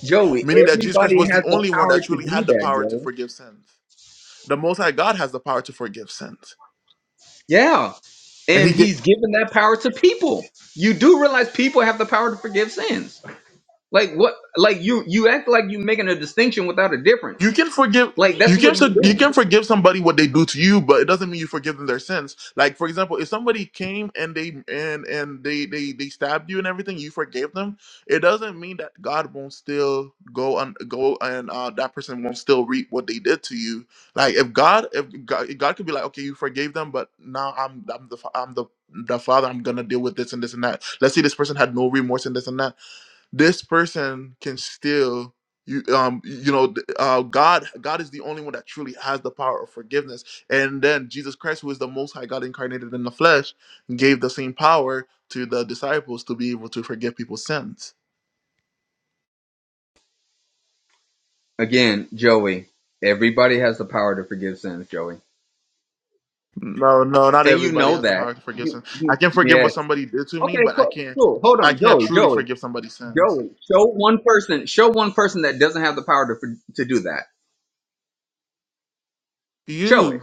Joey, Meaning that Jesus Christ everybody was has the the only one power that to truly do had the that, power to Joey. forgive sins. The Most High God has the power to forgive sins, Yeah, and and he ga- he's given that power to people. You do realize people have the power to forgive sins. Like what? Like you, you act like you're making a distinction without a difference. You can forgive Like that's you what can so you're you can doing. forgive somebody what they do to you, but it doesn't mean you forgive them their sins. Like for example, if somebody came and they and and they they they stabbed you and everything, you forgave them. It doesn't mean that God won't still go and go and uh, that person won't still reap what they did to you. Like if God if God, if God could be like, okay, you forgave them, but now I'm I'm the fa- I'm the the father. I'm gonna deal with this and this and that. Let's say this person had no remorse and this and that this person can still you um you know uh god god is the only one that truly has the power of forgiveness and then jesus christ who is the most high god incarnated in the flesh gave the same power to the disciples to be able to forgive people's sins Again, Joey, everybody has the power to forgive sins, Joey, no no not and you everybody know has the power that. to forgive You, sins i you, can forgive yes. what somebody did to me Okay, but i cool. can't Cool. Hold i on, can't Joey. truly Joey. forgive somebody's sins Joey. Show one person. Show one person that doesn't have the power to to do that. Show it. you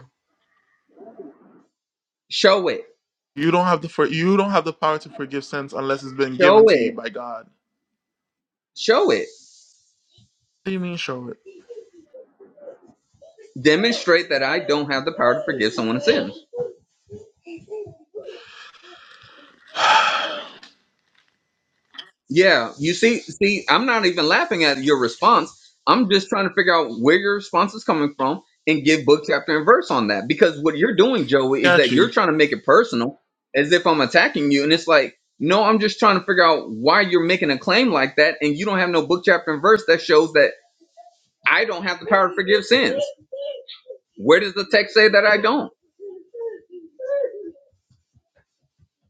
Show it. you don't have the for you don't have the power to forgive sins unless it's been given Show to you it. by god Show it. what do you mean show it Demonstrate that I don't have the power to forgive someone's sins. Yeah, you see, see, I'm not even laughing at your response. I'm just trying to figure out where your response is coming from and give book, chapter, and verse on that. Because what you're doing, Joey, is got that you you're trying to make it personal as if I'm attacking you. And it's like, no, I'm just trying to figure out why you're making a claim like that. And you don't have no book, chapter, and verse that shows that I don't have the power to forgive sins. Where does the text say that I don't?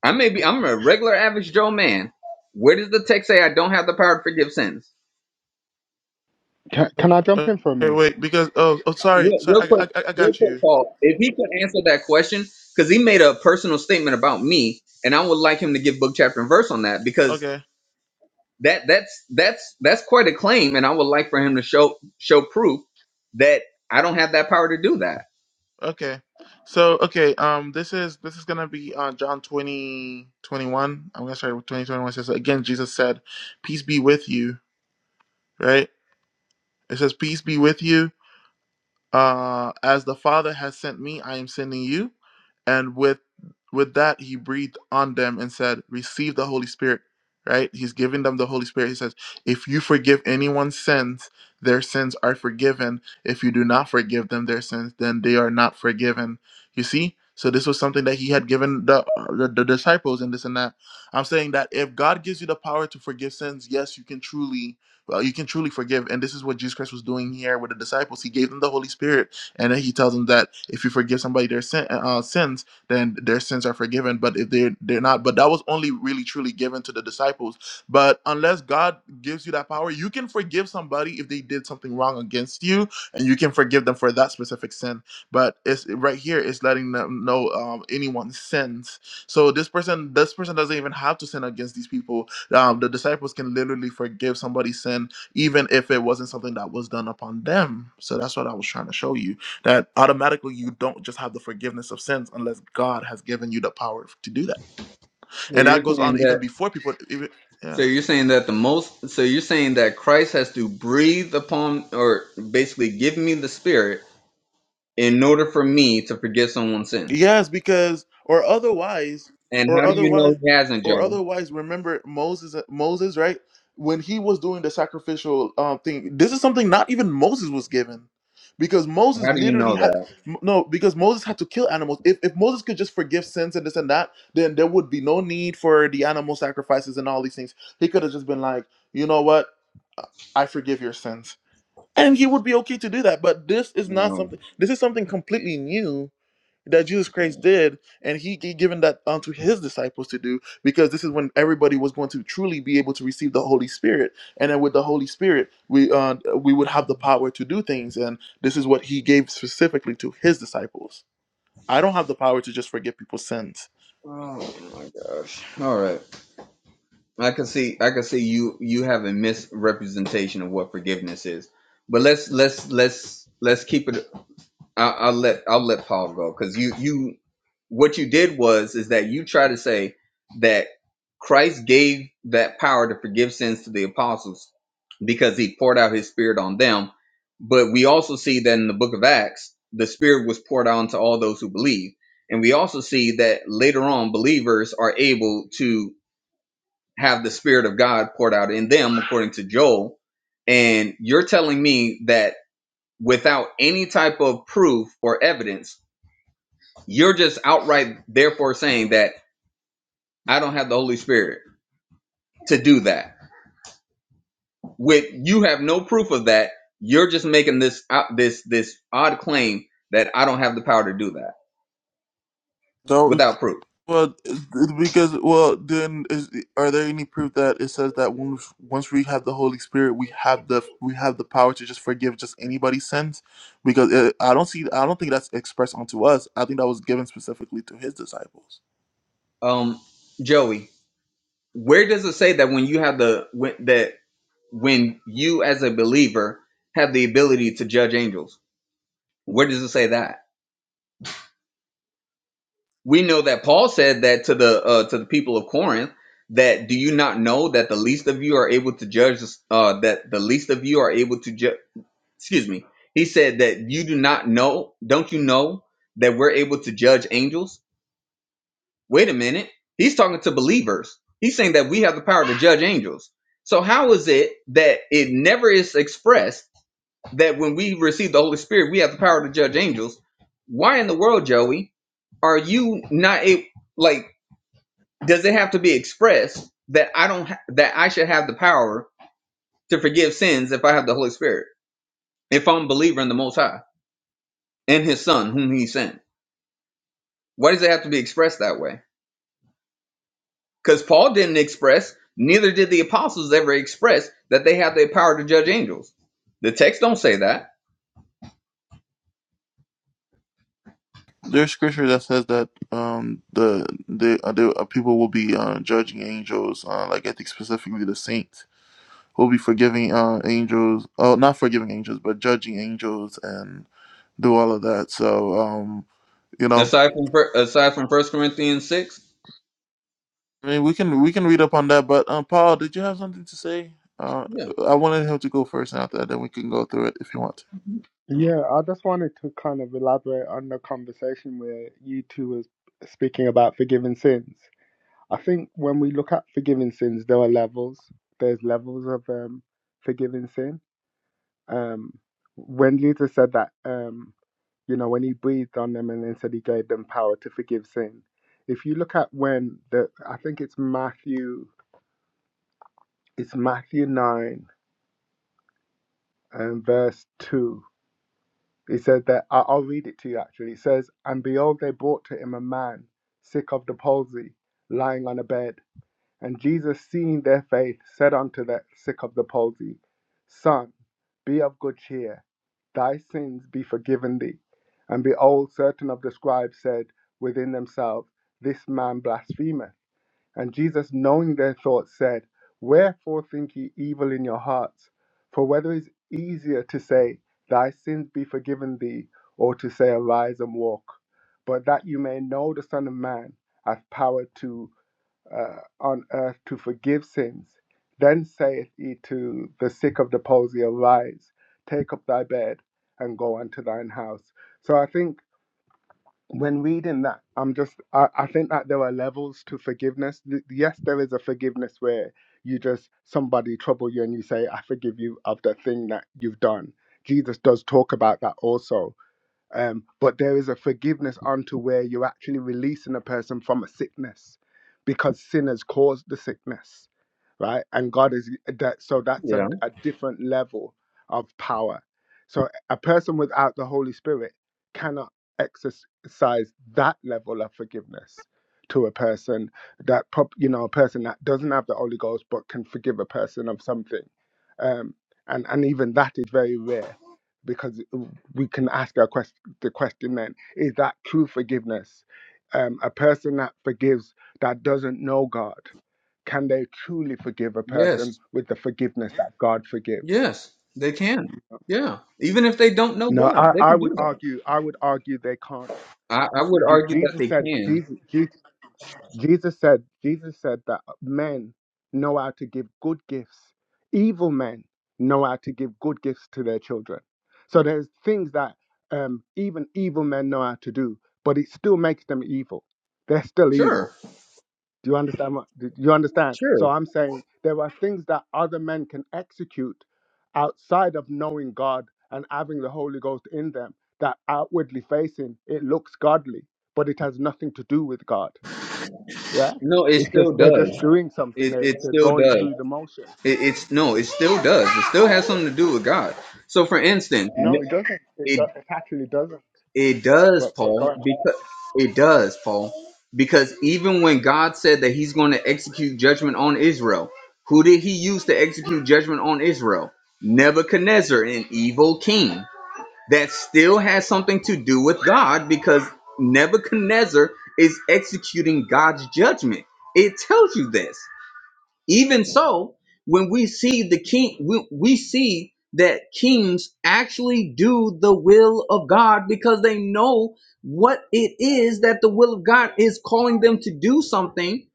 I may be, I'm a regular, average Joe man. Where does the text say I don't have the power to forgive sins? Can, can I jump Okay, in for a minute? wait, because oh, oh, sorry, Real, real sorry, I, quick, I, I I real got quick, you. Paul. If he could answer that question, because he made a personal statement about me, and I would like him to give book, chapter, and verse on that, because Okay, that that's that's that's quite a claim, and I would like for him to show show proof that I don't have that power to do that. okay. So, okay, um, this is this is gonna be uh, John twenty twenty one. I'm gonna start with twenty twenty one. Says again, Jesus said, "Peace be with you." Right? It says, "Peace be with you." uh, as the father has sent me i am sending you and with with that he breathed on them and said receive the holy spirit right he's giving them the holy spirit he says if you forgive anyone's sins their sins are forgiven if you do not forgive them their sins then they are not forgiven you see so this was something that he had given the, the the disciples and this and that i'm saying that if god gives you the power to forgive sins yes you can truly well, you can truly forgive. And this is what Jesus Christ was doing here with the disciples. He gave them the Holy Spirit, and then he tells them that if you forgive somebody their sin, uh, uh, sins, then their sins are forgiven. But if they're they're not, but that was only really truly given to the disciples. But unless God gives you that power, you can forgive somebody if they did something wrong against you, and you can forgive them for that specific sin. But it's right here, it's letting them know um, anyone's sins. So this person, this person doesn't even have to sin against these people um, the disciples can literally forgive somebody's sin, even if it wasn't something that was done upon them. So that's what I was trying to show you that automatically you don't just have the forgiveness of sins unless God has given you the power to do that. So And you're that goes saying on that. even before people, even yeah. So you're saying that the most. So you're saying that Christ has to breathe upon, or basically give me the Spirit in order for me to forgive someone's sins. Yes, because or otherwise, And or how do you otherwise, know he hasn't, or Joe? otherwise, remember Moses, uh, Moses, right? When he was doing the sacrificial um, thing, this is something not even Moses was given, because Moses How do you literally know had m- no, because Moses had to kill animals. If if Moses could just forgive sins and this and that, then there would be no need for the animal sacrifices and all these things. He could have just been like, you know what, I forgive your sins. And he would be okay to do that. But this is not that? something, this is something completely new that Jesus Christ did, and he g- given that unto his disciples to do, because this is when everybody was going to truly be able to receive the Holy Spirit, and then with the Holy Spirit, we uh, we would have the power to do things, and this is what he gave specifically to his disciples. I don't have the power to just forgive people's sins. Oh my gosh. All right. I can see I can see you you have a misrepresentation of what forgiveness is. But let's let's let's let's keep it I, I'll let I'll let Paul go because you you what you did was is that you try to say that Christ gave that power to forgive sins to the apostles because he poured out his spirit on them. But we also see that in the book of Acts, the spirit was poured on to all those who believe. And we also see that later on, believers are able to have the spirit of God poured out in them, according to Joel. And you're telling me that without any type of proof or evidence, you're just outright, therefore, saying that I don't have the Holy Spirit to do that. With you have no proof of that. You're just making this out this this odd claim that I don't have the power to do that So without proof. Well, because well, then is, are there any proof that it says that once once we have the Holy Spirit, we have the we have the power to just forgive just anybody's sins? Because it, I don't see, I don't think that's expressed onto us. I think that was given specifically to his disciples. Um, Joey, where does it say that when you have the when, that when you as a believer have the ability to judge angels? Where does it say that? we know that Paul said that to the uh, to the people of Corinth that do you not know that the least of you are able to judge uh, that the least of you are able to judge excuse me he said that you do not know don't you know that we're able to judge angels wait a minute he's talking to believers he's saying that we have the power to judge angels so how is it that it never is expressed that when we receive the holy spirit we have the power to judge angels why in the world joey are you not a like does it have to be expressed that I don't ha- that I should have the power to forgive sins if I have the Holy Spirit, if I'm a believer in the Most High and His Son whom He sent? Why does it have to be expressed that way? Because Paul didn't express, neither did the apostles ever express that they have the power to judge angels. The text don't say that. There's scripture that says that um the the, uh, the uh, people will be uh, judging angels, uh, like I think specifically the saints will be forgiving uh angels, oh not forgiving angels, but judging angels and do all of that. So um you know Aside from fir- aside from First Corinthians six, I mean, we can we can read up on that. But um, Paul, did you have something to say? Uh, yeah, I wanted him to go first, and after that, then we can go through it if you want. to. Mhm. Yeah, I just wanted to kind of elaborate on the conversation where you two was speaking about forgiving sins. I think when we look at forgiving sins, there are levels. There's levels of um, forgiving sin. Um, when Jesus said that, um, you know, when he breathed on them and then said he gave them power to forgive sin. If you look at when the, I think it's Matthew, it's Matthew nine and verse two. He says that I- I'll read it to you actually. It says, And behold, they brought to him a man sick of the palsy, lying on a bed. And Jesus, seeing their faith, said unto that sick of the palsy, Son, be of good cheer, thy sins be forgiven thee. And behold, certain of the scribes said within themselves, This man blasphemeth. And Jesus, knowing their thoughts, said, Wherefore think ye evil in your hearts? For whether it is easier to say, Thy sins be forgiven thee, or to say, Arise and walk. But that you may know the Son of Man hath power to uh, on earth to forgive sins. Then saith he to the sick of the palsy, Arise, take up thy bed, and go unto thine house. So I think when reading that, I'm just I, I think that there are levels to forgiveness. Th- Yes, there is a forgiveness where you just somebody trouble you and you say, I forgive you of the thing that you've done. Jesus does talk about that also. Um, but there is a forgiveness unto where you're actually releasing a person from a sickness because sin has caused the sickness right? And God is eh, that. So that's a, yeah, a different level of power. So a person without the Holy Spirit cannot exercise that level of forgiveness to a person that prop- you know a person that doesn't have the Holy Ghost but can forgive a person of something, um, and and even that is very rare because we can ask our quest- the question then is that true forgiveness? Um, a person that forgives that doesn't know God can they truly forgive a person yes, with the forgiveness that God forgives? yes, they can. Yeah, even if they don't know No, God, I, they I can would do that. argue, I would argue they can't. I, I would Je- argue that Jesus they said, can. Jesus, Je- Jesus said, Jesus said that men know how to give good gifts. Evil men know how to give good gifts to their children. So there's things that um, even evil men know how to do, but it still makes them evil. They're still evil Sure, Do you understand? what- Do you understand? So sure. I'm saying there are things that other men can execute outside of knowing God and having the Holy Ghost in them that outwardly facing it looks godly, but it has nothing to do with God. Yeah, No, it it's just still they're just does. doing something. It They're, it they're still going does. through the motion. It, it's no, it still does. It still has something to do with God. So, for instance, No, it doesn't. It, it do- it actually doesn't. It does, But but Paul, go ahead. because it does, Paul, because even when God said that he's going to execute judgment on Israel, who did he use to execute judgment on Israel? Nebuchadnezzar, an evil king. That still has something to do with God because Nebuchadnezzar is executing God's judgment. It tells you this. Even so, when we see the king, we, we see that kings actually do the will of God because they know what it is that the will of God is calling them to do something,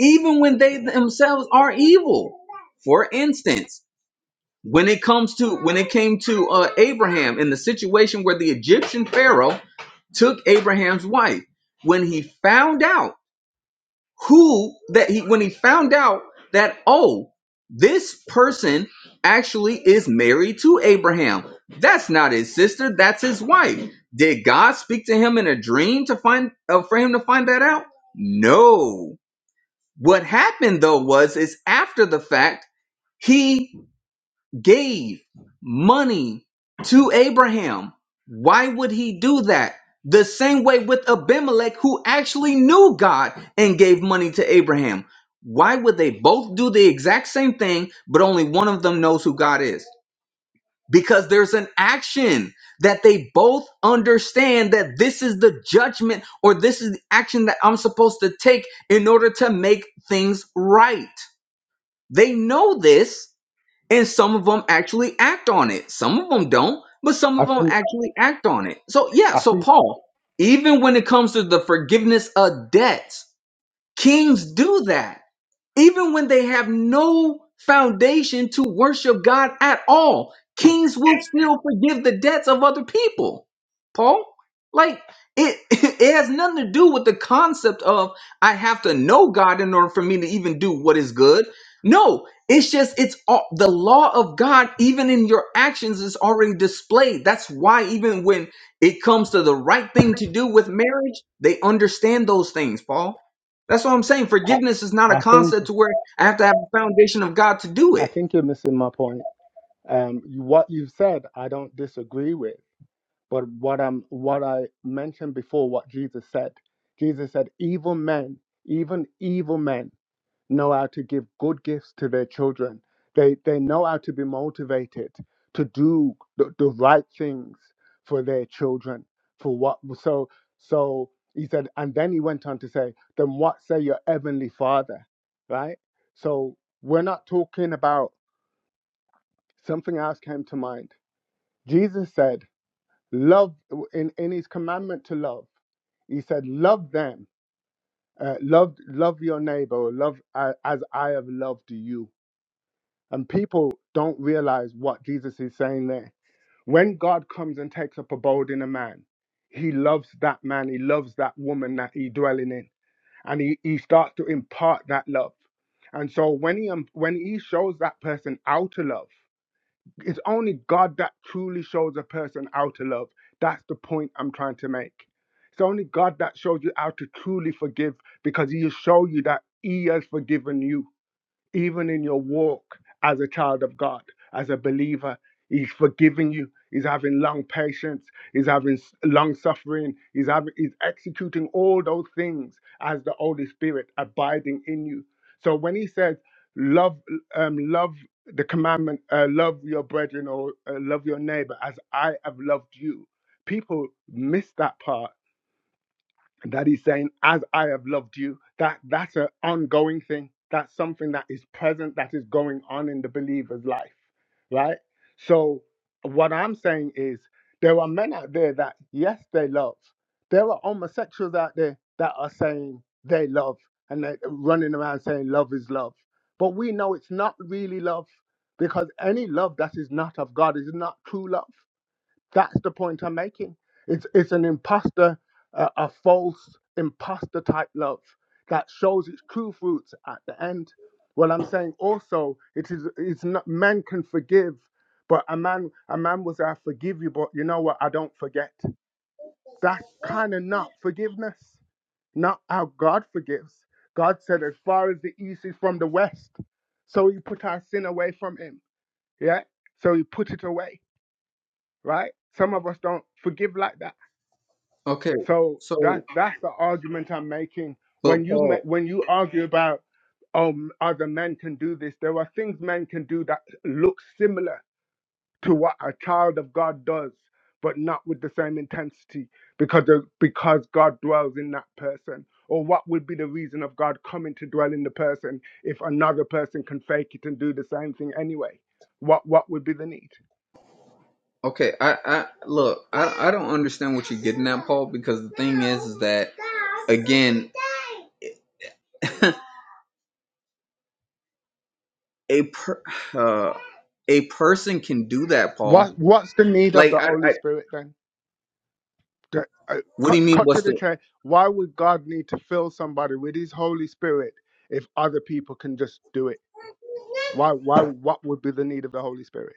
even when they themselves are evil. For instance, when it comes to when it came to uh, Abraham in the situation where the Egyptian Pharaoh took Abraham's wife, when he found out who that he when he found out that oh this person actually is married to Abraham. That's not his sister, that's his wife. Did God speak to him in a dream to find uh, for him to find that out? No. What happened though was is after the fact, he gave money to Abraham. Why would he do that? The same way with Abimelech, who actually knew God and gave money to Abraham. Why would they both do the exact same thing, but only one of them knows who God is? Because there's an action that they both understand that this is the judgment or this is the action that I'm supposed to take in order to make things right. They know this, and some of them actually act on it. Some of them don't, but some of I them think actually act on it. So, yeah, I so think Paul, even when it comes to the forgiveness of debts, kings do that even when they have no foundation to worship God at all, kings will still forgive the debts of other people. Paul, like it, it has nothing to do with the concept of I have to know God in order for me to even do what is good. No, it's just it's all, the law of God even in your actions is already displayed. That's why even when it comes to the right thing to do with marriage, they understand those things, Paul. That's what I'm saying. I, Forgiveness is not a I think concept to where I have to have a foundation of God to do I it. think you're missing my point. Um, you- what you've said, I don't disagree with But what I'm what I mentioned before, what Jesus said, Jesus said, evil men, even evil men, know how to give good gifts to their children. They they know how to be motivated to do the, the right things for their children. For what so so he said, and then he went on to say, then what say your heavenly father? Right? So we're not talking about something else came to mind. Jesus said love in, in his commandment to love he said love them uh, love love your neighbor love a- as i have loved you and people don't realize what jesus is saying there when god comes and takes up abode in a man he loves that man he loves that woman that he dwelling in and he, he starts to impart that love and so when he um, when he shows that person how to love it's only God that truly shows a person how to love. That's the point I'm trying to make. It's only God that shows you how to truly forgive because He will show you that He has forgiven you even in your walk as a child of God, as a believer. He's forgiving you. He's having long patience. He's having s- long suffering. He's having he's executing all those things as the Holy Spirit abiding in you. So when he says love, um, love the commandment, uh, love your brethren or uh, love your neighbor as I have loved you, people miss that part and that he's saying as i have loved you that that's an ongoing thing that's something that is present that is going on in the believer's life right so what i'm saying is there are men out there that yes they love there are homosexuals out there that are saying they love and they're running around saying love is love but we know it's not really love because any love that is not of god is not true love that's the point I'm making. It's it's an imposter, uh, a false imposter type love that shows its true fruits at the end. Well, I'm saying also it is it's not men can forgive, but a man a man will say I forgive you, but you know what? I don't forget. That's kind of not forgiveness. Not how God forgives. God said, as far as the east is from the west, so He put our sin away from Him. Yeah, so He put it away. Right? Some of us don't forgive like that Okay, So that so that's the argument I'm making. but When you ma- Paul, when you argue about um other men can do this, there are things men can do that look similar to what a child of God does, but not with the same intensity because of, because God dwells in that person. Or what would be the reason of God coming to dwell in the person if another person can fake it and do the same thing anyway? What what would be the need? okay, I I look, I I don't understand what you're getting at, Paul, because the thing is, is that again, a per, uh, a person can do that, Paul. What what's the need of Like the I, Holy I Spirit then? That- uh, what do cut, you mean? cut to What's the the chase. Why would God need to fill somebody with His Holy Spirit if other people can just do it? Why? Why? What would be the need of the Holy Spirit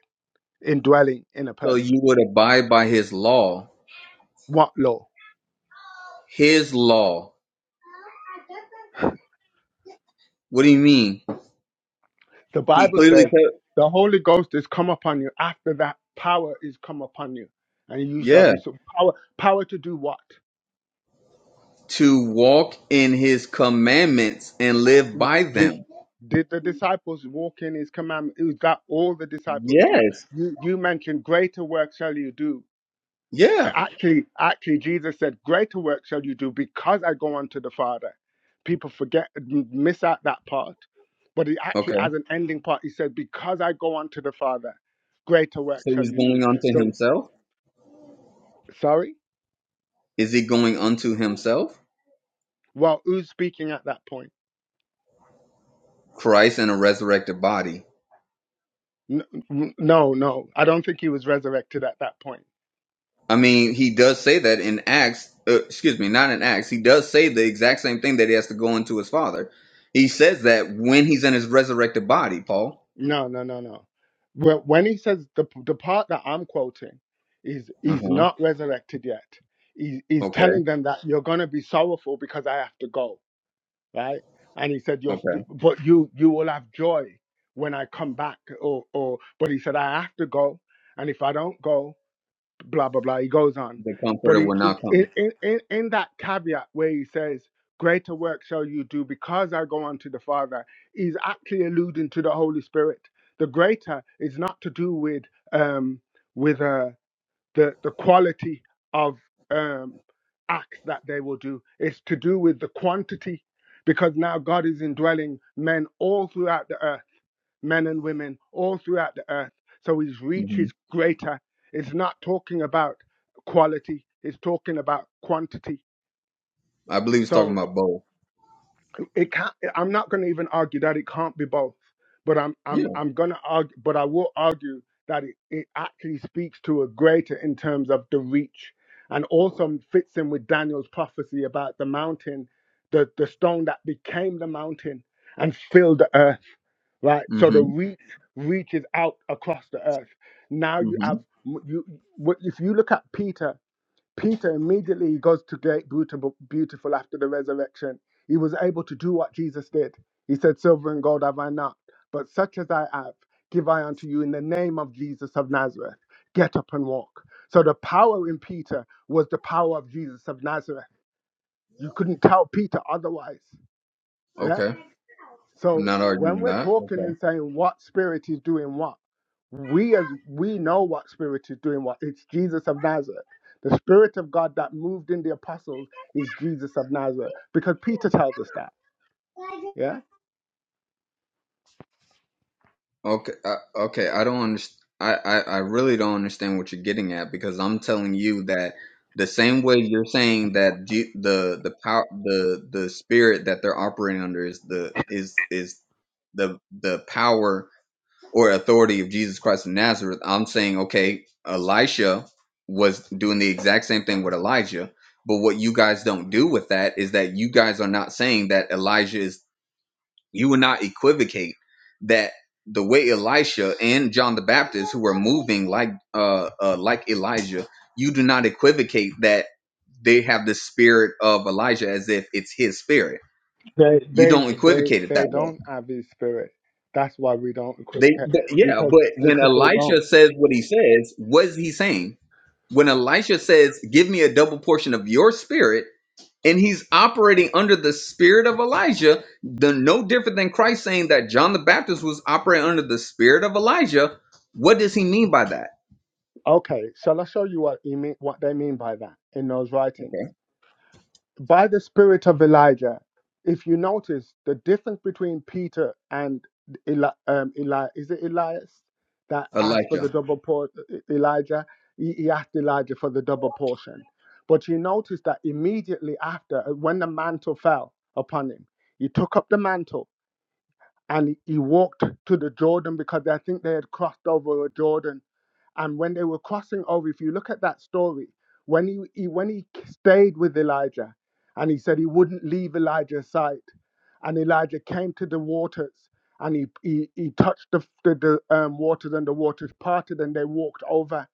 indwelling in a so person? you would abide by his law? What law? His law. What do you mean? The He Bible clearly says said, the Holy Ghost is come upon you. After that, power is come upon you, and you shall yeah, be so power. Power to do what? to walk in his commandments and live by Did them. did the disciples walk in His commandment? Is that all the disciples do? Yes. You you mentioned greater work shall you do Yeah. Actually, actually, Jesus said, "Greater work shall you do because I go unto the Father." People forget, m- miss out that part, but he Okay. actually, as an ending part, he said, "Because I go unto the Father, greater work So shall he's you going do." unto So, himself. sorry. Is he going unto himself? Well, who's speaking at that point? Christ in a resurrected body. N- n- No, no, I don't think he was resurrected at that point. I mean, he does say that in Acts. Uh, excuse me, not in Acts. He does say the exact same thing that he has to go into his father. He says that when he's in his resurrected body, Paul. No, no, no, no. Wh- When he says the the part that I'm quoting is Uh he's huh. not resurrected yet. He, he's Okay. telling them that you're gonna be sorrowful because I have to go, right? And he said, "You're, Okay. st- but you you will have joy when I come back." Or or, but he said, "I have to go, and if I don't go." blah blah blah. He goes on, The but comforter he will not come. in in in in that caveat where he says, "Greater work shall you do because I go unto the Father," he's actually alluding to the Holy Spirit. The greater is not to do with um with uh the the quality of um acts that they will do. It's to do with the quantity, because now God is indwelling men all throughout the earth men and women all throughout the earth. So his reach hmm is greater. It's not talking about quality, it's talking about quantity. I believe he's talking So about both. it can't i'm not going to even argue that it can't be both but i'm Yeah. i'm i'm going to argue but i will argue that it, it actually speaks to a greater in terms of the reach and also fits in with daniel's prophecy about the mountain the the stone that became the mountain and filled the earth right Mm so the hmm. reach reaches out across the earth now Mm you hmm. have you what if you look at peter Peter immediately goes to Great Beautiful Beautiful after the resurrection. He was able to do what Jesus did. He said, Silver and gold have I not, but such as I have, give I unto you in the name of Jesus of Nazareth. Get up and walk. So the power in Peter was the power of Jesus of Nazareth. You couldn't tell Peter otherwise. Yeah. Okay. I'm So not when arguing we're that. Okay. talking and saying what spirit is doing what, we as we know what spirit is doing what. It's Jesus of Nazareth. The spirit of God that moved in the apostles is Jesus of Nazareth. Because Peter tells us that. Yeah? Okay, I, okay, I don't understand. I, I, I really don't understand what you're getting at because I'm telling you that the same way you're saying that G, the the power the the spirit that they're operating under is the is is the the power or authority of Jesus Christ of Nazareth. I'm saying okay, Elisha was doing the exact same thing with Elijah, but what you guys don't do with that is that you guys are not saying that Elijah is you will not equivocate that the way Elisha and John the Baptist, who were moving like uh, uh like Elijah, you do not equivocate that they have the spirit of Elijah as if it's his spirit. They You they don't they equivocate it they that way. don't have his spirit. That's why we don't They, equivocate. but yeah, Because but when because they don't. Elisha says what he says, what is he saying? When Elisha says, "Give me a double portion of your spirit," and he's operating under the spirit of Elijah, the, no different than Christ saying that John the Baptist was operating under the spirit of Elijah. What does he mean by that? Okay, shall I show you what he mean what they mean by that in those writings? Okay. by the spirit of Elijah, if you notice the difference between Peter and Eli, um, Eli is it Elias that asked for Elijah. the double portion? Elijah, he, he asked Elijah for the double portion. But you notice that immediately after, uh, when the mantle fell upon him, he took up the mantle and he, he walked to the Jordan because I think they had crossed over the Jordan and when they were crossing over, if you look at that story, when he, he when he stayed with Elijah, and he said he wouldn't leave Elijah's sight, and Elijah came to the waters, and he he, he touched the the, the um, waters, and the waters parted, and they walked over.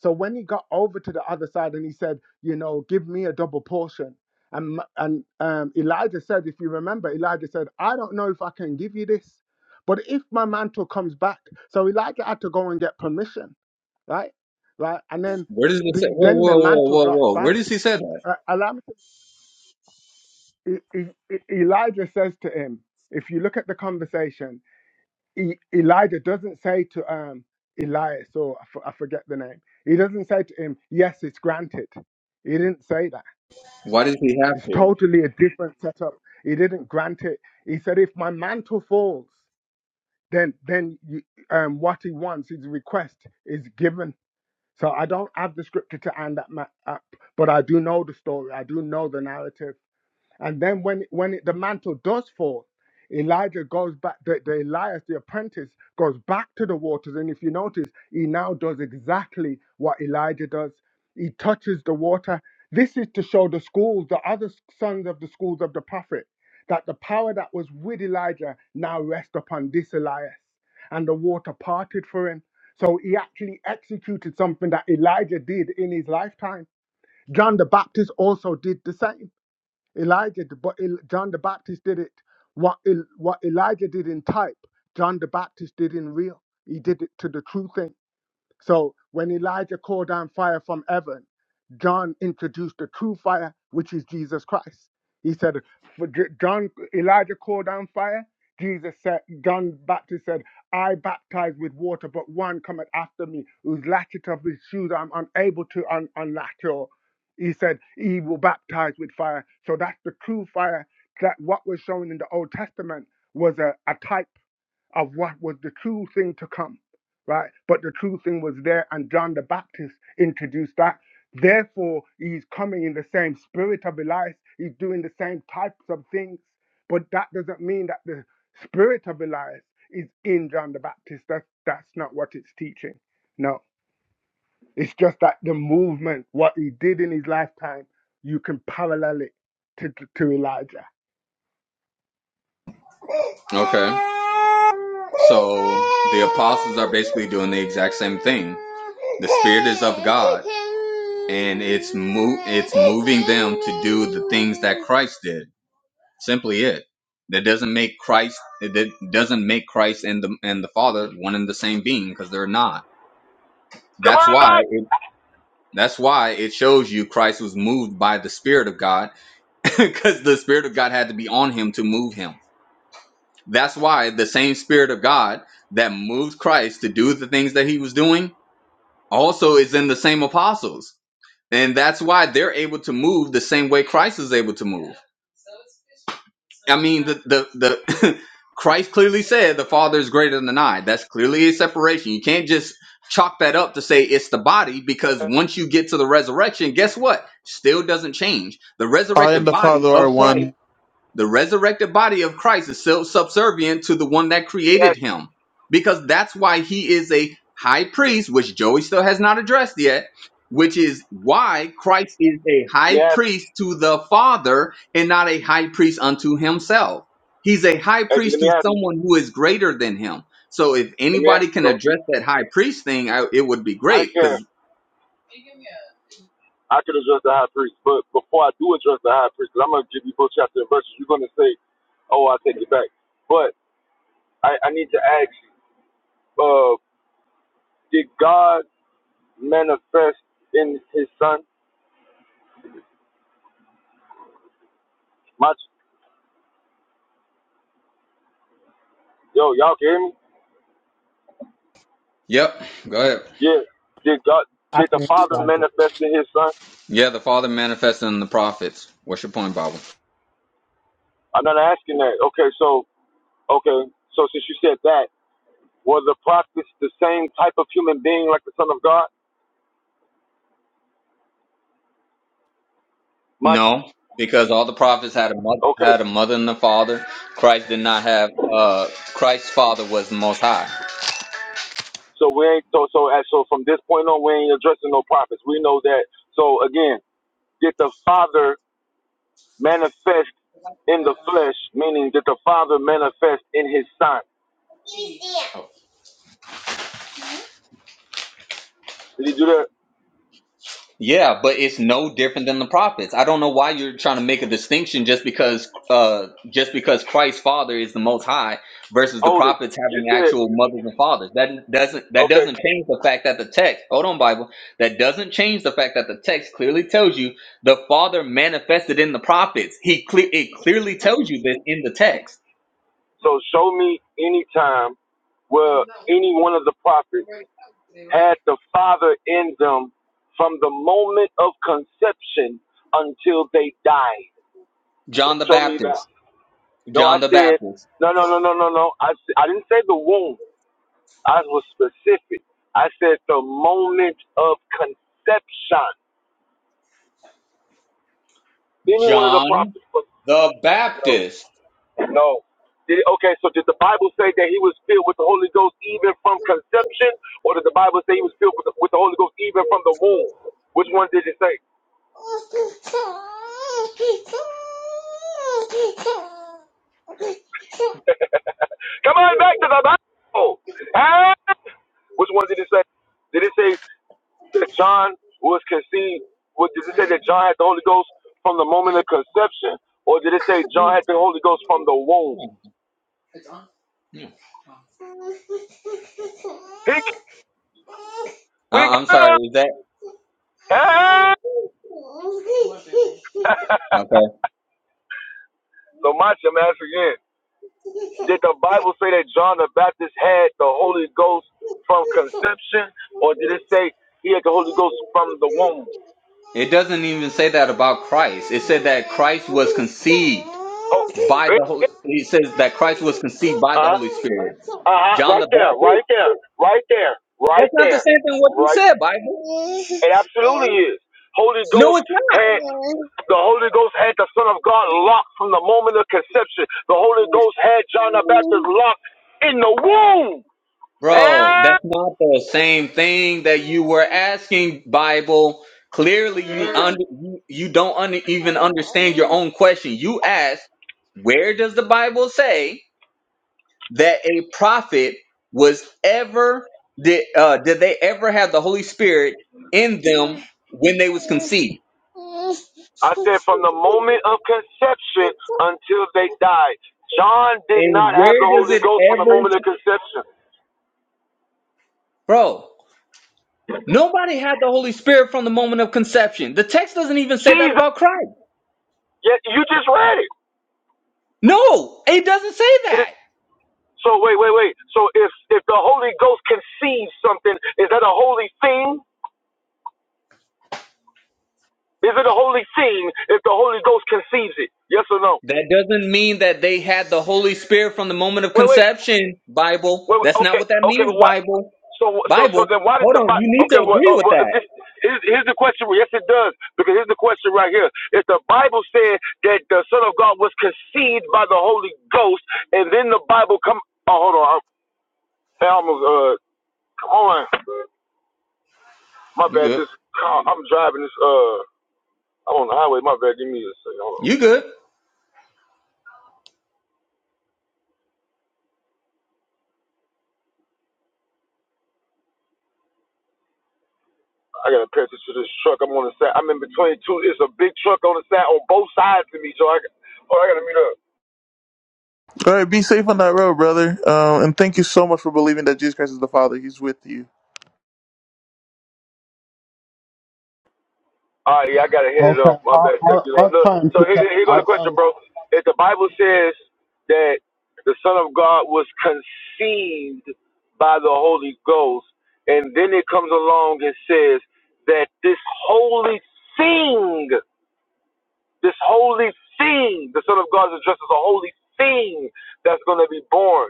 So when he got over to the other side, and he said, you know, give me a double portion. And, and um, Elijah said, if you remember, Elijah said, I don't know if I can give you this, but if my mantle comes back, so Elijah had to go and get permission right? Right, and then Where does it say? the Whoa, then the whoa, whoa, mantle whoa, drops whoa. Where back. does he say that? Uh, allow me to- E- E- E- Elijah says to him, if you look at the conversation, E- Elijah doesn't say to um Elias or I f- I forget the name. He doesn't say to him, "Yes, it's granted." He didn't say that. Why does he have It's to? totally a different setup. He didn't grant it. He said, "If my mantle falls, then then you, um, what he wants, his request, is given So I don't have the scripture to hand that map up, but I do know the story. I do know the narrative. And then when when it, the mantle does fall, Elijah goes back. The, the Elias, the apprentice, goes back to the waters. And if you notice, he now does exactly what Elijah does. He touches the water. This is to show the schools, the other sons of the schools of the prophet, that the power that was with Elijah now rests upon this Elias, and the water parted for him. So he actually executed something that Elijah did in his lifetime. John the Baptist also did the same Elijah, the but El- John the Baptist did it. What El- what Elijah did in type, John the Baptist did in real. He did it to the true thing. So when Elijah called down fire from heaven, John introduced the true fire, which is Jesus Christ. He said, for J- John, Elijah called down fire. Jesus said, John Baptist said, I baptize with water, but one cometh after me, whose latchet of his shoes I'm unable to un- unlatch. Or he said, He will baptize with fire. So that's the true fire. That what was shown in the Old Testament was a, a type of what was the true thing to come, right? But the true thing was there, and John the Baptist introduced that. Therefore, he's coming in the same spirit of Elias, he's doing the same types of things, but that doesn't mean that the spirit of Elias is in John the Baptist. That's, that's not what it's teaching. No, it's just that the movement, what he did in his lifetime, you can parallel it to, to, to Elijah. Okay. So the apostles are basically doing the exact same thing. The spirit is of God, and it's mo- it's moving them to do the things that Christ did. Simply it. That doesn't make Christ. That doesn't make Christ and the and the Father one and the same being because they're not. Come That's on why back. it. That's why it shows you Christ was moved by the Spirit of God because the Spirit of God had to be on him to move him. That's why the same Spirit of God that moved Christ to do the things that he was doing also is in the same apostles. And that's why they're able to move the same way Christ is able to move. I mean, the the the Christ clearly said the Father is greater than I. That's clearly a separation. You can't just chalk that up to say it's the body because once you get to the resurrection, guess what? Still doesn't change. The I and resurrected the body Father of are Christ. one. The resurrected body of Christ is self subservient to the one that created Yes. him because that's why he is a high priest, which Joey still has not addressed yet, which is why Christ is a Let me high ask you. priest to the Father and not a high priest unto himself. He's a high Hey, G, priest let me to ask you. someone who is greater than him. So if Let me ask anybody you, can bro. address that high priest thing, I, it would be I don't great care. because. I could address the high priest, but before I do address the high priest, 'cause I'm going to give you both chapter and verses. You're going to say, "Oh, I take it back," but I, I need to ask: you, uh, Did God manifest in His Son? My, yo, y'all can hear me? Yep, go ahead. Yeah. Did God? I Did the think it's the Father Bible. manifest in His Son? Yeah, the Father manifested in the prophets. What's your point, Bible? I'm not asking that. Okay, so okay, so since you said that, were the prophets the same type of human being like the Son of God? Much. No, because all the prophets had a mother, Okay. had a mother and a father. Christ did not have. Uh, Christ's father was the Most High. So we ain't so so as so from this point on we ain't addressing no prophets. We know that. So again, did the Father manifest in the flesh, meaning did the Father manifest in his son? Did he do that? Yeah, but it's no different than the prophets. I don't know why you're trying to make a distinction just because uh, just because Christ's father is the Most High versus the Hold it. prophets You having said, actual mothers and fathers. That doesn't that okay, doesn't change the fact that the text. Hold on, Bible. That doesn't change the fact that the text clearly tells you the Father manifested in the prophets. He cle- it clearly tells you this in the text. so show me any time where any one of the prophets had the Father in them from the moment of conception until they died. John Just the show me that. Baptist. No, I John the said, Baptist. no, no, no, no, no, no. I I s- I didn't say the womb. I was specific. I said the moment of conception. Any one of the John prophets? was- the No, Baptist. no. Did, okay, so did the Bible say that he was filled with the Holy Ghost even from conception, or did the Bible say he was filled with the, with the Holy Ghost even from the womb? Which one did it say? Come on back to the Bible. Ah! Which one did it say? Did it say that John was conceived? What, did it say that John had the Holy Ghost from the moment of conception, or did it say John had the Holy Ghost from the womb? He, we I- I'm got sorry, him. is that Hey! okay? So my shall ask again. Did the Bible say that John the Baptist had the Holy Ghost from conception, or did it say he had the Holy Ghost from the womb? It doesn't even say that about Christ. It said that Christ was conceived Oh, by eh, the Holy It says that Christ was conceived by the uh-huh, Holy Spirit. uh-huh, John the right there, right Baptist. there, right there, right That's not the there, same thing what you right. said, Bible. It absolutely is. Holy No, Ghost it's not. had the Holy Ghost had the Son of God locked from the moment of conception. The Holy Ghost had John the Baptist locked in the womb. Bro, that's And not the same thing that you were asking, Bible. Clearly, it you is under you, you don't under, even understand your own question. You asked, where does the Bible say that a prophet was ever did uh, did they ever have the Holy Spirit in them when they was conceived? I said from the moment of conception until they died. John did And not have where the does Holy it Ghost from the ever, moment of conception. bro? Nobody had the Holy Spirit from the moment of conception. The text doesn't even say that Jesus, about Christ. yeah, you just read it. No, it doesn't say It that. is- So wait, wait, wait. So if if the Holy Ghost conceives something, is that a holy thing? Is it a holy thing if the Holy Ghost conceives it? Yes or no? That doesn't mean that they had the Holy Spirit from the moment of Wait, wait, conception, wait. Bible. wait That's not okay, what that okay, but means, what? Bible. So so so Bible. then why did Hold the on, you Bible? need to Okay, well, agree uh, with well this, that. here's, here's the question. Well, Yes, it does because here's the question right here. If the Bible said that the Son of God was conceived by the Holy Ghost, and then the Bible come. Oh, hold on. I'm, I almost uh. Hold on. My You bad. good. This car. I'm driving this uh. I'm on the highway. My bad. Give me a second. Hold on. You good. I gotta pay attention to this truck. I'm on the side. I'm in between two. It's a big truck on the side on both sides of me. So I. Oh, I gotta meet up. All right, be safe on that road, brother. Um, and thank you so much for believing that Jesus Christ is the Father. He's with you. All right, yeah, I gotta hit it Okay, up. My I'll, bad. Thank I'll, you. Lord. I'll Look, try and so here, pick up. here go the I'll try question, and bro. If the Bible says that the Son of God was conceived by the Holy Ghost, and then it comes along and says that this holy thing, this holy thing, the Son of God is addressed as a holy thing that's gonna be born.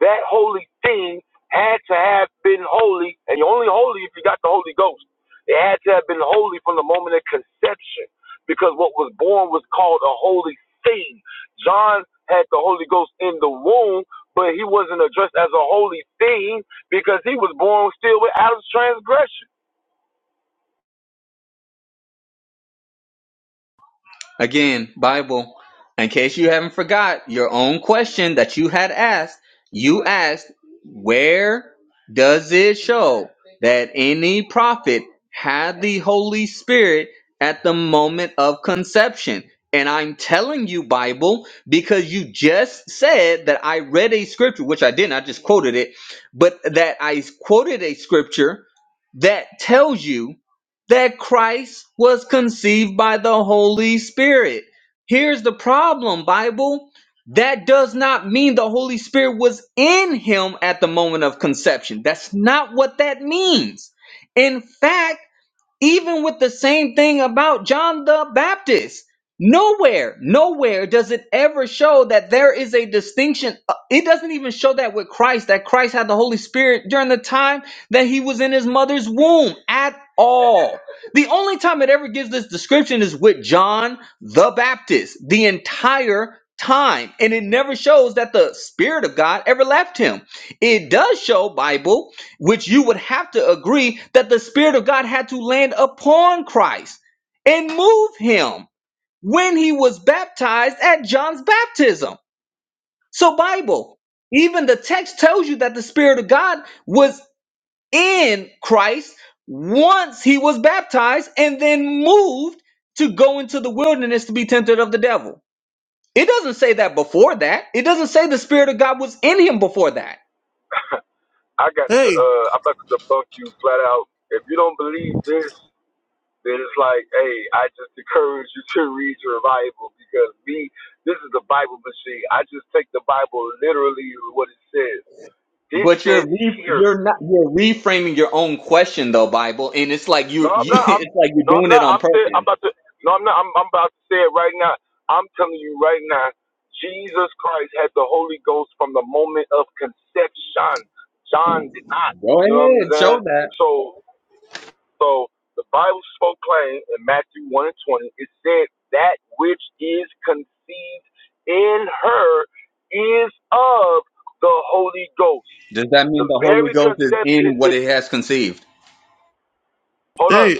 That holy thing had to have been holy, and you're only holy if you got the Holy Ghost. It had to have been holy from the moment of conception, because what was born was called a holy thing. John had the Holy Ghost in the womb, but he wasn't addressed as a holy thing because he was born still with Adam's transgression. Again, Bible. In case you haven't forgot your own question that you had asked, you asked, where does it show that any prophet had the Holy Spirit at the moment of conception? And I'm telling you, Bible, because you just said that I read a scripture, which I didn't, I just quoted it, but that I quoted a scripture that tells you that Christ was conceived by the Holy Spirit. Here's the problem, Bible. That does not mean the Holy Spirit was in him at the moment of conception. That's not what that means. In fact, even with the same thing about John the Baptist. Nowhere, nowhere does it ever show that there is a distinction. Uh, It doesn't even show that with Christ, that Christ had the Holy Spirit during the time that he was in his mother's womb at all. The only time it ever gives this description is with John the Baptist, the entire time. And it never shows that the Spirit of God ever left him. It does show, Bible, which you would have to agree that the Spirit of God had to land upon Christ and move him when he was baptized at John's baptism. So, Bible, even the text tells you that the Spirit of God was in Christ once he was baptized and then moved to go into the wilderness to be tempted of the devil. It doesn't say that before that. It doesn't say the Spirit of God was in him before that. I got to, Hey, uh, I'm about to debunk you flat out. If you don't believe this, then it's like, hey, I just encourage you to read your Bible because me, this is the Bible machine. I just take the Bible literally what it says. This But you're says re- here. you're not you're reframing your own question though, Bible, and it's like No, you I'm you not. I'm it's like you're no, I'm doing it not. on I'm saying I'm purpose. about to. No, I'm not. I'm, I'm about to say it right now. I'm telling you right now. Jesus Christ had the Holy Ghost from the moment of conception. John did not. Go You know what I'm ahead, saying? show that. So So the Bible spoke plain in Matthew 1 and 20. It said, That which is conceived in her is of the Holy Ghost. Does that The mean the Holy very Ghost is conception in what is, it has conceived? hold up. hey,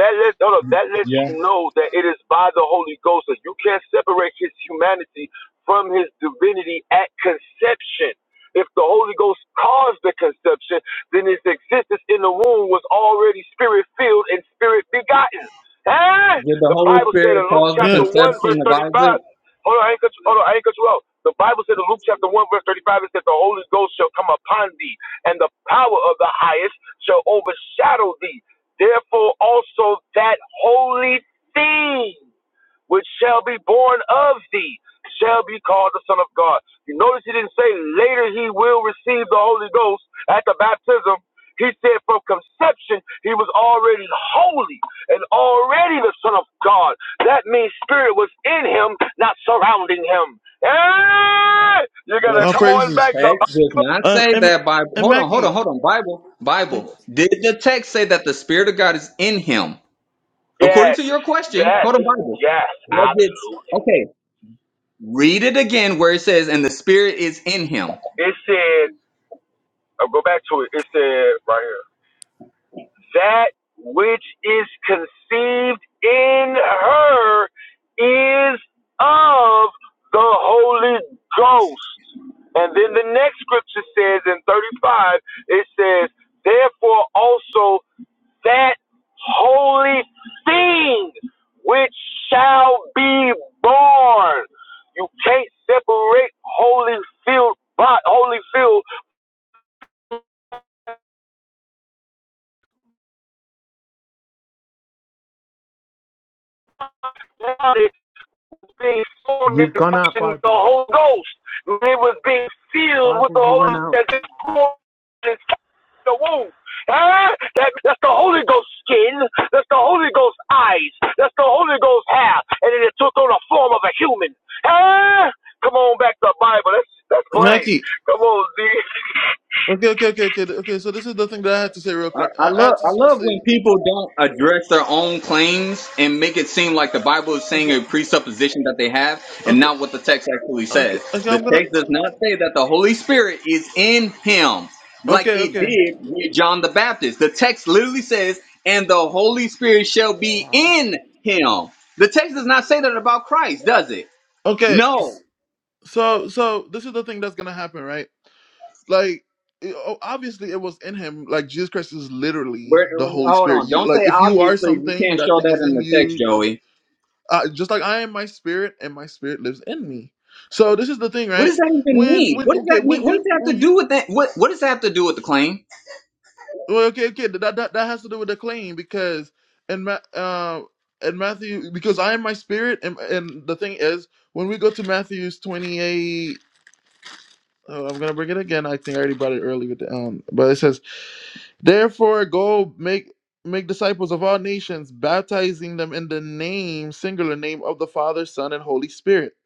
That lets hold up, that lets Yeah, you know that it is by the Holy Ghost that you can't separate his humanity from his divinity at conception. If the Holy Ghost caused the conception, then his existence in the womb was already spirit filled and spirit begotten. Eh? Did the The Holy Bible said Spirit in Luke cause the yeah, chapter one conception verse of thirty Isaac? five. Hold on, I ain't cut you, hold on, I ain't cut you out. The Bible said in Luke chapter one verse thirty five it said the Holy Ghost shall come upon thee, and the power of the highest shall overshadow thee. Therefore also that holy thing which shall be born of thee shall be called the Son of God. You notice he didn't say later he will receive the Holy Ghost at the baptism. He said from conception he was already holy and already the Son of God. That means spirit was in him, not surrounding him. Hey! You're gonna all This come on praises. back to text does not Um, say and, that Bible. and Hold on, hold on, Mackie, hold on. Bible, Okay. Bible. Did the text say that the Spirit of God is in him? According Yes, to your question, yes, hold on, Bible. yes, Does it? absolutely. Okay, read it again where it says, "And the Spirit is in him." It says. I'll go back to it. It said right here that which is conceived in her is of the Holy Ghost. And then the next scripture says in 35, it says, Therefore also that holy thing which shall be born. You can't separate holy field, holy field being formed in you've the gone out, function of the Bible. Holy Ghost. When it was being filled with Bible, the you went Holy Ghost out. as the womb. Huh? That, that's the Holy Ghost skin. That's the Holy Ghost eyes. That's the Holy Ghost hair. And then it took on the form of a human. Huh? Come on back to the Bible. That's, that's plain. Mackie. Come on, Z. Okay, okay, okay, okay, okay. So this is the thing that I have to say real I, quick. I I, I love have I to just love say, when people don't address their own claims and make it seem like the Bible is saying okay, a presupposition that they have and okay, not what the text actually okay, says. okay. The I'm gonna, text does not say that the Holy Spirit is in him like okay, it okay, did with John the Baptist. The text literally says, "And the Holy Spirit shall be Wow. in him." The text does not say that about Christ, does it? okay. No. So, so this is the thing that's gonna happen, right? Like, it, o- obviously, it was in him. Like Jesus Christ is literally Where, the Holy hold Spirit. on. You Don't say like, if you are obviously. You something, can't that show thing that is in in the text, you. And, Joey. uh, just like I am my spirit, and my spirit lives in me. So this is the thing, What right? does that even When, mean? when, What does that okay, mean? when What does you, that have when to you, do with that? What What does that have to do with the claim? Well, okay, okay, that that, that has to do with the claim because in Ma- uh, in Matthew because I am my spirit and and the thing is when we go to Matthew's twenty eight. Oh, I'm gonna bring it again. I think I already brought it early with the um, but it says, "Therefore, go make make disciples of all nations, baptizing them in the name singular name of the Father, Son, and Holy Spirit."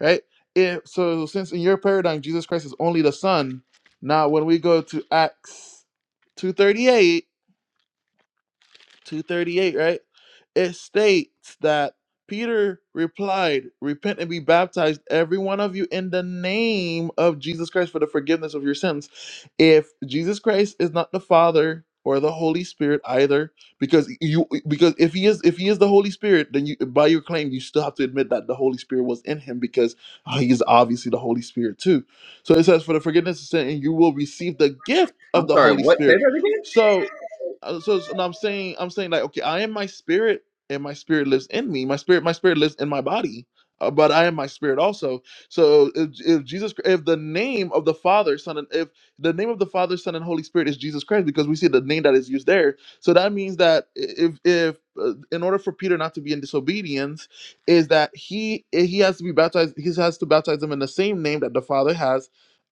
Right. If so, since in your paradigm Jesus Christ is only the Son, now when we go to Acts 2:38 238, right? It states that Peter replied, Repent and be baptized, every one of you, in the name of Jesus Christ for the forgiveness of your sins. If Jesus Christ is not the Father or the Holy Spirit either, because you because if he is if he is the Holy Spirit, then you by your claim you still have to admit that the Holy Spirit was in him because uh, he is obviously the Holy Spirit too. So it says, For the forgiveness of sin, and you will receive the gift of I'm the sorry. Holy What? Say Spirit. that again. So uh, so, so now I'm saying I'm saying like okay, I am my spirit, and my spirit lives in me. My spirit, my spirit lives in my body, uh, but I am my spirit also. So if, if Jesus, if the name of the Father, Son, and if the name of the Father, Son, and Holy Spirit is Jesus Christ, because we see the name that is used there, so that means that if if uh, in order for Peter not to be in disobedience, is that he he has to be baptized. He has to baptize them in the same name that the Father has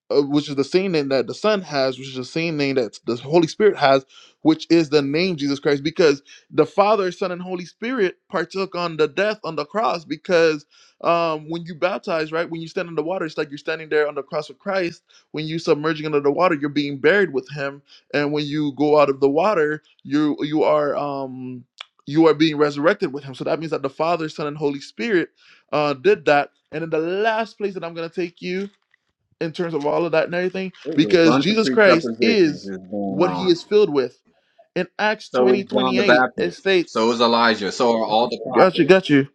uh, which is the same name that the Son has, which is the same name that the Holy Spirit has, which is the name Jesus Christ, because the Father, Son, and Holy Spirit partook on the death on the cross. Because um, when you baptize, right, when you stand in the water, it's like you're standing there on the cross of Christ. When you submerging under the water, you're being buried with Him, and when you go out of the water, you you are um, you are being resurrected with Him. So that means that the Father, Son, and Holy Spirit uh, did that. And then the last place that I'm gonna take you in terms of all of that and everything There's a because bunch of Jesus Christ presuppositions is is going what he on. is filled with. In Acts So 20 is John twenty the eight, it Baptist. states, So is Elijah. So are all the Got you, prophets. got you,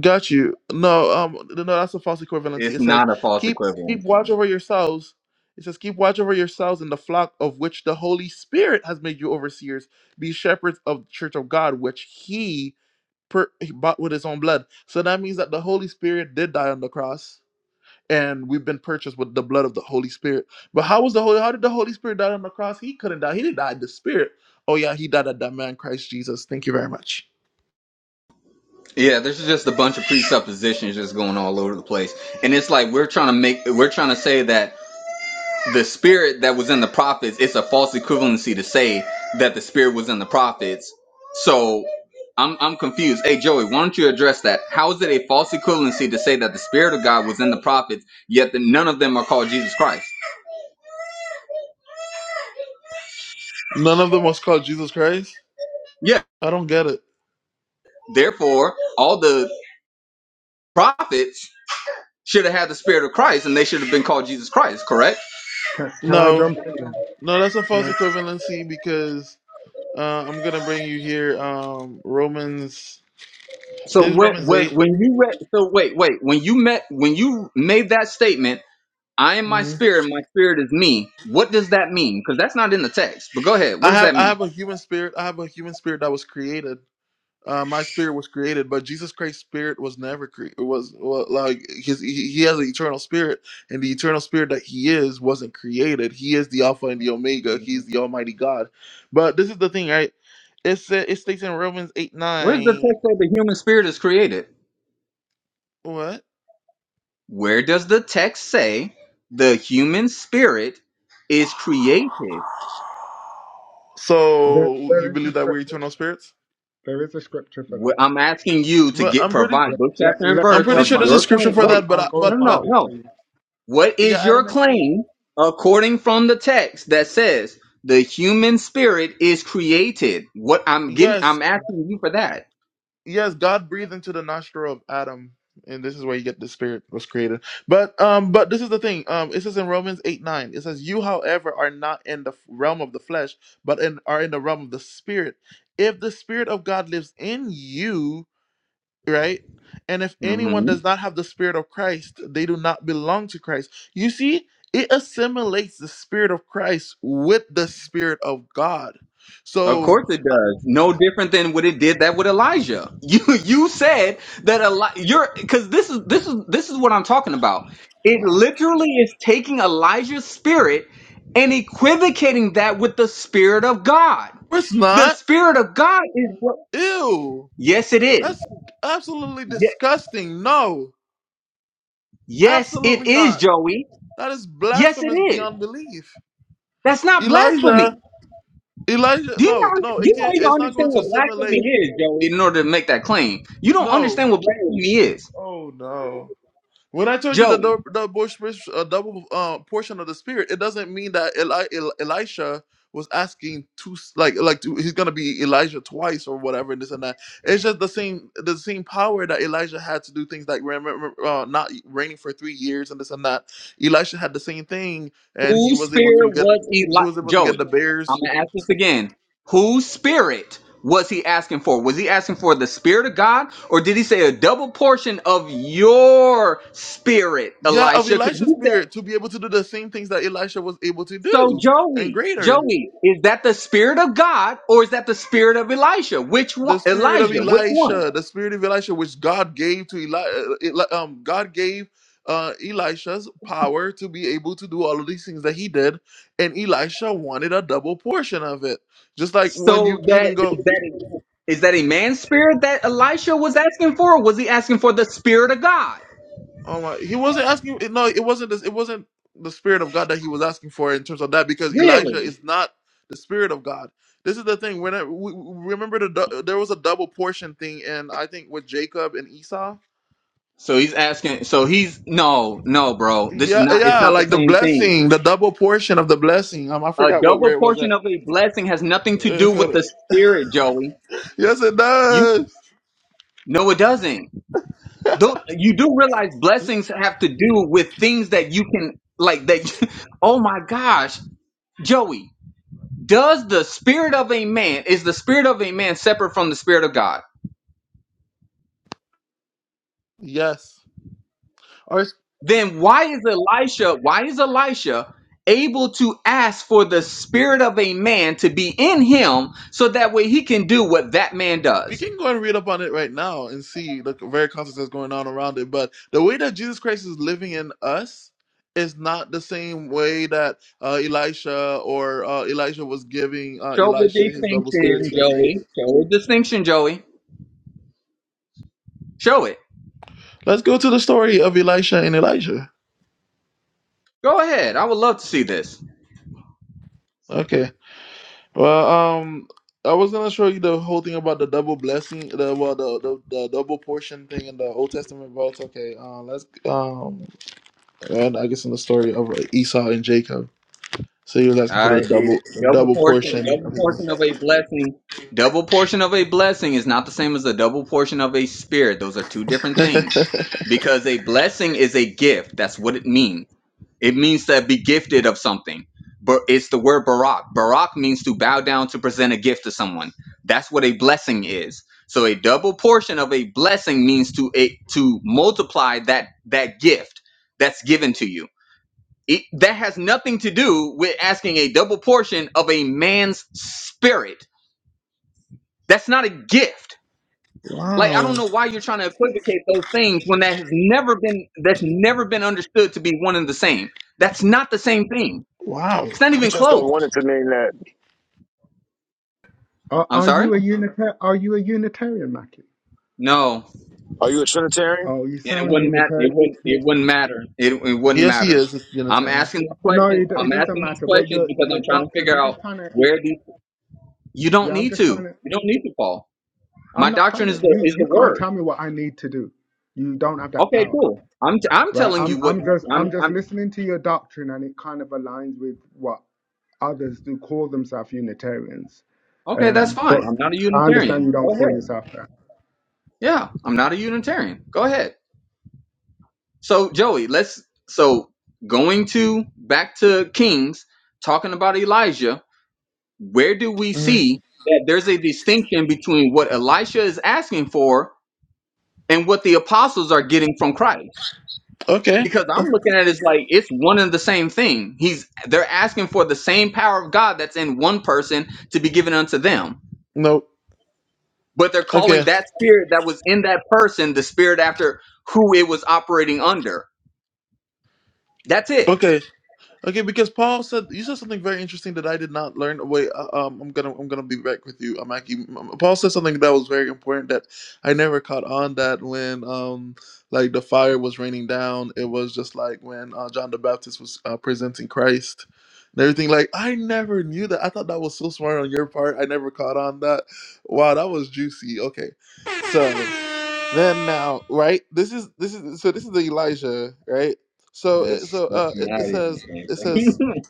got you. No, um, no, no, that's a false equivalency. It's It says, not a false Keep keep watch equivalency. over yourselves. It says, Keep watch over yourselves in the flock of which the Holy Spirit has made you overseers. Be shepherds of the church of God, which he, per- he bought with his own blood. So that means that the Holy Spirit did die on the cross and we've been purchased with the blood of the Holy Spirit. But how was the Holy? How did the Holy Spirit die on the cross? He couldn't die. He didn't die. in The Spirit. Oh yeah, he died at that man Christ Jesus. Thank you very much. Yeah, there's just a bunch of presuppositions just going all over the place, and it's like we're trying to make we're trying to say that the spirit that was in the prophets, it's a false equivalency to say that the spirit was in the prophets. So I'm I'm confused. Hey Joey, why don't you address that? How is it a false equivalency to say that the spirit of God was in the prophets, yet the, none of them are called Jesus Christ? None of them was called Jesus Christ. Yeah. I don't get it. Therefore, all the prophets should have had the spirit of Christ and they should have been called Jesus Christ, correct? Can, can I No, jump in there? no, that's a Can false I? equivalency because uh, I'm gonna bring you here. Um, Romans. So This is when Romans when 8 when you read so wait, wait, when you met when you made that statement I am my hmm spirit, and my spirit is me. What does that mean? Because that's not in the text. But go ahead. What I does have that I mean? have a human spirit. I have a human spirit that was created. Uh, my spirit was created, but Jesus Christ's spirit was never created. Was well, like his he, he has an eternal spirit, and the eternal spirit that he is wasn't created. He is the Alpha and the Omega. He is the Almighty God. But this is the thing, right? It said it states in Romans eight Where does the nine. text say the human spirit is created? What? Where does the text say the human spirit is created? There, So there you is a believe that we're scripture. eternal spirits? There is a scripture for Wh- that. I'm asking you to But get I'm pretty provide Let, book, let, chapter, and let me I'm verse go pretty of and sure there's find a your it. scripture claim. for Wait, I'll, that. But I'll I, go no, and no, but no. but find it for no. you. What yeah, is your Adam and Eve. claim according from the text that says the human spirit is created? What I'm getting, Yes, I'm asking you for that. yes, God breathed into the nostril of Adam, and this is where you get the spirit was created. But um, but this is the thing. Um, it says in Romans eight nine, it says, "You, however, are not in the f- realm of the flesh, but in are in the realm of the spirit. If the spirit of God lives in you, right." And if Mm-hmm. anyone does not have the spirit of Christ, they do not belong to Christ. You see, it assimilates the spirit of Christ with the spirit of God. Of So, course it uh, does. No different than what it did that with Elijah. You you said that Eli- you're cuz this is this is this is what I'm talking about. It Wow. literally is taking Elijah's spirit and equivocating that with the spirit of God. it's The not. spirit of God is what Ew. Yes it is. That's absolutely Ye- disgusting. No, Yes it absolutely is, not. Joey. That is Yes it blasphemous is. beyond belief. That's not blasphemy. Elijah, Elijah, Do you no, not no, it you don't can't, even it's not understand going to what blasphemy assimilate. is, Joey, in order to make that claim. You don't No. understand what blasphemy is. Oh, no. When I told you the Joey. dou- the bush, uh, double uh, portion of the spirit, it doesn't mean that Eli, El, Elisha was asking to s- like like to, he's gonna be Elijah twice or whatever and this and that. It's just the same the same power that Elijah had to do things like remember uh, not reigning for three years and this and that. Elisha had the same thing, and he Whose was able spirit to get was he he was li- able to get Joey, the I'm bears. gonna ask this again. Whose spirit was he asking for? Was he asking for the spirit of God, or did he say a double portion of your spirit, Yeah, of Elisha? 'Cause Elisha's you spirit said to be able to do the same things that Elisha was able to so, do and Joey. greater. Joey, is that the spirit of God, or is that the spirit of Elisha? Which one, the spirit of Elijah? Which one? Elisha, the spirit of Elisha, which God gave to Eli, uh, um, God gave uh, Elisha's power to be able to do all of these things that he did, and Elisha wanted a double portion of it. Just like when So you that even go, is that is that a man's spirit that Elisha was asking for, or was he asking for the spirit of God? oh my, he wasn't asking. No, it wasn't. This, it wasn't the spirit of God that he was asking for in terms of that, because Elijah Really? is not the spirit of God. This is the thing. When I, we, we- remember, the, dou- there was a double portion thing, and I think with Jacob and Esau So he's asking. So he's no, no, bro. This is Yeah, not. It's yeah, not the like the same thing. blessing, the double portion of the blessing. Um, I A forgot what where double it was portion at. of a blessing has nothing to do with the spirit, Joey. yes, it You does. no, it doesn't. Though you do realize blessings have to do with things that you can like that. you- oh my gosh, Joey. Does the spirit of a man is the spirit of a man separate from the spirit of God? Yes, or then why is Elisha, why is Elisha able to ask for the spirit of a man to be in him so that way he can do what that man we does? can go and read up on it right now and see the very concepts that's going on around it. But the way that Jesus Christ is living in us is not the same way that uh, Elisha or uh, Elijah was giving uh, Show Elisha the his double spirit distinction, to do things. Joey. Show the distinction, Joey. Show it. Let's go to the story of Elisha and Elijah. Go ahead. I would love to see this. Okay. Well, um, I was gonna show you the whole thing about the double blessing, the well, the the, the double portion thing in the Old Testament, but it's okay. Uh, let's um, and I guess in the story of Esau and Jacob. So he was asking for All right, the double, a the double double portion. Double, portion of his. money. double portion of a blessing is not the same as a double portion of a spirit. Those are two different things. Because a blessing is a gift. That's what it means It means to be gifted of something. But it's the word barak. Barak means to bow down to present a gift to someone. That's what a blessing is. So a double portion of a blessing means to a, to multiply that that gift that's given to you. It, that has nothing to do with asking a double portion of a man's spirit. That's not a gift. Like I wow, don't know why you're trying to equivocate those things when that has never been that's never been understood to be one and the same. That's not the same thing. wow. It's not You even just close. don't want it to mean that. Are, I'm are sorry. you a unitar? Are you a Unitarian, Mackie? No, and Are you a Trinitarian? Oh, you it sound wouldn't matter. It Unitarian. wouldn't. It wouldn't matter. It, it wouldn't Yes, he matter. is a I'm Unitarian. asking these No, questions. it, it I'm doesn't asking these matter. But questions your because your I'm trying to doctrine. figure I'm out just trying to. where these. You don't Yeah, I'm need to. just trying to. You don't need to Paul. I'm My not trying doctrine is to. the You is the you can't word. tell me what I need to do. You don't have that Okay, power. cool. I'm t- I'm Right. telling I'm you what I'm just I'm I'm just I'm. listening to your doctrine and it kind of aligns with what others do call themselves Unitarians. Okay, that's Um fine. but I'm not a I understand Unitarian. you Go don't call ahead. yourself that. Yeah, I'm not a Unitarian. Go ahead. So Joey, let's so going to back to Kings talking about Elijah. where do we Mhm. see that there's a distinction between what Elisha is asking for and what the apostles are getting from Christ? Okay. Because I'm looking at it as like it's one and the same thing. He's they're asking for the same power of God that's in one person to be given unto them. No. But they're calling Okay. that spirit that was in that person the spirit after who it was operating under. That's it. Okay. Okay, because Paul said you said something very interesting that I did not learn. Wait, uh, um, I'm gonna I'm gonna be back with you, um, Aki. Um, Paul said something that was very important that I never caught on. That when um like the fire was raining down, it was just like when uh, John the Baptist was uh, presenting Christ and everything. Like I never knew that. I thought that was so smart on your part. I never caught on that. Wow, that was juicy. Okay, so then now right, this is this is so this is the Elijah right. So it- That's so that's uh, it, not it even the says it says same thing.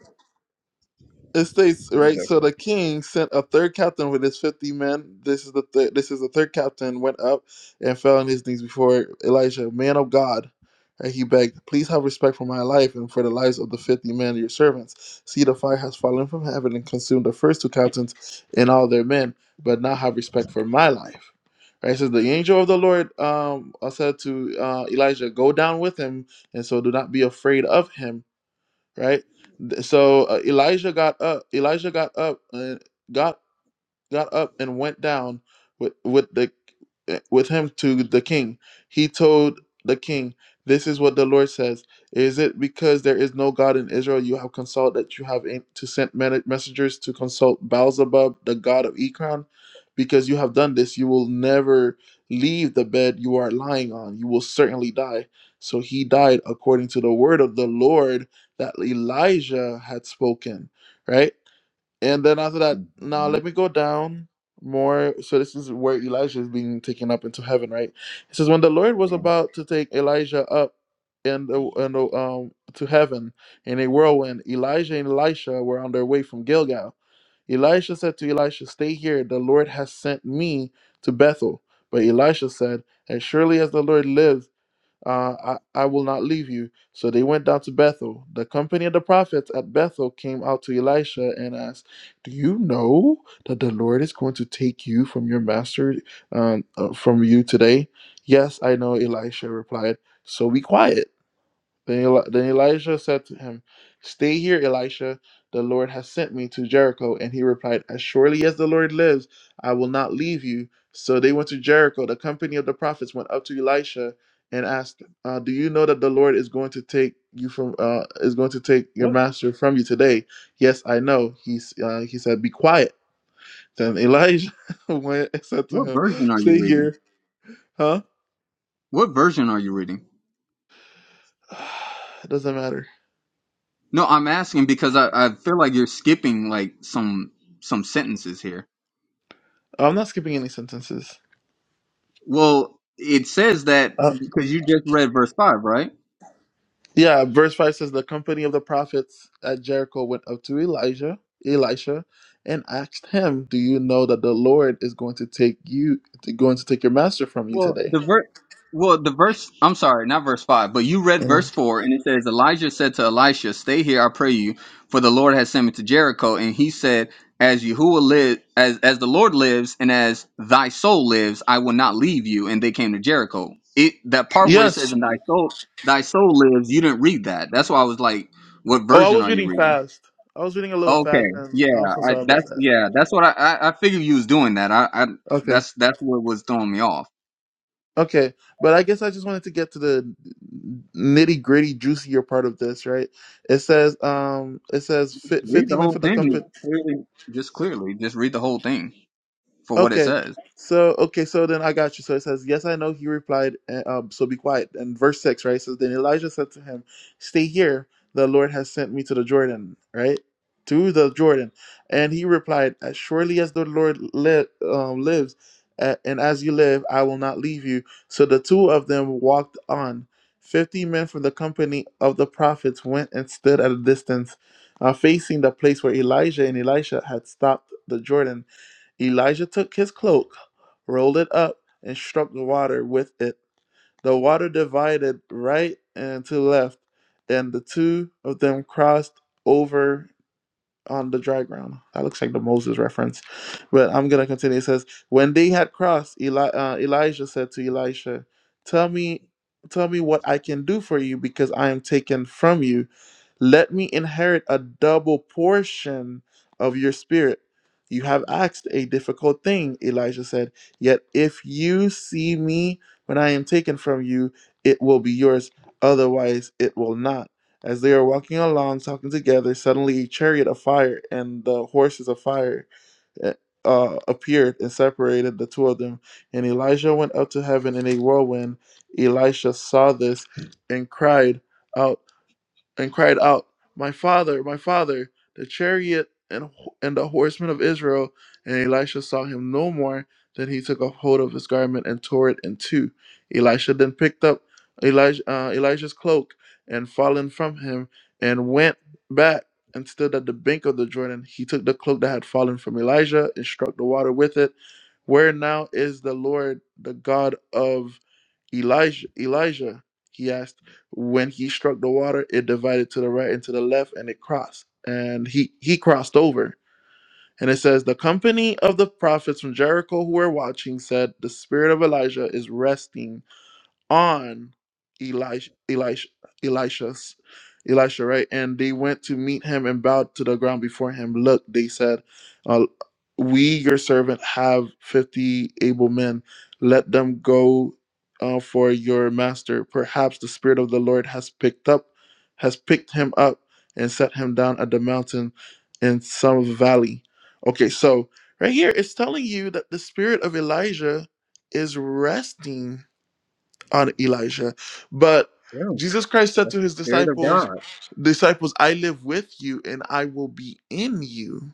it states right Whatever. so the king sent a third captain with his 50 men this is the third this is the third captain went up and fell on his knees before elijah man of god and he begged please have respect for my life and for the lives of the 50 men your servants see the fire has fallen from heaven and consumed the first two captains and all their men but now have respect for my life right so the angel of the lord um uh, said to uh, elijah go down with him and so do not be afraid of him right Th- so uh, elijah got up elijah got up and got got up and went down with, with the eh, with him to the king. He told the king, "This is what the Lord says: Is it because there is no God in Israel you have consulted that you have aimed to send men- messengers to consult Baalzebub, the god of Ekron? Because you have done this, you will never leave the bed you are lying on. You will certainly die." So he died according to the word of the Lord that Elijah had spoken. Right and then after that, now Mhm. let me go down more. So this is where Elijah is being taken up into heaven, right? It says when the Lord was Okay. about to take Elijah up and the, and the, um to heaven in a whirlwind, Elijah and Elisha were on their way from Gilgal. Elisha said to Elisha, Stay here, the Lord has sent me to Bethel. But Elisha said, As surely as the Lord lives, uh, I, I will not leave you. So they went down to Bethel. The company of the prophets at Bethel came out to Elisha and asked, Do you know that the Lord is going to take you from your master, um, uh, from you today? Yes, I know, Elisha replied. So be quiet. Then, Eli- then Elijah said to him, Stay here, Elisha. The Lord has sent me to Jericho. And he replied, As surely as the Lord lives, I will not leave you. So they went to Jericho. The company of the prophets went up to Elisha and asked, uh, Do you know that the Lord is going to take you from uh, is going to take your what master from you today? Yes, I know. He s- uh, he said, Be quiet. Then Elijah went and said to what him, version are you Stay reading? here, huh? What version are you reading? It doesn't matter. No, I'm asking because I, I feel like you're skipping like some some sentences here. I'm not skipping any sentences. Well, it says that because you just read verse five, right? Yeah, verse 5 says, The company of the prophets at Jericho went up to Elijah, Elisha, and asked him, Do you know that the Lord is going to take you, going to take your master from you Well, today? the ver- well, the verse, I'm sorry, not verse 5, but you read verse And 4, and it says, Elijah said to Elisha, Stay here, I pray you, for the Lord has sent me to Jericho. And he said, As Yahuwah live, as, as the Lord lives, and as thy soul lives, I will not leave you. And they came to Jericho. It That part where it says, yes. And thy soul, thy soul lives, you didn't read that. That's why I was like, What Oh, I version was are you reading reading? fast. I was reading a little fast, Okay, and yeah, I'm so I, sorry about that's that. yeah, that's what I, I I figured you was doing that. I, I Okay. that's that's what was throwing me off. Okay. But I guess I just wanted to get to the nitty gritty, juicier part of this, right? It says, um, it says "Fi- Read the 50 men whole from the company. thing. Clearly, just clearly, just read the whole thing for what it Okay. says. So okay, so then I got you. So it says, "Yes, I know." He replied, and, um, "So be quiet." And verse six, right? says, "Then Elijah said to him, Stay here. The Lord has sent me to the Jordan, right? To the Jordan." And he replied, "As surely as the Lord li- um, lives, a- and as you live, I will not leave you." So the two of them walked on. Fifty men from the company of the prophets went and stood at a distance, uh, facing the place where Elijah and Elisha had stopped the Jordan. Elijah took his cloak, rolled it up, and struck the water with it. The water divided right and to left, and the two of them crossed over on the dry ground. That looks like the Moses reference. But I'm going to continue. It says, When they had crossed, Eli- uh, Elijah said to Elisha, Tell me, tell me what I can do for you because I am taken from you. Let me inherit a double portion of your spirit. You have asked a difficult thing, Elijah said. Yet if you see me when I am taken from you, it will be yours. Otherwise, it will not. As they were walking along, talking together, suddenly a chariot of fire and the horses of fire uh, uh, appeared and separated the two of them. And Elijah went up to heaven in a whirlwind. Elisha saw this and cried out and cried out, My father, my father, the chariot and, and the horsemen of Israel. And Elisha saw him no more. Then he took a hold of his garment and tore it in two. Elisha then picked up Elijah, uh, Elijah's cloak and fallen from him and went back and stood at the bank of the Jordan. He took the cloak that had fallen from Elijah and struck the water with it. Where now is the Lord, the God of Elijah? Elijah, he asked. When he struck the water, it divided to the right and to the left, and it crossed. And he he crossed over. And it says, the company of the prophets from Jericho who were watching said, the spirit of Elijah is resting on Elisha, Elisha, Elisha's, Elisha, right? And they went to meet him and bowed to the ground before him. Look, they said, uh, "We, your servant, have fifty able men. Let them go uh, for your master. Perhaps the spirit of the Lord has picked up, has picked him up, and set him down at the mountain in some valley." Okay, so right here, it's telling you that the spirit of Elijah is resting on Elijah. But Yeah, Jesus Christ said that's to the his spirit of disciples, God. Disciples, I live with you and I will be in you.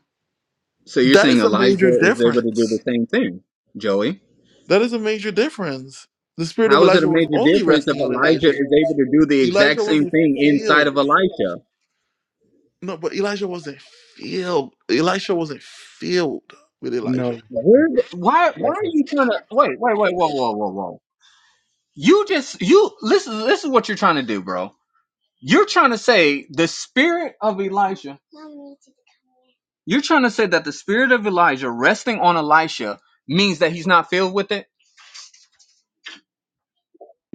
So you're That saying is a Elijah major is able to do the difference. same thing, Joey? That is a major difference. The spirit of How is it a Elijah was major only difference if resting on Elijah Elijah. is able to do the exact Elijah same wasn't thing inside of filled. Elisha? No, but Elijah wasn't filled. Elisha wasn't filled with No, Elijah. it Where? doesn't. th- Why? It Why are you doesn't. trying to? Wait, wait, wait, whoa, whoa, whoa, whoa! You just you listen. This is what you're trying to do, bro. You're trying to say the spirit of Elijah You're trying to say that the spirit of Elijah resting on Elisha means that he's not filled with it?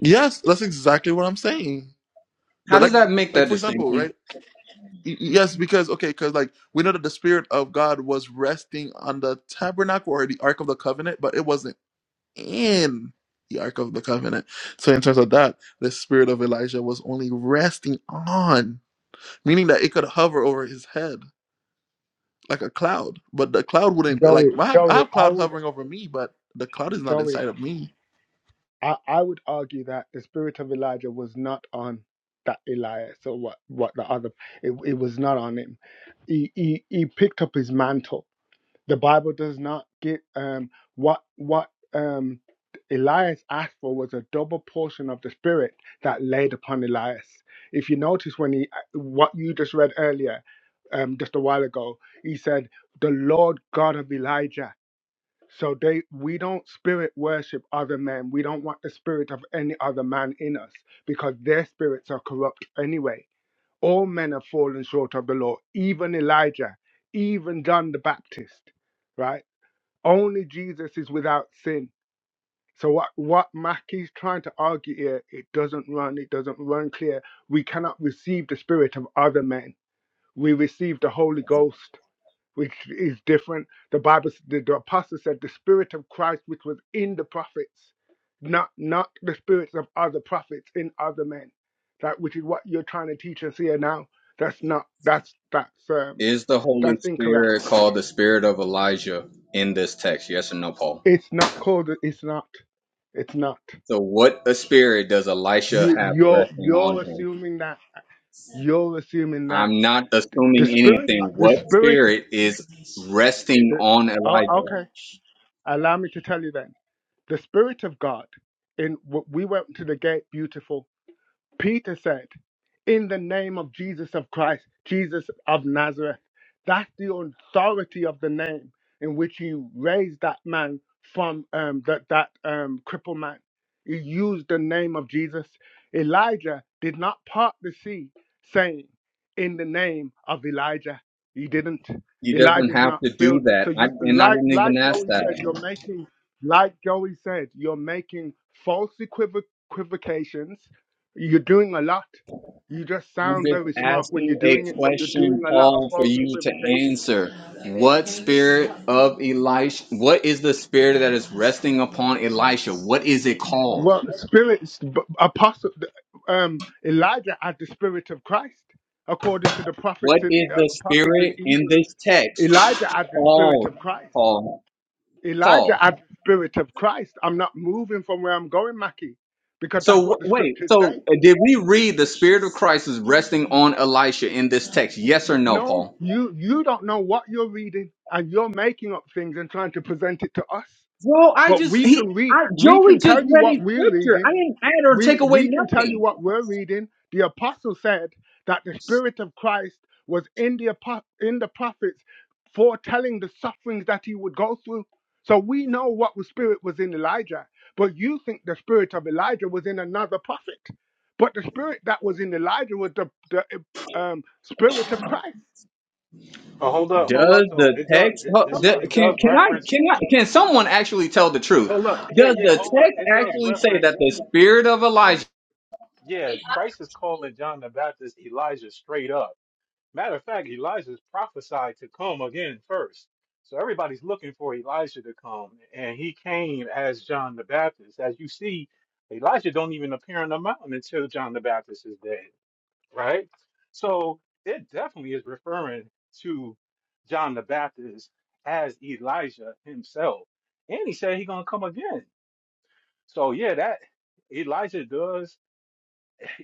Yes, that's exactly what I'm saying. How But does like that make like that for example, distinction? right? Y- Yes, because okay, because like we know that the spirit of God was resting on the tabernacle or the ark of the covenant, but it wasn't in the ark of the covenant. So in terms of that, the spirit of Elijah was only resting on, meaning that it could hover over his head like a cloud, but the cloud wouldn't be Joey, like I have, I Joey, have I cloud would, hovering over me, but the cloud is not Joey, inside of me. I, I would argue that the spirit of Elijah was not on that Elias or what, what the other, it, it was not on him. He, he, he picked up his mantle The Bible does not get um, what what um, Elias asked for was a double portion of the Spirit that laid upon Elias. If you notice when he uh, what you just read earlier, um, just a while ago, he said, "The Lord God of Elijah." So they we don't spirit worship other men. We don't want the spirit of any other man in us because their spirits are corrupt anyway. All men have fallen short of the law, even Elijah, even John the Baptist, right? Only Jesus is without sin. So what what Mackey's trying to argue here, it doesn't run, it doesn't run clear. We cannot receive the spirit of other men. We receive the Holy Ghost, which is different. The Bible, s- the, the apostle said, the spirit of Christ, which was in the prophets, not not the spirits of other prophets in other men. That which is what you're trying to teach us here now. That's not that's that's um Is the Holy that's incorrect. Spirit called the spirit of Elijah in this text? Yes or no, Paul? It's not called. It's not. It's not. So, what a spirit does Elisha you have you're resting on you're him? assuming that you're assuming that I'm not th- the assuming spirit anything. the What spirit spirit is resting the, on oh, Elijah? okay allow me to tell you then the spirit of god in w- we went to the gate beautiful Peter said, In the name of Jesus of Christ, Jesus of Nazareth. That's the authority of the name in which you raised that man from um, that, that um, crippled man. You used the name of Jesus. Elijah did not part the sea saying, In the name of Elijah. He didn't. He doesn't Elijah is have not to do filled. So that. I, you and I like didn't like even ask Joey said, that. you're making like Joey said, you're making false equivoc- equivocations you're doing a lot. You just I'm sound just very smart when you're asking a doing it, but you're doing question, a lot of Paul, for false you to equivocations. answer. What spirit of Elisha? What is the spirit that is resting upon Elisha? What is it called? Well, spirits, b- apostle, um, Elijah had the spirit of Christ, according to the prophets What and is uh, the apostles in spirit in Hebrews. this text Elijah had the spirit called, of Christ. Paul? Elijah Paul. had the spirit of Christ. I'm not moving from where I'm going, Mackie, because So that's what w- the wait. scriptures say. So uh, did we read the spirit of Christ is resting on Elisha in this text? Yes or no, No, Paul? you you don't know what you're reading, and you're making up things and trying to present it to us. Bro, I But just we he. can read, I, we Joey can just tell you read his what we're scripture. I reading. didn't add or take We away we can tell you nothing. what we're reading. The apostle said that the spirit of Christ was in the apo- in the prophets foretelling the sufferings that he would go through. So we know what the spirit was in Elijah, but you think the spirit of Elijah was in another prophet. But the spirit that was in Elijah was the, the um, spirit of Christ. But hold up, hold up Does though. the It does text it, ho- it's, Come d- it on. can does can I reference can I, can someone actually tell the truth? hold up. Yeah, Does yeah, the hold up. text It does actually say that reference the spirit of Elijah? yeah, Christ is calling John the Baptist Elijah straight up. Matter of fact, Elijah's prophesied to come again first. So everybody's looking for Elijah to come, and he came as John the Baptist. As you see, Elijah don't even appear on the mountain until John the Baptist is dead. right? So it definitely is referring to John the Baptist as Elijah himself. And he said he's gonna come again. So yeah, that Elijah does.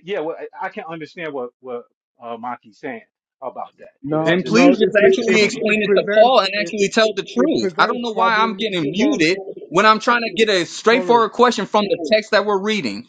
Yeah, well, I I can understand what what uh, Maki's saying about that. You No, know, Then just no, please to just it just pre- to actually it, come in on it explain it to presents Paul and it, actually tell the it truth. I don't presents know why I'm getting problems muted when I'm trying to get a Corey, straightforward question from the text that we're reading.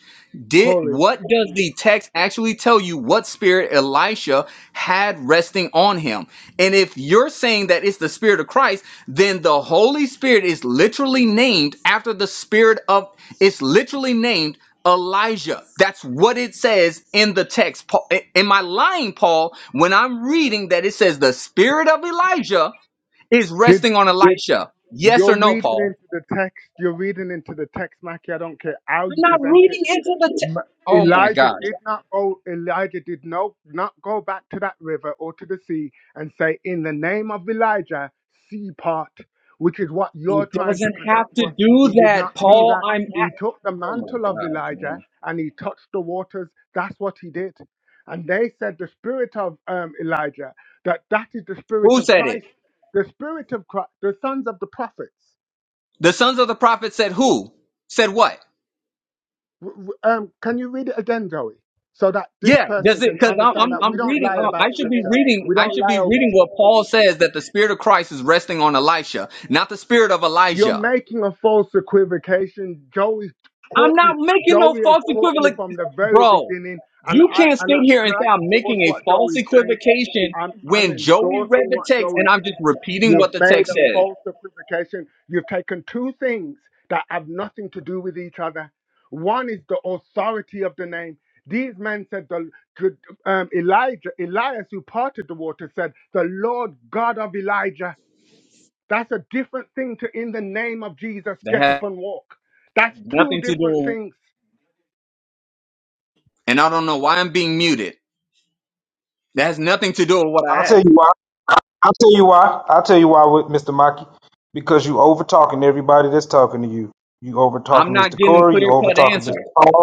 Did Corey, what does the text actually tell you what spirit Elisha had resting on him? And if you're saying that it's the spirit of Christ, then the Holy Spirit is literally named after the spirit of it's literally named Elijah. That's what it says in the text. Paul, am I lying, Paul, when I'm reading that it says the spirit of Elijah is did resting on did Elisha? Yes or you're no, reading Paul? into the text? You're reading into the text, Mackie. I don't care how you present it. M- Oh my Elijah gosh. did not go. Elijah did no, not go back to that river or to the sea and say, "In the name of Elijah, sea part," which is what you're It trying to doesn't present have to to us. He do did that, not do Paul. that. I'm He at. took the Oh my mantle of gosh, Elijah man. and he touched the waters. That's what he did. And they said the spirit of um, Elijah that that is the spirit Who of said it? Christ, the spirit of Christ, the sons of the prophets. The sons of the prophet said who? Said what? W- w- Um, can you read it again, Joey, so that this Yeah, does person it? can Because I'm, I'm understand that we I'm don't reading. lie Uh, I about should be scripture. reading. We I don't should be lie over reading what scripture. Paul says that the spirit of Christ is resting on Elisha, not the spirit of You're Elijah. making a false equivocation. Joey I'm caught you. not making no Joey has false caught you equivalent, from the very bro. beginning, and You I can't sit and I, here and and I say I'm endorse making a what false Joey's saying. equivocation I'm I'm when Joey read endorsing the what text and Joey's I'm just saying. repeating what You've the made text a says. false equivocation. You've taken two things that have nothing to do with each other. One is the authority of the name. These men said the to, um, Elijah, Elias, who parted the water, said, "The Lord God of Elijah." That's a different thing to in the name of Jesus, That get has up and walk. That's two nothing to do different with, things. and I don't know why I'm being muted. That has nothing to do with what I'll I tell asked. you why. I'll tell you why. I'll tell you why, with Mr. Maki. Because you over talking everybody that's talking to you. You over I'm talking not Mr. getting Corey. clear You over cut talking answers. Mr. Paul.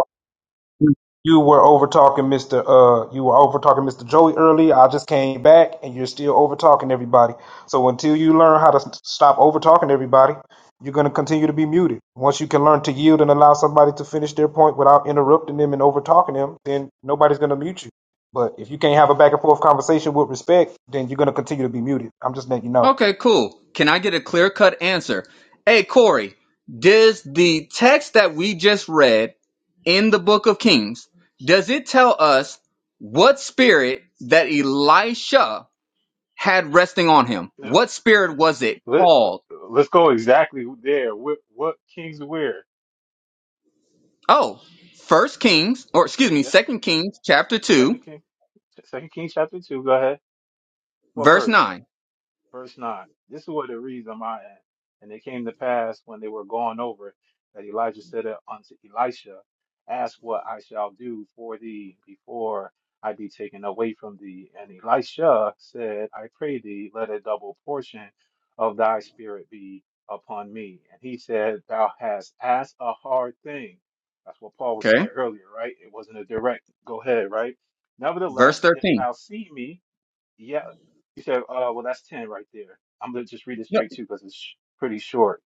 You you were over talking, Mr. Uh, you were over talking, Mr. Joey, earlier. I just came back, and you're still over talking everybody. So until you learn how to s- stop over talking everybody, you're going to continue to be muted. Once you can learn to yield and allow somebody to finish their point without interrupting them and over talking them, then nobody's going to mute you. But if you can't have a back and forth conversation with respect, then you're going to continue to be muted. I'm just letting you know. Okay, cool. Can I get a clear cut answer? Hey, Corey, does the text that we just read in the book of Kings, does it tell us what spirit that Elisha had resting on him? that. Yeah. What spirit was it Let called? Let's go exactly there. What what kings where? Oh, First Kings, or excuse me, Yeah, Second Kings, chapter Second two, King, Second King chapter two. Go ahead. What verse verse? nine. verse 9. This is what it reads on my end. And it came to pass when they were gone over it, that Elijah said unto Elisha, Ask what I shall do for thee before I be taken away from thee. And Elisha said, I pray thee, let a double portion of thy spirit be upon me. And he said, Thou hast asked a hard thing. That's what Paul was saying Okay, earlier, right? It wasn't a direct go ahead, right? verse Nevertheless, if thirteen. thou see me, yeah, you said, uh, well, that's 10 right there. I'm gonna just read it Yeah. straight too because it's sh- pretty short.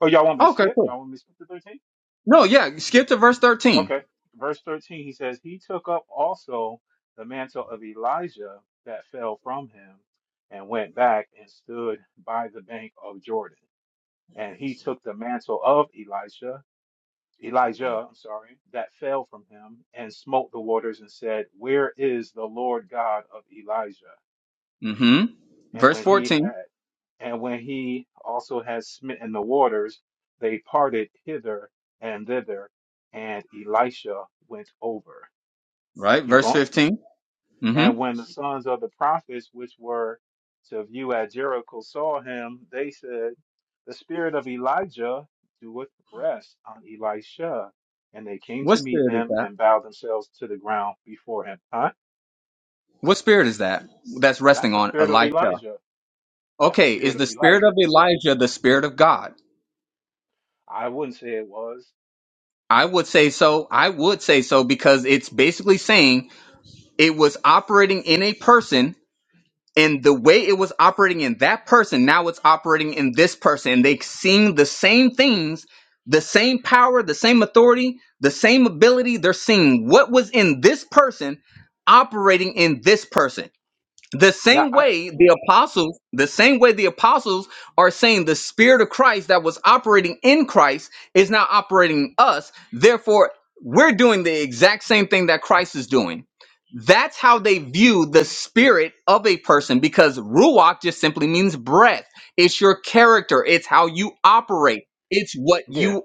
Oh, y'all want me to Okay, skip? Y'all cool. want me to skip to 13? No, yeah, skip to verse thirteen. Okay. Verse 13, he says, He took up also the mantle of Elijah that fell from him and went back and stood by the bank of Jordan. And he took the mantle of Elijah, Elijah, I'm sorry, that fell from him and smote the waters and said, Where is the Lord God of Elijah? Mm-hmm. And Verse when he fourteen. had And when he also had smitten the waters, they parted hither and thither, and Elisha went over. Right. Keep Verse going. fifteen. Mhm. And when the sons of the prophets which were to view at Jericho saw him, they said, The spirit of Elijah doeth rest on Elisha. And they came What to meet spirit is him that? and bowed themselves to the ground before him. Huh? What spirit is that that's That's resting the on spirit of Elisha? Elijah. That's the Okay, is spirit of the spirit Elijah. of Elijah the spirit of God? I wouldn't say it was. I would say so. I would say so because it's basically saying it was operating in a person and the way it was operating in that person, now it's operating in this person. And they seeing the same things, the same power, the same authority, the same ability. They're seeing what was in this person operating in this person The Now, same I, way yeah. the apostles, the same way the apostles are saying the spirit of Christ that was operating in Christ is now operating in us. Therefore, we're doing the exact same thing that Christ is doing. That's how they view the spirit of a person because ruach just simply means breath. It's your character, it's how you operate. It's what Yeah, you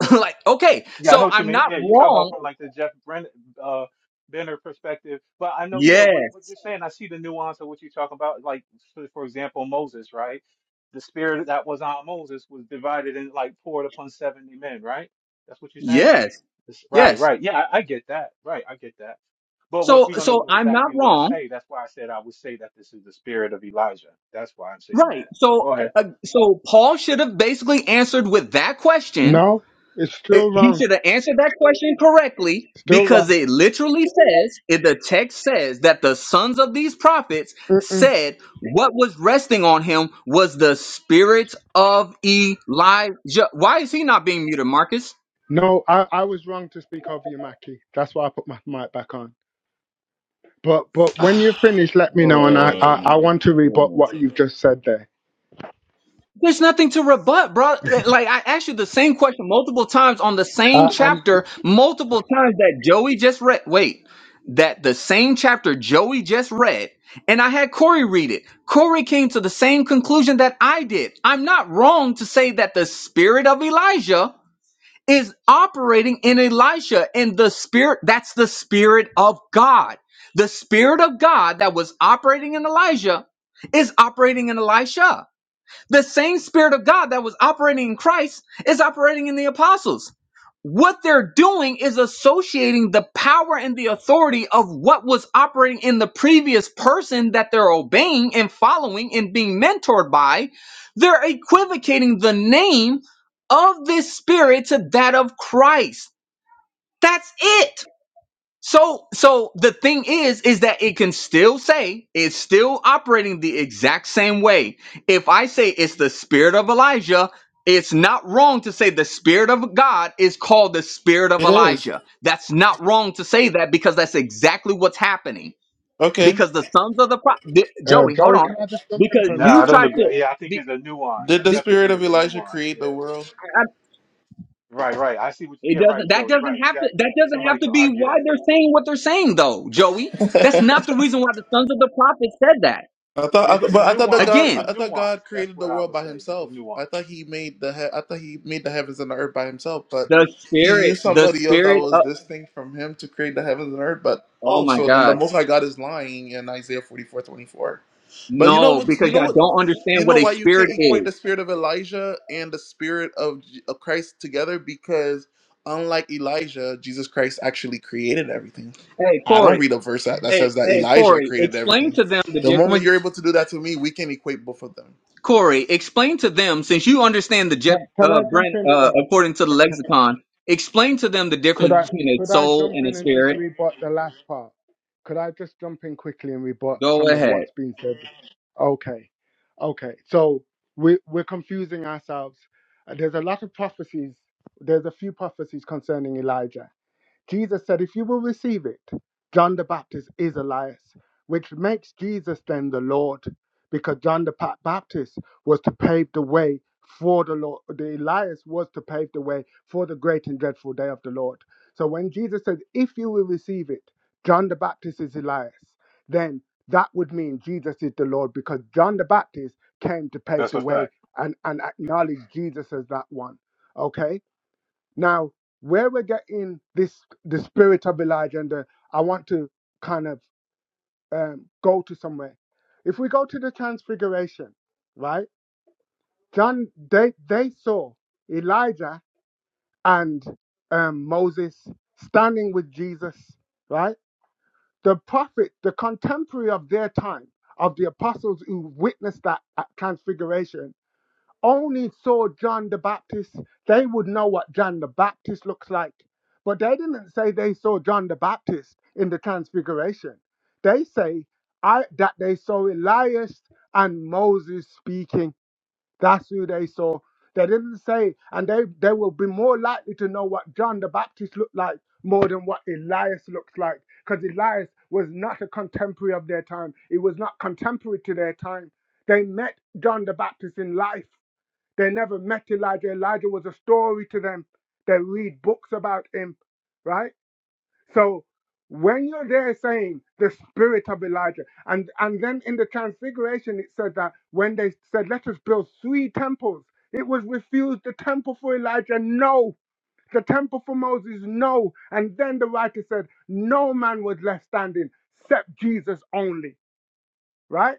like. Okay, Yeah, I know so what you I'm mean. not Yeah, you talk about from wrong. like the Jeff Brenner, uh, Benner perspective, but I know, yeah, Yes. what, what you're saying, I see the nuance of what you're talking about. Like, for, for example, Moses, right? The spirit that was on Moses was divided and like poured upon 70 men, right? That's what you're saying? Yes. This- right, Yes. right. Yeah, I, I get that. Right, I get that. But what- if So we're going to so go I'm not exactly what it wrong say, that's why I said I would say that this is the spirit of Elijah. That's why I'm saying Right. that. But go So, ahead. uh, so Paul should have basically answered with that question. No, it's Uh, still He wrong. should have answered that question correctly Still because wrong. it literally says, it, the text says that the sons of these prophets Mm-mm. said what was resting on him was the spirit of Elijah. Why is he not being muted, Marcus? No, I, I was wrong to speak over you, Mackie. That's why I put my mic back on. But but when you finish, let me know, and I, Oh I, I my want to rebut goodness. what you've just said there. There's nothing to rebut, bro. Like I asked you the same question multiple times on the same Uh, I'm chapter, multiple times that Joey just read. Wait, that the same chapter Joey just read, and I had Corey read it. Corey came to the same conclusion that I did. I'm not wrong to say that the spirit of Elijah is operating in Elisha, and the spirit that's the spirit of God. The spirit of God that was operating in Elijah is operating in Elisha the same Spirit of God that was operating in Christ is operating in the apostles. What they're doing is associating the power and the authority of what was operating in the previous person that they're obeying and following and being mentored by. They're equivocating the name of this Spirit to that of Christ. That's it. So, so the thing is, is that it can still say it's still operating the exact same way. If I say it's the spirit of Elijah, it's not wrong to say the spirit of God is called the spirit of It is Elijah. That's not wrong to say that because that's exactly what's happening. okay. Because the sons of the pro- Di- uh, Joey, hold Joey. on, Can I just jump in because for a No, you I minute? don't tried to. agree. Yeah, I think The, it's a nuance. I Did the the, definitely spirit think of it's a Elijah nuance. create Yeah. the world? I, Right, right. I see what you, it yeah, right, doesn't. That Joey. doesn't Right, have to. exactly. That doesn't Somebody have to could be argue why that. they're saying what they're saying, though, Joey. That's not the reason why the sons of the prophet said that. I thought, Yeah, I th- there's a but I thought that nuance. God, There's Again, I a thought nuance. God That's created what the I world would by say. There's a Himself. I nuance. thought He made the, he- I thought He made the heavens and the earth by Himself. But the He spirit, used the somebody else that spirit was of, distinct from Him to create the heavens and earth. But oh oh, my so then the God. Most High God is lying in Isaiah forty four twenty four. But you know No, what? You because know y'all what? don't You understand know what a why you can't spirit equate is. the spirit of Elijah and the spirit of, J- of Christ together? Because unlike Elijah, Jesus Christ actually created everything. Hey, I don't Corey, read a verse that, that hey, says that hey, Elijah Corey, created explain everything. to them the The moment difference. you're able to do that to me, we can equate both of them. Corey, explain to them, since you understand the Jeff, Can, can uh, I jump Brent, in uh, for? according to the okay. lexicon, explain to them the Could difference I between a could I soul jump and a in and just spirit. rebut the last part? Could I just jump in quickly and rebut Go some of ahead. what's been said? Okay, okay. So we we're confusing ourselves. Uh, There's a lot of prophecies. There's a few prophecies concerning Elijah. Jesus said, If you will receive it, John the Baptist is Elias, which makes Jesus then the Lord, because John the Pa- Baptist was to pave the way for the Lord. The Elias was to pave the way for the great and dreadful day of the Lord. So when Jesus said, If you will receive it, John the Baptist is Elias, then that would mean Jesus is the Lord because John the Baptist came to pave That's the a way fact. and, and acknowledge Jesus as that one. Okay? Now, where we're getting this the spirit of Elijah and the, I want to kind of um, go to somewhere. If we go to the transfiguration, right? John they they saw Elijah and um, Moses standing with Jesus, right? The prophet, the contemporary of their time, of the apostles who witnessed that uh, transfiguration, only saw John the Baptist, they would know what John the Baptist looks like. But they didn't say they saw John the Baptist in the Transfiguration. They say I, that they saw Elias and Moses speaking. That's who they saw. They didn't say, and they, they will be more likely to know what John the Baptist looked like more than what Elias looks like. Because Elias was not a contemporary of their time, he was not contemporary to their time. They met John the Baptist in life they never met Elijah. Elijah was a story to them. They read books about him, right? So when you're there saying the spirit of Elijah, and, and then in the transfiguration, it said that when they said, let us build three temples, it was refused the temple for Elijah, no. The temple for Moses, no. And then the writer said, no man was left standing except Jesus only, right?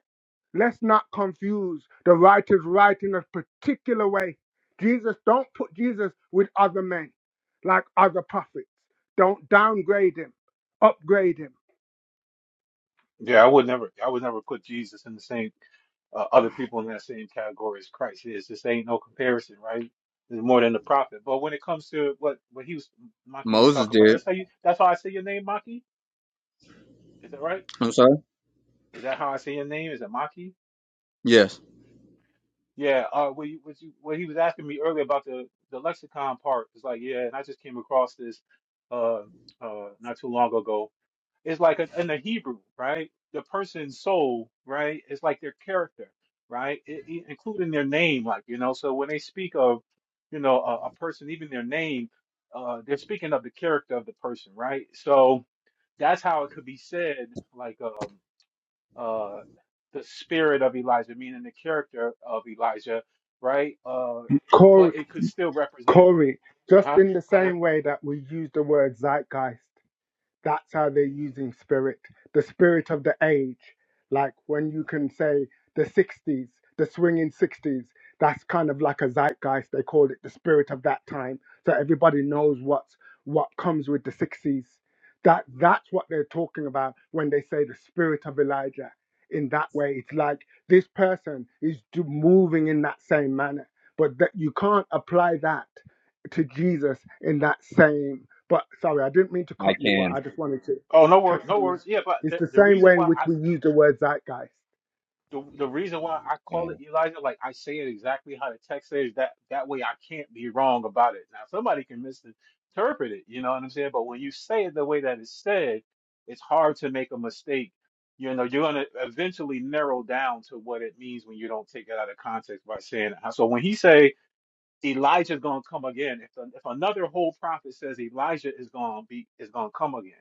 Let's not confuse the writers writing a particular way. Jesus, don't put Jesus with other men like other prophets. Don't downgrade him, upgrade him. Yeah, I would never, I would never put Jesus in the same, uh, other people in that same category as Christ is. This ain't no comparison, right? There's more than the prophet. But when it comes to what, what he was, Maki was Moses talking about, did. that's how you, that's how I say your name, Maki? Is that right? I'm sorry. Is that how I say your name? Is it Maki? Yes, Yeah, uh, what you, what you, what he was asking me earlier about the the lexicon part it's like, yeah, and I just came across this uh uh not too long ago. It's like in in the Hebrew, right? The person's soul, right? It's like their character, right? It, it- including their name, like you know. So when they speak of, you know, a, a person, even their name, uh, they're speaking of the character of the person, right? So that's how it could be said, like um uh, the spirit of Elijah, meaning the character of Elijah, right? Uh, Corey, but it could still represent, Corey, just huh? in the Go ahead. same way that we use the word zeitgeist. That's how they're using spirit, the spirit of the age. Like when you can say the 60s, the swinging 60s, that's kind of like a zeitgeist. They call it the spirit of that time. So everybody knows what's what comes with the 60s. That that's what they're talking about when they say the spirit of Elijah. In that way, it's like this person is do- moving in that same manner, but that you can't apply that to Jesus in that same but sorry, I didn't mean to I cut you, but can. I just wanted to Oh, no touch wor no on that. words. Yeah, but It's the, the the same reason way in why which I we use the word zeitgeist. the the reason why I call Uh, it Elijah, like I say it exactly how the text says, that that way I can't be wrong about it. Now somebody can misinterpret it, you know what I'm saying? But when you say it the way that it's said, it's hard to make a mistake. You know, you're gonna eventually narrow down to what it means when you don't take it out of context by saying it. So when he say Elijah's gonna come again, if if another whole prophet says Elijah is gonna be is gonna come again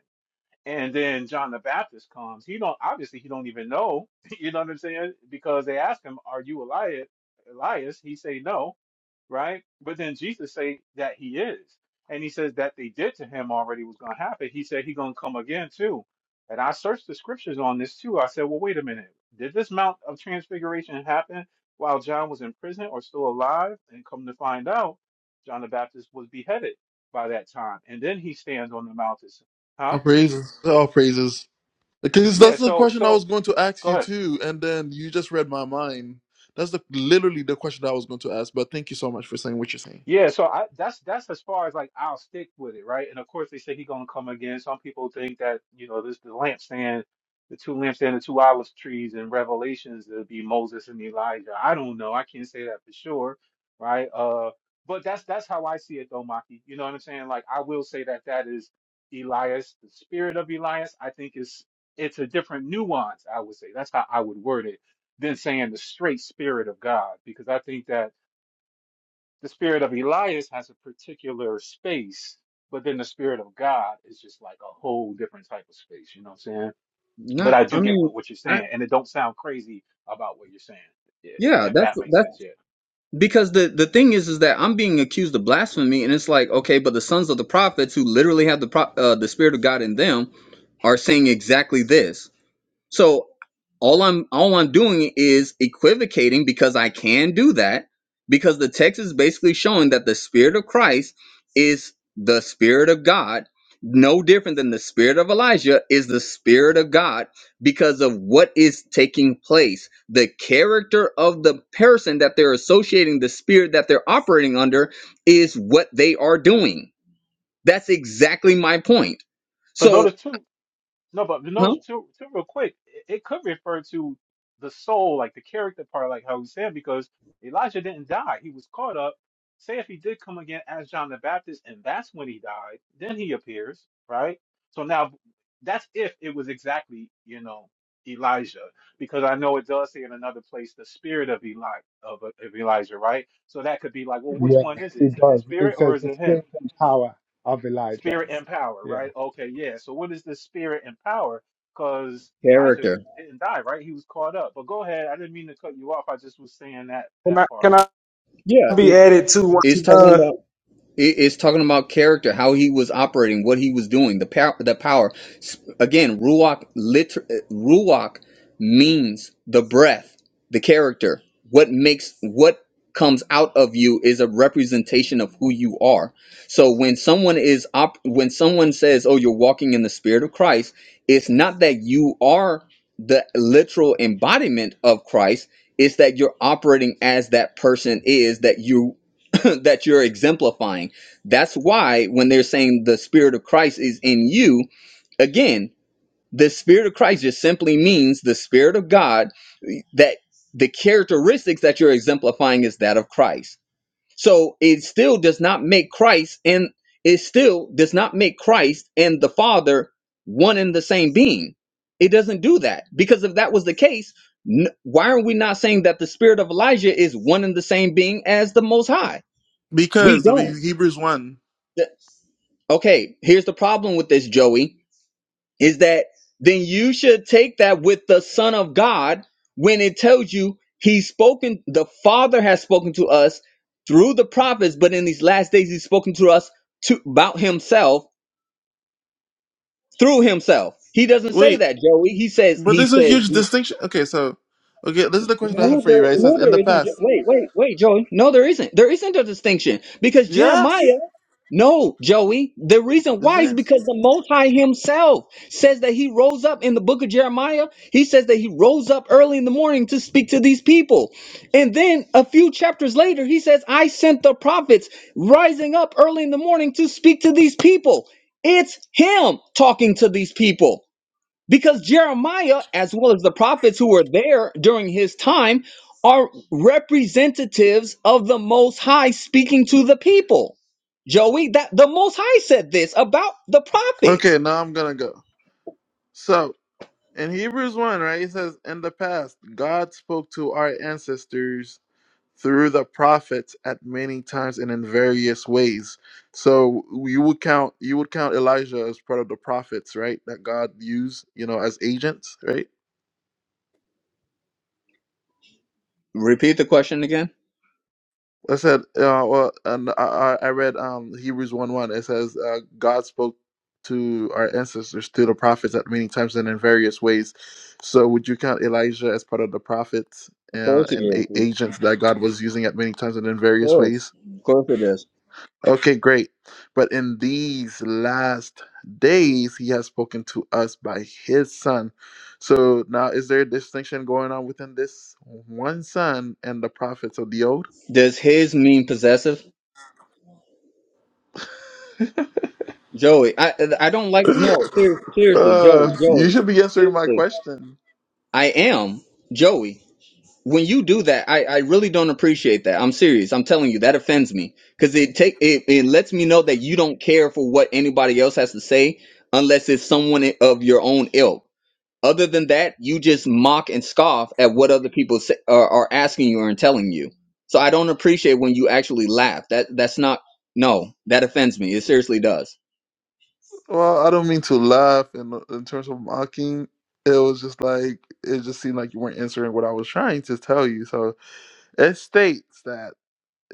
and then John the Baptist comes. He don't obviously he don't even know. You know what I'm saying? Because they ask him, "Are you Elias?" Elias, he say no, right? But then Jesus say that he is, and he says that they did to him already was going to happen. He said he going to come again too. And I searched the scriptures on this too. I said, "Well, wait a minute. Did this Mount of Transfiguration happen while John was in prison or still alive?" And come to find out, John the Baptist was beheaded by that time, and then he stands on the mountain, huh? All praises. All praises. Because Yeah, that's the so question I so was going to ask go you ahead. too, and then you just read my mind. That's the literally the question I was going to ask. But thank you so much for saying what you're saying. Yeah, so I that's that's as far as like I'll stick with it, right? And of course they say he's gonna come again. Some people think that, you know, this the lampstand, the two lampstand, the two olive trees and Revelations to be Moses and Elijah. I don't know. I can't say that for sure, right? Uh but that's that's how I see it though, Maki. You know what I'm saying? Like I will say that that is Elias, the spirit of Elias, I think is it's a different nuance, I would say. That's how I would word it than saying the straight spirit of God, because I think that The spirit of Elias has a particular space, but then the spirit of God is just like a whole different type of space. You know what I'm saying? But no, I do I get mean, what, what you're I, saying, and it don't sound crazy about what you're saying, i- if, yeah, if that's, that makes that's sense. Yeah. because the the thing is is that I'm being accused of blasphemy and it's like okay but the sons of the prophets who literally have the pro- uh, the spirit of God in them are saying exactly this so all I'm all I'm doing is equivocating because I can do that because the text is basically showing that the spirit of Christ is the spirit of God no different than the spirit of Elijah is the spirit of God because of what is taking place the character of the person that they're associating the spirit that they're operating under is what they are doing that's exactly my point But so notice too. No, but no, huh too, too real quick. It, it could refer to the soul, like the character part, like how we said, because Elijah didn't die. He was caught up. Say if he did come again as John the Baptist, and that's when he died, then he appears, right? So now that's if it was exactly, you know, Elijah, because I know it does say in another place the spirit of Eli of, of Elijah, right? So that could be like, well, which Yeah, one is it? it Is it the does. spirit It or says is the it him? strength and power of Elijah. Spirit and power, Yeah. right? Okay, yeah. So what is this spirit and power? Because Elijah character didn't die, right? He was caught up. But go ahead. I didn't mean to cut you off. I just was saying that Can that I, part. can I yeah be it, added to once it's you're talking done? about It- It's talking about character, how he was operating, what he was doing, the power. The power. S- Again, ruach liter- uh, ruach means the breath, the character. What makes what comes out of you is a representation of who you are. So when someone is op- when someone says, "Oh, you're walking in the spirit of Christ," it's not that you are the literal embodiment of Christ. It's that you're operating as that person is that you that you're exemplifying. That's why when they're saying the Spirit of Christ is in you, again, the Spirit of Christ just simply means the Spirit of God that the characteristics that you're exemplifying is that of Christ. So it still does not make Christ and it still does not make Christ and the Father one and the same being. It doesn't do that because if that was the case, n- why are we not saying that the spirit of Elijah is one and the same being as the Most High? We Because of don't. Hebrews one. The- Okay, here's the problem with this, Joey, is that then you should take that with the Son of God when it tells you he's spoken, the Father has spoken to us through the prophets, but in these last days he's spoken to us to, about himself through himself. He doesn't Wait, say that, Joey. He says, But he there's a says, huge distinction. Okay, so okay, this is the question that I have No, for there, you, right? It says no, there in the isn't. Jo- past. Wait, wait, wait, Joey. No, there isn't. There isn't a distinction because Yes. Jeremiah. No, Joey. The reason This why is is. because the Most High Himself says that He rose up in the book of Jeremiah. He says that He rose up early in the morning to speak to these people. And then a few chapters later, He says, I sent the prophets rising up early in the morning to speak to these people. It's Him talking to these people. Because Jeremiah, as well as the prophets who were there during his time, are representatives of the Most High speaking to the people. Joey, that the Most High said this about the Okay, prophets. now I'm gonna go. So in Hebrews one, right, it says in the past God spoke to our ancestors through the prophets at many times and in various ways. So you would count you would count Elijah as part of the prophets, right? That God used, you know, as agents, right? Repeat the question again. I said, uh, well, and I, I I read um, Hebrews 1 1. It says, uh, God spoke to our ancestors, through the prophets at many times and in various ways. So, would you count Elijah as part of the prophets Of uh, course it and is. a- Of agents that God was using at many times and in various course. ways? Of course it is. Okay, great. But in these last days, he has spoken to us by his son. So, now is there a distinction going on within this one son and the prophets of the old? Does his mean possessive? Joey, I I don't like no, seriously, seriously, Uh, Joey, you Joey. should be answering my Seriously. question. I am Joey. When you do that, I, I really don't appreciate that. I'm serious. I'm telling you, that offends me. Cause it take it, it lets me know that you don't care for what anybody else has to say unless it's someone of your own ilk. Other than that, you just mock and scoff at what other people say, are, are asking you and telling you. So I don't appreciate when you actually laugh. That that's not no. That offends me. It seriously does. Well, I don't mean to laugh in, in terms of mocking. It was just like, it just seemed like you weren't answering what I was trying to tell you. So it states that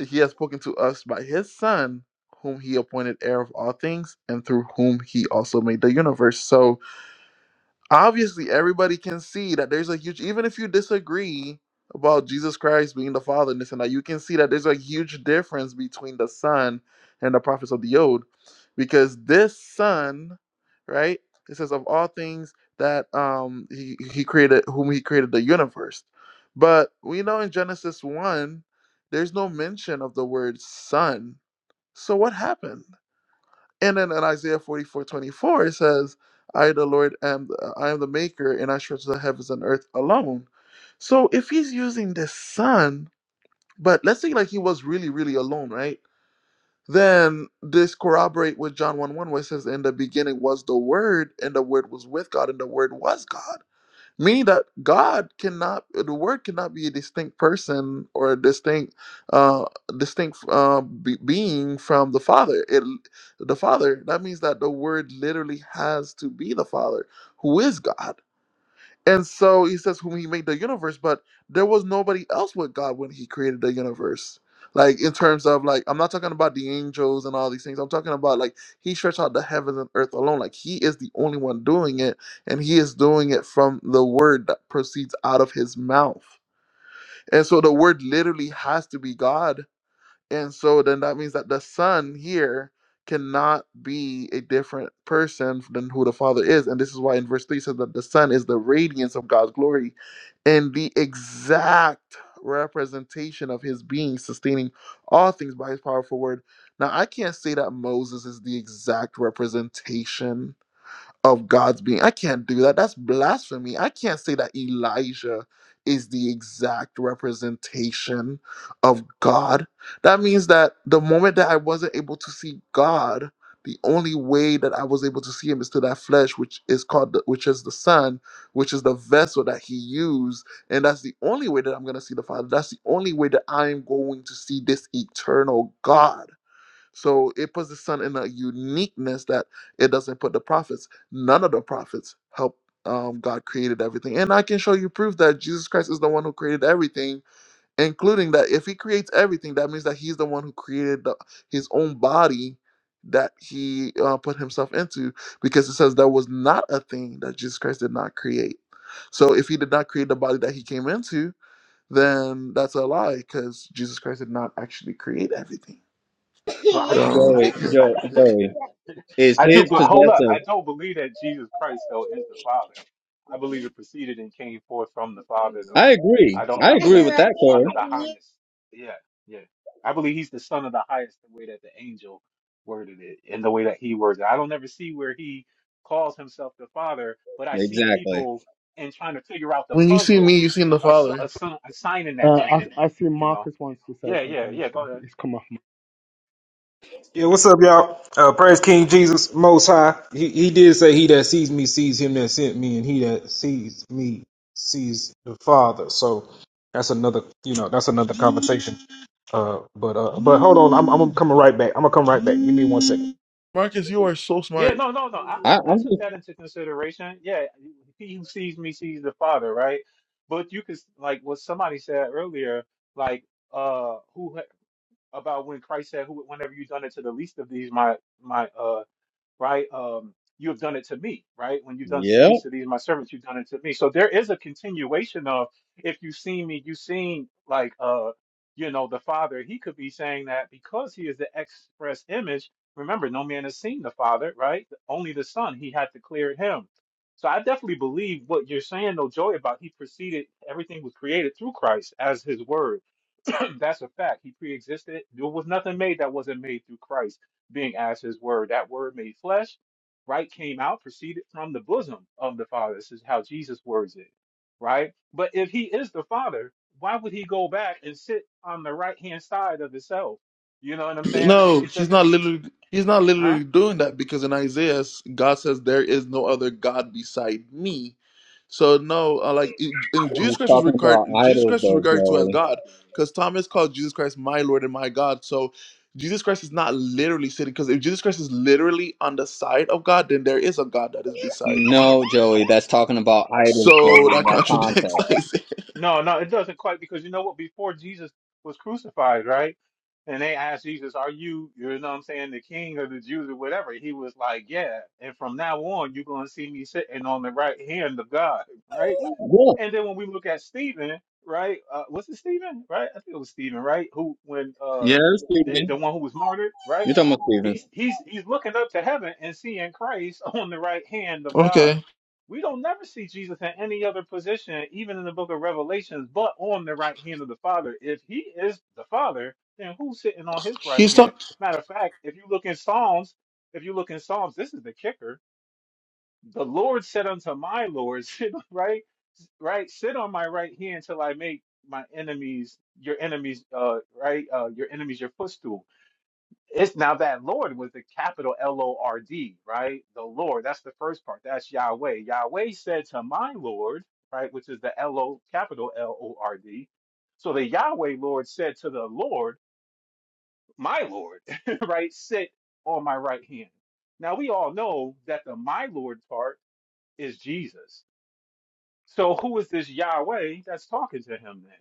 he has spoken to us by his son, whom he appointed heir of all things, and through whom he also made the universe. So obviously everybody can see that there's a huge even if you disagree about Jesus Christ being the Father and this and that, you can see that there's a huge difference between the Son and the prophets of the old. Because this Son, right? It says of all things that um he, he created whom he created the universe. But we know in Genesis one, there's no mention of the word son. So what happened? And then in Isaiah 44 24 it says, I, the Lord, am I am the maker, and I stretch the heavens and earth alone. So if he's using the sun, but let's say like he was really, really alone, right? Then this corroborate with John 1 1, where it says, In the beginning was the word, and the word was with God, and the word was God meaning that God cannot, the Word cannot be a distinct person or a distinct, uh, distinct uh, be- being from the Father. It, the Father. That means that the Word literally has to be the Father, who is God. And so he says, whom he made the universe, but there was nobody else with God when he created the universe. Like in terms of like, I'm not talking about the angels and all these things. I'm talking about like he stretched out the heavens and earth alone. Like he is the only one doing it, and he is doing it from the word that proceeds out of his mouth. And so the word literally has to be God and so then that means that the son here cannot be a different person than who the father is. And this is why in verse 3 it says that the son is the radiance of God's glory and the exact representation of his being, sustaining all things by his powerful word. Now, I can't say that Moses is the exact representation of God's being. I can't do that. That's blasphemy. I can't say that Elijah is the exact representation of God. That means that the moment that I wasn't able to see God, the only way that I was able to see him is through that flesh, which is called, the, which is the Son, which is the vessel that he used. And that's the only way that I'm going to see the Father. That's the only way that I'm going to see this eternal God. So it puts the son in a uniqueness that it doesn't put the prophets. None of the prophets help um, God created everything. And I can show you proof that Jesus Christ is the one who created everything, including that if he creates everything, that means that he's the one who created the, his own body that he uh, put himself into because it says there was not a thing that Jesus Christ did not create. So if he did not create the body that he came into, then that's a lie because Jesus Christ did not actually create everything. But yeah. I, So. Joey, Joey, Joey I, is I do, his but hold up. possessive. I don't believe that Jesus Christ though is the Father. I believe it proceeded and came forth from the Father though. I agree. I don't. I I agree believe that with He's that, the Son Corey. of the Highest. Yeah, yeah. I believe He's the Son of the Highest the way that the angel worded it and the way that he words it. I don't ever see where he calls himself the Father, but I see Exactly. people in trying to figure out the When you see puzzle, me, you seen the ass- Father. assi- assigning that Uh, to I, him. I see You know. Marcus wants to say Yeah, yeah, something. yeah. He's, Go ahead. he's come off. Yeah, what's up, y'all? Uh, praise King Jesus Most High. He, he did say, "He that sees me sees him that sent me, and he that sees me sees the Father." So that's another, you know, that's another conversation. Uh, but uh, but hold on, I'm I'm coming right back. I'm gonna come right back. Give me one second. Marcus, you are so Yeah, smart. no, no, no. I, I, I I I'm took just that into consideration. Yeah, he who sees me sees the Father, right? But you could like what somebody said earlier, like uh, who ha- about when Christ said, "Who, whenever you done it to the least of these, my my uh right? Um, you have done it to me, right? When you've done to the yeah. least of these, my servants, you've done it to me. So there is a continuation of if you've seen me, you've seen like uh, you know, the Father. He could be saying that because he is the express image. Remember, no man has seen the Father, right? Only the Son. He had declared him. So I definitely believe what you're saying, though, Joy, about he preceded everything was created through Christ as his word That's a fact. He pre-existed. There was nothing made that wasn't made through Christ being as his word. That word made flesh, right, came out, proceeded from the bosom of the Father. This is how Jesus words it, right? But if he is the Father, why would he go back and sit on the right hand side of himself? You know what I'm saying? Like No, it he's doesn't, not literally. He's not huh? literally doing that because in Isaiah, God says there is no other God beside me. So no, uh, like it- and Jesus He's Christ was talking regard about Jesus idols, Christ was though, regarded to as Joey. God because Thomas called Jesus Christ my Lord and my God. So Jesus Christ is not literally sitting because if Jesus Christ is literally on the side of God, then there is a God that is beside No, him. Joey, that's talking about idols, Joey, So in that that contradicts context. Isaiah. No, no, it doesn't quite because you know what? Before Jesus was crucified, right? And they asked Jesus, "Are you, you know, what I'm saying, the King of the Jews or whatever?" He was like, "Yeah." And from now on, you're gonna see me sitting on the right hand of God, right? Yeah. And then when we look at Stephen, right? Uh, was it Stephen? Right? I think it was Stephen, right? Who when Yeah, uh the, Stephen. the one who was martyred, right? You're talking about Stephen. He's he's he's looking up to heaven and seeing Christ on the right hand of God. Okay, We don't never see Jesus in any other position, even in the book of Revelations, but on the right hand of the Father. If he is the Father, then who's sitting on his right he's hand? talking. Matter of fact, if you look in Psalms, if you look in Psalms, this is the kicker the Lord said unto my Lord, sit right, right, sit on my right hand till I make my enemies your enemies, uh, right, uh, your enemies your footstool. It's now that Lord was the capital L O R D, right? The Lord. That's the first part. That's Yahweh. Yahweh said to my Lord, right, which is the L O capital L O R D. So the Yahweh Lord said to the Lord, my Lord, right, sit on my right hand. Now we all know that the my Lord part is Jesus so who is this Yahweh that's talking to him then?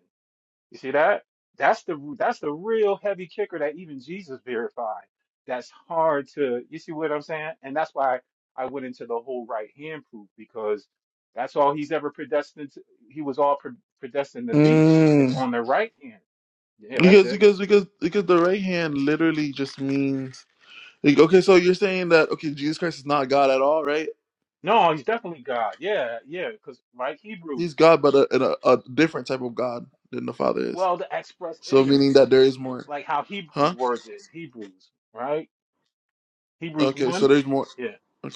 You see that? That's the that's the real heavy kicker that even Jesus verified. That's hard to you see what I'm saying? And that's why I went into the whole right hand proof because that's all he's ever predestined to, he was all pre- predestined to be. It's on the right hand. Yeah, that's Because it. because because because the right hand literally just means like, okay. So you're saying that okay, Jesus Christ is not God at all, right? No, he's definitely God. Yeah, yeah, because like He's Hebrews, God, but a, a, a different type of God than the Father is. well, the express So image, meaning that there is more, like how Hebrews huh? words it, Hebrews, right? Hebrews Okay, so 1. there's more. Yeah. Okay.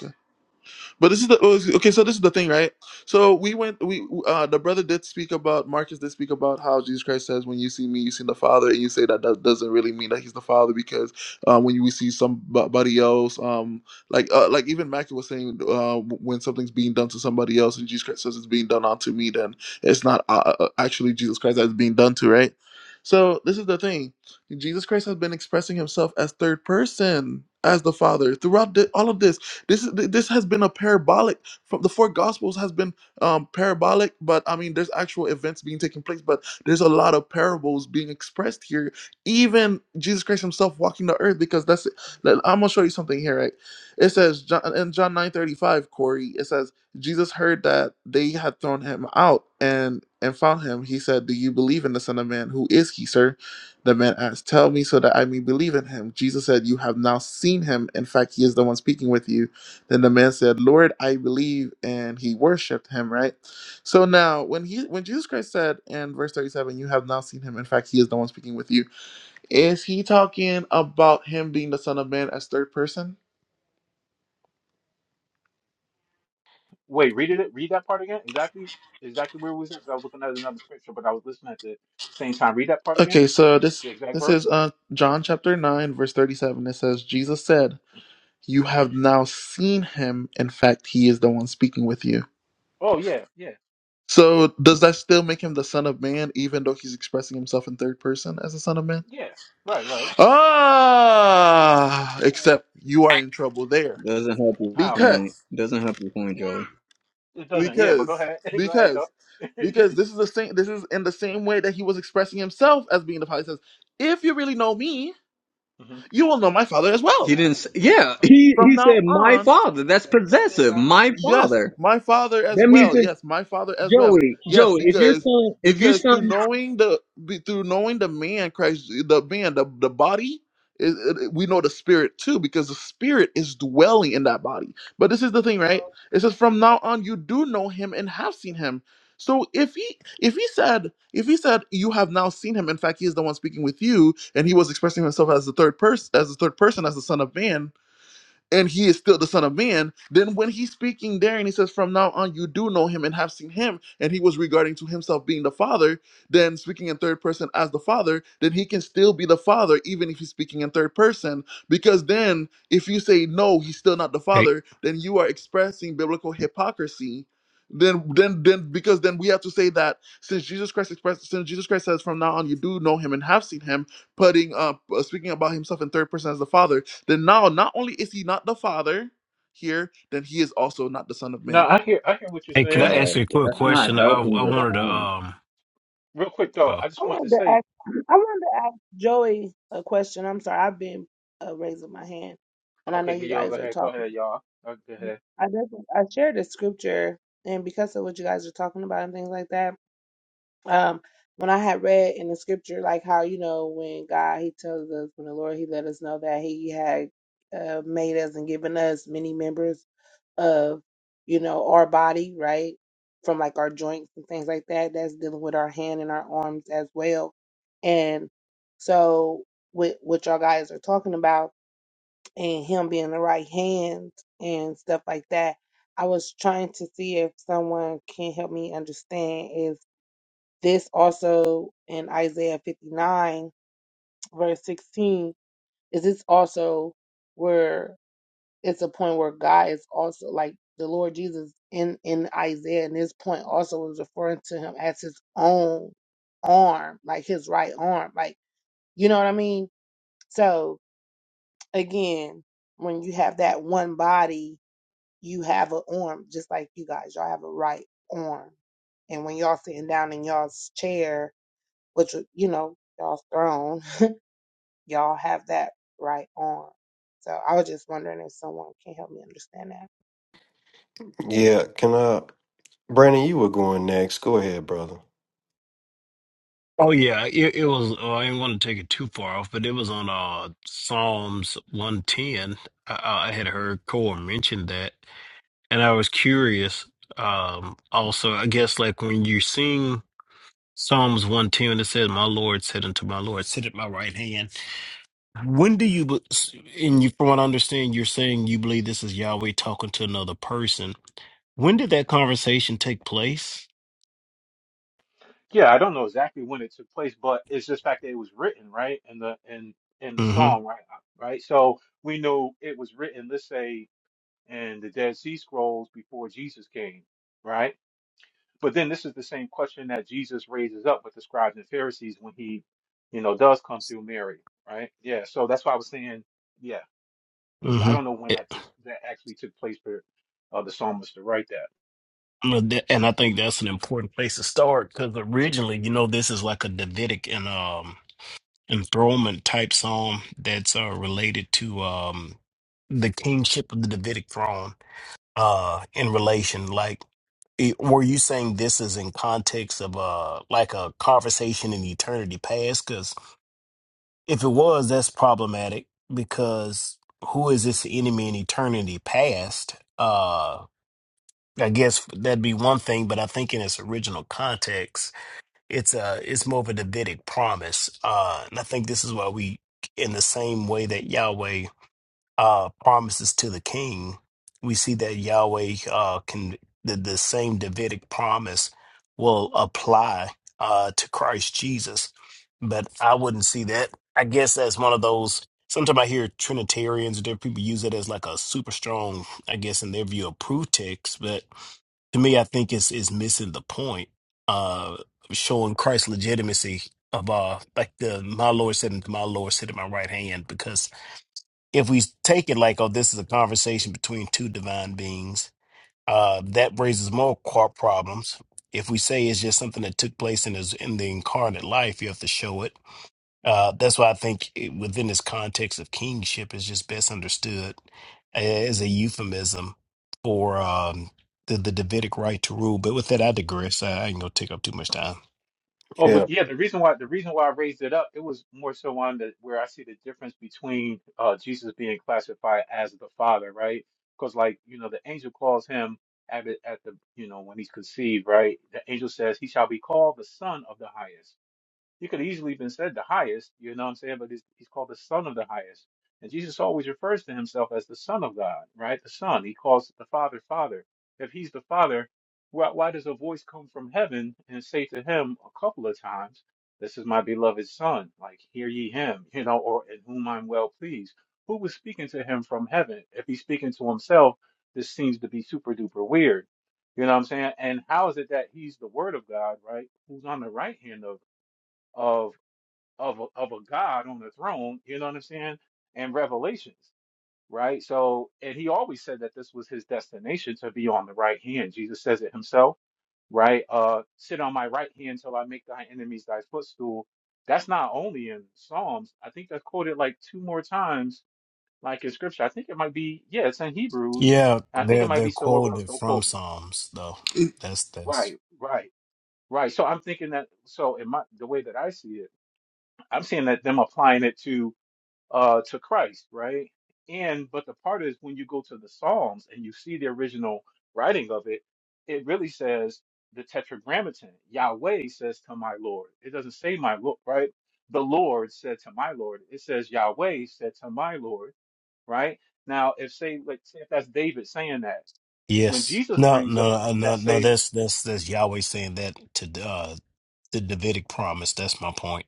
But this is the oh, okay. So this is the thing, right? So we went. We uh, the brother did speak about Marcus did speak about how Jesus Christ says, "When you see me, you see the Father," and you say that that doesn't really mean that he's the Father because uh, when you we see somebody else, um, like uh, like even Mackie was saying, uh, when something's being done to somebody else, and Jesus Christ says it's being done unto me, then it's not uh, uh, uh, actually Jesus Christ that's being done to, right? So this is the thing. Jesus Christ has been expressing himself as third person, as the Father, throughout the, all of this this is th- this has been a parabolic from the four gospels has been um, parabolic, but I mean there's actual events being taking place, but there's a lot of parables being expressed here. Even Jesus Christ Himself walking the earth, because that's it. let- I'm gonna show you something here, right? It says John, in John 9:35, Corey. It says Jesus heard that they had thrown him out and and found him. He said, "Do you believe in the Son of Man? Who is he, sir?" The man asked, Tell me so that I may believe in him. Jesus said, You have now seen him. In fact, he is the one speaking with you. Then the man said, Lord, I believe, and he worshiped him, right? So now when he when Jesus Christ said in verse 37, You have not seen him, in fact, he is the one speaking with you, is he talking about him being the Son of Man as third person? Wait, read it. Read that part again. Exactly, exactly where we was at. 'cause I was looking at another scripture, but I was listening at the same time. Read that part again. Okay, so this The exact this is verse. uh John chapter 9, verse 37. It says, Jesus said, You hmm have now seen him, in fact, he is the one speaking with you. Oh yeah, yeah, So does that still make him the Son of Man, even though he's expressing himself in third person as the Son of Man? yeah. Right, right. Ah, except you are in trouble there Doesn't help your How point. because Doesn't help your point, Joey. it doesn't. Yeah, but go because ahead. go ahead because though. because this is the same. This is in the same way that he was expressing himself as being the Father. He says, "If you really know me, hmm you will know my Father as He well." didn't. Say, yeah, he From he now said my on, father. That's possessive. My Yes, father. my father as That means well. it's Yes, my father as well. Joey. Yes, Joey, if your because son, if your because son, through knowing the be- through knowing the man Christ, the man, the the body, it, it- we know the spirit too, because the spirit is dwelling in that body. But this is the thing, right? It says, "From now on, you do know him and have seen him." So if he if he said if he said you have now seen him, in fact, he is the one speaking with you, and he was expressing himself as the third person, as the third person, as the son of man and he is still the son of man then when he's speaking there and he says from now on you do know him and have seen him and he was regarding to himself being the father then speaking in third person as the father then he can still be the father even if he's speaking in third person because then if you say no he's still not the Hey, father then you are expressing biblical hypocrisy then then then because then we have to say that since jesus christ expressed since jesus christ says from now on you do know him and have seen him putting up uh, speaking about himself in third person as the father then now, not only is he not the Father here, then he is also not the Son of No, Man. I hear. I hear what you're hey, Can saying. I ask you bro, a quick that's I not question? I helping I your but wanted to point. um real quick though. oh I just I want to wanted to say. ask, I wanted to ask Joey a question. I'm sorry, I've been uh, raising my hand, and I know Okay, you y'all go guys are ahead. Go talking. ahead, y'all. Uh, Go ahead. I just I shared the scripture, and because of what you guys are talking about and things like that, um, when I had read in the scripture, like how you know when God He tells us when the Lord He let us know that He had uh, made us and given us many members of you know our body right from like our joints and things like that that's dealing with our hand and our arms as well and so with what y'all guys are talking about and him being the right hand and stuff like that i was trying to see if someone can help me understand is this also in isaiah 59 verse 16 is this also where it's a point where God is also like the Lord Jesus in in Isaiah, and this point also was referring to him as his own arm, like his right arm, like you know what I mean. So again, when you have that one body, you have an arm, just like you guys, y'all have a right arm, and when y'all sitting down in y'all's chair, which you know y'all's throne, y'all have that right arm. So I was just wondering if someone can help me understand that. Yeah, can I, Brandon? You were going next. Go ahead, brother. oh yeah it, it was oh, I didn't want to take it too far off, but it was on uh Psalms one ten. I, I had heard Cole mention that, and I was curious. Um, also, I guess like when you sing Psalms one ten, it says, "My Lord said unto my Lord, sit at my right hand." When do you? be- And you, from what I understand, you're saying you believe this is Yahweh talking to another person. When did that conversation take place? Yeah, I don't know exactly when it took place, but it's just fact that it was written, right? In the in in the song, Mm-hmm. right? Right. So we know it was written, let's say, in the Dead Sea Scrolls before Jesus came, right? But then this is the same question that Jesus raises up with the scribes and Pharisees when he, you know, does come through Mary, right? Yeah. So that's why I was saying, yeah. So I Mm-hmm. don't know when that took that actually took place for uh, the psalmist to write that. and I think that's an important place to start because originally, you know, this is like a Davidic and um enthronement type song that's uh, related to um the kingship of the Davidic throne. Uh, in relation, like, it, were you saying this is in context of uh like a conversation in eternity past? Because if it was, that's problematic because who is this enemy in eternity past? Uh, I guess that'd be one thing, but I think in its original context, it's a it's more of a Davidic promise, uh, and I think this is why we, in the same way that Yahweh uh, promises to the king, we see that Yahweh uh, can the, the same Davidic promise will apply uh, to Christ Jesus, but I wouldn't see that. I guess as one of those. Sometimes I hear Trinitarians, different people use it as like a super strong, I guess, in their view, of proof text, but to me, I think it's is missing the point. Uh, showing Christ's legitimacy of uh, like the my Lord sitting, my Lord sitting at my right hand. Because if we take it like, oh, this is a conversation between two divine beings, uh, that raises more qu- problems. If we say it's just something that took place in his in the incarnate life, you have to show it uh, that's why I think it- within this context of kingship is just best understood uh, as a euphemism for um, the, the Davidic right to rule. But with that, I digress. I, I ain't gonna take up too much time. Oh, but Yeah. yeah, the reason why the reason why I raised it up, it was more so on the where I see the difference between uh Jesus being classified as the Father, right? Because like, you know, the angel calls him at the, at the you know, when he's conceived, right? The angel says he shall be called the Son of the Highest. He could have easily been said the highest, you know what I'm saying? But he's, he's called the Son of the highest. And Jesus always refers to himself as the Son of God, right? The Son. He calls the Father, Father. If he's the Father, why, why does a voice come from heaven and say to him a couple of times, This is my beloved Son, like, hear ye him, you know, or in whom I'm well pleased? Who was speaking to him from heaven? If he's speaking to himself, this seems to be super duper weird. You know what I'm saying? And how is it that he's the Word of God, right? Who's on the right hand of of of a, of a God on the throne. You know what I'm saying? And Revelations, right? So, and he always said that this was his destination to be on the right hand. Jesus says it himself, right? Uh, sit on my right hand till I make thy enemies thy footstool. That's not only in Psalms. I think that's quoted like two more times, like in Scripture. I think it might be, yeah, it's in Hebrews. Yeah, and I think they're it might they're be somewhere else. quoted Don't from quote me. Psalms though. Yeah, That's that's Right, right, right. So I'm thinking that. So in my the way that I see it, I'm seeing that them applying it to uh, to Christ, right? And but the part is when you go to the Psalms and you see the original writing of it, it really says the Tetragrammaton. Yahweh says to my Lord. It doesn't say my Lord, right? The Lord said to my Lord. It says Yahweh said to my Lord, right? Now, if say like say if that's David saying that, when yes. Jesus No, brings up no, no, that no. same, That's that's that's Yahweh saying that to uh, the Davidic promise. That's my point.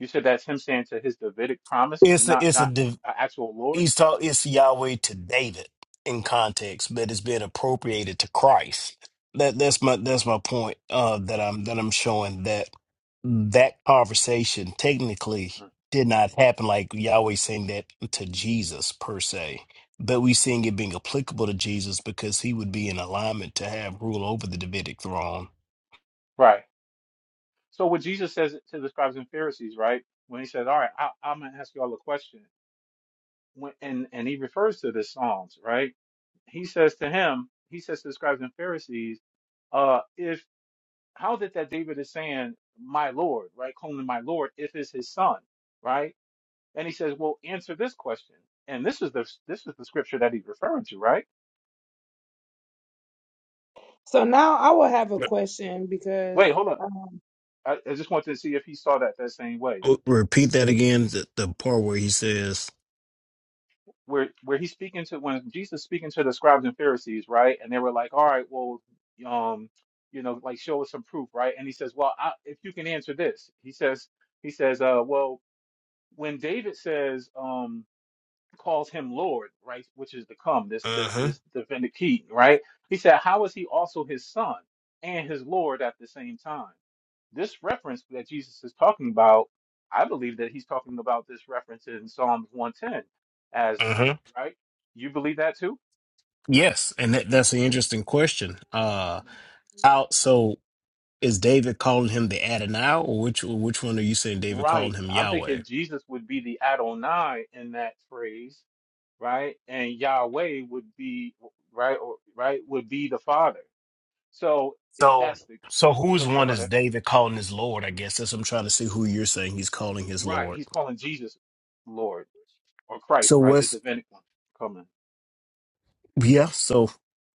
you said that's him saying to his Davidic promise, It's a not it's a not div a actual Lord, He's taught it's Yahweh to David in context, but it's been appropriated to Christ. That that's my that's my point uh, that I'm that I'm showing that that conversation technically Hmm. did not happen like Yahweh saying that to Jesus per se, but we seeing it being applicable to Jesus because he would be in alignment to have rule over the Davidic throne. right? So what Jesus says to the scribes and Pharisees, right? When he says, "All right, I, I'm gonna ask you all a question," when, and and he refers to the Psalms, right? He says to him, he says to the scribes and Pharisees, uh, "If how is it that David is saying, 'My Lord, right, calling him my Lord, if it's his son, right?" And he says, "Well, answer this question." And this is the this is the scripture that he's referring to, right? So now I will have a question because Wait, hold on. um, I, I just wanted to see if he saw that that same way. Uh, Repeat that again. The, the part where he says, where where he's speaking to when Jesus is speaking to the scribes and Pharisees, right? And they were like, "All right, well, um, you know, like show us some proof, right?" And he says, "Well, I, if you can answer this," he says, he says, "Uh, well, when David says, um, calls him Lord, right, which is to come, this the "Uh huh, this the vindicate, right? He said, how is he also his son and his Lord at the same time?" This reference that Jesus is talking about, I believe that he's talking about this reference in Psalms 110 as, uh huh." right? You believe that too? Yes, and that, that's an interesting question. Uh, Mhm. out. So is David calling him the Adonai, or which which one are you saying David calling Right. him I'm thinking Yahweh? Jesus would be the Adonai in that phrase, right? And Yahweh would be, right, or, right, would be the Father. So if So that's the, so whose go- no, one go is ahead. David calling his Lord? I guess that's I'm trying to see who you're saying he's calling his Right. Lord. He's calling Jesus Lord or Christ, So right? The what's divinic one. Come on. yeah? So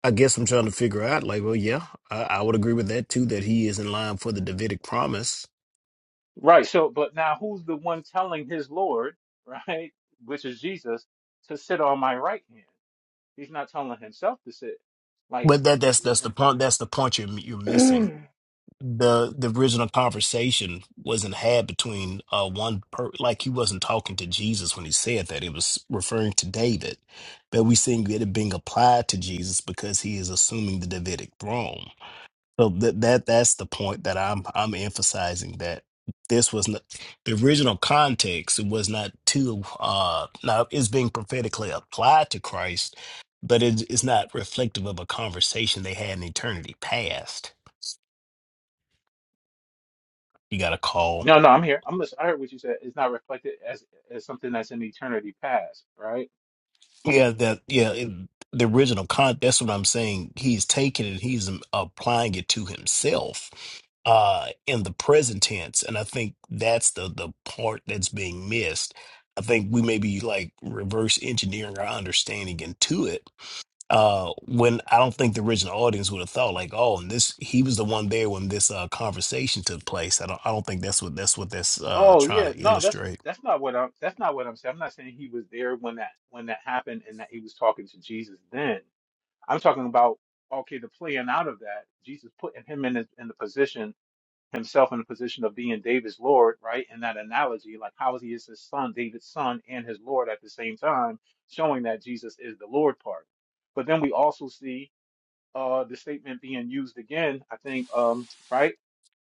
I guess I'm trying to figure out. Like, well, yeah, I, I would agree with that too. That he is in line for the Davidic promise. Right. So, but now who's the one telling his Lord, right, which is Jesus, to sit on my right hand? He's not telling himself to sit. Like, But that that's you know what I'm that's the saying? point. That's the point you're you're missing. the the original conversation wasn't had between uh one per like he wasn't talking to Jesus when he said that it was referring to David but we seeing it being applied to Jesus because he is assuming the Davidic throne so that that that's the point that I'm I'm emphasizing that this was not the original context it was not to uh now it's being prophetically applied to Christ but it, it's not reflective of a conversation they had in eternity past you got a call No, no, I'm here. I'm listening. I heard what you said. It's not reflected as as something that's in eternity past, right? Yeah, that yeah, it, the original con that's what I'm saying. He's taking it, he's um, applying it to himself uh in the present tense. And I think that's the the part that's being missed. I think we may be like reverse engineering our understanding into it. Uh when I don't think the original audience would have thought like, oh, and this he was the one there when this uh conversation took place. I don't I don't think that's what that's what that's uh Oh trying yeah, to no, that's illustrate. that's not what I'm that's not what I'm saying. I'm not saying he was there when that when that happened and that he was talking to Jesus then. I'm talking about okay, the playing out of that, Jesus putting him in his, in the position himself in a position of being David's Lord, right? In that analogy, like how is he is his son, David's son, and his Lord at the same time, showing that Jesus is the Lord part. But then we also see uh, the statement being used again, I think, um, right,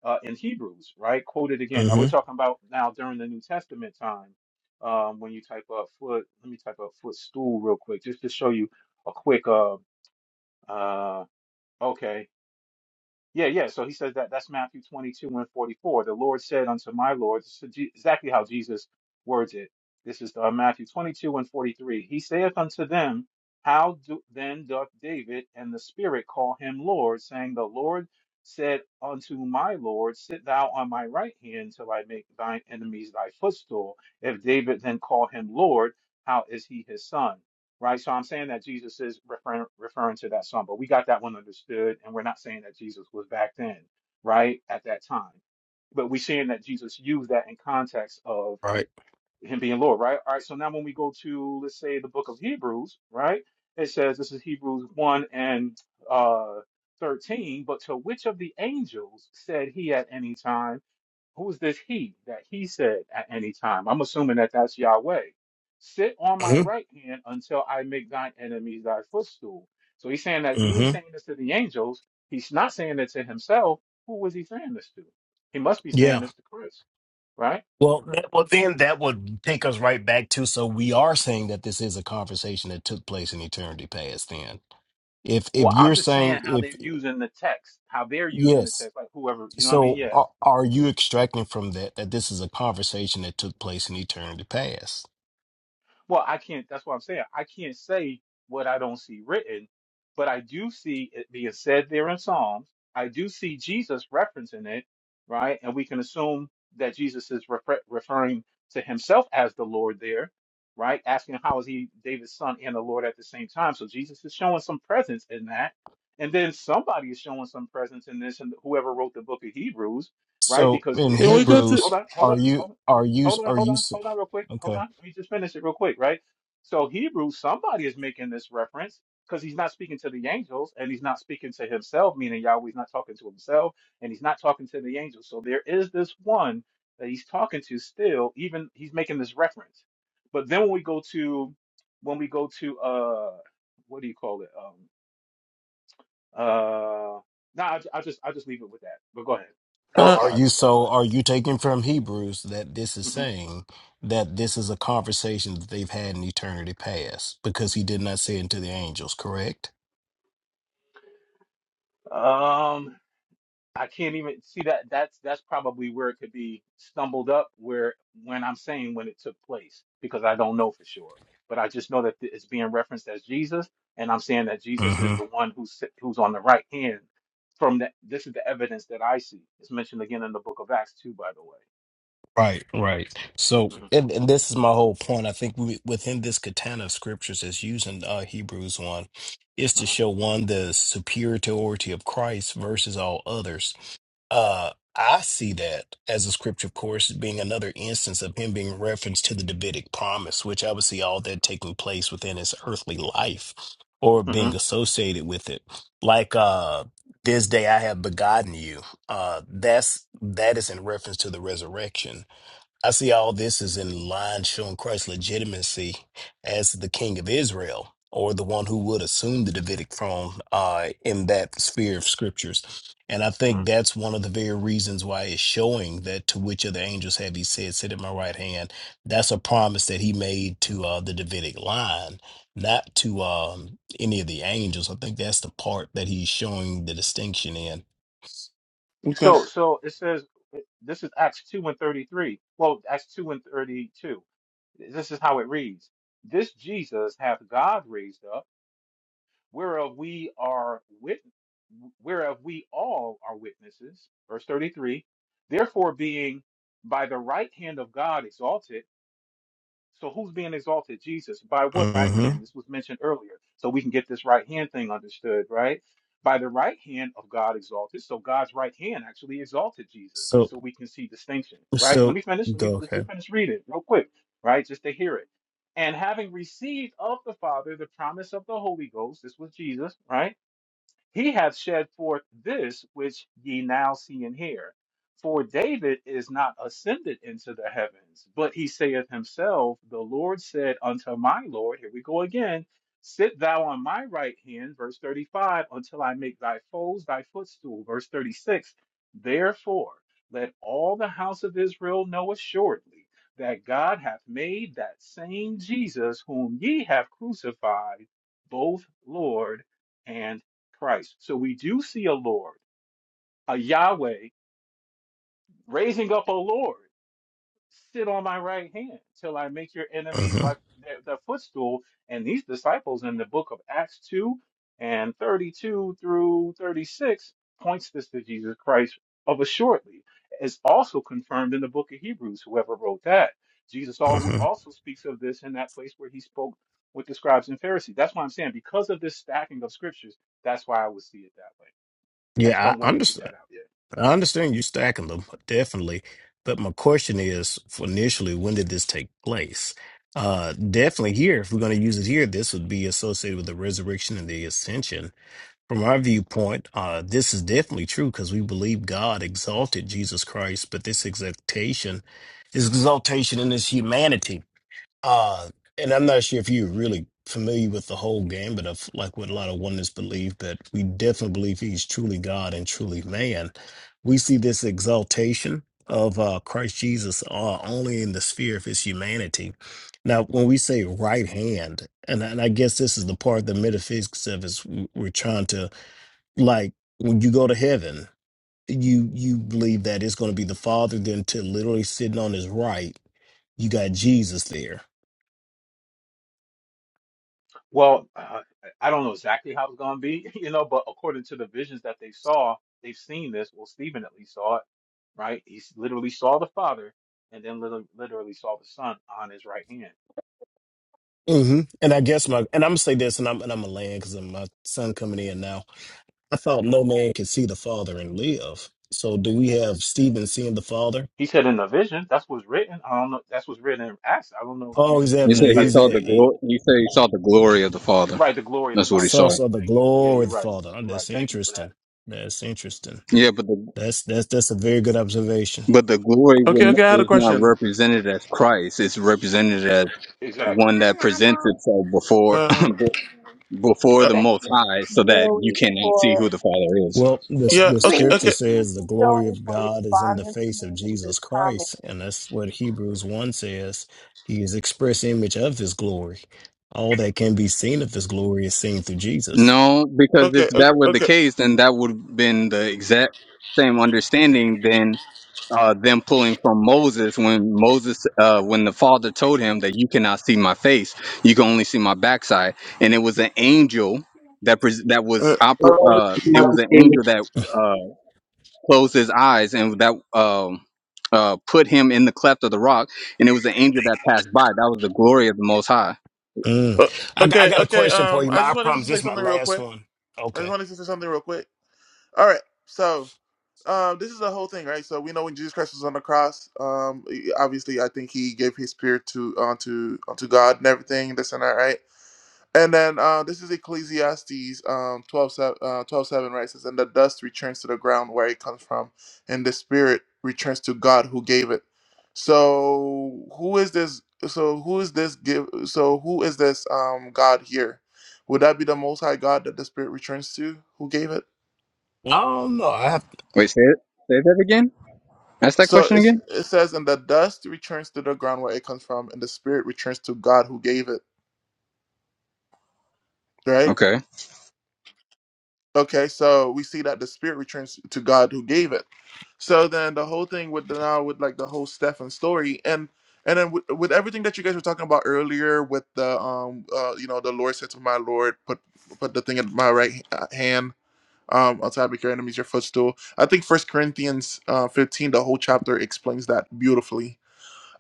uh, in Hebrews, right? Quoted again. Now we're Mm-hmm. talking about now during the New Testament time. Um, when you type up foot, let me type up footstool real quick, just to show you a quick. Uh, uh, okay. Yeah, yeah. So he says that that's Matthew 22 and 44. The Lord said unto my Lord, this is Je- exactly how Jesus words it. This is uh, Matthew 22 and 43. He saith unto them, How do, then doth David and the Spirit call him Lord, saying, The Lord said unto my Lord, Sit thou on my right hand till I make thine enemies thy footstool. If David then call him Lord, how is he his son? right? So I'm saying that Jesus is referring referring to that song, but we got that one understood, and we're not saying that Jesus was back then, right, at that time. But we're seeing that Jesus used that in context of Right. him being Lord, right? All right, so now when we go to let's say the book of Hebrews, right? It says this is Hebrews 1 and uh 13, but to which of the angels said he at any time? Who's this he that he said at any time? I'm assuming that that's Yahweh. Sit on my Mm-hmm. right hand until I make thine enemies thy footstool. So he's saying that he ain't Mm-hmm. saying this to the angels. He's not saying it to himself. Who was he saying this to? He must be saying Yeah. this to Chris, right? Well, that, well, then that would take us right back to. So we are saying that this is a conversation that took place in eternity past. Then, if if Well, I'm you're just saying saying how if they're using the text, how they're using the yes, text, like whoever, you know what I mean? so Yeah. are, are you extracting from that that this is a conversation that took place in eternity past? Well, I can't. That's what I'm saying. I can't say what I don't see written, but I do see it being said there in Psalms. I do see Jesus referencing it, right? And we can assume that Jesus is refer- referring to himself as the Lord there, right? Asking how is he David's son and the Lord at the same time. So Jesus is showing some presence in that. And then somebody is showing some presence in this, and whoever wrote the book of Hebrews, right? So Because in there we go to. Hebrews, hold on, hold on, are you hold on, are you hold on, are hold you on, s- hold on, real quick. Hold okay? on. Let me just finish it real quick, right? So Hebrews, somebody is making this reference because he's not speaking to the angels and he's not speaking to himself, meaning Yahweh's not talking to himself and he's not talking to the angels. So there is this one that he's talking to still, even he's making this reference. But then when we go to when we go to uh what do you call it? Um uh no, nah, I'll, i just I'll just leave it with that. But go ahead. Oh, Uh, are Sorry you about that. Go so are you taking from Hebrews that this is ahead. saying that this is a conversation that they've had in eternity past because he did not say it to the angels, correct? Mhm. I can't even see that. That's that's probably where it could be stumbled up. Where when I'm saying when it took place, because I don't know for sure, but I just know that th- it's being referenced as Jesus, and I'm saying that Jesus is hmm the one who's sit- who's on the right hand. From that, this is the evidence that I see. It's mentioned again in the Book of Acts too, by the way. Right, right. So, and, and this is my whole point. I think we, within this katana of scriptures, is using uh, Hebrews 1, is hmm to show one the superiority of Christ versus all others. Uh, I see that as a scripture, of course, being another instance of him being referenced to the Davidic promise, which I would see all that taking place within his earthly life or hmm being associated with it. Like uh this day I have begotten you. Uh that's that is in reference to the resurrection. I see all this is in line showing Christ's legitimacy as the King of Israel, or the one who would assume the Davidic throne uh, in that sphere of scriptures. And I hmm hmm think that's one of the very reasons why it's showing that to which of the angels have he said, Sit at my right hand. That's a promise that he made to uh, the Davidic line, not to um, any of the angels. I think that's the part that he's showing the distinction in. we So, so it says this is Acts two and thirty three. Well, Acts two and thirty two. This is how it reads. This Jesus hath God raised up whereof we are wit- whereof we all are witnesses. Verse 33. Therefore being by the right hand of God exalted so who's being exalted? Jesus. By what right hmm hand? This was mentioned earlier. So we can get this right hand thing understood, right? By the right hand of God exalted. So God's right hand actually exalted Jesus. So, So we can see distinction, right? Let so, me finish. Let me go, let's okay. just finish reading it real quick, right? Just to hear it. And having received of the Father the promise of the Holy Ghost, this was Jesus, right? He hath shed forth this which ye now see and hear. For David is not ascended into the heavens, but he saith himself, The Lord said unto my Lord, here we go again, Sit thou on my right hand, verse 35, until I make thy foes thy footstool, verse 36. Therefore, let all the house of Israel know assuredly that God hath made that same Jesus whom ye have crucified, both Lord and Christ. So we do see a Lord, a Yahweh, raising up a Lord. Sit on my right hand till I make your enemies my hmm their, their footstool. And these disciples in the book of Acts 2 and 32 through 36 points this to Jesus Christ of assuredly. It's also confirmed in the book of Hebrews, whoever wrote that. Jesus al- also speaks of this in that place where he spoke with the scribes and Pharisees. That's why I'm saying because of this stacking of scriptures, that's why I would see it that way. I just Yeah, don't I want to get that understand. out yet. I understand you stacking them, definitely. But my question is, for initially, when did this take place? Uh, definitely here, if we're going to use it here, this would be associated with the resurrection and the ascension. From our viewpoint, uh, this is definitely true because we believe God exalted Jesus Christ, but this exaltation is exaltation in his humanity. Uh, and I'm not sure if you're really familiar with the whole gambit of like what a lot of oneness believe, but we definitely believe he's truly God and truly man. We see this exaltation of uh, Christ Jesus uh, only in the sphere of his humanity. Now, when we say right hand, and, and I guess this is the part the metaphysics of is we- we're trying to like when you go to heaven, you you believe that it's going to be the Father, then to literally sitting on his right, you got Jesus there Well, uh, I don't know exactly how it's going to be, you know, but according to the visions that they saw, they've seen this. Well, Stephen at least saw it, right? He s- literally saw the Father and then literally, literally saw the Son on his right hand. hmm And I guess my and I'm gonna say this, and I'm and I'm a land because my son coming in now. I thought no man could see the father and live. So do we have Stephen seeing the father? He said in the vision, that's what's written. I don't know. That's what's written in Acts. I don't know if Oh, you, he's You if having a said he anybody he's saw a the believed it. he, glory. You said he saw the glory of the father. Right. The glory of the That's what he Father. source saw. Right. of the Thank you. Yeah, glory you're of the right. father. Oh, You're right. that's Thank you for that. interesting. That's interesting. Yeah, but the That's that's that's a very good observation. but the glory Okay, okay. will- I had a is not question. represented as Christ. It's represented as Exactly. one that presents itself before Uh, before uh the thank most you, high so that you Joey, cannot see for who the father is Well, the yeah. the Okay, scripture okay, thank you, says the glory Joey, of for God is in the responding to face me of in this Jesus comment. Christ, and that's what Hebrews one says. He is express image of His glory. All that can be seen of His glory is seen through Jesus. no because if okay, okay, that were the okay. case then that would have been the exact same understanding than uh, them pulling from moses when moses uh, when the father told him that you cannot see my face you can only see my backside and it was an angel that pres that was Uh, oper- uh, it was an angel that uh, closed his eyes and that um uh put him in the cleft of the rock and it was an angel that passed by that was the glory of the most high Mm. uh, I, got- I okay, got a okay. question for Um, you. I My I just wanted to promise say this is my something real last quick. one. I just Okay. wanted to say something real quick. All right. So, um, this is the whole thing, right? So we know when Jesus Christ was on the cross, um, obviously, I think he gave his spirit to onto onto God and everything, this and that, right? And then uh, this is Ecclesiastes um, 12:7 se- uh, right? It says, And the dust returns to the ground where it comes from, and the spirit returns to God who gave it. So who is this? So who is this give so who is this um God here? Would that be the most high God that the spirit returns to who gave it? No, no, I have wait say it say that again ask that So question it's, again it says, and the dust returns to the ground where it comes from, and the spirit returns to God who gave it, right? okay Okay, so we see that the spirit returns to God who gave it So then the whole thing with the, now with like the whole Stefan story and and then with, with everything that you guys were talking about earlier with the um uh you know the Lord said to my Lord put put the thing at my right h- uh, hand um outside make your enemies your footstool. I think First Corinthians uh, fifteen the whole chapter explains that beautifully.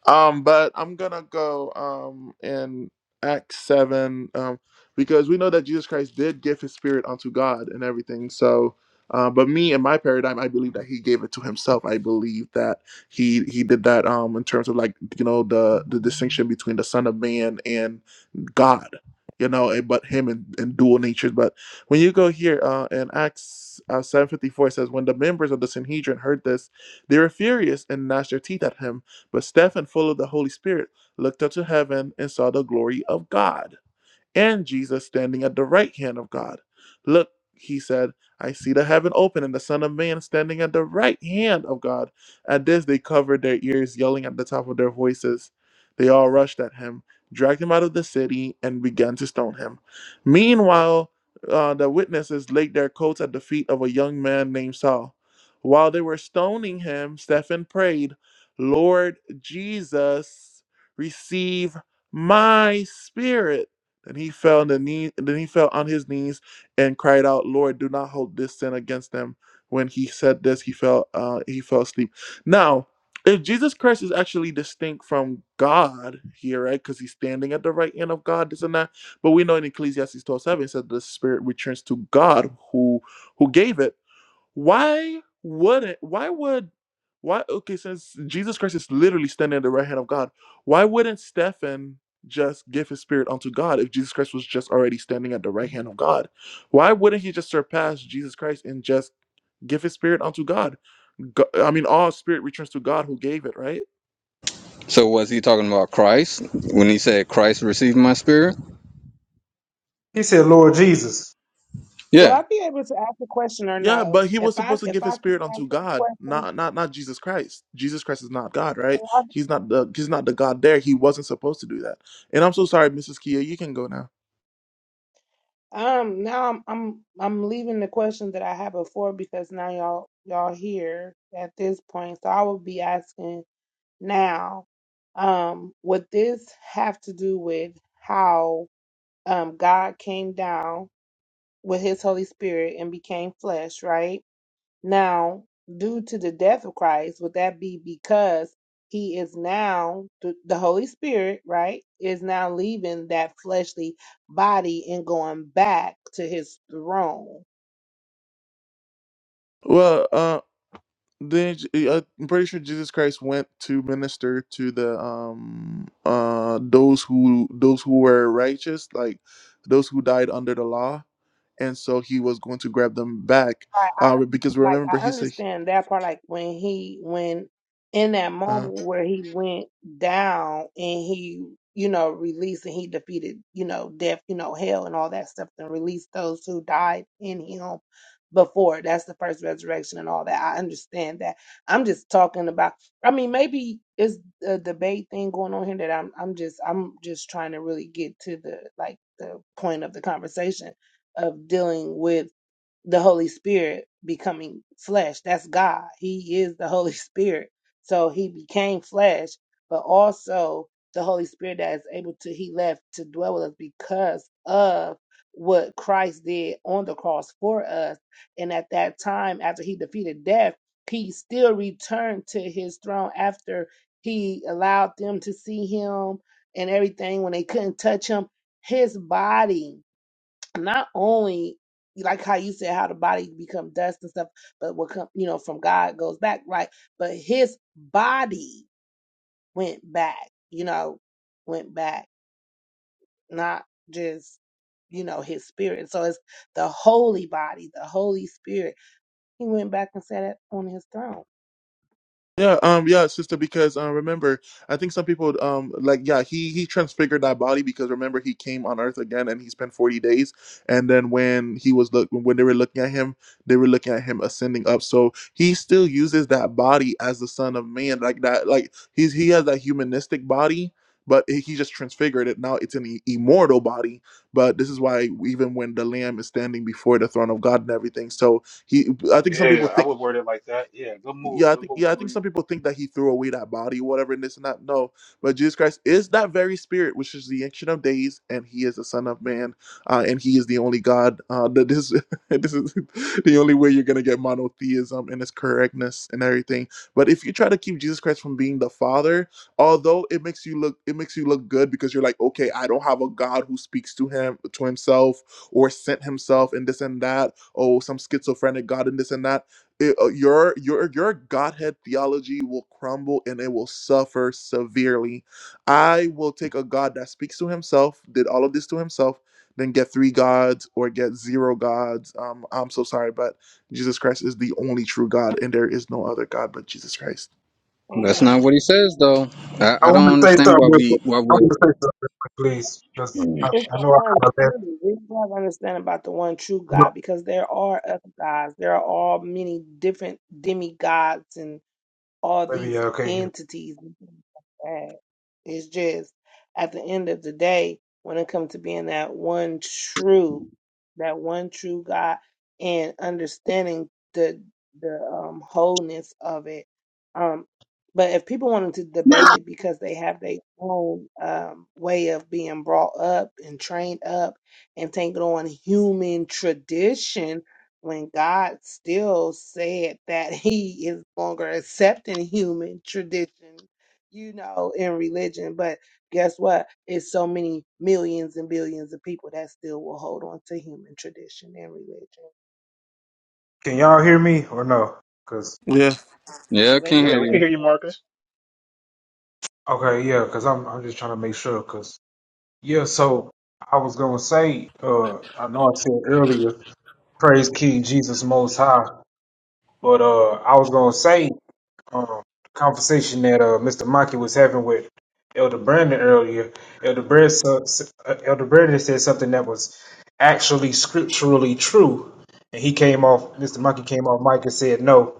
Um, but I'm gonna go um in Acts seven, um, because we know that Jesus Christ did give his spirit unto God and everything. So uh, but me in my paradigm, I believe that he gave it to himself. I believe that he he did that um in terms of like you know the the distinction between the Son of Man and God, you know, and, but him and, and dual natures. But when you go here uh, in Acts uh, seven fifty four, it says when the members of the Sanhedrin heard this, they were furious and gnashed their teeth at him but Stephen, full of the Holy Spirit, looked up to heaven and saw the glory of God and Jesus standing at the right hand of God. Look, he said, I see the heaven open and the Son of Man standing at the right hand of God. At this, they covered their ears, yelling at the top of their voices. They all rushed at him, dragged him out of the city, and began to stone him. Meanwhile, uh, the witnesses laid their coats at the feet of a young man named Saul. While they were stoning him, Stephen prayed, Lord Jesus, receive my spirit. Then he fell on the knee, then he fell on his knees and cried out, "Lord, do not hold this sin against them." When he said this, he fell uh, he fell asleep. Now, if Jesus Christ is actually distinct from God here, right? Because he's standing at the right hand of God, this and that. But we know in Ecclesiastes twelve seven it says the spirit returns to God who who gave it why wouldn't why would why okay, since Jesus Christ is literally standing at the right hand of God, why wouldn't Stephen just give his spirit unto God if Jesus Christ was just already standing at the right hand of God? Why wouldn't he just surpass Jesus Christ and just give his spirit unto God? Go- I mean all spirit returns to God who gave it, right? so was he talking about christ when he said christ received my spirit He said, "Lord Jesus." Will yeah I be able to ask a question or Yeah, no? but he If was I supposed to if give his I can spirit ask unto a God, question, not not not Jesus Christ. Jesus Christ is not God, right? He's not the he's not the God there. He wasn't supposed to do that. And I'm so sorry, Mrs. Kia, you can go now. um, now I'm I'm I'm leaving the question that I had before because now y'all y'all here at this point, so I will be asking now. Um, would this have to do with how um God came down? with his Holy Spirit and became flesh, right? Now, due to the death of Christ, would that be because he is now, the, the Holy Spirit, right, is now leaving that fleshly body and going back to his throne? Well, uh, then J- uh, I'm pretty sure Jesus Christ went to minister to the um uh those who those who were righteous, like those who died under the law, and so he was going to grab them back, Right, uh, I un- because like remember I he said. understand that part. Like when he when in that uh, moment where he went down and he you know released and he defeated you know death you know hell and all that stuff and released those who died in him before. That's the first resurrection and all that. I understand that. I'm just talking about. I mean, maybe it's a debate thing going on here that I'm I'm just I'm just trying to really get to the like the point of the conversation of dealing with the Holy Spirit becoming flesh. That's God. He is the Holy Spirit. So he became flesh, but also the Holy Spirit that is able to, he left to dwell with us because of what Christ did on the cross for us. And at that time, after he defeated death, he still returned to his throne after he allowed them to see him and everything when they couldn't touch him. His body not only like how you said how the body become dust and stuff, but what come you know from God goes back, right? But his body went back, you know, went back, not just you know his spirit. So it's the holy body, the Holy Spirit. He went back and sat at- on his throne. Yeah, um, yeah, sister. Because uh, remember, I think some people, um, like, yeah, he he transfigured that body because remember he came on Earth again and he spent forty days, and then when he was look when they were looking at him, they were looking at him ascending up. So he still uses that body as the Son of Man, like that, like he's he has that humanistic body, but he he just transfigured it. Now it's an i- immortal body, but this is why even when the Lamb is standing before the throne of God and everything, so he, I think some people Yeah, I think would word it like that. Yeah, good move. yeah, I Good think move, yeah, I think Julie. some people think that he threw away that body, whatever, and this and that. No, but Jesus Christ is that very spirit, which is the ancient of days, and he is the Son of Man, uh, and he is the only God. Uh, that this this is the only way you're gonna get monotheism and its correctness and everything. But if you try to keep Jesus Christ from being the Father, although it makes you look it makes you look good because you're like, okay, I don't have a God who speaks to him to himself or sent himself and this and that. Oh, some schizophrenic God and this and that it, uh, your your your godhead theology will crumble and it will suffer severely i will take a god that speaks to himself did all of this to himself then get three gods or get zero gods um i'm so sorry but jesus christ is the only true god and there is no other god but jesus christ that's not what Amen. he says though i, I I want don't to say understand why something. Real we quick. why I want to say something, real quick, please, because we're I, It's I the know I one kind true. We have to understand about the one true of God because there are other gods. There are all many different demigods and all maybe these y'all can't hear. entities and things like that. It's just at the end of the day, when it comes to being that one true, that one true God, and understanding the the um, wholeness of it. Um, but if people wanted to debate it because they have their own um, way of being brought up and trained up and taking on human tradition, when God still said that he is no longer accepting human tradition, you know, in religion. But guess what? It's so many millions and billions of people that still will hold on to human tradition and religion. Can y'all hear me or no? Yeah. yeah I can't Yeah, hear we can you hear you, Marcus. Okay, yeah, because I'm I'm just trying to make sure, because yeah, so I was gonna say, uh, I know I said earlier, praise King Jesus Most High, but uh, I was gonna say, um, the conversation that uh Mr. Monkey was having with Elder Brandon earlier, Elder Brandon, uh, Elder Brandon said something that was actually scripturally true, and he came off, Mr. Monkey came off mic and said, no,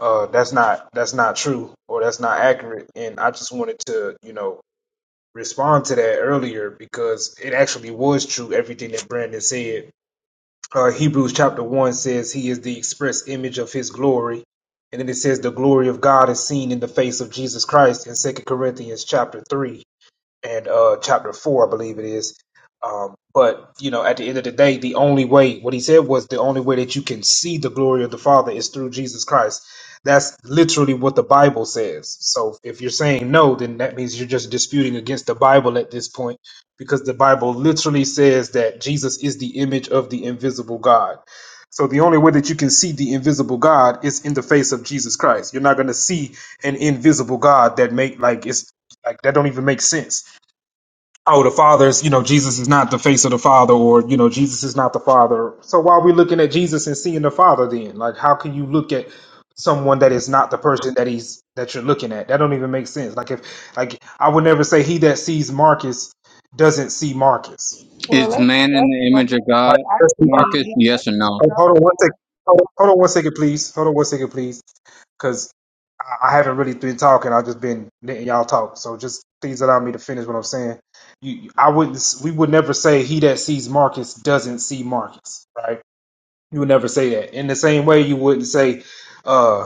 uh, that's not that's not true or that's not accurate, and I just wanted to, you know respond to that earlier because it actually was true everything that Brandon said. Uh, Hebrews chapter 1 says, He is the express image of His glory. And then it says, The glory of God is seen in the face of Jesus Christ in Second Corinthians chapter 3 and uh, chapter four, I believe it is. Um, but you know, at the end of the day, the only way what he said was the only way that you can see the glory of the Father is through Jesus Christ. That's literally what the Bible says. So if you're saying no, then that means you're just disputing against the Bible at this point, because the Bible literally says that Jesus is the image of the invisible God. So the only way that you can see the invisible God is in the face of Jesus Christ. You're not going to see an invisible God that make like it's like that don't even make sense oh, the Father's, you know, Jesus is not the face of the Father, or, you know, Jesus is not the Father. So why are we looking at Jesus and seeing the Father then? Like, how can you look at someone that is not the person that he's that you're looking at? That don't even make sense. Like, if, like, I would never say he that sees Marcus doesn't see Marcus. Well, is that's, man in that's the what image he of Like, god that's- actually, marcus he, yes or you oh, know, no hold on one second. Hold hold on one second, please. Hold on one second, please. I, I haven't really been talking. I've just been letting y'all talk. So just please allow me to finish what I'm saying. You, you- I wouldn't. s- We would never say he that sees Marcus doesn't see Marcus, right? You would never say that. In the same way, you wouldn't say. uh,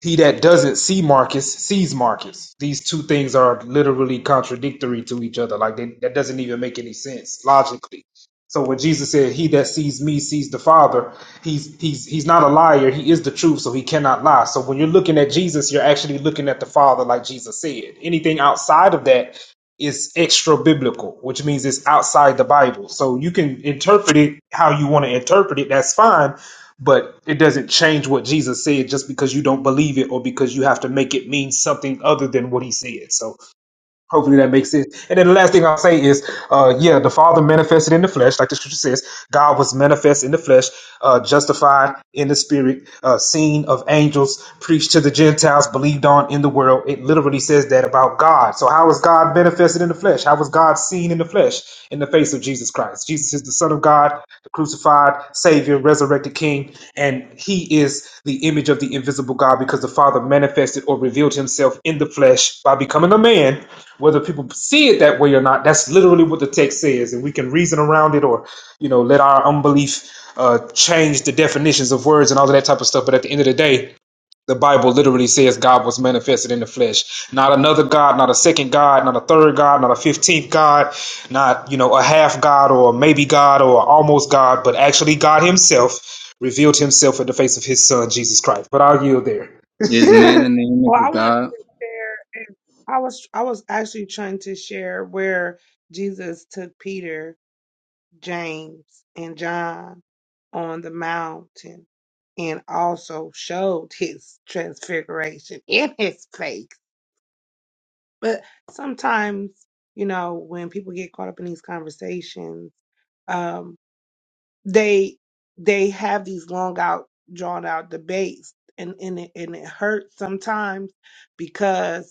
he that doesn't see Marcus sees Marcus. These two things are literally contradictory to each other. Like they, that doesn't even make any sense logically. So when Jesus said, "He that sees me sees the Father," he's he's he's not a liar. He is the truth, so he cannot lie. So when you're looking at Jesus, you're actually looking at the Father, like Jesus said. Anything outside of that is extra biblical, which means it's outside the Bible. So you can interpret it how you want to interpret it. That's fine but it doesn't change what Jesus said just because you don't believe it or because you have to make it mean something other than what he said. So Hopefully that makes sense. And then the last thing I'll say is, uh, yeah, the Father manifested in the flesh, like the scripture says, God was manifest in the flesh, uh, justified in the spirit, uh, seen of angels, preached to the Gentiles, believed on in the world. It literally says that about God. So how was God manifested in the flesh? How was God seen in the flesh in the face of Jesus Christ? Jesus is the Son of God, the crucified Savior, resurrected King, and He is the image of the invisible God, because the Father manifested or revealed himself in the flesh by becoming a man. Whether people see it that way or not, that's literally what the text says. And we can reason around it or, you know, let our unbelief uh, change the definitions of words and all of that type of stuff. But at the end of the day, the Bible literally says God was manifested in the flesh. Not another God, not a second God, not a third God, not a fifteenth God, not, you know, a half God or a maybe God or almost God, but actually God Himself revealed Himself in the face of His Son, Jesus Christ. But I'll yield there. is man in the image well, I of wanted god to share, and I was, I was actually trying to share where Jesus took Peter James, and John on the mountain and also showed his transfiguration in his face. But sometimes, you know, when people get caught up in these conversations, um, they they have these long out, drawn out debates, and and it, and it hurts sometimes because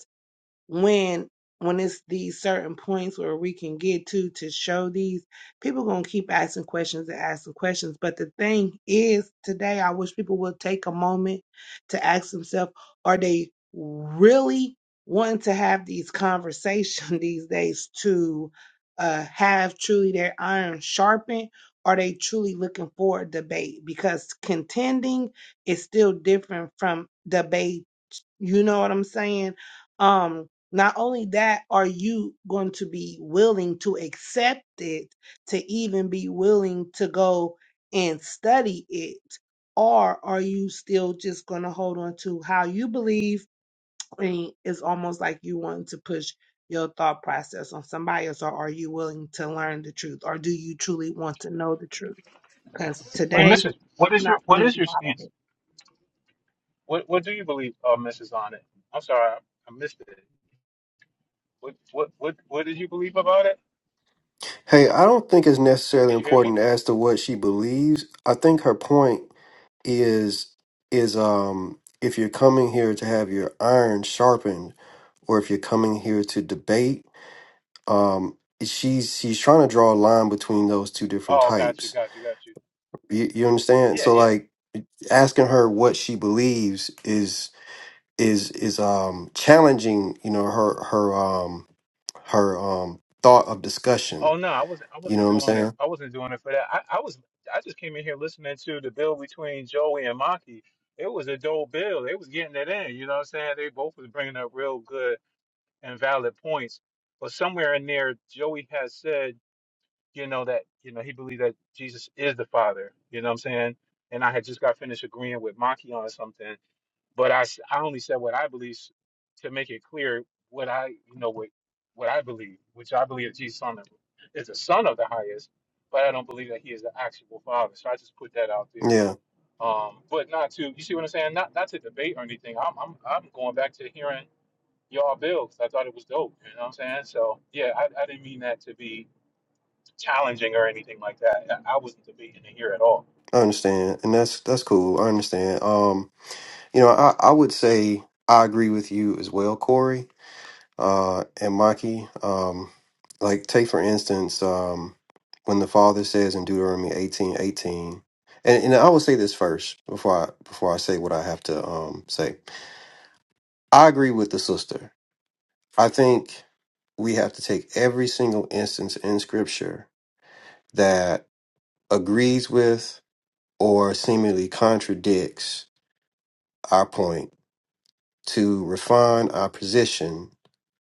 when when it's these certain points where we can get to to show these people gonna keep asking questions and asking questions but the thing is today i wish people would take a moment to ask themselves are they really wanting to have these conversations these days to uh, have truly their iron sharpened are they truly looking for a debate because contending is still different from debate. You know what I'm saying? Um, not only that, are you going to be willing to accept it, to even be willing to go and study it? Or are you still just going to hold on to how you believe? And it's almost like you want to push your thought process on somebody else, or are you willing to learn the truth? Or do you truly want to know the truth? Because Wait, today, Mrs. What I'm is not your what seeing is your a lot of stance? it. What what do you believe, uh, Mrs. On it? I'm sorry, I, I missed it. What what what what did you believe about it? Hey, I don't think it's necessarily Did you hear me? important as to what she believes. I think her point is is um if you're coming here to have your iron sharpened, or if you're coming here to debate, um, she's she's trying to draw a line between those two different Oh, got you, types. got you, got you. You, you understand? Yeah, So yeah. like asking her what she believes is is is um challenging you know her her um her um thought of Oh discussion. no, I wasn't I You know wasn't what I'm doing it. saying? I wasn't doing it for that. I, I was I just came in here listening to the bill between Joey and Maki. It was a dope bill. They was getting it in. You know what I'm saying? They both was bringing up real good and valid points. But somewhere in there, Joey has said. you know, that, you know, he believed that Jesus is the Father. You know what I'm saying? And I had just got finished agreeing with Maki on something, but I, s- I only said what I believe s- to make it clear what I, you know, what, what I believe, which I believe that Jesus on the, is the Son of the highest, but I don't believe that he is the actual Father. So I just put that out there. Yeah, Um, but not to, you see what I'm saying? Not, not to debate or anything. I'm, I'm, I'm going back to hearing y'all bill 'cause I thought it was dope. You know what I'm saying? So yeah, I, I didn't mean that to be challenging or anything like that. I I wasn't debating it here at all. I understand, and that's that's cool. I understand. Um, you know, I I would say I agree with you as well, Corey, uh, and Maki. Um, like take for instance, um, when the father says in Deuteronomy eighteen eighteen. And, and I will say this first before I before I say what I have to um, say. I agree with the sister. I think we have to take every single instance in Scripture that. agrees with or seemingly contradicts our point to refine our position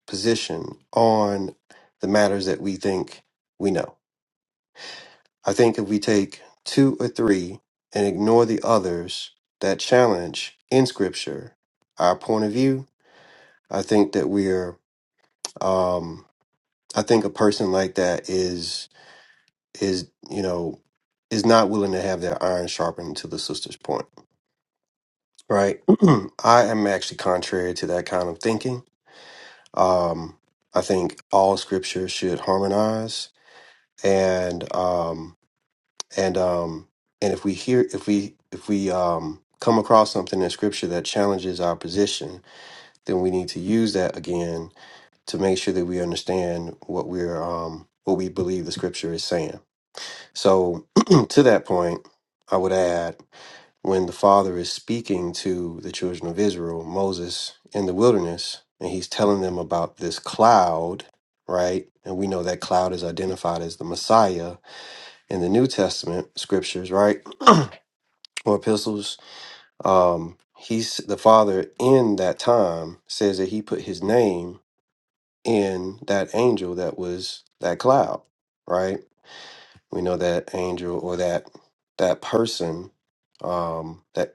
position on the matters that we think we know. I think if we take two or three and ignore the others that challenge in scripture our point of view, I think that we're um I think a person like that is is you know is not willing to have their iron sharpened to the sister's point. Right. I am actually contrary to that kind of thinking. Um, I think all scripture should harmonize and um and um and if we hear if we if we um come across something in scripture that challenges our position, then we need to use that again to make sure that we understand what we're um what we believe the scripture is saying. So to that point, I would add when the father is speaking to the children of Israel, Moses in the wilderness, and he's telling them about this cloud, right? And we know that cloud is identified as the Messiah in the New Testament scriptures, right? Or epistles. Um, he's the father in that time says that he put his name in that angel that was that cloud, right? We know that angel or that that person um, that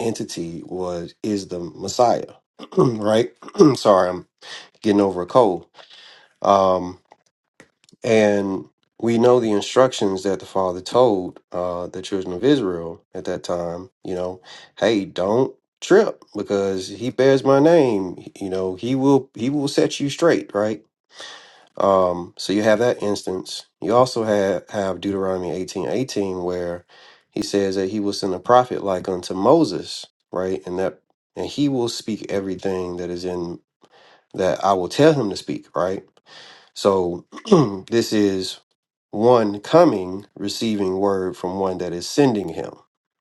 entity was is the Messiah, right? Sorry, I'm getting over a cold. Um, and we know the instructions that the Father told uh, the children of Israel at that time. You know, hey, don't trip because he bears my name. You know, he will he will set you straight, right? Um, so you have that instance. You also have, have Deuteronomy eighteen eighteen, where he says that he will send a prophet like unto Moses, right? And that and he will speak everything that is in that I will tell him to speak, right? So this is one coming, receiving word from one that is sending him,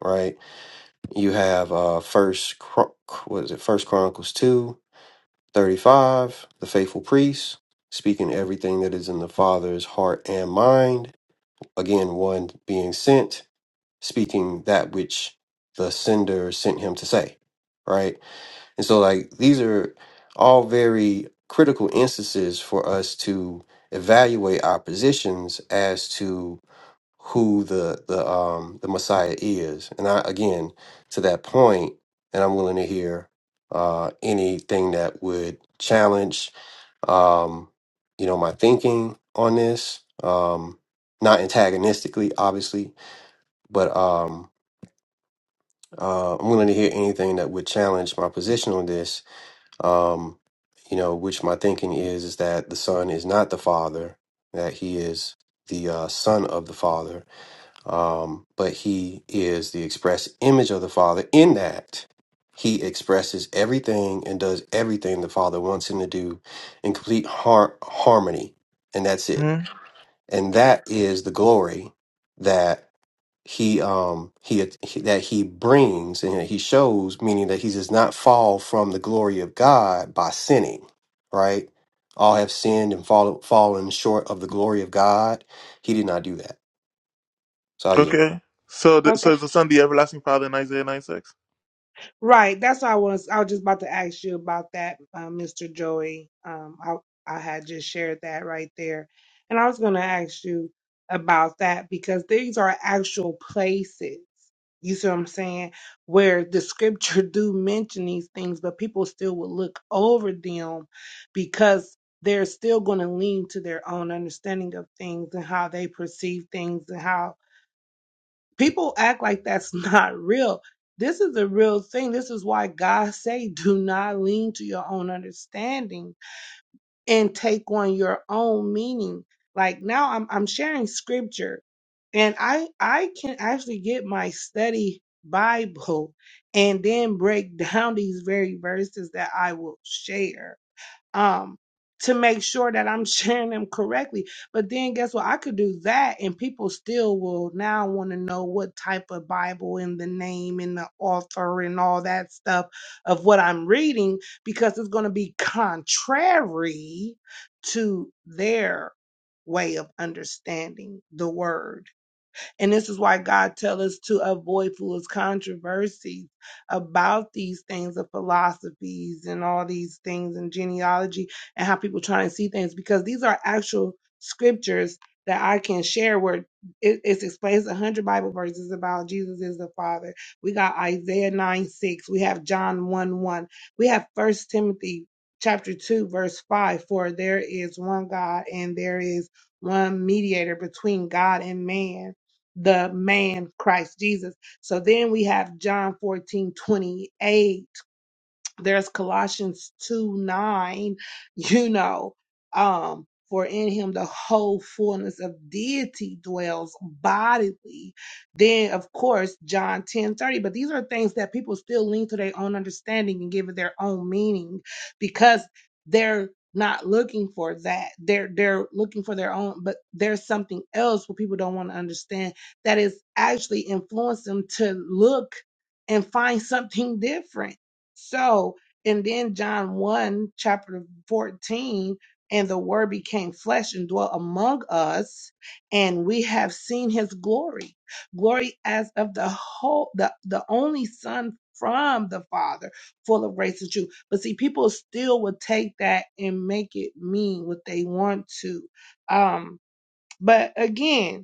right? You have uh first Chron- what is it, first Chronicles two, 35 the faithful priest speaking everything that is in the father's heart and mind again one being sent speaking that which the sender sent him to say right and so like these are all very critical instances for us to evaluate our positions as to who the the um the messiah is and i again to that point and i'm willing to hear uh anything that would challenge um, you know, my thinking on this, um, not antagonistically, obviously, but um, uh, I'm willing to hear anything that would challenge my position on this. Um, you know, which my thinking is is that the son is not the father; that he is the uh, son of the father um, but he is the express image of the Father in that he expresses everything and does everything the Father wants him to do in complete har- harmony, and that's it. hmm And that is the glory that he um he, he that he brings and he shows, meaning that he does not fall from the glory of God by sinning, right? All have sinned and fall, fallen short of the glory of God. He did not do that. So yeah. okay so th- Okay. so is the son the everlasting father in isaiah 9 6 Right. That's what I was. I was just about to ask you about that, uh, Mr. Joey. Um, I I had just shared that right there, and I was going to ask you about that because these are actual places. You see what I'm saying? Where the scripture do mention these things, but people still will look over them because they're still going to lean to their own understanding of things and how they perceive things and how people act like that's not real this is a real thing this is why god say do not lean to your own understanding and take on your own meaning like now i'm i'm sharing scripture and i i can actually get my study bible and then break down these very verses that i will share um, to make sure that I'm sharing them correctly. But then guess what? I could do that and people still will now want to know what type of Bible and the name and the author and all that stuff of what I'm reading because it's going to be contrary to their way of understanding the word. And this is why God tells us to avoid foolish controversies about these things of philosophies and all these things and genealogy and how people try and see things because these are actual scriptures that I can share where it, it explains a hundred Bible verses about Jesus is the Father. We got Isaiah 9 6. We have John 1 1. We have First Timothy chapter 2, verse 5. For there is one God and there is one mediator between God and man the man Christ Jesus. So then we have John 14 28 there's Colossians 2 9, you know, um, for in him the whole fullness of deity dwells bodily. Then, of course, John 10 30. But these are things that people still lean to their own understanding and give it their own meaning because they're not looking for that. They're they're looking for their own, but there's something else what people don't want to understand that is actually influenced them to look and find something different so, and then John 1, chapter 14, and the word became flesh and dwelt among us, and we have seen his glory. Glory as of the whole the, the only son from the Father, full of grace and truth. But see, people still would take that and make it mean what they want to. Um, but again,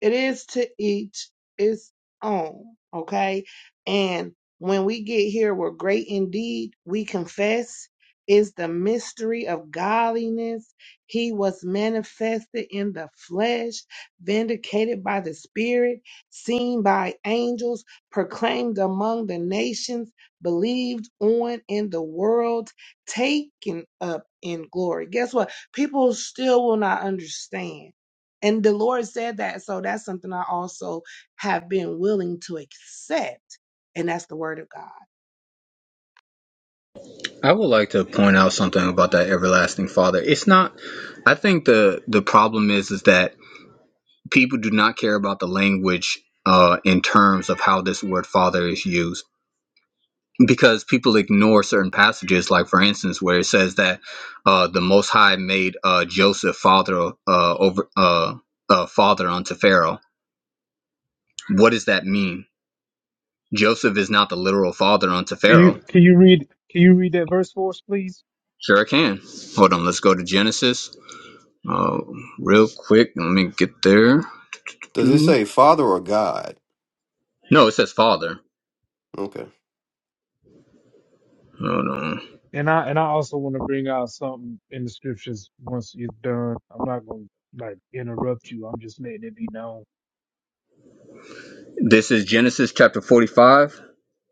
it is to each its own, okay? And when we get here, we're great indeed. We confess is the mystery of godliness. He was manifested in the flesh, vindicated by the Spirit, seen by angels, proclaimed among the nations, believed on in the world, taken up in glory. Guess what? People still will not understand and the Lord said that. So that's something I also have been willing to accept. And that's the word of God. I would like to point out something about that everlasting father. It's not I think the the problem is is that people do not care about the language uh in terms of how this word father is used because people ignore certain passages like for instance where it says that uh the most high made uh Joseph father uh over uh uh father unto Pharaoh. What does that mean? Joseph is not the literal father unto Can Pharaoh. you can you read can you read that verse for us, please? Sure it can. Hold on, let's go to Genesis Uh, real quick, let me get there. Does it say Father or God? No, it says Father. Okay. Hold on. And I and I also want to bring out some. This is Genesis chapter 45,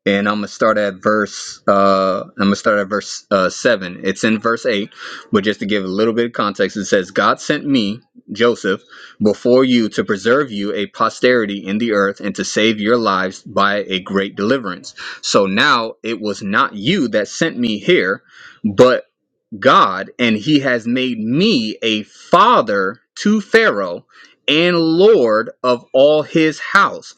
and I'm gonna start at verse. Uh, I'm gonna start at verse uh, seven. It's in verse eight, but just to give a little bit of context, it says, "God sent me, Joseph, before you to preserve you a posterity in the earth and to save your lives by a great deliverance. So now it was not you that sent me here, but." God, and he has made me a father to Pharaoh and Lord of all his house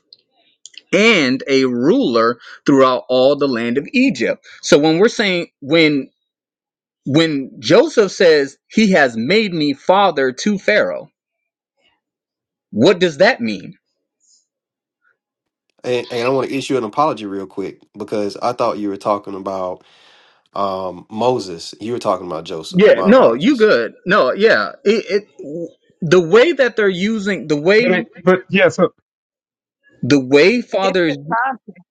and a ruler throughout all the land of Egypt. So when we're saying when when Joseph says he has made me father to Pharaoh, what does that mean? And, and I want to issue an apology real quick because I thought you were talking about um, Moses. You were talking about Joseph. Yeah, My no, you apologies. good. No, yeah. It, it the way that they're using the way But it, but yes. the way It's Father the context.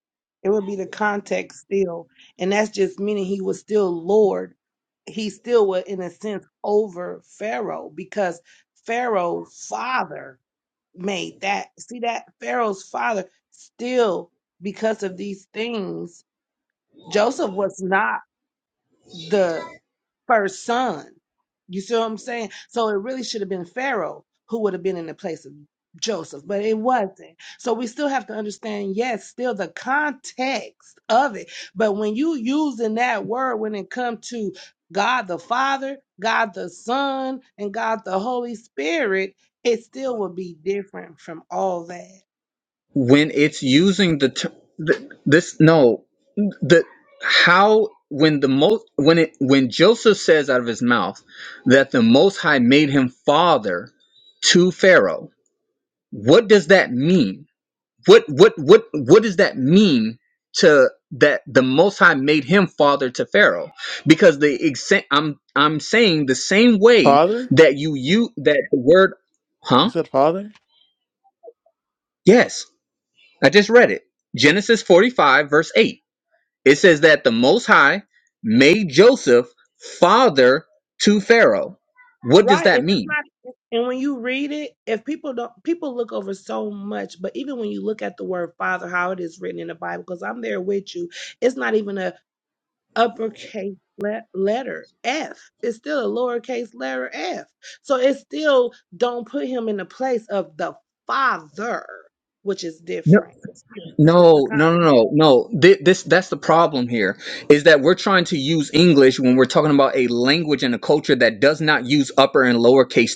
It would be the context still. And that's just meaning he was still Lord. He still was, in a sense, over Pharaoh because Pharaoh's father made that. See that? Pharaoh's father still, because of these things, Joseph was not the first son. You see what I'm saying? So it really should have been Pharaoh who would have been in the place of Joseph, but it wasn't. So we still have to understand, yes, still the context of it. But when you using that word when it comes to God the Father, God the Son, and God the Holy Spirit, it still will be different from all that. when it's using the, ter- th- this no the how when the most when it when Joseph says out of his mouth that the Most High made him father to Pharaoh, what does that mean? What what what what does that mean to that the Most High made him father to Pharaoh? Because the exa- I'm I'm saying the same way Father? that you you that the word, You huh? said father? Yes, I just read it. Genesis 45 verse 8 It says that the Most High made Joseph father to Pharaoh. What does Right. And that it's mean? not and when you read it, if people don't people look over so much, but even when you look at the word father, how it is written in the Bible, because I'm there with you, it's not even a uppercase le- letter F. It's still a lowercase letter F. So it still don't put him in the place of the father, which is No, different. Still, It's the no, kind. no, no, no. This, this that's the problem here is that we're trying to use English when we're talking about a language and a culture that does not use upper and lowercase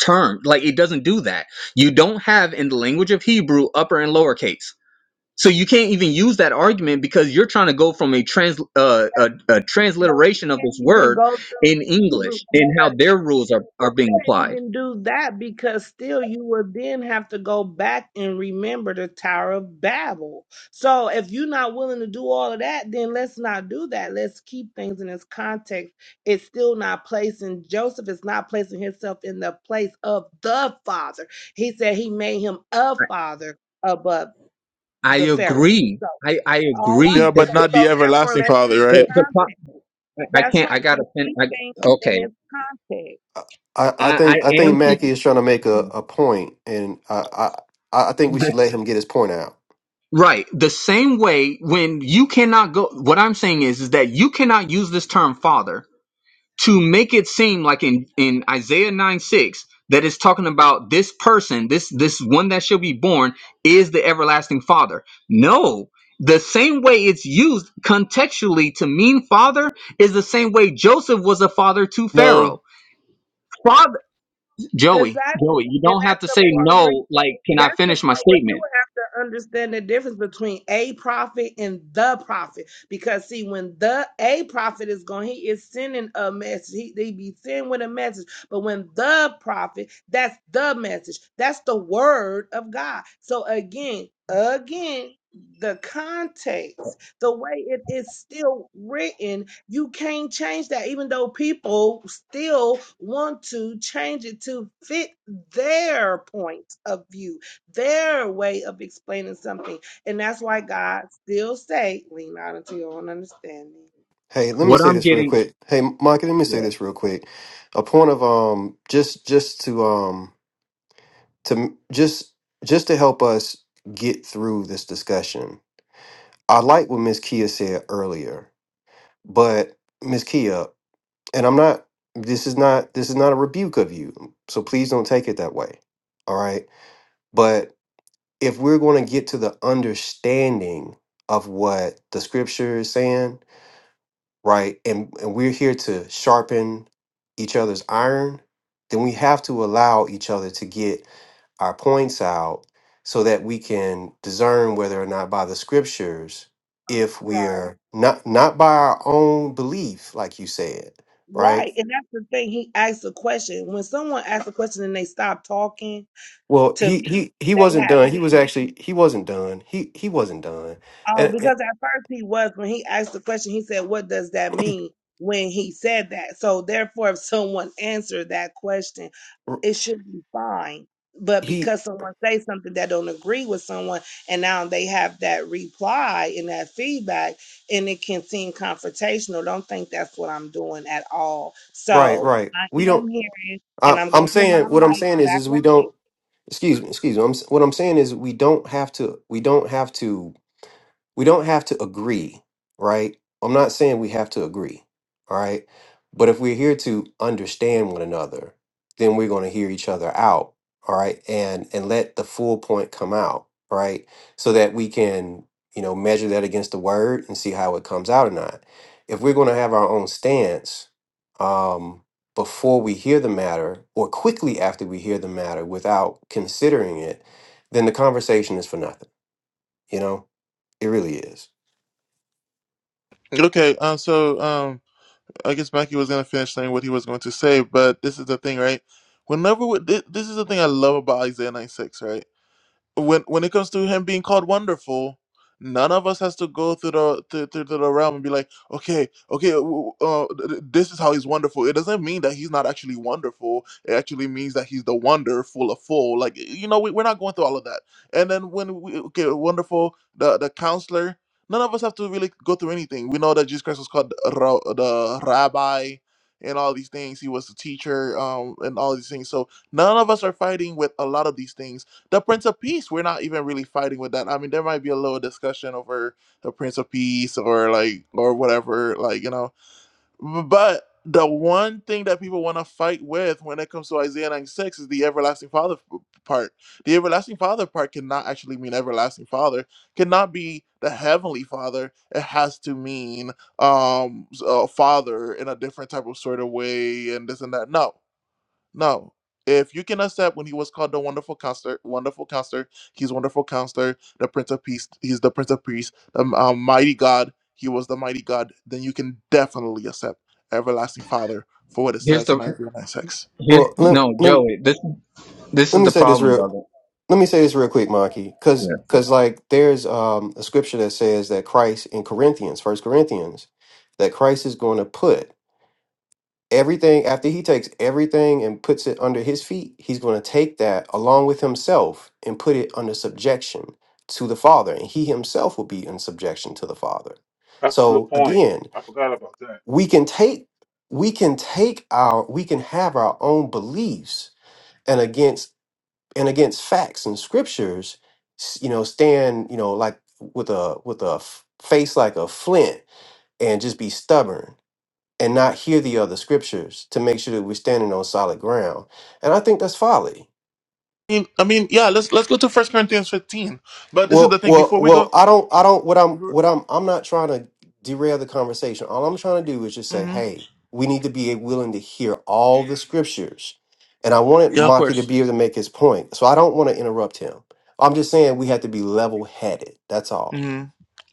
terms. Like it doesn't do that. You don't have in the language of Hebrew upper and lowercase. So you can't even use that argument because you're trying to go from a trans uh, a, a But transliteration of we can't this even word go through in Hebrew English and how their rules are, But are being we can't applied. even do that because still you will then have to go back and remember the Tower of Babel. So if you're not willing to do all of that, then let's not do that. Let's keep things in its context. It's still not placing Joseph is not placing himself in the place of the father. He said he made him a father above I the Pharaoh. agree. So I, I all right. agree. yeah But So, but not the so therefore everlasting let's keep father the the, right the time. pro- I That's can't. I right. gotta. So fin- keep I, things in okay. its context. I, I I I I think I am think Mackie is trying to make a, a point, and I, I I think we keep. should let him get his point out. Right. The same way when you cannot go what I'm saying is is that you cannot use this term father to make it seem like in in Isaiah 9 6 that is talking about this person, this this one that shall be born is the everlasting father. No. The same way it's used contextually to mean father is the same way Joseph was a father to No. Pharaoh. Father Joey, Exactly. Joey, you And don't have that's to say the part where you- no like can I that's the finish my part where you statement? have to understand the difference between a prophet and the prophet. Because see, when the a prophet is going, he is sending a message. He they be sending with a message. But when the prophet, that's the message. That's the word of God. So again, again, the context the way it is still written, you can't change that, even though people still want to change it to fit their point of view, their way of explaining something. And that's why God still say, lean not into your own understanding. Hey, let me What say I'm this real getting quick. Hey, Mike, let me say yeah. this real quick. A point of um just just to um to just just to help us get through this discussion. I like what Miss Kia said earlier But Miss Kia, and I'm not this is not this is not a rebuke of you. So please don't take it that way. All right? But if we're going to get to the understanding of what the scripture is saying, right? And and we're here to sharpen each other's iron, then we have to allow each other to get our points out so that we can discern whether or not by the scriptures if Right. we are not not by our own belief like you said right Right. And that's the thing. He asked a question. When someone asks a question and they stop talking, well to he me, he he they wasn't done he have. was actually he wasn't done he he wasn't done Oh, and, and because at first he was when he asked the question, he said, "What does that mean?" When he said that, so therefore, if someone answered that question, r- it should be fine. But he because someone says something that don't agree with someone, and now they have that reply and that feedback, and it can seem confrontational. Don't think that's what I'm doing at all. right So right I we am don't hearing, I, and I'm i'm gonna put my saying what i'm mic saying is back is we on don't excuse me excuse me I'm, s- what i'm saying is we don't have to we don't have to we don't have to agree, right? I'm not saying we have to agree, all right? But if we're here to understand one another, then we're going to hear each other out, all right? And and let the full point come out, right? So that we can, you know, measure that against the word and see how it comes out or not. If we're going to have our own stance um before we hear the matter or quickly after we hear the matter without considering it, then the conversation is for nothing, you know? It really is. Okay. Uh, so. um. I guess Mackie was gonna finish saying what he was going to say, but this is the thing, right? Whenever we, thi- this is the thing I love about Isaiah 96, right? when when it comes to him being called wonderful, none of us has to go through the through, through through the realm and be like, okay, okay, w- w- uh, th- th- this is how he's wonderful. It doesn't mean that he's not actually wonderful. It actually means that he's the wonder, full of full. Like you know, we, we're not going through all of that. And then when we okay, wonderful, the the counselor. None of us have to really go through anything. We know that Jesus Christ was called the ra- the rabbi and all these things. He was the teacher um, and all these things. So none of us are fighting with a lot of these things the Prince of Peace, we're not even really fighting with that. I mean, there might be a little discussion over the Prince of Peace or like or whatever, like you know. But the one thing that people want to fight with when it comes to Isaiah 96 is the everlasting Father f- part. The everlasting Father part cannot actually mean everlasting Father. Cannot be the heavenly Father. It has to mean um s- uh, Father in a different type of sort of way and this and that. No now, If you can accept when he was called the wonderful counselor, wonderful counselor, he's wonderful counselor, the prince of peace, he's the prince of peace, the um, mighty God, he was the mighty God, then you can definitely accept everlasting father for what it Here's says in the Isaiah 96. Here's Well, let, no, let, Joey. This this let is me the say this problem, real brother. let me say this real quick, Maki, Yeah. because because like there's um, a scripture that says that Christ in Corinthians, First Corinthians, that Christ is going to put everything after he takes everything and puts it under his feet, he's going to take that along with himself and put it under subjection to the Father, and he himself will be in subjection to the Father. That's a good So point. again, I forgot about that. we can take we can take our we can have our own beliefs and against. and against facts and scriptures s- you know stand you know like with a with a f- face like a flint and just be stubborn and not hear the other scriptures to make sure that we're standing on solid ground and i think that's folly I mean, I mean, yeah, let's let's go to First Corinthians 15. But this is the Well, thing well, before we well. go I don't. I don't. What I'm. What I'm. I'm not trying to derail the conversation. All I'm trying to do is just say, Mhm. hey, we need to be willing to hear all the scriptures, and I wanted Yeah, of Maki to course. be able to make his point. So I don't want to interrupt him. I'm just saying we have to be level headed. That's all. hmm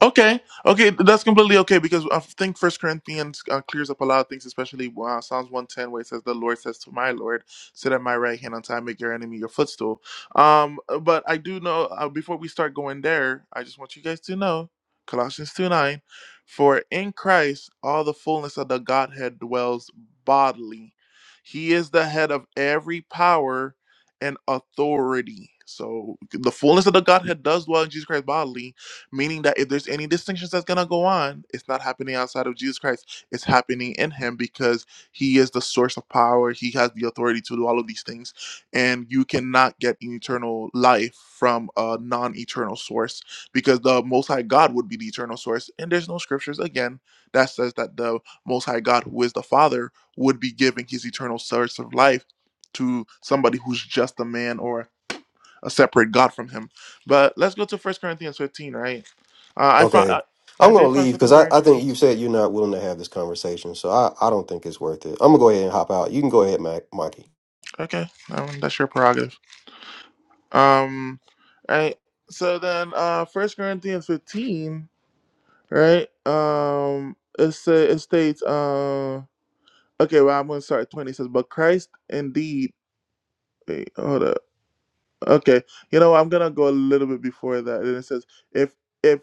Okay, okay, that's completely okay because I think First Corinthians uh, clears up a lot of things, especially uh, Psalms one ten, where it says, "The Lord says to my Lord, sit at my right hand until I make your enemy your footstool." Um, but I do know uh, before we start going there, I just want you guys to know Colossians two nine, for in Christ all the fullness of the Godhead dwells bodily. He is the head of every power and authority. So the fullness of the Godhead does dwell in Jesus Christ bodily meaning that if there's any distinctions that's going to go on, it's not happening outside of Jesus Christ. It's happening in him because he is the source of power. He has the authority to do all of these things. And you cannot get an eternal life from a non eternal source because the Most High God would be the eternal source. And there's no scriptures, again, that says that the Most High God, who is the Father, would be giving his eternal source of life to somebody who's just a man or uh, separate God from him. But let's go to First Corinthians 15, right? Uh, I found Okay. I, I I'm gonna did find leave something because I, very I interesting. think you said you're not willing to have this conversation, so I, I don't think it's worth it. I'm gonna go ahead and hop out. You can go ahead, Mac, Maki. Okay, um, that's your prerogative. Um, right. So then, uh, First Corinthians 15, right? Um, it say it states, uh, okay, well I'm gonna start at 20. It says, but Christ indeed. Wait, hold up. Okay, you know I'm gonna go a little bit before that, and it says if if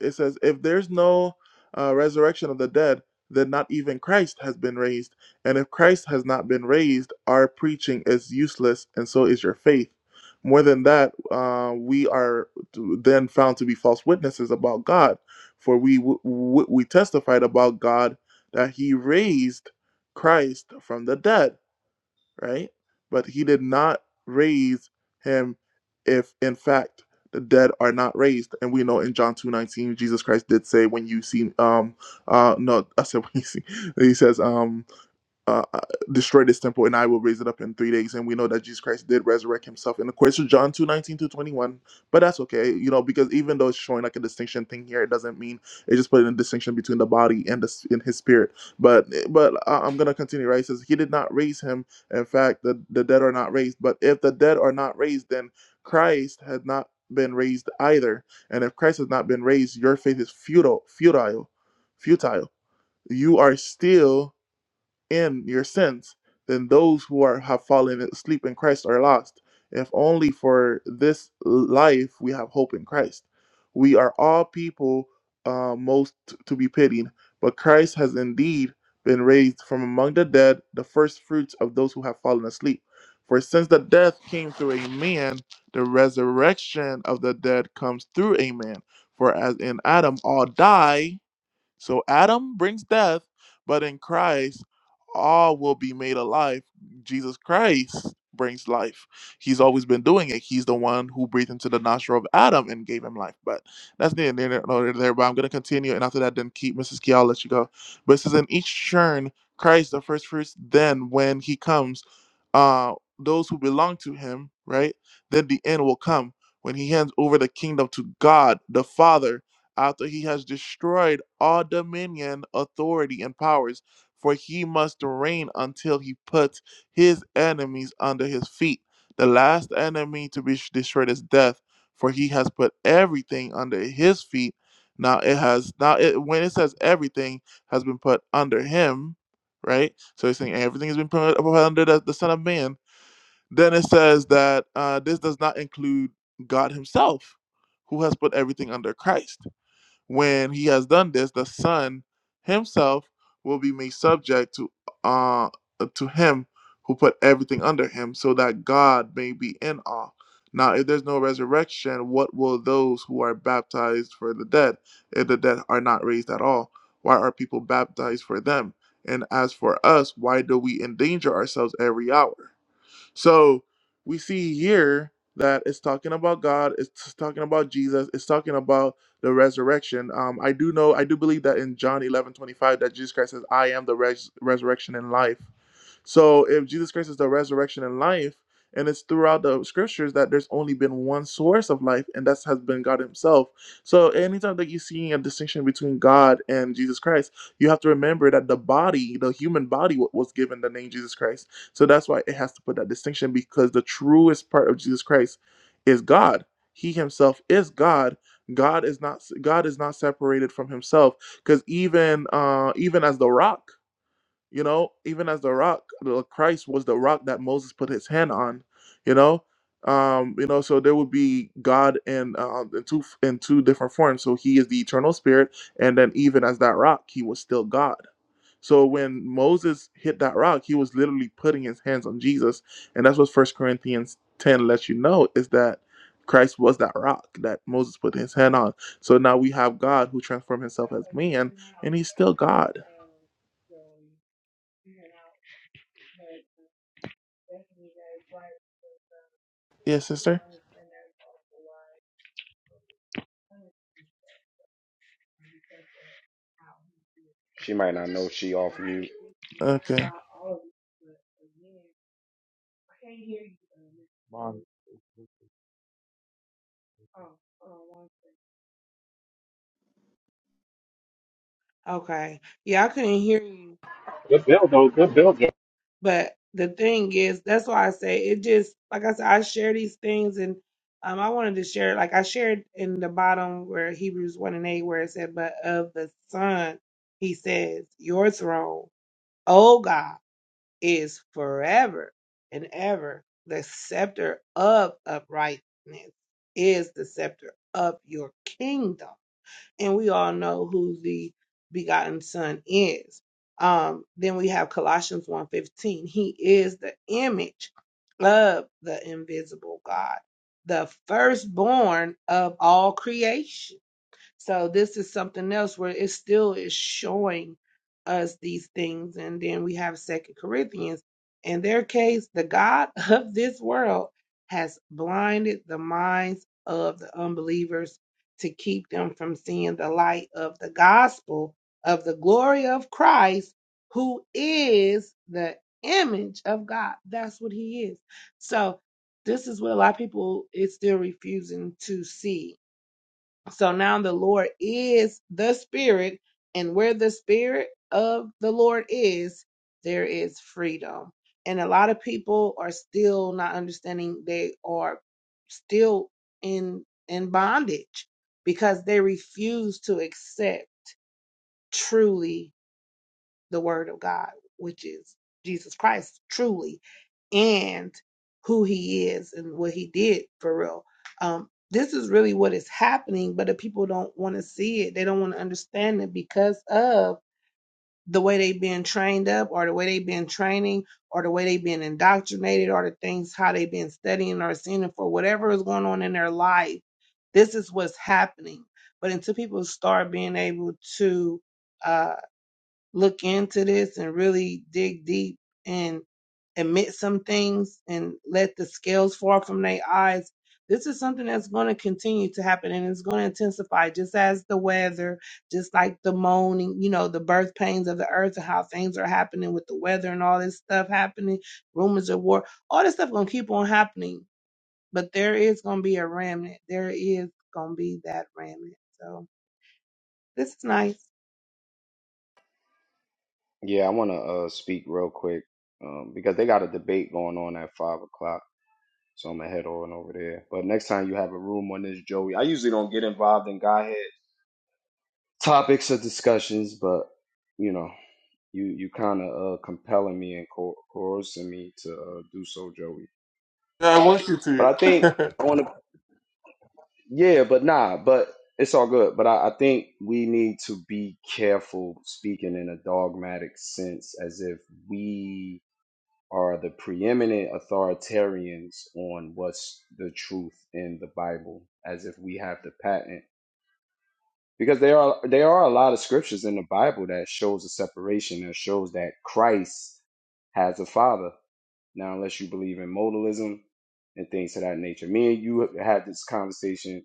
it says if there's no uh, resurrection of the dead, then not even Christ has been raised, and if Christ has not been raised, our preaching is useless, and so is your faith. More than that, uh, we are then found to be false witnesses about God, for we w- w- we testified about God that He raised Christ from the dead right? But he did not raise him if in fact the dead are not raised. And we know in John 2:19 Jesus Christ did say when you see um uh no, I said when you see he says um uh, uh, destroy this temple and I will raise it up in three days. And we know that Jesus Christ did resurrect himself. And of course, it's John 2 19 to 21, but that's okay, you know, because even though it's showing like a distinction thing here, it doesn't mean it just put in a distinction between the body and the in his spirit. But eh, but I, I'm gonna continue, right? It says, He did not raise him. In fact, the, the dead are not raised. But if the dead are not raised, then Christ had not been raised either. And if Christ has not been raised, your faith is futile, futile, futile. You are still in your sins, then those who are have fallen asleep in Christ are lost. If only for this life we have hope in Christ. We are all people uh, most to be pitied, but Christ has indeed been raised from among the dead, the first fruits of those who have fallen asleep. For since the death came through a man, the resurrection of the dead comes through a man. For as in Adam all die, so Adam brings death, but in Christ, all will be made alive. Jesus Christ brings life. He's always been doing it. He's the one who breathed into the nostril of Adam and gave him life. But that's neither there nor nor there. But I'm going to continue. And after that, then keep Mrs. Key, I'll let you go. But it says, In each churn, Christ, the first fruits, then when he comes, uh, those who belong to him, right? Then the end will come when he hands over the kingdom to God, the Father after he has destroyed all dominion, authority, and powers, for he must reign until he puts his enemies under his feet. The last enemy to be destroyed is death, for he has put everything under his feet. Now it has now it when it says everything has been put under him, right? So he's saying everything has been put under the, the Son of Man. Then it says that uh, this does not include God Himself, who has put everything under Christ when he has done this, the Son himself will be made subject to uh to him who put everything under him, so that God may be in awe. Now, if there's no resurrection, what will those who are baptized for the dead, if the dead are not raised at all? Why are people baptized for them? And as for us, why do we endanger ourselves every hour? So we see here that it's talking about God, it's talking about Jesus, it's talking about the resurrection. Um, I do know, I do believe that in John 11 25 that Jesus Christ says, I am the res- resurrection and life. So if Jesus Christ is the resurrection and life, and it's throughout the scriptures that there's only been one source of life, and that has been God Himself. So anytime that you're seeing a distinction between God and Jesus Christ, you have to remember that the body, the human body, wa- was given the name Jesus Christ so that's why it has to put that distinction because the truest part of Jesus Christ is God. He himself is God. God is not God is not separated from himself because even uh even as the rock, you know, even as the rock, the Christ was the rock that Moses put his hand on, you know. Um, you know, so there would be God in uh, in two in two different forms. So he is the eternal spirit, and then even as that rock, he was still God so when Moses hit that rock, he was literally putting his hands on Jesus. And that's what First Corinthians 10 lets you know is that Christ was that rock that Moses put his hand on. So now we have God who transformed himself as man and he's still God. mute. Thanking you guys, like, for Yeah, you know, sister? understand that it's awful wide. I understand because of how he did She might rock. not know she off And mute. thank you Okay. about all of this, but again, I can't hear you, um, oh, oh, one. Okay, yeah, I couldn't hear you, Good build, though. Good build. Joe. but the thing is, that's why I say it just, like I said, I share these things and um, I wanted to share, like I shared in the bottom where Hebrews 1 and 8, where it said, But of the Son, he says, Your throne, O God is forever and ever. The scepter of uprightness is the scepter of your kingdom. And we all know who the begotten son is. Um, then we have Colossians one fifteen. He is the image of the invisible God, the firstborn of all creation so this is something else where it still is showing us these things. And then we have Second Corinthians. In their case, the God of this world has blinded the minds of the unbelievers to keep them from seeing the light of the gospel of the glory of Christ, who is the image of God. That's what he is. So this is what a lot of people is still refusing to see so now the Lord is the Spirit, and where the Spirit of the Lord is, there is freedom. And a lot of people are still not understanding they are still in in bondage because they refuse to accept truly the word of God, which is Jesus Christ truly and who he is and what he did for real. Um, this is really what is happening, but the people don't want to see it. They don't want to understand it because of the way they've been trained up or the way they've been training or the way they've been indoctrinated or the things how they've been studying or seeing it for whatever is going on in their life. This is what's happening. But until people start being able to uh, look into this and really dig deep and admit some things and let the scales fall from their eyes. This is something that's going to continue to happen and it's going to intensify just as the weather, just like the moaning, you know, the birth pains of the earth and how things are happening with the weather and all this stuff happening, rumors of war, all this stuff going to keep on happening. But there is going to be a remnant. There is going to be that remnant. So this is nice. Yeah, I want to uh, speak real quick um, because they got a debate going on at five o'clock, so I'm gonna head on over there. But next time you have a room on this, Joey, I usually don't get involved in guy head topics or discussions, but you know, you you kind of uh, compelling me and co- coercing me to uh, do so, Joey. Yeah, I want you But I think to. I want to, yeah, but nah, but it's all good. But I, I think we need to be careful speaking in a dogmatic sense, as if we are the preeminent authoritarians on what's the truth in the Bible, as if we have the patent. Because there are there are a lot of scriptures in the Bible that shows a separation that shows that Christ has a father. Now, unless you believe in modalism and things of that nature, me and you had this conversation,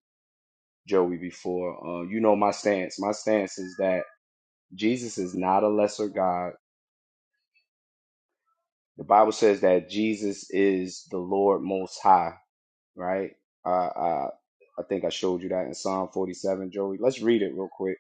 Joey, before. Uh, you know my stance. My stance is that Jesus is not a lesser God. The Bible says that Jesus is the Lord Most High right? Uh, uh, I think I showed you that in Psalm 47, Joey. Let's read it real quick.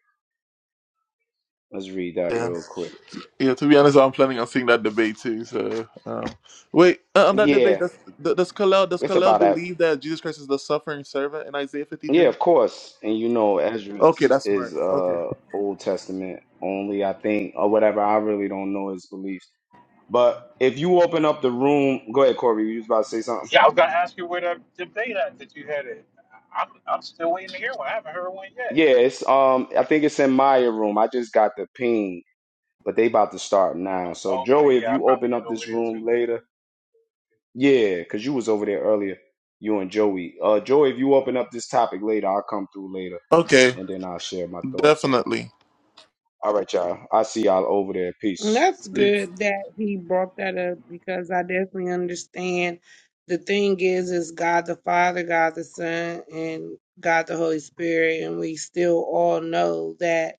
Let's read that yeah. real quick. Yeah, to be honest, I'm planning on seeing that debate too. So um, wait, uh, on that debate, Yeah, does does Kalel does it's Kalel about that. believe that Jesus Christ is the suffering servant in Isaiah Yeah, 53? of course. And you know, Ezra Okay, is that's is, smart. Okay. uh, Old Testament only, I think, or whatever. I really don't know his beliefs. But if you open up the room, go ahead, Corey. You was about to say something. Yeah, I was gonna ask you where the debate at that you had it. I- I'm I'm still waiting to hear one. I haven't heard one yet. Yeah, it's um, I think it's in Maya room. I just got the ping, but they about to start now. So Oh, Joey, Okay, if yeah, I you probably open head up over this there too. room later. Yeah, because you was over there earlier, you and Joey. Uh, Joey, if you open up this topic later, I'll come through later, Okay. and then I'll share my thoughts on Definitely. it. All right, y'all. I see y'all over there. And Peace. That's good that he brought that up because I definitely understand. The thing is, is God the Father, God the Son, and God the Holy Spirit, and we still all know that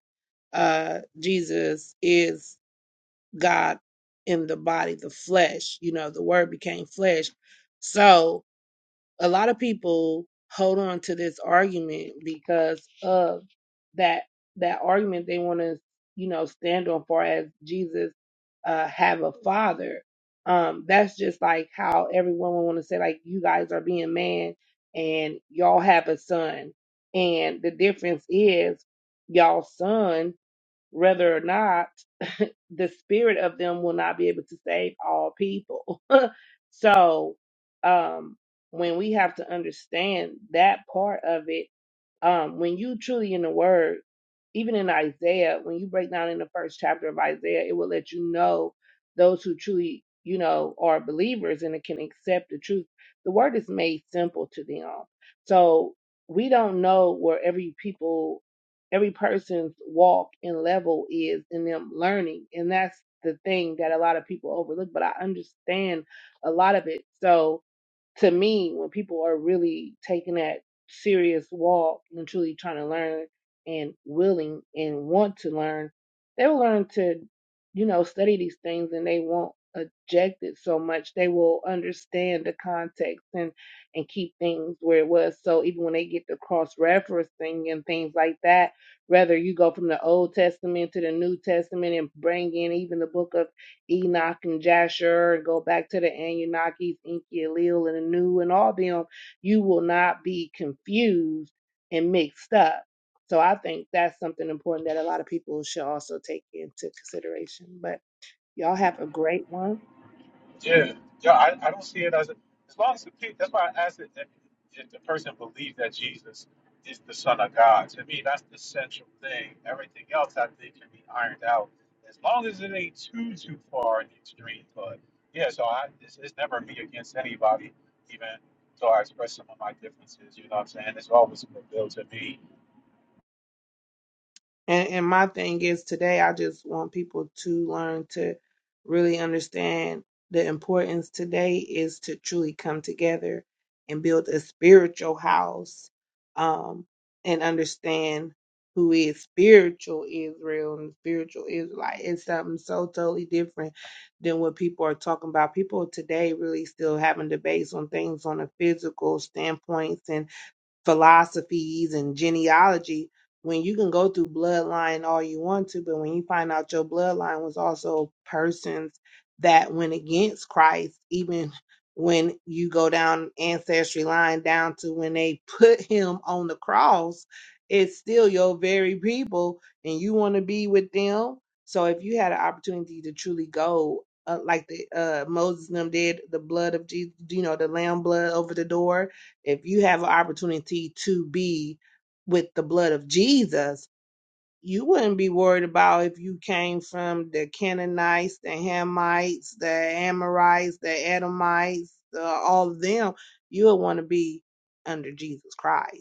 uh, Jesus is God in the body, the flesh. You know, the Word became flesh. So a lot of people hold on to this argument because of that that argument they want to you know stand on far as Jesus uh have a father um that's just like how everyone would want to say like you guys are being man and y'all have a son and the difference is y'all son whether or not the spirit of them will not be able to save all people. so um, when we have to understand that part of it um, when you truly in the word, even in Isaiah, when you break down in the first chapter of Isaiah, it will let you know those who truly, you know, are believers and can accept the truth. The word is made simple to them. So we don't know where every people, every person's walk and level is in them learning. And that's the thing that a lot of people overlook, but I understand a lot of it. So, to me, when people are really taking that serious walk and truly trying to learn and willing and want to learn, they'll learn to, you know, study these things and they won't object it so much. They will understand the context and and keep things where it was. So even when they get the cross referencing and things like that, whether you go from the Old Testament to the New Testament and bring in even the book of Enoch and Jasher, and go back to the Anunnakis, Enki, Elil, and Anu, and all them, you will not be confused and mixed up. So I think that's something important that a lot of people should also take into consideration. But y'all have a great one. Yeah, yeah. I, I don't see it as a, as long as the pe- that's why I asked it if, if the person believes that Jesus is the Son of God. To me, that's the central thing. Everything else, I think, can be ironed out as long as it ain't too too far in the extreme. But yeah, so I it's, it's never me against anybody, even though I express some of my differences. You know what I'm saying? It's always a good bill to me And and my thing is today I just want people to learn to really understand the importance today is to truly come together and build a spiritual house um and understand who is spiritual Israel and spiritual Israelite. It's something so totally different than what people are talking about. People today really still having debates on things on a physical standpoint and philosophies and genealogy when you can go through bloodline all you want to, but when you find out your bloodline was also persons that went against Christ, even when you go down ancestry line down to when they put him on the cross, it's still your very people and you want to be with them. So if you had an opportunity to truly go uh, like the uh, Moses and them did, the blood of Jesus, you know, the lamb blood over the door, if you have an opportunity to be with the blood of Jesus, you wouldn't be worried about if you came from the Canaanites, the Hamites, the Amorites, the Edomites, uh, all of them. You would want to be under Jesus Christ.